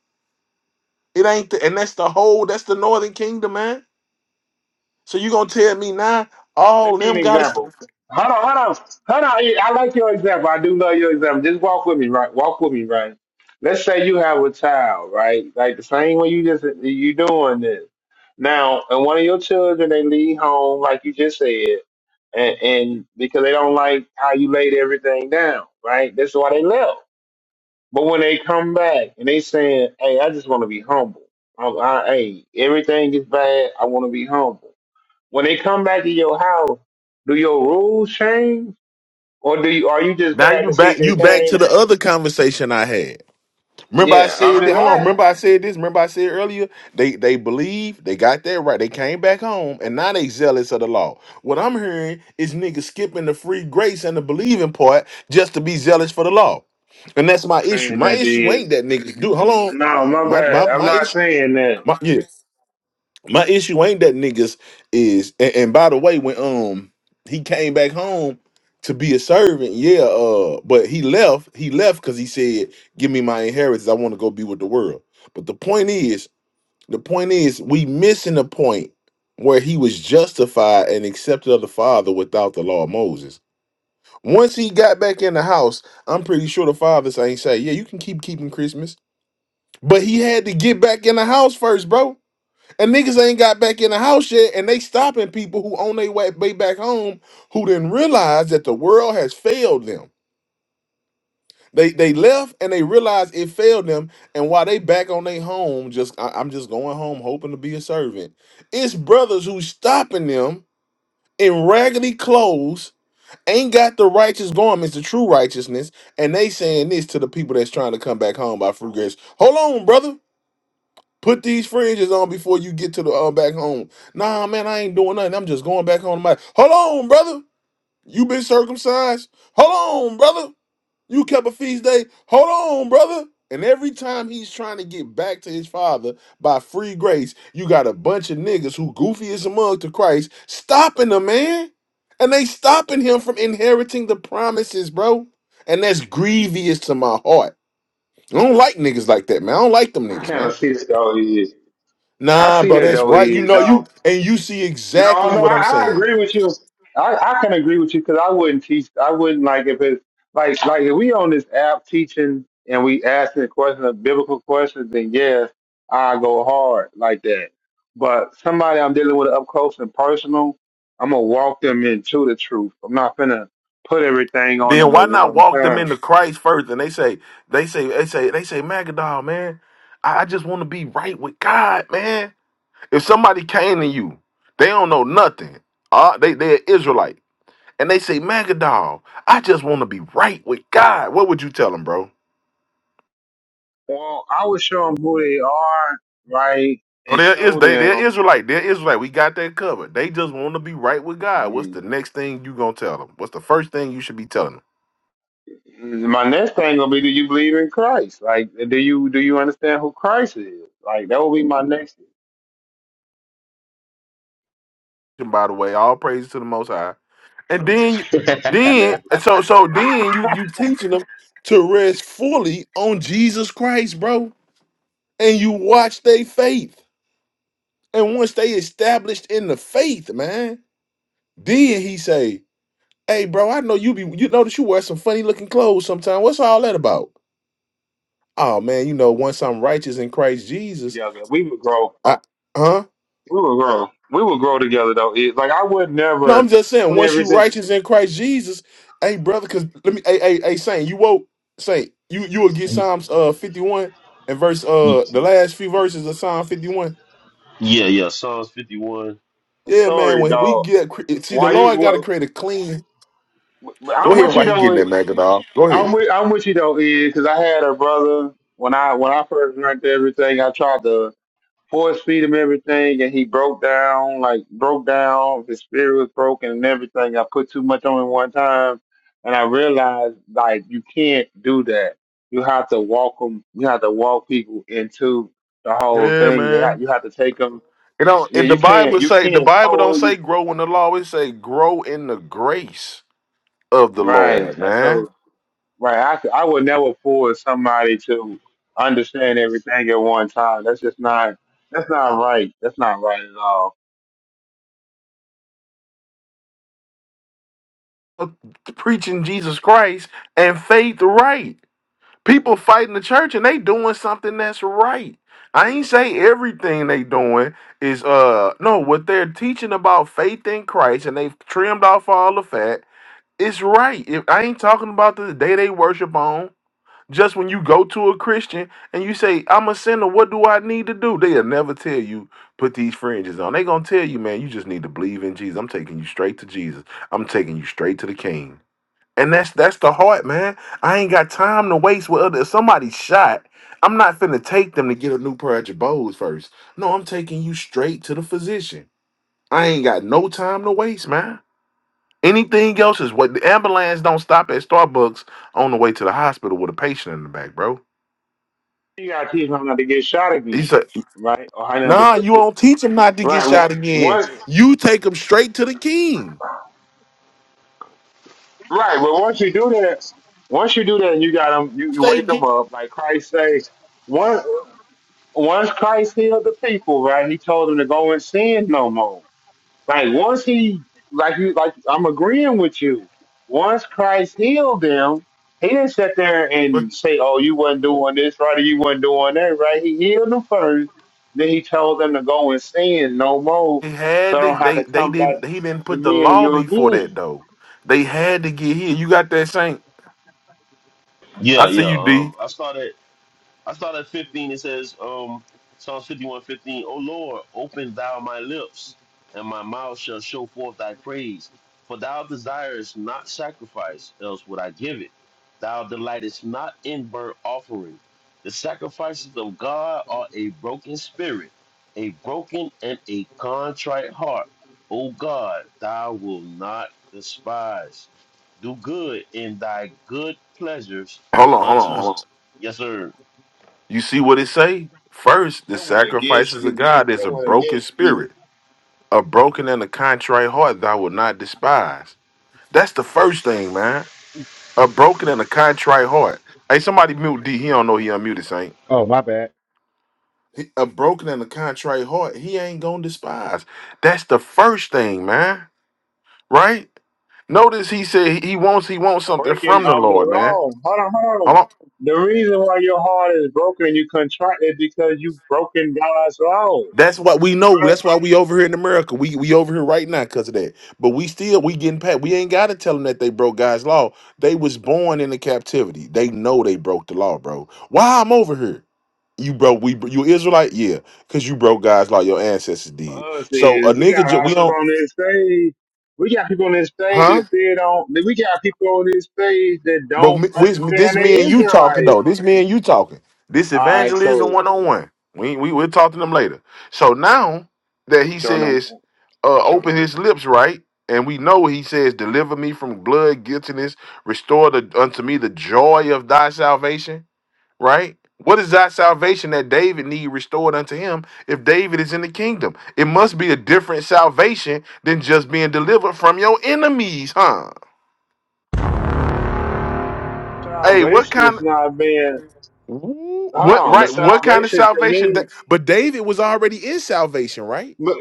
Speaker 9: It ain't the, and that's the whole that's the northern kingdom, man. So you gonna tell me now all them
Speaker 11: an
Speaker 9: gotta stop?
Speaker 11: example. Hold on, hold on, hold on. Yeah, I like your example. I do love your example. Just walk with me, right? Walk with me, right? Let's say you have a child, right? Like the same way you just you doing this now, and one of your children they leave home, like you just said, and, and because they don't like how you laid everything down, right? That's why they left. But when they come back and they saying, "Hey, I just want to be humble. I, I, hey, everything is bad. I want to be humble." When they come back to your house, do your rules change, or do you are you just
Speaker 9: Now
Speaker 11: glad
Speaker 9: you
Speaker 11: to see
Speaker 9: back
Speaker 11: they
Speaker 9: you back to
Speaker 11: came?
Speaker 9: the other conversation I had. Remember I
Speaker 11: Yeah, I'm
Speaker 9: said that
Speaker 11: just
Speaker 9: hold on,
Speaker 11: asking.
Speaker 9: remember I said this, remember I said earlier, they they believe they got that right. They came back home and now they zealous of the law. What I'm hearing is niggas skipping the free grace and the believing part just to be zealous for the law. And that's my issue.
Speaker 11: Saying
Speaker 9: My
Speaker 11: that
Speaker 9: issue
Speaker 11: did.
Speaker 9: ain't that niggas do hold on.
Speaker 11: No, my
Speaker 9: My my
Speaker 11: bad. I'm
Speaker 9: my
Speaker 11: not
Speaker 9: issue
Speaker 11: saying that.
Speaker 9: my, yeah, my issue ain't that niggas is and, and by the way, when um he came back home to be a servant, yeah, uh, but he left, he left because he said, Give me my inheritance, I want to go be with the world. But the point is, the point is we missing the point where he was justified and accepted of the father without the law of Moses. Once he got back in the house, I'm pretty sure the fathers ain't say, Yeah, you can keep keeping Christmas. But he had to get back in the house first, bro. And niggas ain't got back in the house yet, and they stopping people who on their way, way back home who didn't realize that the world has failed them. They they left and they realized it failed them, and while they back on their home, just I, I'm just going home hoping to be a servant. It's brothers who stopping them in raggedy clothes, ain't got the righteous garments, the true righteousness, and they saying this to the people that's trying to come back home by free grace. Hold on, brother. Put these fringes on before you get to the uh, back home. Nah, man, I ain't doing nothing. I'm just going back home. To my hold on, brother. You been circumcised. Hold on, brother. You kept a feast day. Hold on, brother. And every time he's trying to get back to his father by free grace, you got a bunch of niggas who goofy as a mug to Christ stopping the man, and they stopping him from inheriting the promises, bro. And that's grievous to my heart. I don't like niggas like that, man. I don't like them
Speaker 11: I
Speaker 9: niggas,
Speaker 11: kind
Speaker 9: man.
Speaker 11: of see that though. Is I
Speaker 9: Nah,
Speaker 11: see
Speaker 9: bro,
Speaker 11: that
Speaker 9: that's
Speaker 11: though.
Speaker 9: right. You
Speaker 11: Is
Speaker 9: know you
Speaker 11: though.
Speaker 9: and you see
Speaker 11: No,
Speaker 9: exactly
Speaker 11: no,
Speaker 9: what
Speaker 11: I,
Speaker 9: I'm
Speaker 11: I
Speaker 9: saying.
Speaker 11: agree with you. I, I can agree with you because I wouldn't teach. I wouldn't like if it's like like if we on this app teaching and we asking a question, a biblical question, then yes, I go hard like that. But somebody I'm dealing with up close and personal, I'm gonna walk them into the truth. I'm not gonna put everything on
Speaker 9: Then
Speaker 11: them
Speaker 9: why
Speaker 11: at
Speaker 9: not
Speaker 11: one
Speaker 9: walk them
Speaker 11: time.
Speaker 9: into Christ first? And they say, they say, they say, they say, Magadol, man, I, I just want to be right with God, man. If somebody came to you, they don't know nothing. Uh, they they're Israelite. And they say, Magadol, I just want to be right with God. What would you tell them, bro?
Speaker 11: Well, I would show them who they are, right,
Speaker 9: Oh,
Speaker 11: and
Speaker 9: there is
Speaker 11: show
Speaker 9: they they're
Speaker 11: them.
Speaker 9: Israelite. They're Israelite. We got that covered. They just want to be right with God. What's
Speaker 11: yeah,
Speaker 9: the next thing you gonna tell them? What's the first thing you should be telling them?
Speaker 11: my next thing gonna be do you believe in Christ? Like do you do you understand who Christ is? Like that will be my next thing.
Speaker 9: by the way. All praise to the Most High. And then, you,
Speaker 11: I go teach
Speaker 5: it,
Speaker 11: you
Speaker 9: then,
Speaker 11: never
Speaker 9: and
Speaker 5: man.
Speaker 9: so, so then you you teaching them to rest fully on Jesus Christ, bro. And you watch they faith. And once they established in the faith, man, then he say, "Hey, bro, I know you be you notice you wear some funny looking clothes sometimes. What's all that about? Oh man, you know, once I'm righteous in Christ Jesus,
Speaker 11: together. We would grow
Speaker 9: I, huh?
Speaker 11: we would grow. We would grow together though. It, like I would
Speaker 9: No, I'm
Speaker 11: never
Speaker 9: just saying,
Speaker 11: put
Speaker 9: once you
Speaker 11: everything
Speaker 9: righteous in Christ Jesus, hey brother, cause let me hey hey hey Saint, you woke Saint, you you will get
Speaker 5: Y-
Speaker 9: Psalms uh 51 and verse
Speaker 5: y-
Speaker 9: uh the last few verses of Psalm 51.
Speaker 5: Yeah, yeah. Psalms 51.
Speaker 11: a
Speaker 9: Yeah, man,
Speaker 11: story
Speaker 9: when we
Speaker 11: dog.
Speaker 9: get cre- see the
Speaker 11: Why you
Speaker 9: Lord gotta
Speaker 11: what
Speaker 9: create a clean go
Speaker 11: I'm
Speaker 9: ahead
Speaker 11: with you
Speaker 9: while he getting
Speaker 11: though
Speaker 9: that Magadol. Go
Speaker 11: I'm
Speaker 9: ahead.
Speaker 11: with I'm with you though, is because I had a brother when I when I first learned everything I tried to force feed him everything, and he broke down, like broke down. His spirit was broken and everything. I put too much on him one time, and I realized like you can't do that. You have to walk them. You have to walk people into the whole
Speaker 9: Yeah,
Speaker 11: thing. They
Speaker 9: man.
Speaker 11: have, you have to take them.
Speaker 9: You know,
Speaker 11: Yeah,
Speaker 9: if the
Speaker 11: you can't.
Speaker 9: Bible
Speaker 11: You
Speaker 9: say the
Speaker 11: can't
Speaker 9: Bible don't say
Speaker 11: force.
Speaker 9: grow in the law, it say grow in the grace of the
Speaker 11: Right.
Speaker 9: Lord, man.
Speaker 11: So right, I could- I would never force somebody to understand everything at one time. That's just not. That's not right. That's not right at all.
Speaker 9: Preaching Jesus Christ and faith right. people fighting the church and they doing something that's right. I ain't say everything they doing is uh no what they're teaching about faith in Christ and they've trimmed off all the fat. It's right. If I ain't talking about the day they worship on, just when you go to a Christian and you say I'm a sinner, what do I need to do? They'll never tell you put these fringes on. They gonna tell you, man, you just need to believe in Jesus. I'm taking you straight to Jesus. I'm taking you straight to the King. And that's that's the heart, man. I ain't got time to waste with other. If somebody shot, I'm not finna take them to get a new pair of Jabos first. No, I'm taking you straight to the physician. I ain't got no time to waste, man. Anything else is what the ambulance don't stop at Starbucks on the way to the hospital with a patient in the back, bro.
Speaker 11: You gotta teach him not to get shot
Speaker 9: He
Speaker 11: again,
Speaker 9: said,
Speaker 11: right? Or how not to
Speaker 9: "Nah,
Speaker 11: put
Speaker 9: you
Speaker 11: it.
Speaker 9: don't teach them not to get
Speaker 11: Right. w-
Speaker 9: shot again.
Speaker 11: Once,
Speaker 9: You take them straight to the king.
Speaker 11: right. But once you do that, once you do that, and you got them. You,
Speaker 9: If
Speaker 11: you
Speaker 9: They
Speaker 11: wake them
Speaker 9: get."
Speaker 11: up, like Christ says. Once, once Christ healed the people, right? He told them to go and sin no more. Like once he, like you, like I'm agreeing with you. Once Christ healed them, he didn't sit there
Speaker 9: but
Speaker 11: and say, "Oh, you wasn't doing this right, or you wasn't doing that right." He healed them first, then he told them to go and sin no more,
Speaker 9: They
Speaker 11: so
Speaker 9: had
Speaker 11: I
Speaker 9: to.
Speaker 11: don't have
Speaker 9: They
Speaker 11: to
Speaker 9: they
Speaker 11: come back
Speaker 9: didn't. He didn't put
Speaker 11: and
Speaker 9: the
Speaker 11: heal
Speaker 9: law
Speaker 11: you
Speaker 9: before that
Speaker 11: again.
Speaker 9: though. They had to get here. You got that saint? I
Speaker 5: Yeah,
Speaker 9: see
Speaker 5: yeah.
Speaker 9: you, D.
Speaker 5: Um, I started. I start at 15. It says, um, Psalms 51 15, O Lord, open thou my lips, and my mouth shall show forth thy praise. For thou desirest not sacrifice, else would I give it. Thou delightest not in burnt offerings. The sacrifices of God are a broken spirit, a broken and a contrite heart. O God, thou will not despise. Do good in thy good pleasures
Speaker 9: Hold on, hold on,
Speaker 5: unto,
Speaker 9: hold on.
Speaker 5: yes, sir
Speaker 9: You see what it say? First, the
Speaker 11: That went against
Speaker 9: sacrifices of
Speaker 11: you.
Speaker 9: God is
Speaker 11: That
Speaker 9: a
Speaker 11: went
Speaker 9: broken
Speaker 11: against you.
Speaker 9: spirit, a broken and a contrite heart thou will not despise. That's the first thing, man. A broken and a contrite heart. Hey, somebody mute D. He don't know he unmuted, Saint.
Speaker 2: Oh my bad.
Speaker 9: He- A broken and a contrite heart, he ain't gonna despise. That's the first thing, man. Right? Notice he said he wants he wants something
Speaker 11: Breaking
Speaker 9: from the
Speaker 11: of the
Speaker 9: Lord, man.
Speaker 11: law. Hold on, hold
Speaker 9: Hold
Speaker 11: on.
Speaker 9: on.
Speaker 11: The reason why your heart is broken and you contrite is because you've broken God's law.
Speaker 9: That's what we know.
Speaker 11: Right?
Speaker 9: That's why we over here in America. We we over here right now because of that. But we still we getting pat. We ain't gotta tell them that they broke God's law. They was born in the captivity. They know they broke the law, bro. Why I'm over here? You broke we you Israelite? Yeah, because you broke God's law. Your ancestors
Speaker 11: for
Speaker 9: did.
Speaker 11: us
Speaker 9: So a
Speaker 11: is we
Speaker 9: nigga
Speaker 11: got a
Speaker 9: ju-
Speaker 11: lot
Speaker 9: we
Speaker 11: of people
Speaker 9: don't
Speaker 11: on this stage. We got people on this stage
Speaker 9: huh?
Speaker 11: that still don't. We got people on this stage that
Speaker 9: But
Speaker 11: don't
Speaker 9: me, we,
Speaker 11: understand
Speaker 9: this
Speaker 11: they
Speaker 9: me and you talking
Speaker 11: Israelites.
Speaker 9: though. This me and you talking. This
Speaker 11: All right,
Speaker 9: evangelism
Speaker 11: cool.
Speaker 9: one on one. We we we'll talk to them later. So now that he
Speaker 11: Sure enough.
Speaker 9: says, uh, open his lips, right? And we know he says, deliver me from blood guiltiness, restore the, unto me the joy of thy salvation, right? What is that salvation that David need restored unto him if David is in the kingdom? It must be a different salvation than just being delivered from your enemies, huh? Hey, what
Speaker 11: Salvation is
Speaker 9: kind?
Speaker 11: not being.
Speaker 9: Ooh,
Speaker 11: Hold
Speaker 9: What
Speaker 11: on, the
Speaker 9: right? What kind of
Speaker 11: salvation to
Speaker 9: salvation?
Speaker 11: me.
Speaker 9: That, but David was already in salvation, right?
Speaker 11: But,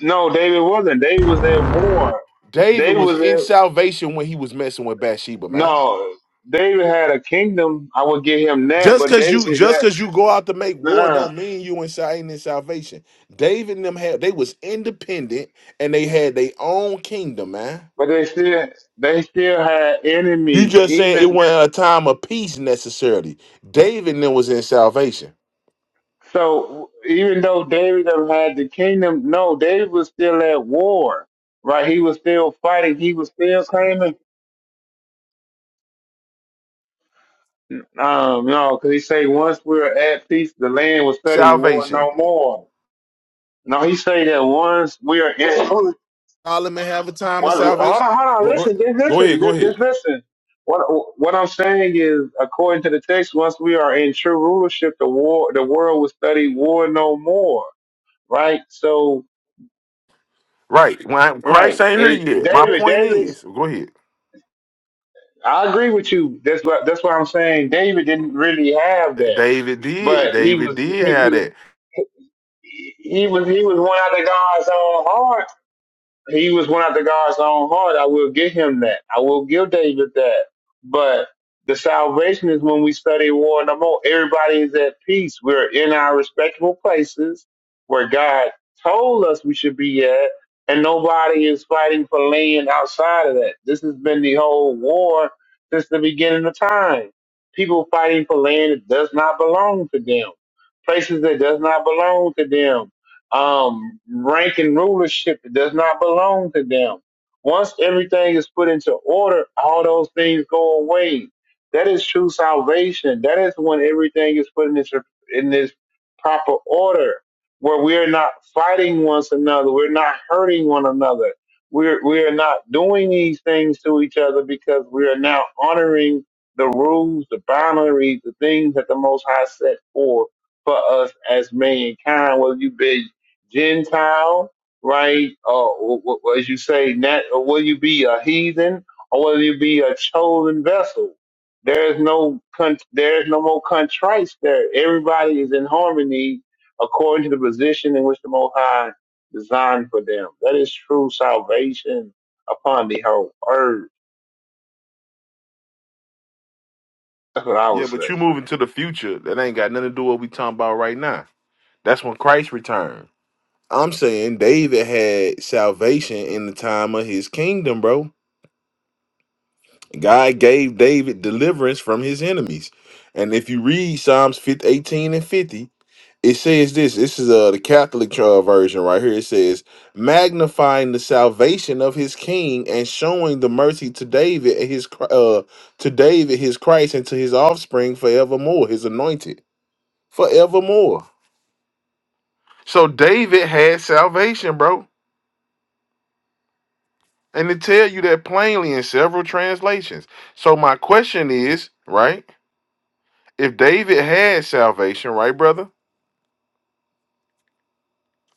Speaker 11: no, David wasn't. David was at war.
Speaker 9: David
Speaker 11: David
Speaker 9: was
Speaker 11: was
Speaker 9: in
Speaker 11: at
Speaker 9: salvation when he was messing with Bathsheba, man.
Speaker 11: no. David had a kingdom. I would give him that,
Speaker 9: Just
Speaker 11: but
Speaker 9: cause
Speaker 11: David
Speaker 9: you
Speaker 11: was
Speaker 9: just
Speaker 11: at.
Speaker 9: cause you go out to make war
Speaker 11: uh
Speaker 9: don't mean you inside ain't in salvation. David and them had they was independent and they had their own kingdom, man.
Speaker 11: But they still, they still had
Speaker 9: You
Speaker 11: enemies.
Speaker 9: just saying it
Speaker 11: Even
Speaker 9: wasn't a time of peace necessarily. David and them was in salvation.
Speaker 11: So even though David done had the kingdom, no, David was still at war, right? He was still fighting. He was still claiming. Um, no, because he say once we're at peace, the land will study war
Speaker 9: Salvation.
Speaker 11: no more. No, he say that once we are in.
Speaker 9: Solomon have a time of
Speaker 11: hold
Speaker 9: salvation.
Speaker 11: on, hold on,
Speaker 9: Go go
Speaker 11: listen, just
Speaker 9: go
Speaker 11: listen,
Speaker 9: ahead, go
Speaker 11: just,
Speaker 9: ahead.
Speaker 11: just listen. What what I'm saying is, according to the text, once we are in true rulership, the war, the world will study war no more, right? So.
Speaker 9: Right. When I- Christ
Speaker 11: Right.
Speaker 9: ain't here
Speaker 11: It,
Speaker 9: yet. My
Speaker 11: David,
Speaker 9: point
Speaker 11: David,
Speaker 9: is, go ahead.
Speaker 11: I agree with you. That's what that's what I'm saying. David didn't really have that,
Speaker 9: David did.
Speaker 11: but he
Speaker 9: David
Speaker 11: was
Speaker 9: did have
Speaker 11: he
Speaker 9: that.
Speaker 11: he, he was he was one out of God's own he was one after God's own heart. I will give him that. I will give David that. But the salvation is when we study war no more. Everybody is at peace. We're in our respectable places where God told us we should be at, and nobody is fighting for land outside of that. This has been the whole war since the beginning of time. People fighting for land that does not belong to them, places that does not belong to them um, rank and rulership that does not belong to them. Once everything is put into order, all those things go away. That is true salvation. That is when everything is put in this in this proper order, where we are not fighting one another, we're not hurting one another, we're we are not doing these things to each other because we are now honoring the rules, the boundaries, the things that the Most High set forth for us as mankind. Whether you be Gentile, right? Uh, w- w- as you say, nat- will you be a heathen or will you be a chosen vessel? There's no con- there's no more contrites there. Everybody is in harmony according to the position in which the Most High designed for them. That is true salvation upon the whole earth. That's what I
Speaker 9: Yeah,
Speaker 11: was
Speaker 9: but you
Speaker 11: saying.
Speaker 9: moving to the future. That ain't got nothing to do with what we talking about right now. That's when Christ returned. I'm saying David had salvation in the time of his kingdom, bro. God gave David deliverance from his enemies. And if you read Psalms 50, 18 and 50, it says this this is uh the catholic uh, version right here it says magnifying the salvation of his king and showing the mercy to david and his Chr- uh to david his christ and to his offspring forevermore his anointed forevermore so david had salvation bro and it tell you that plainly in several translations so my question is right if david had salvation right brother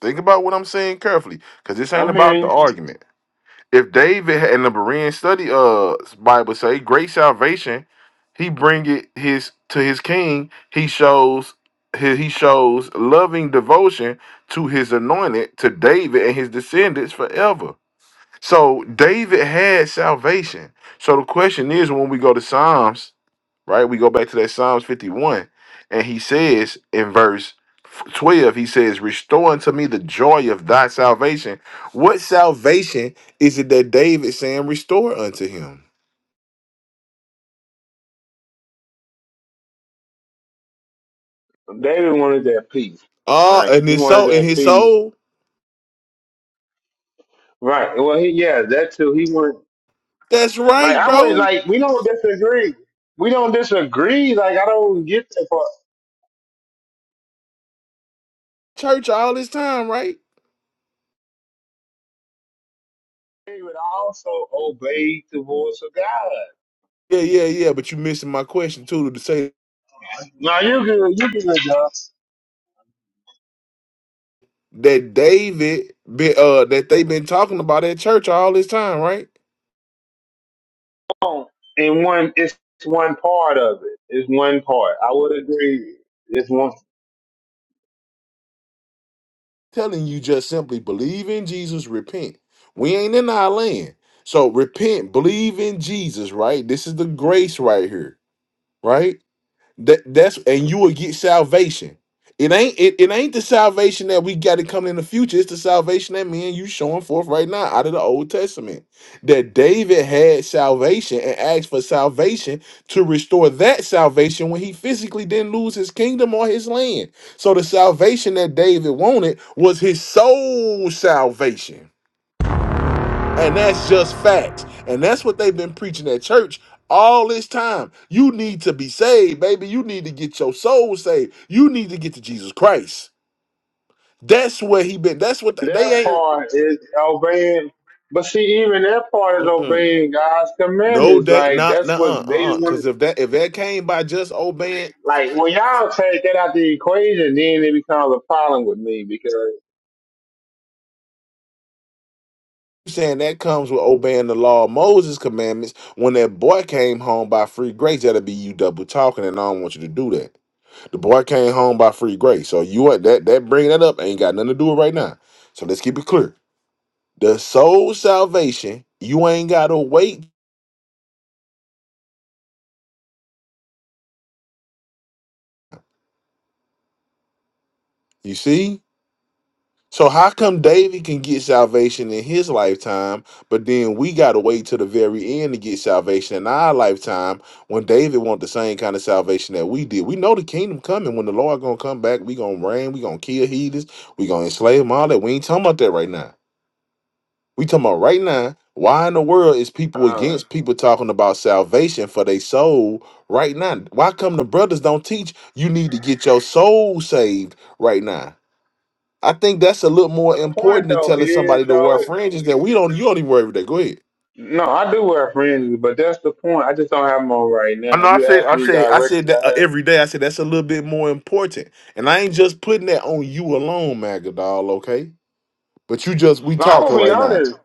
Speaker 9: think about what i'm saying carefully because this ain't
Speaker 11: I'm
Speaker 9: about
Speaker 11: hearing
Speaker 9: the argument if David had- in the Berean study uh Bible say great salvation, he bring it his to his king. He shows he, he shows loving devotion to his anointed to David and his descendants forever. So David had salvation. So the question is when we go to Psalms right? We go back to that Psalms 51, and he says in verse 12, he says, Restore unto me the joy of thy salvation. What salvation is it that David saying, Restore unto him?
Speaker 11: you. David wanted that peace,
Speaker 9: Ah,
Speaker 11: right?
Speaker 9: and
Speaker 11: He
Speaker 9: his
Speaker 11: wanted
Speaker 9: soul, in
Speaker 11: that
Speaker 9: his
Speaker 11: peace,
Speaker 9: soul.
Speaker 11: right? Well, he yeah, that too. He wanted
Speaker 9: That's
Speaker 11: Like
Speaker 9: right,
Speaker 11: I would
Speaker 9: bro.
Speaker 11: like we don't disagree. We don't disagree. Like I don't get that part.
Speaker 9: Church all this time, right?
Speaker 11: He would also obey the voice of God.
Speaker 9: Yeah, yeah, yeah. But you missing my question too to say
Speaker 11: Now you good, you good, John.
Speaker 9: that David, been, uh, that they been talking about at church all this time, right?
Speaker 11: Oh, And one, it's one part of it. It's one part. I would agree. It's one.
Speaker 9: telling you just simply believe in Jesus, repent. We ain't in our land. So repent, believe in Jesus, right? This is the grace right here, right? That that's and you will get salvation. It ain't it, it ain't the salvation that we got to come in the future. It's the salvation that me and you showing forth right now out of the Old Testament. That David had salvation and asked for salvation to restore that salvation when he physically didn't lose his kingdom or his land. So the salvation that David wanted was his soul salvation. And that's just facts. And that's what they've been preaching at church all this time. You need to be saved, baby. You need to get your soul saved. You need to get to Jesus Christ. That's where he been. That's what they,
Speaker 11: Their
Speaker 9: they ain't.
Speaker 11: part is obeying. But see, even their part is
Speaker 9: Mm-mm.
Speaker 11: obeying God's
Speaker 9: No,
Speaker 11: commandments.
Speaker 9: that
Speaker 11: Like
Speaker 9: not
Speaker 11: that's
Speaker 9: nah,
Speaker 11: what
Speaker 9: uh
Speaker 11: they
Speaker 9: uh uh. Because
Speaker 11: want.
Speaker 9: if that if that came by just obeying,
Speaker 11: Like when y'all take that out the equation, then it becomes a problem with me because.
Speaker 9: you saying that comes with obeying the law of Moses commandments. When that boy came home by free grace, that'll be you double talking, and I don't want you to do that. The boy came home by free grace. So you what that that bringing that up ain't got nothing to do with right now. So let's keep it clear. The soul salvation, you ain't gotta wait. You see? So how come David can get salvation in his lifetime, but then we gotta wait till the very end to get salvation in our lifetime when David want the same kind of salvation that we did? We know the kingdom coming. When the Lord gonna come back, we gonna reign, we gonna kill heathens, we gonna enslave them, all that. We ain't talking about that right now. We talking about right now. Why in the world is people
Speaker 11: um,
Speaker 9: against people talking about salvation for their soul right now? Why come the brothers don't teach you need to get your soul saved right now? I think that's a little more
Speaker 11: The point
Speaker 9: important than
Speaker 11: though
Speaker 9: telling
Speaker 11: is
Speaker 9: somebody to wear
Speaker 11: though.
Speaker 9: fringes that we don't you don't even wear every day. Go ahead.
Speaker 11: No, I do wear fringes, but that's the point. I just don't have them on right
Speaker 9: I
Speaker 11: now.
Speaker 9: know I
Speaker 11: You
Speaker 9: said
Speaker 11: asked
Speaker 9: I
Speaker 11: me
Speaker 9: said I
Speaker 11: directly.
Speaker 9: said that
Speaker 11: I
Speaker 9: uh,
Speaker 11: have.
Speaker 9: every day. I said that's a little bit more important. And I ain't just putting that on you alone, Magadol, okay? But you just we
Speaker 11: No, I will
Speaker 9: talking
Speaker 11: be
Speaker 9: right now.
Speaker 11: honest.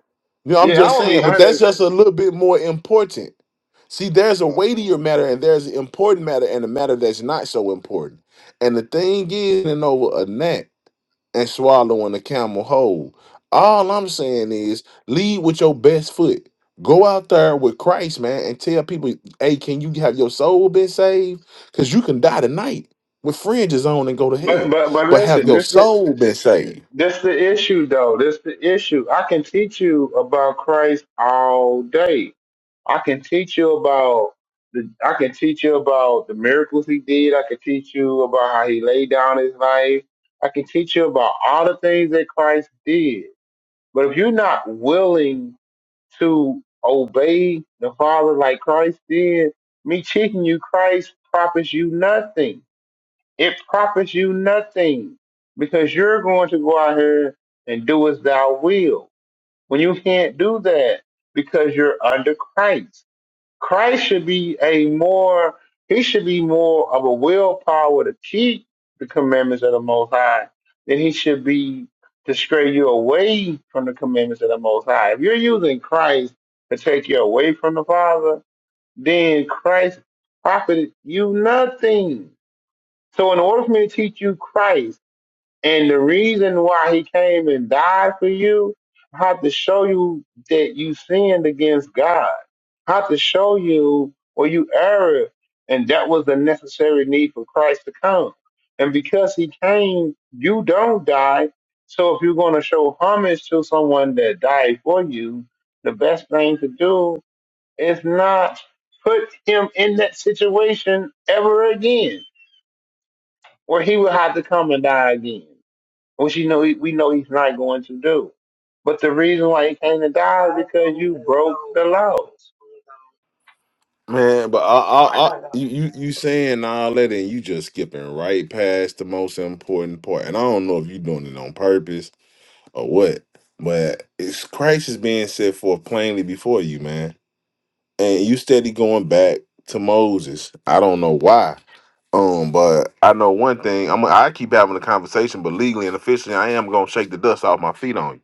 Speaker 9: You know, I'm
Speaker 11: Yeah, I
Speaker 9: just
Speaker 11: will
Speaker 9: saying,
Speaker 11: be
Speaker 9: but that's
Speaker 11: honest.
Speaker 9: just a little bit more important. See, there's a weightier matter and there's an important matter and a matter that's not so important. And the thing is, and over a gnat and swallowing a camel whole. All I'm saying is lead with your best foot. Go out there with Christ, man, and tell people, hey, can you have your soul been saved? Because you can die tonight with fringes on and go to
Speaker 11: But
Speaker 9: hell.
Speaker 11: but but
Speaker 9: But have
Speaker 11: listen,
Speaker 9: your
Speaker 11: this the
Speaker 9: soul been saved?
Speaker 11: this the issue though. This the issue. I can teach you about Christ all day. I can teach you about the. I can teach you about the miracles he did. I can teach you about how he laid down his life. I can teach you about all the things that Christ did. But if you're not willing to obey the Father like Christ did, me teaching you Christ profits you nothing. It profits you nothing because you're going to go out here and do as thou will. When you can't do that because you're under Christ. Christ should be a more, he should be more of a willpower to keep the commandments of the Most High than he should be to stray you away from the commandments of the Most High. If you're using Christ to take you away from the Father, then Christ profited you nothing. So in order for me to teach you Christ, and the reason why he came and died for you, I have to show you that you sinned against God. I have to show you where you erred. And that was the necessary need for Christ to come. And because he came, you don't die. So if you're going to show homage to someone that died for you, the best thing to do is not put him in that situation ever again where he would have to come and die again which you know he, we know he's not going to do. But the reason why he came to die is because you broke the laws.
Speaker 9: Man, but I, I, I you, you, you saying all that and you just skipping right past the most important part. And I don't know if you're doing it on purpose or what, but it's Christ is being set forth plainly before you, man. And you steady going back to Moses. I don't know why. Um, but I know one thing. I'm I keep having a conversation, but legally and officially, I am gonna shake the dust off my feet on you.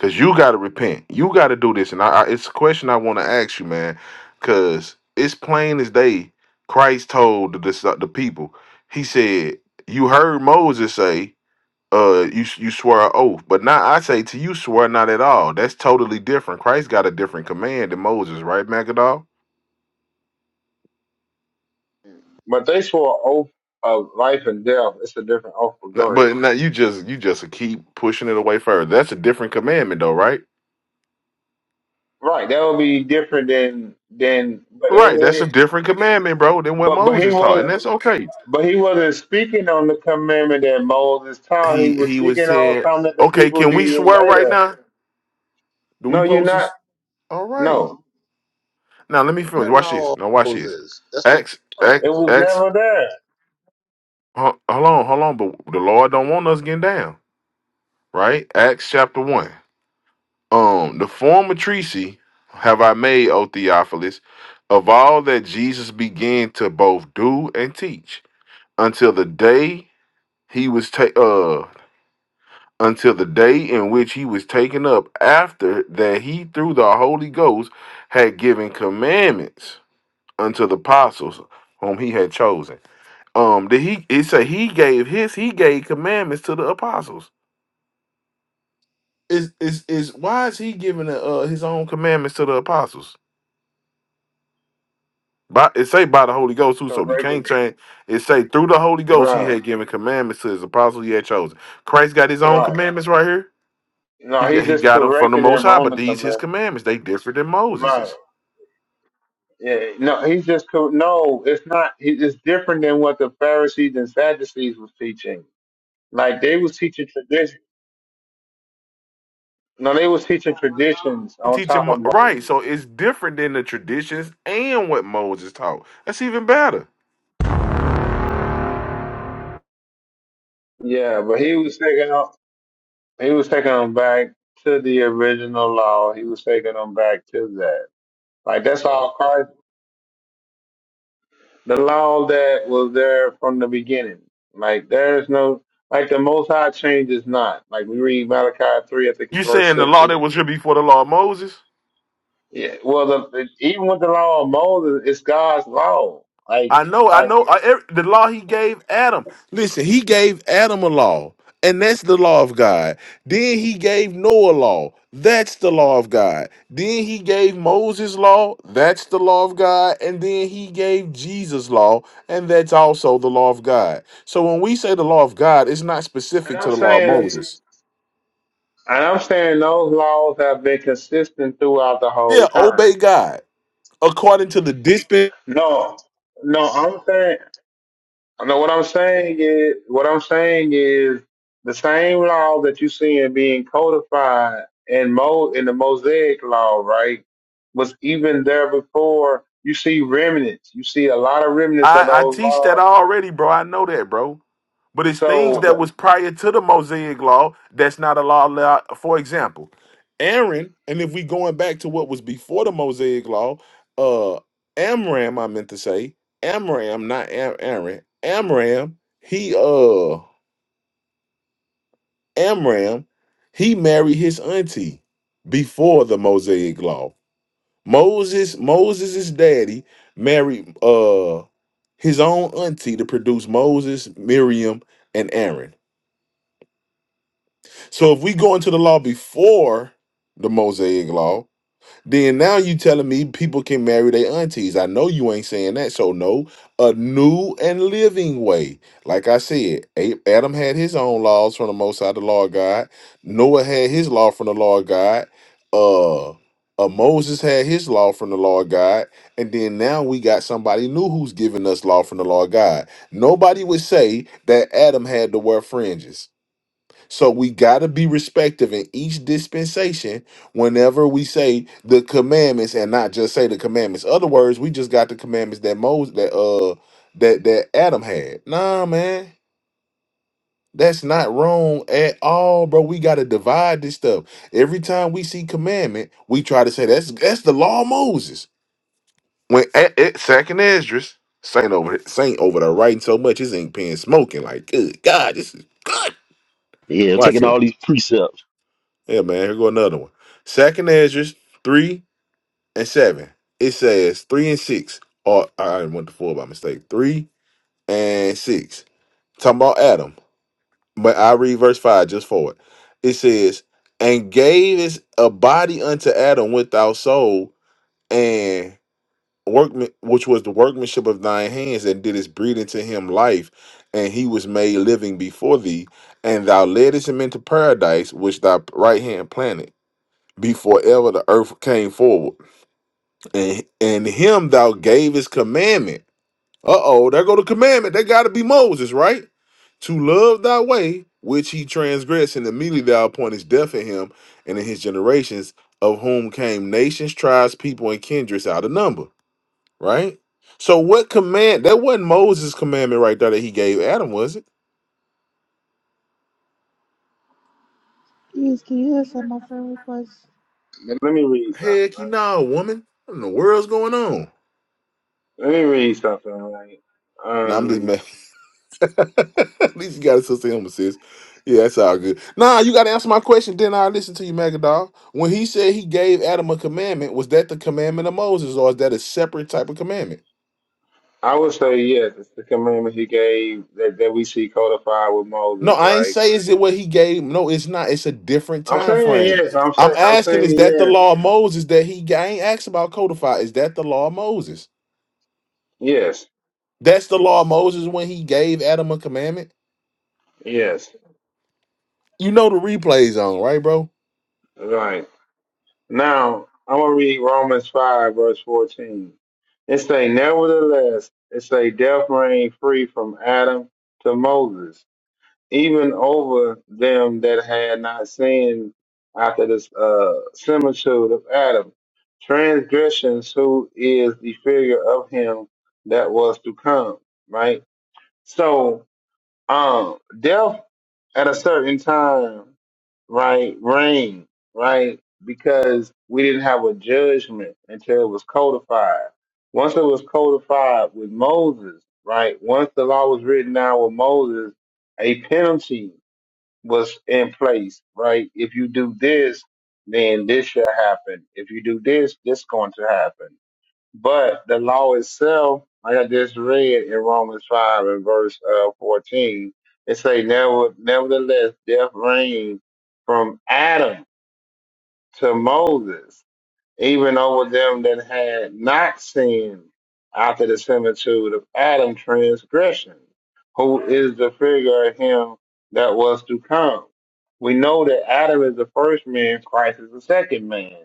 Speaker 9: Cause you gotta repent. You gotta do this. And I, I it's a question I want to ask you, man. Cause it's plain as day. Christ told the dis- the people. He said, "You heard Moses say, uh, you you swear an oath, but now I say to you, swear not at all. That's totally different. Christ got a different command than Moses, right, Magadol?
Speaker 11: But they swore an oath of life and death. It's a different oath, but
Speaker 9: N-
Speaker 11: go ahead.
Speaker 9: But now you just you just keep pushing it away further. That's a different commandment, though, right?
Speaker 11: Right, that would be different than than. But it,
Speaker 9: Right. That's a
Speaker 11: it-
Speaker 9: different commandment, bro, than what
Speaker 11: but but he
Speaker 9: Moses taught, and that's
Speaker 11: was
Speaker 9: okay.
Speaker 11: but he wasn't speaking on the commandment that Moses taught. He
Speaker 9: he
Speaker 11: was
Speaker 9: he was
Speaker 11: speaking on
Speaker 9: saying,
Speaker 11: something that the
Speaker 9: "Okay,
Speaker 11: people
Speaker 9: can we
Speaker 11: did
Speaker 9: swear right
Speaker 11: later.
Speaker 9: now? Do we
Speaker 11: No, you're
Speaker 9: post
Speaker 11: not.
Speaker 9: this? All right.
Speaker 11: No,
Speaker 9: Now let me finish. Watch this. Now watch this. Acts,
Speaker 11: it
Speaker 9: Acts,
Speaker 11: was
Speaker 9: Acts.
Speaker 11: never there.
Speaker 9: Hold hold on, hold on. But the Lord don't want us getting down, right? Acts chapter one. Um, the former treaty have I made, O Theophilus, of all that Jesus began to both do and teach until the day he was ta- uh. until the day in which he was taken up, after that he through the Holy Ghost had given commandments unto the apostles whom he had chosen. Um, did he it say he gave his he gave commandments to the apostles. Is is is why is he giving uh his own commandments to the apostles? By it say by the Holy Ghost too, so we can't
Speaker 11: Corrected.
Speaker 9: change it say through the Holy Ghost he
Speaker 11: Right,
Speaker 9: had given commandments to his apostles he had chosen. Christ got his own
Speaker 11: right.
Speaker 9: commandments right here. He
Speaker 11: No, he
Speaker 9: got, he
Speaker 11: just
Speaker 9: got them from the
Speaker 11: corrected
Speaker 9: Most
Speaker 11: him
Speaker 9: High,
Speaker 11: on
Speaker 9: but
Speaker 11: the
Speaker 9: these his
Speaker 11: commandment.
Speaker 9: commandments. They different than
Speaker 11: Right.
Speaker 9: Moses's.
Speaker 11: Yeah, no, he's just co- no. It's not. he- It's different than what the Pharisees and Sadducees was teaching. Like they was teaching tradition. No, they was teaching traditions
Speaker 9: He
Speaker 11: on
Speaker 9: teach
Speaker 11: top
Speaker 9: him
Speaker 11: of
Speaker 9: right, so
Speaker 11: Moses.
Speaker 9: it's different than the traditions and what Moses taught. That's even better.
Speaker 11: Yeah, but he was taking on. He was taking them back to the original law. He was taking them back to that. Like that's all Christ. The law that was there from the beginning. Like there is no. Like the Most High changes not. Like we read Malachi three, I think it's
Speaker 9: You
Speaker 11: verse
Speaker 9: saying the
Speaker 11: six.
Speaker 9: law that was here before the law of Moses?
Speaker 11: Yeah, well, the, even with the law of Moses, it's God's law. Like,
Speaker 9: I know, I
Speaker 11: like,
Speaker 9: know. I, every, the law he gave Adam. Listen, he gave Adam a law, and that's the law of God. Then he gave Noah law. That's the law of God. Then he gave Moses law. That's the law of God. And then he gave Jesus law, and that's also the law of God. So when we say the law of God, it's not
Speaker 11: and
Speaker 9: specific to
Speaker 11: I'm
Speaker 9: the law of
Speaker 11: saying,
Speaker 9: Moses.
Speaker 11: and I'm saying those laws have been consistent throughout the whole
Speaker 9: Yeah,
Speaker 11: time.
Speaker 9: obey God according to the dispensation.
Speaker 11: No, no, I'm saying, no. What I'm saying is, what I'm saying is, the same law that you see in being codified in Mo in the Mosaic law, right, was even there before. You see remnants. You see a lot of remnants of
Speaker 9: I, I
Speaker 11: those
Speaker 9: teach that
Speaker 11: laws.
Speaker 9: already, bro. I know that, bro. But it's things
Speaker 11: So
Speaker 9: that was prior to the Mosaic law that's not a law. law- For example, Aaron, and if we going back to what was before the Mosaic law, uh, Amram, I meant to say Amram, not Am- Aaron. Amram, he uh, Amram, he married his auntie before the Mosaic law. Moses, Moses' daddy married uh his own auntie to produce Moses, Miriam, and Aaron. So if we go into the law before the Mosaic law, then now you telling me people can marry their aunties. I know you ain't saying that. So no, a new and living way. Like I said, A- Adam had his own laws from the Most High, the law of God. Noah had his law from the law of God. Uh, uh, Moses had his law from the law of God, and then now we got somebody new who's giving us law from the law of God. Nobody would say that Adam had to wear fringes. So we got to be respective in each dispensation whenever we say the commandments and not just say the commandments. Other words, we just got the commandments that Moses that uh that that Adam had. Nah, man. That's not wrong at all, bro. We got to divide this stuff. Every time we see commandment, we try to say that's that's the law of Moses. When at, at second Esdras, Saint over Saint over there writing so much his ink pen smoking like good God, this is good.
Speaker 5: Yeah,
Speaker 9: Watch
Speaker 5: taking
Speaker 9: it.
Speaker 5: all these precepts.
Speaker 9: Yeah, man. Here go another one. Second Ezra's three and seven. It says three and six. Or I went to four by mistake. Three and six. Talking about Adam. But I read verse five just for it. It says, And gave his a body unto Adam without soul, and workman which was the workmanship of thine hands, and did his breed into him life, and he was made living before thee, and thou ledest him into paradise, which thy right hand planted before ever the earth came forward. And and him thou gavest commandment. Uh-oh, there go the commandment. That gotta be Moses, right? To love thy way, which he transgressed, and immediately thou appointest death in him and in his generations, of whom came nations, tribes, people, and kindreds out of number, right? So what command that wasn't Moses' commandment right there that he gave Adam, was it?
Speaker 14: Please, can you accept my friend request?
Speaker 11: Let let me read something,
Speaker 9: Heck you
Speaker 11: right?
Speaker 9: nah, woman. What in the world's going on?
Speaker 11: Let me read something, right?
Speaker 9: Now I'm just
Speaker 11: Um,
Speaker 9: mad. At least you got a sister him sis. Yeah, that's all good. Nah, you gotta answer my question, then I'll listen to you, Magadol. When he said he gave Adam a commandment, was that the commandment of Moses, or is that a separate type of commandment?
Speaker 11: I would say yes, it's the commandment he gave that, that we see codified with
Speaker 9: No,
Speaker 11: Moses,
Speaker 9: I ain't
Speaker 11: right?
Speaker 9: say is it what he gave. No, it's not. It's a different
Speaker 11: I'm
Speaker 9: time
Speaker 11: saying
Speaker 9: frame.
Speaker 11: yes. I'm
Speaker 9: I'm
Speaker 11: saying I'm
Speaker 9: asking,
Speaker 11: saying
Speaker 9: is that the
Speaker 11: yes.
Speaker 9: law of Moses that he gave? I ain't asked about codify. Is that the law of Moses?
Speaker 11: Yes,
Speaker 9: That's the law of Moses when he gave Adam a commandment?
Speaker 11: yes,
Speaker 9: You know the replays on, right, bro?
Speaker 11: right. Now I'm gonna read Romans five verse fourteen. It say, nevertheless, it say, death reigned free from Adam to Moses even over them that had not sinned after this uh, similitude of Adam, transgressions, who is the figure of him that was to come, right? So, um, death at a certain time, right, reigned, right, because we didn't have a judgment until it was codified. Once it was codified with Moses, right, once the law was written down with Moses, a penalty was in place, right? If you do this, then this should happen. If you do this, this going to happen. But the law itself, like I just read in Romans five and verse uh, fourteen, it say, "Never, nevertheless, death reigned from Adam to Moses." even over them that had not sinned after the similitude of Adam's transgression, who is the figure of him that was to come. We know that Adam is the first man, Christ is the second man,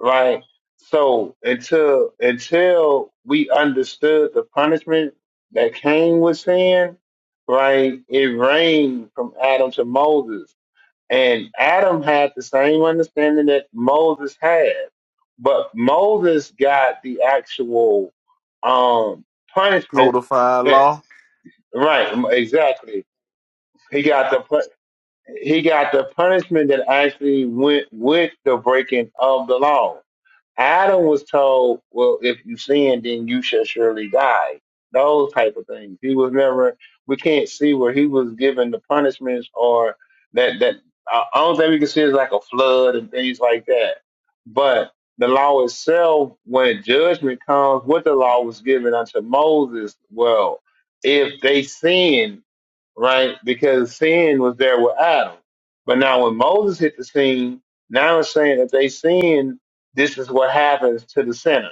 Speaker 11: right? So until until we understood the punishment that came with sin, right, it reigned from Adam to Moses and Adam had the same understanding that Moses had, but Moses got the actual um, punishment
Speaker 9: Codified
Speaker 11: that
Speaker 9: law.
Speaker 11: right exactly he got the pu- he got the punishment that actually went with the breaking of the law. Adam was told, well, if you sin, then you shall surely die. Those type of things. He was never, we can't see where he was given the punishments or that, that, uh, only thing we can see is like a flood and things like that. But the law itself, when judgment comes, what the law was given unto Moses, well, if they sin, right? Because sin was there with Adam. But now when Moses hit the scene, now it's saying that they sin, this is what happens to the sinner.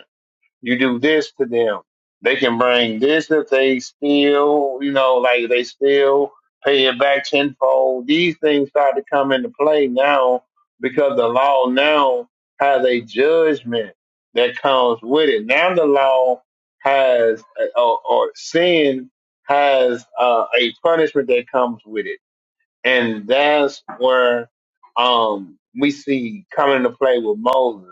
Speaker 11: You do this to them. They can bring this if they steal, you know, like they steal, pay it back tenfold. These things start to come into play now because the law now has a judgment that comes with it. Now the law has, uh, or, or sin has uh, a punishment that comes with it and that's where um, we see coming into play with Moses.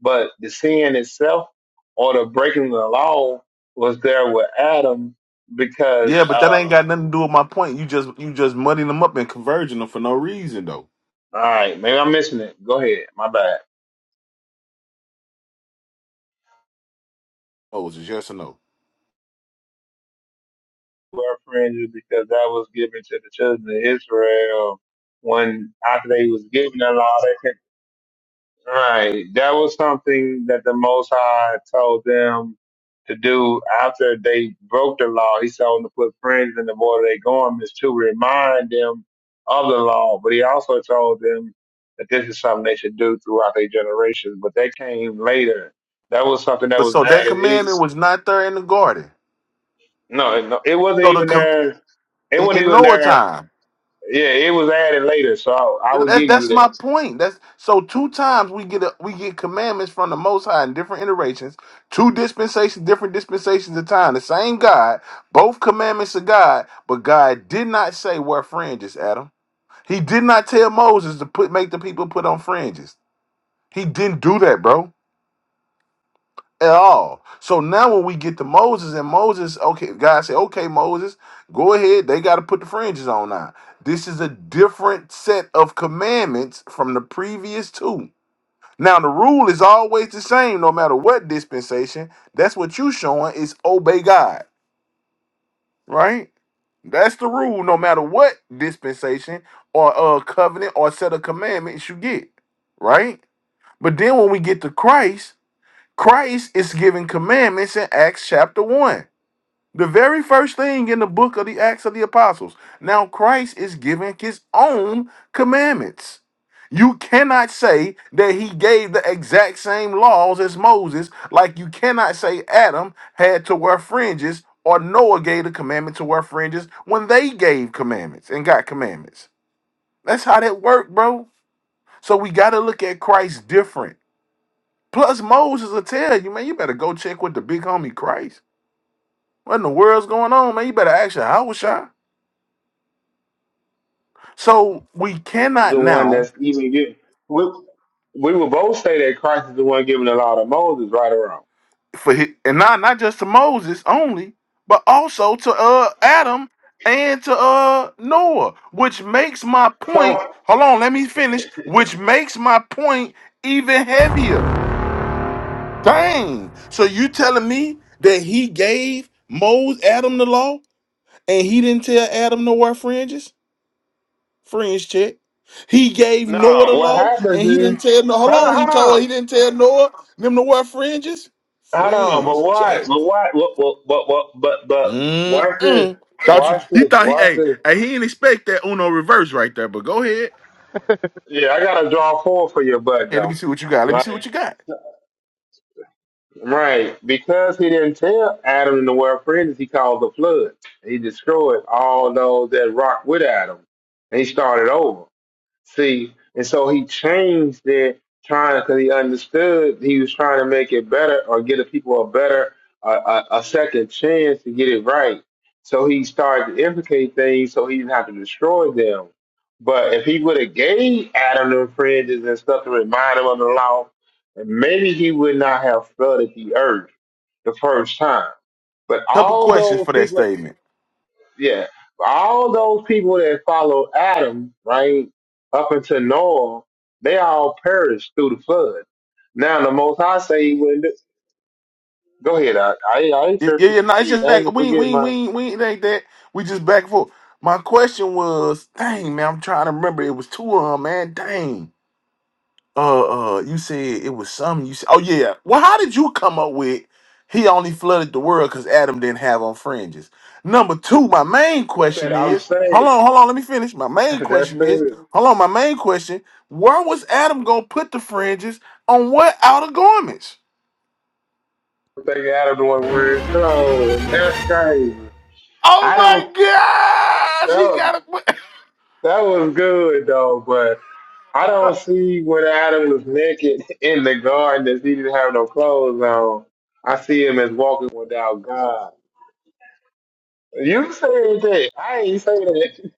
Speaker 11: But the sin itself or the breaking of the law was there with Adam because
Speaker 9: Yeah, but that ain't
Speaker 11: of, all
Speaker 9: got nothing to do with my point. You just you just muddying them up and converging them for no reason though.
Speaker 11: right, maybe I'm missing it. Go ahead. My bad.
Speaker 9: Oh, Moses, yes or no?
Speaker 11: Wear fringes because that was given to the children of Israel when after they was given the law, they. Right. That was something that the Most High told them to do after they broke the law. He told them to put friends in the water they going is to remind them of the law. But he also told them that this is something they should do throughout their generations. But that came later. That was something that
Speaker 9: But
Speaker 11: was
Speaker 9: so that
Speaker 11: added. It,
Speaker 9: commandment was not there in the garden.
Speaker 11: no, no, it wasn't
Speaker 9: So the
Speaker 11: even
Speaker 9: com-
Speaker 11: there. It
Speaker 9: in,
Speaker 11: wasn't
Speaker 9: in
Speaker 11: even
Speaker 9: Noah
Speaker 11: there.
Speaker 9: time.
Speaker 11: Yeah, it was added later. So I, I would
Speaker 9: That,
Speaker 11: give you
Speaker 9: that's my
Speaker 11: that.
Speaker 9: point. That's so two times we get a, we get commandments from the Most High in different iterations, two dispensations, different dispensations of time. The same God, both commandments of God, but God did not say wear fringes, Adam. He did not tell Moses to put make the people put on fringes. He didn't do that, bro. at all. So now when we get to Moses and Moses, okay, God said, okay, Moses, go ahead. They got to put the fringes on now. This is a different set of commandments from the previous two. Now the rule is always the same, no matter what dispensation. That's what you showing is obey God, right? That's the rule, no matter what dispensation or uh covenant or set of commandments you get, right? But then when we get to Christ, Christ is giving commandments in Acts chapter 1. The very first thing in the book of the Acts of the Apostles. Now, Christ is giving his own commandments. You cannot say that he gave the exact same laws as Moses, like you cannot say Adam had to wear fringes or Noah gave the commandment to wear fringes when they gave commandments and got commandments. That's how that worked, bro. So we got to look at Christ different. Plus, Moses will tell you, man, you better go check with the big homie Christ. What in the world's going on, man? You better ask your house So we
Speaker 11: is
Speaker 9: cannot
Speaker 11: the one
Speaker 9: now
Speaker 11: that's even giving. We, we would both say that Christ is the one giving the law to Moses, right or wrong.
Speaker 9: for hi- and not not just to Moses only, but also to uh Adam and to uh Noah, which makes my point.
Speaker 11: So
Speaker 9: Hold on, let me finish. Which makes my point even heavier. Dang. So you telling me that he gave Moses Adam the law and he didn't tell Adam to wear fringes? friends check. He gave Noah the
Speaker 11: now, what
Speaker 9: law, and
Speaker 11: happens
Speaker 9: he
Speaker 11: is,
Speaker 9: didn't tell no. Hold
Speaker 11: hold on,
Speaker 9: on, he
Speaker 11: hold
Speaker 9: told
Speaker 11: on,
Speaker 9: he didn't tell Noah them to wear fringes.
Speaker 11: hold on. But
Speaker 9: Fringe
Speaker 11: what?
Speaker 9: check.
Speaker 11: But what? What? What? What? what but but watch this.
Speaker 9: Mm-mm. Thought you
Speaker 11: Watch
Speaker 9: he
Speaker 11: this.
Speaker 9: thought he
Speaker 11: Watch
Speaker 9: hey
Speaker 11: this.
Speaker 9: hey he didn't expect that Uno reverse right there. But go ahead
Speaker 11: Yeah, I gotta draw four for your butt
Speaker 9: and let me
Speaker 11: though.
Speaker 9: see what you got. Let me see
Speaker 11: Right,
Speaker 9: what you got.
Speaker 11: right. Because he didn't tell Adam and the world friends, he caused a flood. He destroyed all those that rocked with Adam. And he started over. See, and so he changed it, trying because he understood he was trying to make it better or give the people a better a, a, a second chance to get it right. So he started to implicate things so he didn't have to destroy them. But if he would have gave Adam the fringes and stuff to remind him of the law, maybe he would not have flooded the earth the first time. But
Speaker 9: Couple
Speaker 11: all
Speaker 9: questions
Speaker 11: those
Speaker 9: for that
Speaker 11: people
Speaker 9: statement.
Speaker 11: yeah, all those people that followed Adam, right, up until Noah, they all perished through the flood. Now the Most High say he wouldn't. do- Go ahead, I, I, I ain't
Speaker 9: Yeah, yeah,
Speaker 11: tripping.
Speaker 9: yeah, no,
Speaker 11: I
Speaker 9: it's
Speaker 11: ain't,
Speaker 9: just
Speaker 11: I ain't
Speaker 9: like
Speaker 11: gonna
Speaker 9: we ain't- we
Speaker 11: forget
Speaker 9: ain't- we
Speaker 11: my
Speaker 9: ain't- we ain't- it ain't that. We just back and forth. My question was, dang man, I'm trying to remember. It was two of them, man. Dang. Uh, uh, you said it was some. You said, oh yeah. Well, how did you come up with he only flooded the world because Adam didn't have on fringes? Number two, my main question
Speaker 11: that I'm
Speaker 9: is, hold
Speaker 11: saying.
Speaker 9: on, hold on, let me finish. My main
Speaker 11: That's
Speaker 9: question is,
Speaker 11: true.
Speaker 9: hold on, my main question: Where was Adam gonna put the fringes on what outer garments?
Speaker 11: Take Adam the one word cold. That's crazy.
Speaker 9: Oh
Speaker 11: I don't.
Speaker 9: my gosh,
Speaker 11: That
Speaker 9: he
Speaker 11: was
Speaker 9: got it,
Speaker 11: that was good though, but. I don't see when Adam was naked in the garden that he didn't have no clothes on. I see him as walking without God. You said that. I ain't say that.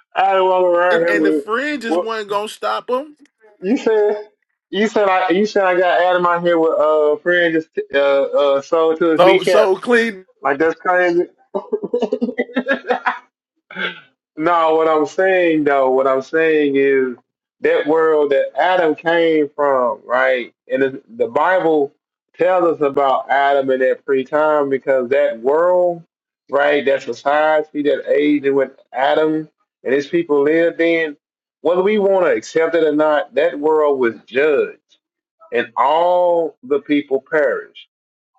Speaker 11: Adam walking around
Speaker 9: and,
Speaker 11: here
Speaker 9: and the
Speaker 11: with
Speaker 9: fringes
Speaker 11: what
Speaker 9: wasn't gonna stop him.
Speaker 11: you said. You said I. You said I got Adam out here with uh friend just uh uh sold to his
Speaker 9: So, so
Speaker 11: kneecaps.
Speaker 9: clean
Speaker 11: Like that's crazy. No, what I'm saying though, what I'm saying is that world that Adam came from, right? And it's- the Bible tells us about Adam in that pre-time because that world, right, that society, that age in which Adam and his people lived in, whether we want to accept it or not, that world was judged, and all the people perished.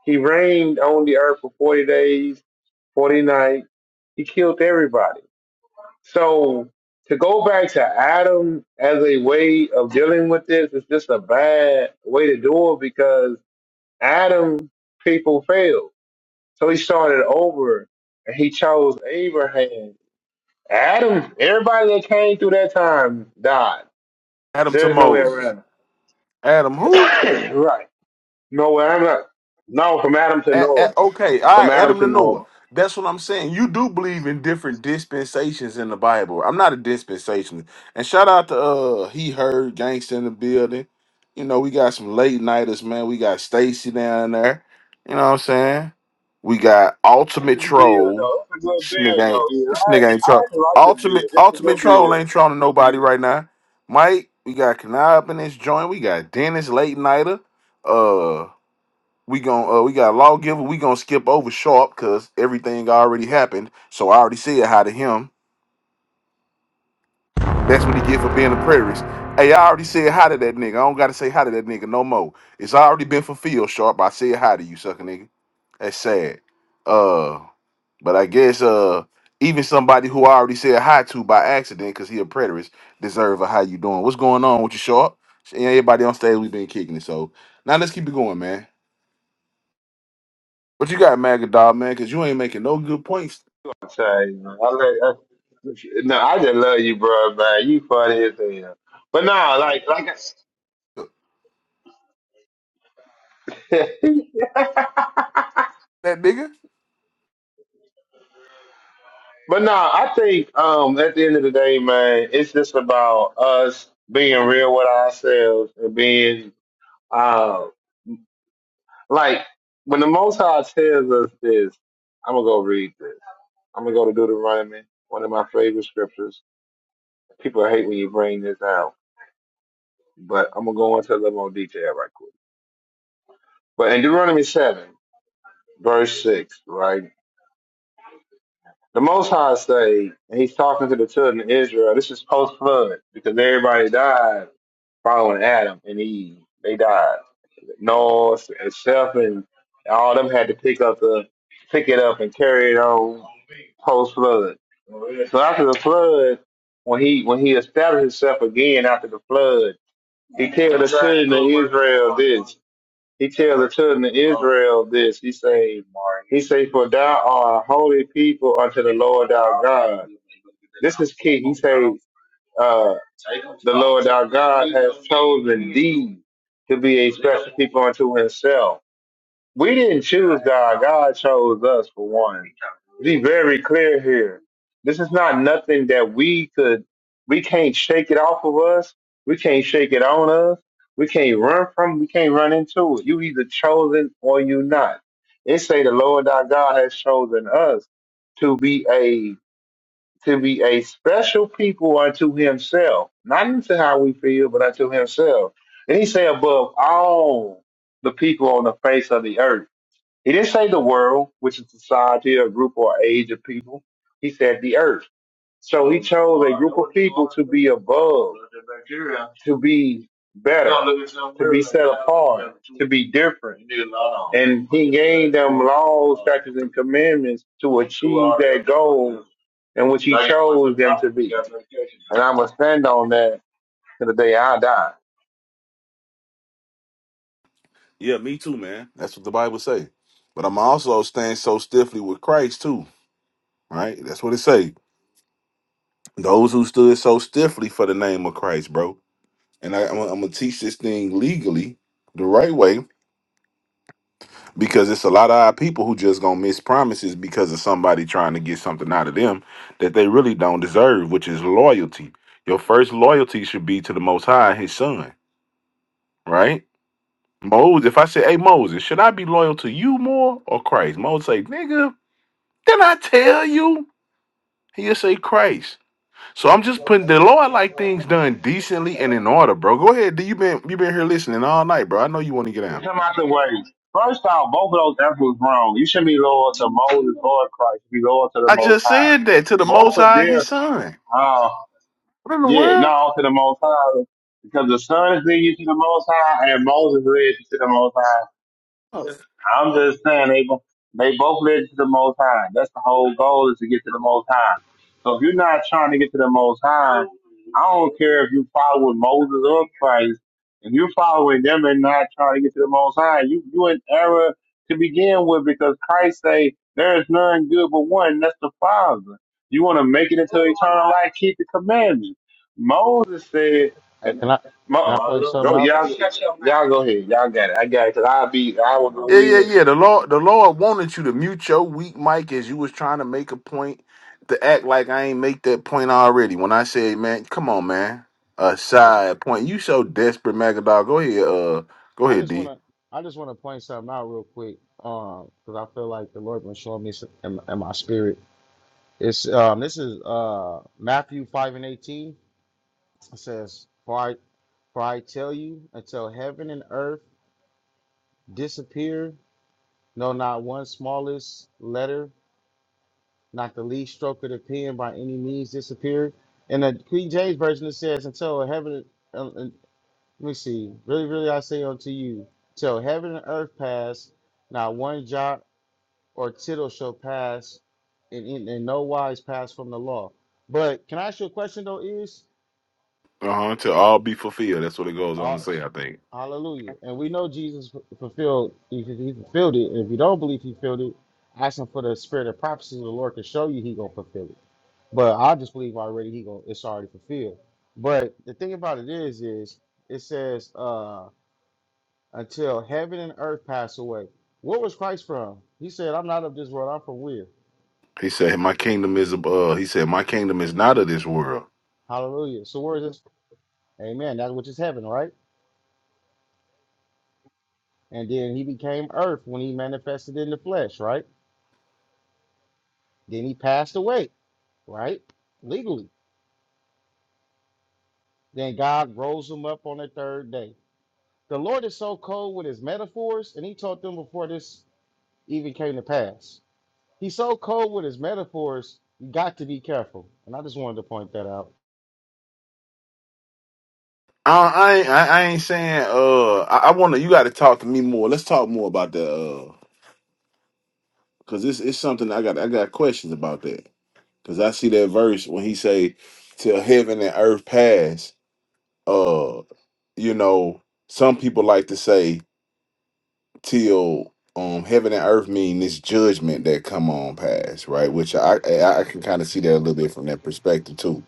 Speaker 11: He reigned on the earth for forty days, forty nights. He killed everybody so to go back to Adam as a way of dealing with this is just a bad way to do it because Adam people failed. So he started over and he chose Abraham. Adam, everybody that came through that time died.
Speaker 9: Adam to
Speaker 11: There's no way
Speaker 9: Moses.
Speaker 11: around
Speaker 9: Adam who?
Speaker 11: it. right. No way around it. No, from Adam to
Speaker 9: A- a-
Speaker 11: Noah.
Speaker 9: okay, all
Speaker 11: From
Speaker 9: right,
Speaker 11: Adam
Speaker 9: Adam
Speaker 11: to
Speaker 9: to Noah.
Speaker 11: Noah.
Speaker 9: That's what I'm saying. You do believe in different dispensations in the Bible. I'm not a dispensationalist. And shout out to uh he heard gangsta in the building. You know, we got some late nighters, man. We got Stacy down there. You know what I'm saying? We got Ultimate
Speaker 11: This beer
Speaker 9: Troll.
Speaker 11: though, it's a good
Speaker 9: This
Speaker 11: beer
Speaker 9: nigga ain't
Speaker 11: though. Yeah,
Speaker 9: this
Speaker 11: I
Speaker 9: nigga
Speaker 11: actually,
Speaker 9: ain't troll.
Speaker 11: I actually like the beer.
Speaker 9: Ultimate
Speaker 11: It's a
Speaker 9: Ultimate
Speaker 11: good beer.
Speaker 9: Troll ain't trolling nobody right now. Mike, we got Kanab in this joint. We got Dennis late nighter. Uh, we gon' uh, we got lawgiver. We gonna skip over Sharp because everything already happened. So I already said hi to him. That's what he get for being a prairist. Hey, I already said hi to that nigga. I don't gotta say hi to that nigga no more. It's already been fulfilled, Sharp. I said hi to you, sucker nigga. That's sad. Uh, but I guess uh, even somebody who I already said hi to by accident because he a preterist deserve a how you doing. What's going on with you, Sharp? Everybody on stage, we've been kicking it. So now let's keep it going, man. But you got, Maggot Dog, man? Because you ain't making no good points,
Speaker 11: Say, man, I love, I, no, I just love you, bro, man. You funny as hell. But nah, like, like, I,
Speaker 9: that nigga.
Speaker 11: but nah, I think um, at the end of the day, man, it's just about us being real with ourselves and being uh, like when the Most High tells us this. I'm gonna go read this. I'm gonna go to Deuteronomy, one of my favorite scriptures. People hate when you bring this out, but I'm gonna go into a little more detail right quick. But in Deuteronomy seven, verse six, right? The Most High say, and he's talking to the children of Israel. This is post flood because everybody died following Adam and Eve. They died. Noah and Seth and all them had to pick up the pick it up and carry it on post flood. So after the flood, when he when he established himself again after the flood, he tells the children of Israel this. He tells the children of Israel this. He say, he say, for thou art a holy people unto the Lord our God. This is key. He say, uh, the Lord our God has chosen thee to be a special people unto himself. We didn't choose God. God chose us for one be very clear here. This is not nothing that we could, we can't shake it off of us. We can't shake it on us. We can't run from, we can't run into it. You either chosen or you not. It say the Lord our God has chosen us to be a, to be a special people unto himself, not unto how we feel, but unto himself. And he say above all the people on the face of the earth. He didn't say the world, which is society, a group or age of people. He said the earth. So he chose a group of people to be above, to be better, to be set apart, to be different. And he gave them laws, statutes, and commandments to achieve that goal in which he chose them to be. And I'm going to stand on that to the day I die.
Speaker 9: Yeah, me too, man. That's what the Bible say. But I'm also stand so stiffly with Christ too, right? That's what it say. Those who stood so stiffly for the name of Christ, bro. And I, am gonna teach this thing legally the right way because it's a lot of our people who just gonna miss promises because of somebody trying to get something out of them that they really don't deserve, which is loyalty. Your first loyalty should be to the Most High, His Son, right? Moses, if I say, hey Moses, should I be loyal to you more or Christ? Moses say, nigga, did not I tell you? He'll say Christ. So I'm just putting the Lord like things done decently and in order, bro. Go ahead. D. You been you been here listening all night, bro. I know you want to get
Speaker 11: Get
Speaker 9: out.
Speaker 11: him out the way. First off, both of those efforts wrong. You should be loyal to Moses or Christ. Be loyal to the
Speaker 9: I
Speaker 11: Most
Speaker 9: just
Speaker 11: High.
Speaker 9: said that to the
Speaker 11: Both
Speaker 9: most
Speaker 11: of
Speaker 9: high
Speaker 11: their,
Speaker 9: his son.
Speaker 11: uh,
Speaker 9: What in the
Speaker 11: yeah, no, to the Most High. Because the Son is leading you to the Most High, and Moses led you to the Most High.
Speaker 9: world?
Speaker 11: I'm just saying they bo- they both led to the Most High. That's the whole goal is to get to the Most High. So if you're not trying to get to the Most High, I don't care if you follow Moses or Christ. If you're following them and not trying to get to the Most High, you you in error to begin with because Christ say there is none good but one. and That's the Father. You want to make it into eternal life, keep the commandments. Moses said,
Speaker 2: Hey,
Speaker 11: and
Speaker 2: can I can I point
Speaker 11: Mo,
Speaker 2: something
Speaker 11: go
Speaker 2: out?
Speaker 11: y'all, y'all go ahead, y'all got it. I got it. 'cause I'll be, I will
Speaker 9: Yeah,
Speaker 11: go
Speaker 9: yeah,
Speaker 11: in.
Speaker 9: yeah. The Lord, the Lord wanted you to mute your weak mic as you was trying to make a point to act like I ain't make that point already. When I said, man, come on, man, a
Speaker 2: I just
Speaker 9: side point. You so desperate, Magadog. Go ahead, uh, go
Speaker 2: I
Speaker 9: ahead,
Speaker 2: just
Speaker 9: D.
Speaker 2: wanna I just wanna point something out real quick, um, because I feel like the Lord been showing me some, in, in my spirit. It's um this is uh Matthew five and eighteen. It says, "For I for I tell you, until heaven and earth disappear, no, not one smallest letter, not the least stroke of the pen by any means disappeared." In the King James version, it says, "Until heaven." uh, Let me see. Really, really, I say unto you, till heaven and earth pass, not one jot or tittle shall pass, in, in, in no wise pass from the law. But can I ask you a question though? Is
Speaker 9: Uh huh. To all be fulfilled. That's what it goes on to
Speaker 2: uh,
Speaker 9: say. I think
Speaker 2: Hallelujah. And we know Jesus fu- fulfilled. He, he fulfilled it. And If you don't believe he fulfilled it, ask him for the spirit of prophecy. The Lord can show you he gonna fulfill it. But I just believe already he gonna it's already fulfilled. But the thing about it is, is it says. Uh, until heaven and earth pass away. Where was Christ from? He said, I'm not of this world, I'm from where?
Speaker 9: he said, my kingdom is ab- uh. He said, my kingdom is not of this world.
Speaker 2: Hallelujah. So where is this? Amen. That which is heaven, right? And then he became earth when he manifested in the flesh, right? Then he passed away, right? Legally. Then God rose him up on the third day. The Lord is so cold with his metaphors, and he taught them before this even came to pass. He's so cold with his metaphors, you got to be careful. And I just wanted to point that out.
Speaker 9: I, I ain't, I, I ain't saying. Uh, I, I want to. You got to talk to me more. Let's talk more about that. Uh, cause it's it's something I got. I got questions about that. Cause I see that verse when he say, "Till heaven and earth pass." Uh, you know, some people like to say, "Till um heaven and earth mean this judgment that come on pass," right? Which I I, I can kind of see that a little bit from that perspective too.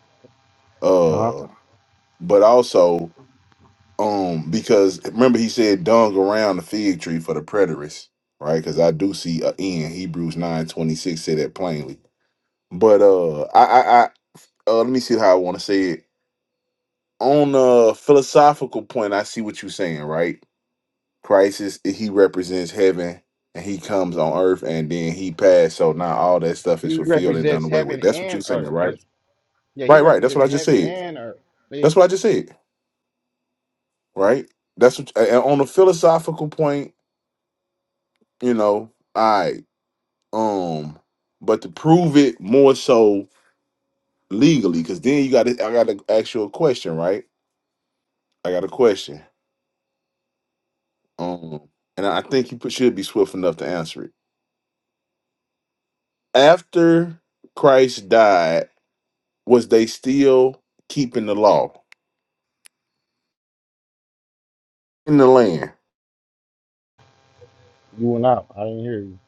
Speaker 2: Uh-huh.
Speaker 9: Uh, but also um because remember he said, "Dung around the fig tree for the preterists," right? Because I do see a in Hebrews nine twenty six say that plainly. But uh, I I, I uh, let me see how I want to say it on a philosophical point, I see what you're saying, right? Christ is he represents heaven and he comes on earth and then he passed. So now all that stuff
Speaker 2: He
Speaker 9: is fulfilled and done
Speaker 2: represents
Speaker 9: away with.
Speaker 2: heaven
Speaker 9: That's what you're
Speaker 2: and
Speaker 9: saying,
Speaker 2: earth because
Speaker 9: right?
Speaker 2: Yeah, he
Speaker 9: Right, right. That's what
Speaker 2: represents
Speaker 9: I just
Speaker 2: heaven
Speaker 9: said.
Speaker 2: and earth. You
Speaker 9: That's what I just said, right? That's what and on a philosophical point, you know, I um but to prove it more so legally, because then you gotta I gotta ask you a question, right? I got a question. Um and I think you should be swift enough to answer it after Christ died, was they still keeping the law in the land?
Speaker 2: went out. I didn't hear you.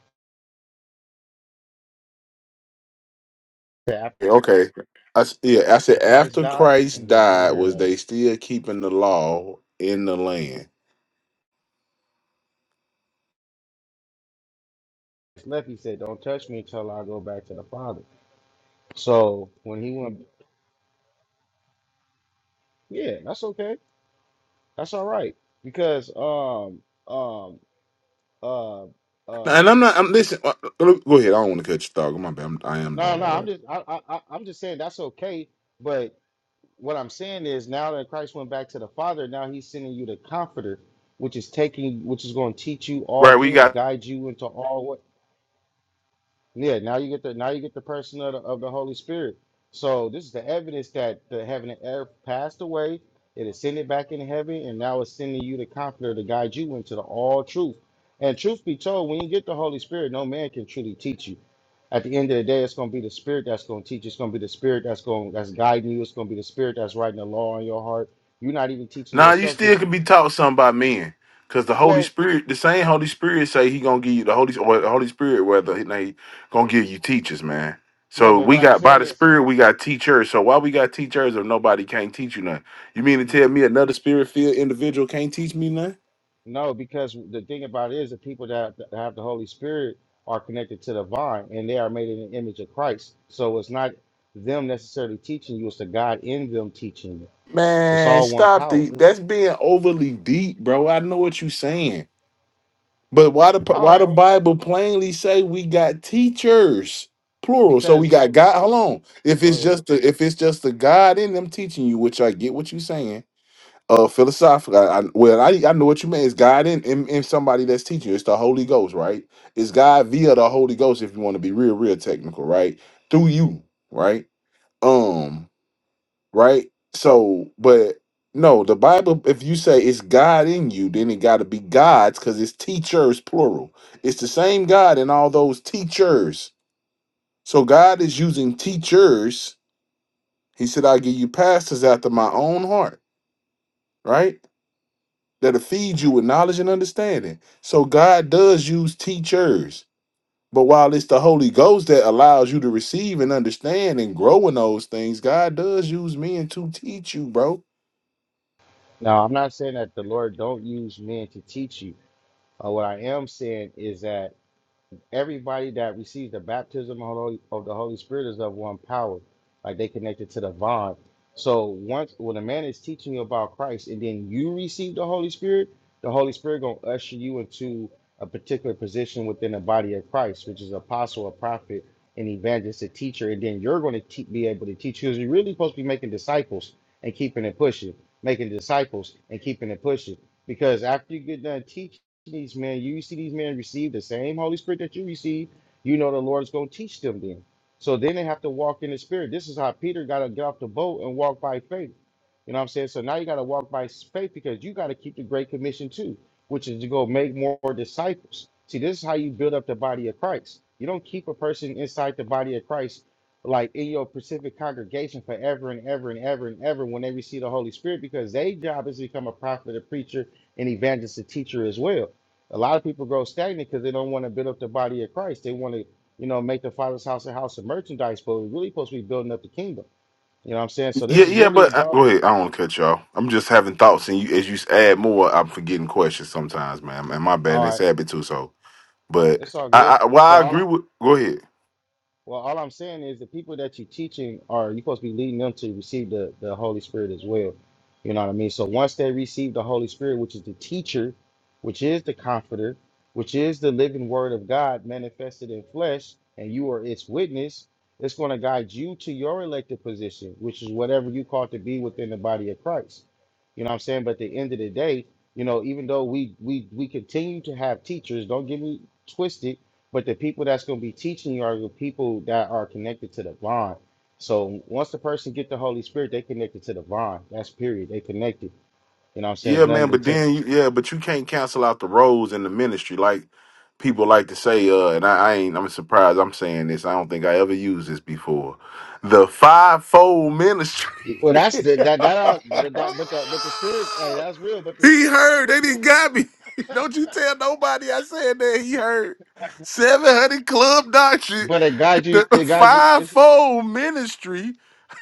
Speaker 2: After
Speaker 9: Yeah, Okay. I, s- yeah, I said
Speaker 2: Christ
Speaker 9: after
Speaker 2: died,
Speaker 9: Christ
Speaker 2: and then I didn't
Speaker 9: died,
Speaker 2: hear
Speaker 9: was
Speaker 2: nothing.
Speaker 9: they still keeping the law in the land?
Speaker 2: Left, he said, Don't touch me until I go back to the Father. So when he went, yeah, that's okay. That's all right. Because, um, um, uh,
Speaker 9: Now,
Speaker 2: uh,
Speaker 9: And I'm not. I'm
Speaker 2: y-
Speaker 9: listen. uh, uh, Go ahead. I don't want to cut you talk. My bad. I'm, I am
Speaker 2: no,
Speaker 9: doing
Speaker 2: no,
Speaker 9: that.
Speaker 2: I'm
Speaker 9: Right.
Speaker 2: just, I, I, I- I'm just saying that's okay. But what I'm saying is now that Christ went back to the Father, now he's sending you the Comforter, which is taking, which is going to teach you all
Speaker 9: right we got
Speaker 2: things, guide you into all what. Yeah, now you get the now you get the person of the, of the Holy Spirit. So this is the evidence that the heaven and earth passed away. It ascended back in heaven, and now it's sending you the Comforter to guide you into the all truth. And truth be told, when you get the Holy Spirit, no man can truly teach you. At the end of the day, it's going to be the Spirit that's going to teach. It's going to be the Spirit that's going that's guiding you. It's going to be the Spirit that's writing the law on your heart. You're not even teaching
Speaker 9: Nah, you
Speaker 2: yourself
Speaker 9: still
Speaker 2: because,
Speaker 9: could be taught something by men, cause the Holy
Speaker 2: well,
Speaker 9: Spirit, the same Holy Spirit, say He gonna give you the Holy or the Holy Spirit, whether he they gonna give you teachers, man.
Speaker 2: no.
Speaker 9: So
Speaker 2: But what
Speaker 9: we
Speaker 2: I'm
Speaker 9: got by
Speaker 2: saying
Speaker 9: the
Speaker 2: is,
Speaker 9: Spirit, we got teachers. So why we got teachers if nobody can't teach you nothing? You mean to tell me another Spirit filled individual can't teach me nothing?
Speaker 2: No, because the thing about it is the people that have that have the Holy Spirit are connected to the vine and they are made in the image of Christ. So it's not them necessarily teaching you, it's the God in them teaching you. It's
Speaker 9: Man,
Speaker 2: all one
Speaker 9: stop
Speaker 2: power.
Speaker 9: the. That's being overly deep, bro. I know what you saying. But why the
Speaker 2: All
Speaker 9: why
Speaker 2: right,
Speaker 9: the
Speaker 2: oh,
Speaker 9: Bible plainly say we got teachers plural? So we
Speaker 2: because
Speaker 9: got God. Hold on. If
Speaker 2: go
Speaker 9: it's
Speaker 2: ahead.
Speaker 9: just the if it's just the God in them teaching you, which I get what you're saying, uh, philosophically. I, I, well, I I know what you mean. It's God in, in in somebody that's teaching you. It's the Holy Ghost, right? It's God via the Holy Ghost. If you want to be real, real technical, right? Through you, right? Um right? So, but no, the Bible, if you say it's God in you, then it got to be God's because it's teachers, plural. It's the same God in all those teachers. So, God is using teachers. He said, I give you pastors after my own heart, right? That'll feed you with knowledge and understanding. So, God does use teachers. But while it's the Holy Ghost that allows you to receive and understand and grow in those things, God does use men to teach you, bro.
Speaker 2: Now I'm not saying that the Lord don't use men to teach you. Uh, what I am saying is that everybody that receives the baptism of the Holy, of the Holy Spirit is of one power, like they connected to the vine. So once when a man is teaching you about Christ and then you receive the Holy Spirit, the Holy Spirit gonna usher you into a particular position within the body of Christ, which is apostle, a prophet, an evangelist, a teacher, and then you're going to te- be able to teach because you're really supposed to be making disciples and keeping it pushing, making disciples and keeping it pushing. Because after you get done teaching these men, you see these men receive the same Holy Spirit that you receive, you know the Lord is going to teach them then. So then they have to walk in the Spirit. This is how Peter got to get off the boat and walk by faith. You know what I'm saying? So now you got to walk by faith because you got to keep the Great Commission too, which is to go make more disciples. See, this is how you build up the body of Christ. You don't keep a person inside the body of Christ like in your specific congregation forever and ever and ever and ever when they receive the Holy Spirit because their job is to become a prophet, a preacher, an evangelist, a teacher as well. A lot of people grow stagnant because they don't want to build up the body of Christ. They want to, you know, make the Father's house a house of merchandise, but we're really supposed to be building up the kingdom. You know what I'm saying? So this
Speaker 9: Yeah,
Speaker 2: is
Speaker 9: yeah,
Speaker 2: really
Speaker 9: but I,
Speaker 2: about.
Speaker 9: go ahead. I don't want to cut y'all. I'm just having thoughts, and you as you add more, I'm forgetting questions sometimes, man. And my bad, and
Speaker 2: all
Speaker 9: it's
Speaker 2: right.
Speaker 9: habit too. So, but
Speaker 2: It's all
Speaker 9: I,
Speaker 2: good.
Speaker 9: I well,
Speaker 2: But
Speaker 9: I
Speaker 2: all I,
Speaker 9: agree with. Go ahead.
Speaker 2: well, all I'm saying is the people that you're teaching are you supposed to be leading them to receive the, the Holy Spirit as well. You know what I mean? So once they receive the Holy Spirit, which is the teacher, which is the comforter, which is the living word of God manifested in flesh, and you are its witness, it's going to guide you to your elected position, which is whatever you call to be within the body of Christ. You know what I'm saying? But at the end of the day, you know, even though we we we continue to have teachers, don't get me twisted but the people that's going to be teaching you are the people that are connected to the vine. So once the person get the Holy Spirit, they connected to the vine. That's period. They connected. You know what I'm saying? There's
Speaker 9: Yeah, man.
Speaker 2: nothing
Speaker 9: But
Speaker 2: until
Speaker 9: then, you, yeah, but you can't cancel out the roles in the ministry, like people like to say. Uh, and I, I ain't. I'm surprised. I'm saying this. I don't think I ever used this before. The fivefold ministry.
Speaker 2: well, that's the that that all, but that but the but the spirit hey, that's real. But this
Speaker 9: He heard. They didn't got me. Don't you tell nobody I said that. He heard. 700 Club Doctrine,
Speaker 2: but it guides you.
Speaker 9: the the
Speaker 2: It guides you. It's
Speaker 9: fivefold ministry.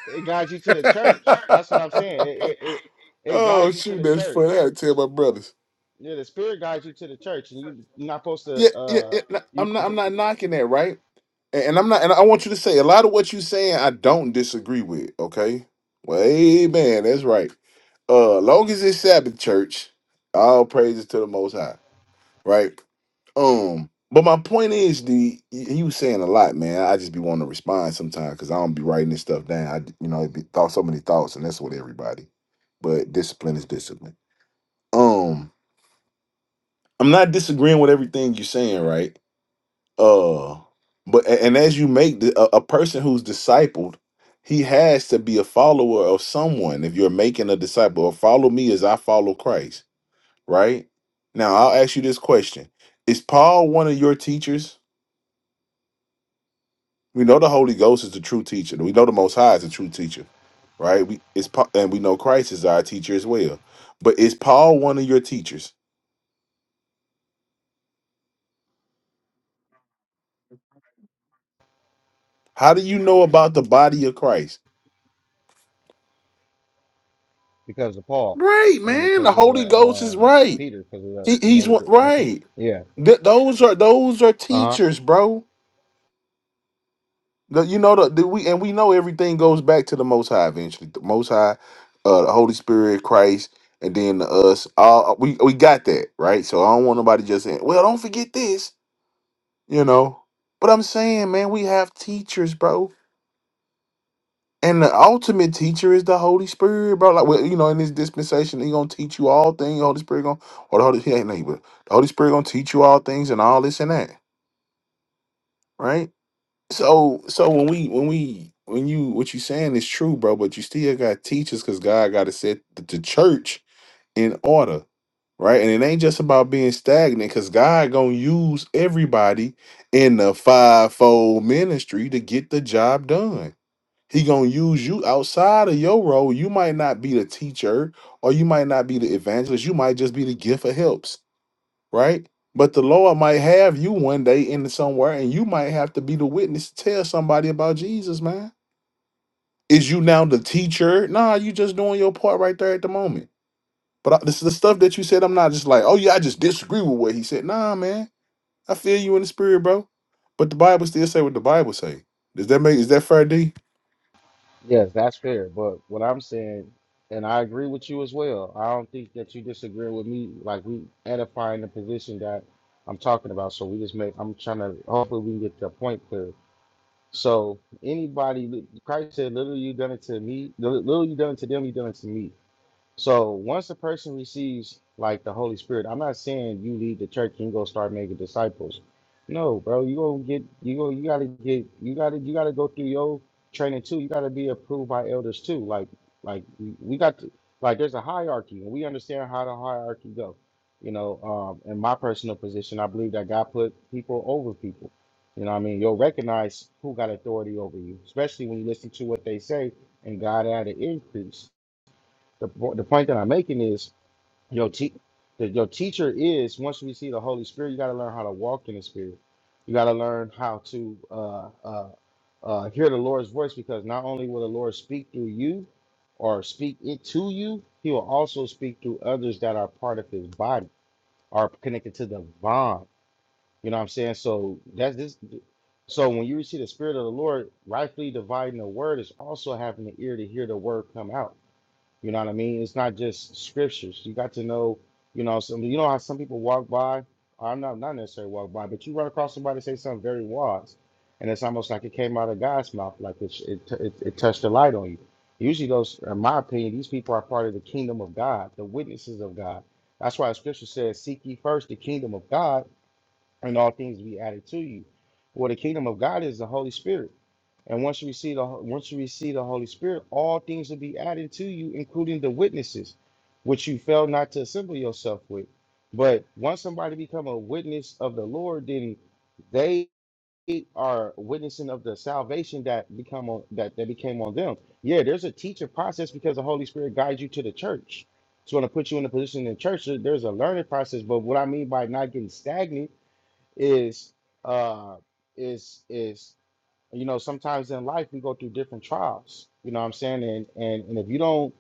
Speaker 2: it guides you to the church. That's what I'm saying. It it it, it
Speaker 9: oh,
Speaker 2: guides you to
Speaker 9: shoot,
Speaker 2: the
Speaker 9: that's funny. I
Speaker 2: church.
Speaker 9: had to tell my brothers.
Speaker 2: Yeah, the spirit guides you to the church, and you you're not supposed
Speaker 9: Yeah,
Speaker 2: to
Speaker 9: yeah,
Speaker 2: uh
Speaker 9: yeah. no,
Speaker 2: you
Speaker 9: I'm not I'm not knocking that, right? And and I'm not and I want you to say a lot of what you're saying I don't disagree with, okay? Well, amen. That's right. Uh long as it's Sabbath church, all praises to the most high. right? Um, but my point is, the he was saying a lot, man. I just be wanting to respond sometimes because I don't be writing this stuff down. I d- you know, it be thought so many thoughts, and that's what everybody. But discipline is discipline. Um, I'm not disagreeing with everything you're saying, right? Uh, but a- and as you make the, a, a person who's discipled, he has to be a follower of someone. If you're making a disciple, or follow me as I follow Christ, right? Now I'll ask you this question: Is Paul one of your teachers? We know the Holy Ghost is the true teacher. We know the Most High is the true teacher, right? We it's Pa- and we know Christ is our teacher as well. But is Paul one of your teachers? How do you know about the body of Christ?
Speaker 2: because of Paul
Speaker 9: Right,
Speaker 2: and
Speaker 9: man.
Speaker 2: because
Speaker 9: The
Speaker 2: of
Speaker 9: Holy
Speaker 2: the
Speaker 9: Ghost is
Speaker 2: um,
Speaker 9: right.
Speaker 2: Peter. uh,
Speaker 9: He, he's one right.
Speaker 2: Yeah.
Speaker 9: Th- those are those are
Speaker 2: Uh huh.
Speaker 9: teachers, bro. The- you know the, the- we and we know everything goes back to the Most High eventually. The Most High, uh, the Holy Spirit, Christ, and then us. All we we got that right. So I don't want nobody just saying, "Well, don't forget this." you know. But I'm saying, man, we have teachers, bro. And the ultimate teacher is the Holy Spirit, bro. Like, well, you know, in this dispensation, he gonna teach you all things. The Holy Spirit gonna, or the Holy, he ain't neighbor. The Holy Spirit gonna teach you all things and all this and that, right? So, so when we, when we, when you, what you saying is true, bro. But you still got teachers, cause God got to set the, the church in order. right? And it ain't just about being stagnant, because God gonna use everybody in the fivefold ministry to get the job done. He gonna use you outside of your role. You might not be the teacher, or you might not be the evangelist. You might just be the gift of helps, right? But the Lord might have you one day in somewhere, and you might have to be the witness to tell somebody about Jesus, man. Is you now the teacher? Nah, you just doing your part right there at the moment but I, this is the stuff that you said. I'm not just like, oh yeah, I just disagree with what he said. Nah, man, I feel you in the spirit, bro. But the Bible still say what the Bible say. Does that make is that fair, D?
Speaker 2: Yes, that's fair. But what I'm saying, and I agree with you as well. I don't think that you disagree with me. Like we edifying the position that I'm talking about. So we just make. I'm trying to. Hopefully we can get the point clear. So anybody, Christ said, "Little you done it to me. Little little you done it to them, you done it to me." So once a person receives like the Holy Spirit, I'm not saying you leave the church and go start making disciples. No, bro, you gonna get you go you gotta get you gotta you gotta go through your training too. You gotta be approved by elders too. Like like we we got to like there's a hierarchy and we understand how the hierarchy go. You know, um, in my personal position, I believe that God put people over people. You know, what I mean, you'll recognize who got authority over you, especially when you listen to what they say and God added increase. The, po- the point that I'm making is your te- that your teacher is once we see the Holy Spirit, you got to learn how to walk in the Spirit. You got to learn how to uh, uh, uh, hear the Lord's voice because not only will the Lord speak through you or speak it to you, He will also speak through others that are part of His body are connected to the bond. You know what I'm saying? So that's this. So when you receive the Spirit of the Lord, rightfully dividing the word is also having the ear to hear the word come out. You know what I mean? It's not just scriptures. You got to know, you know, some you know how some people walk by, or not not necessarily walk by, but you run across somebody say something very wise, and it's almost like it came out of God's mouth, like it it it, it touched the light on you. Usually, those, in my opinion, these people are part of the kingdom of God, the witnesses of God. That's why the Scripture says, "Seek ye first the kingdom of God, and all things will be added to you." Well, the kingdom of God is the Holy Spirit. And once you receive the once you receive the Holy Spirit, all things will be added to you, including the witnesses, which you failed not to assemble yourself with. But once somebody become a witness of the Lord, then they are witnessing of the salvation that become on, that that became on them. Yeah, there's a teaching process because the Holy Spirit guides you to the church. So when I put you in a position in the church, there- there's a learning process. But what I mean by not getting stagnant is uh is is you know sometimes in life we go through different trials you know what i'm saying and and, and if you don't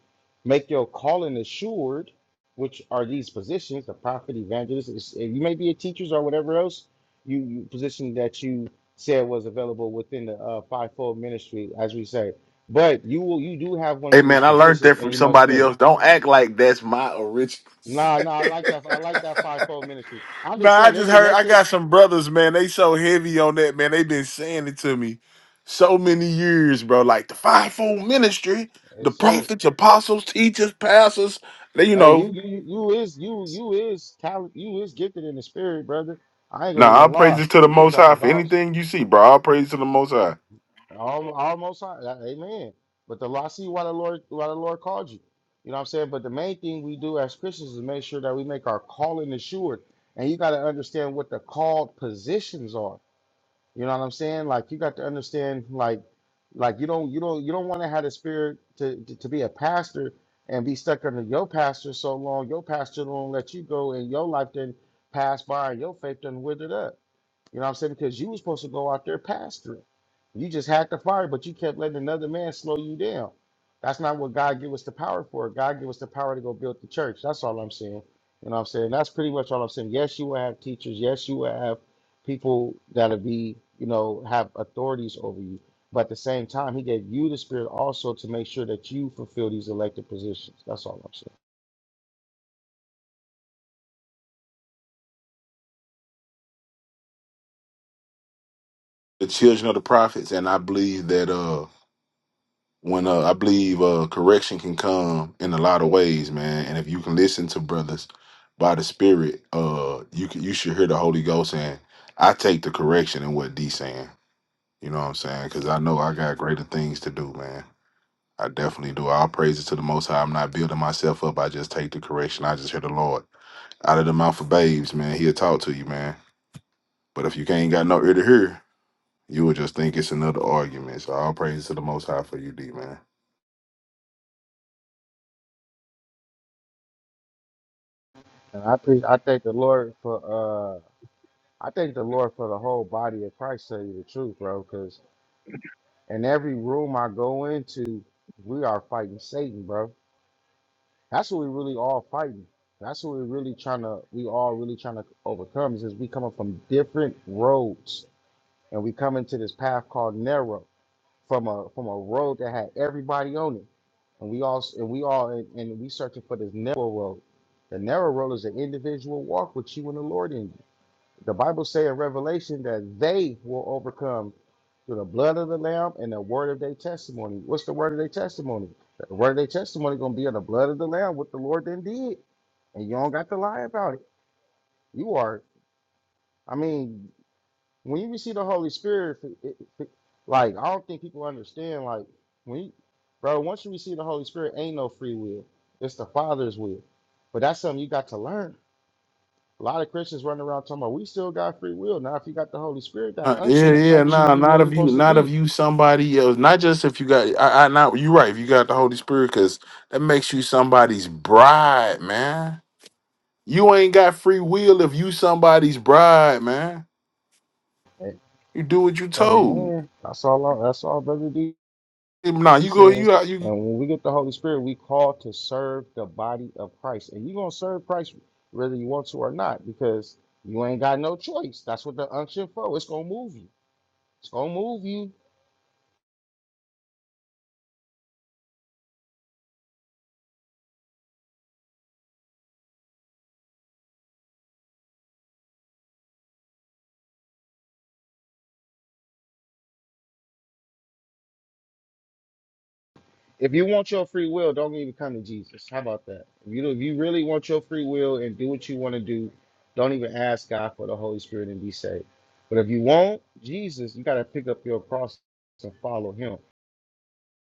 Speaker 2: make your calling assured which are these positions the prophet evangelist it's- if you may be a teachers or whatever else you, you position that you said was available within the uh, fivefold ministry as we say but you will you do have one of
Speaker 9: Hey
Speaker 2: these
Speaker 9: man, I learned
Speaker 2: positions
Speaker 9: that
Speaker 2: and
Speaker 9: from
Speaker 2: you must
Speaker 9: somebody
Speaker 2: fill it
Speaker 9: else. Don't act like that's my original.
Speaker 2: nah nah i like that i like that fivefold ministry i'm
Speaker 9: Nah,
Speaker 2: just
Speaker 9: I
Speaker 2: saying
Speaker 9: just
Speaker 2: there's
Speaker 9: heard. I
Speaker 2: elected
Speaker 9: got some brothers, man. They so heavy on that, man. They been saying it to me so many years, bro. Like the fivefold ministry, the
Speaker 2: yes sir
Speaker 9: prophets, apostles, teachers, pastors. They, you
Speaker 2: Hey,
Speaker 9: know.
Speaker 2: you you you is you you is talent you is gifted in the spirit, brother. I ain't gonna
Speaker 9: Nah,
Speaker 2: even
Speaker 9: I'll praise
Speaker 2: lie.
Speaker 9: it to the
Speaker 2: You was
Speaker 9: Most High
Speaker 2: dropping
Speaker 9: for
Speaker 2: bombs
Speaker 9: anything you see, bro. I'll praise it to the Most High.
Speaker 2: almost, almost high. Uh, Amen. But the Lord- I see why the Lord why the Lord called you. You know what I'm saying? But the main thing we do as Christians is make sure that we make our calling assured. And you gotta understand what the called positions are. You know what I'm saying? Like you got to understand, like, like you don't you don't you don't want to have the spirit to, to to be a pastor and be stuck under your pastor so long. Your pastor don't let you go, and your life then pass by, and your faith done withered up. You know what I'm saying? Because you was supposed to go out there pastoring. You just had the fire, but you kept letting another man slow you down. That's not what God gave us the power for. God gave us the power to go build the church. That's all I'm saying. You know what I'm saying? That's pretty much all I'm saying. Yes, you will have teachers. Yes, you will have people that'll be, you know, have authorities over you. But at the same time, he gave you the spirit also to make sure that you fulfill these elected positions. That's all I'm saying.
Speaker 9: the children of the prophets, and I believe that uh when uh I believe uh correction can come in a lot of ways, man. And if you can listen to brothers by the Spirit, uh you can you should hear the Holy Ghost saying, "I take the correction in what D saying." You know what I'm saying? Because I know I got greater things to do, man. I definitely do. All praises to the Most High. I'm not building myself up. I just take the correction. I just hear the Lord out of the mouth of babes, man. He'll talk to you, man. But if you can't got no ear to hear, You would just think it's another argument. So all praise to the Most High for you, D man.
Speaker 2: And I pre- I thank the Lord for uh I thank the Lord for the whole body of Christ, to tell you the truth, bro, 'cause And every room I go into, we are fighting Satan, bro. That's what we really all fighting. That's what we really trying to, we all really trying to overcome is is we coming from different roads and we come into this path called narrow from a, from a road that had everybody on it. And we all, and we all, and, and we searching for this narrow road. The narrow road is an individual walk with you and the Lord in you. The Bible say in Revelation that they will overcome through the blood of the Lamb and the word of their testimony. What's the word of their testimony? The word of their testimony gonna be in the blood of the Lamb, what the Lord then did. and you don't got to lie about it. You are, I mean, when you receive the Holy Spirit, it- it- it- like I don't think people understand. Like when, you, bro, once you receive the Holy Spirit, ain't no free will. It's the Father's will. But that's something you got to learn. A lot of Christians running around talking about we still got free will. Now, if you got the Holy Spirit, that
Speaker 9: Uh,
Speaker 2: unction,
Speaker 9: yeah,
Speaker 2: the
Speaker 9: yeah,
Speaker 2: unction
Speaker 9: nah,
Speaker 2: you where
Speaker 9: not
Speaker 2: you're
Speaker 9: if you,
Speaker 2: supposed to
Speaker 9: not if
Speaker 2: be.
Speaker 9: you somebody else. Not just if you got, I, I not you right. If you got the Holy Spirit, because that makes you somebody's bride, man. You ain't got free will if you somebody's bride, man.
Speaker 2: Hey,
Speaker 9: You do what you
Speaker 2: hey,
Speaker 9: told.
Speaker 2: man, that's all. I- That's all, Brother D
Speaker 9: Nah, you go,
Speaker 2: said.
Speaker 9: you out, you
Speaker 2: And when we get the Holy Spirit, we call to serve the body of Christ. And you're gonna serve Christ whether you want to or not, because you ain't got no choice. That's what the unction for. It's gonna move you. It's gonna move you. If you want your free will, don't even come to Jesus. How about that? If you if you really want your free will and do what you want to do, don't even ask God for the Holy Spirit and be saved. But if you want Jesus, you got to pick up your cross and follow Him.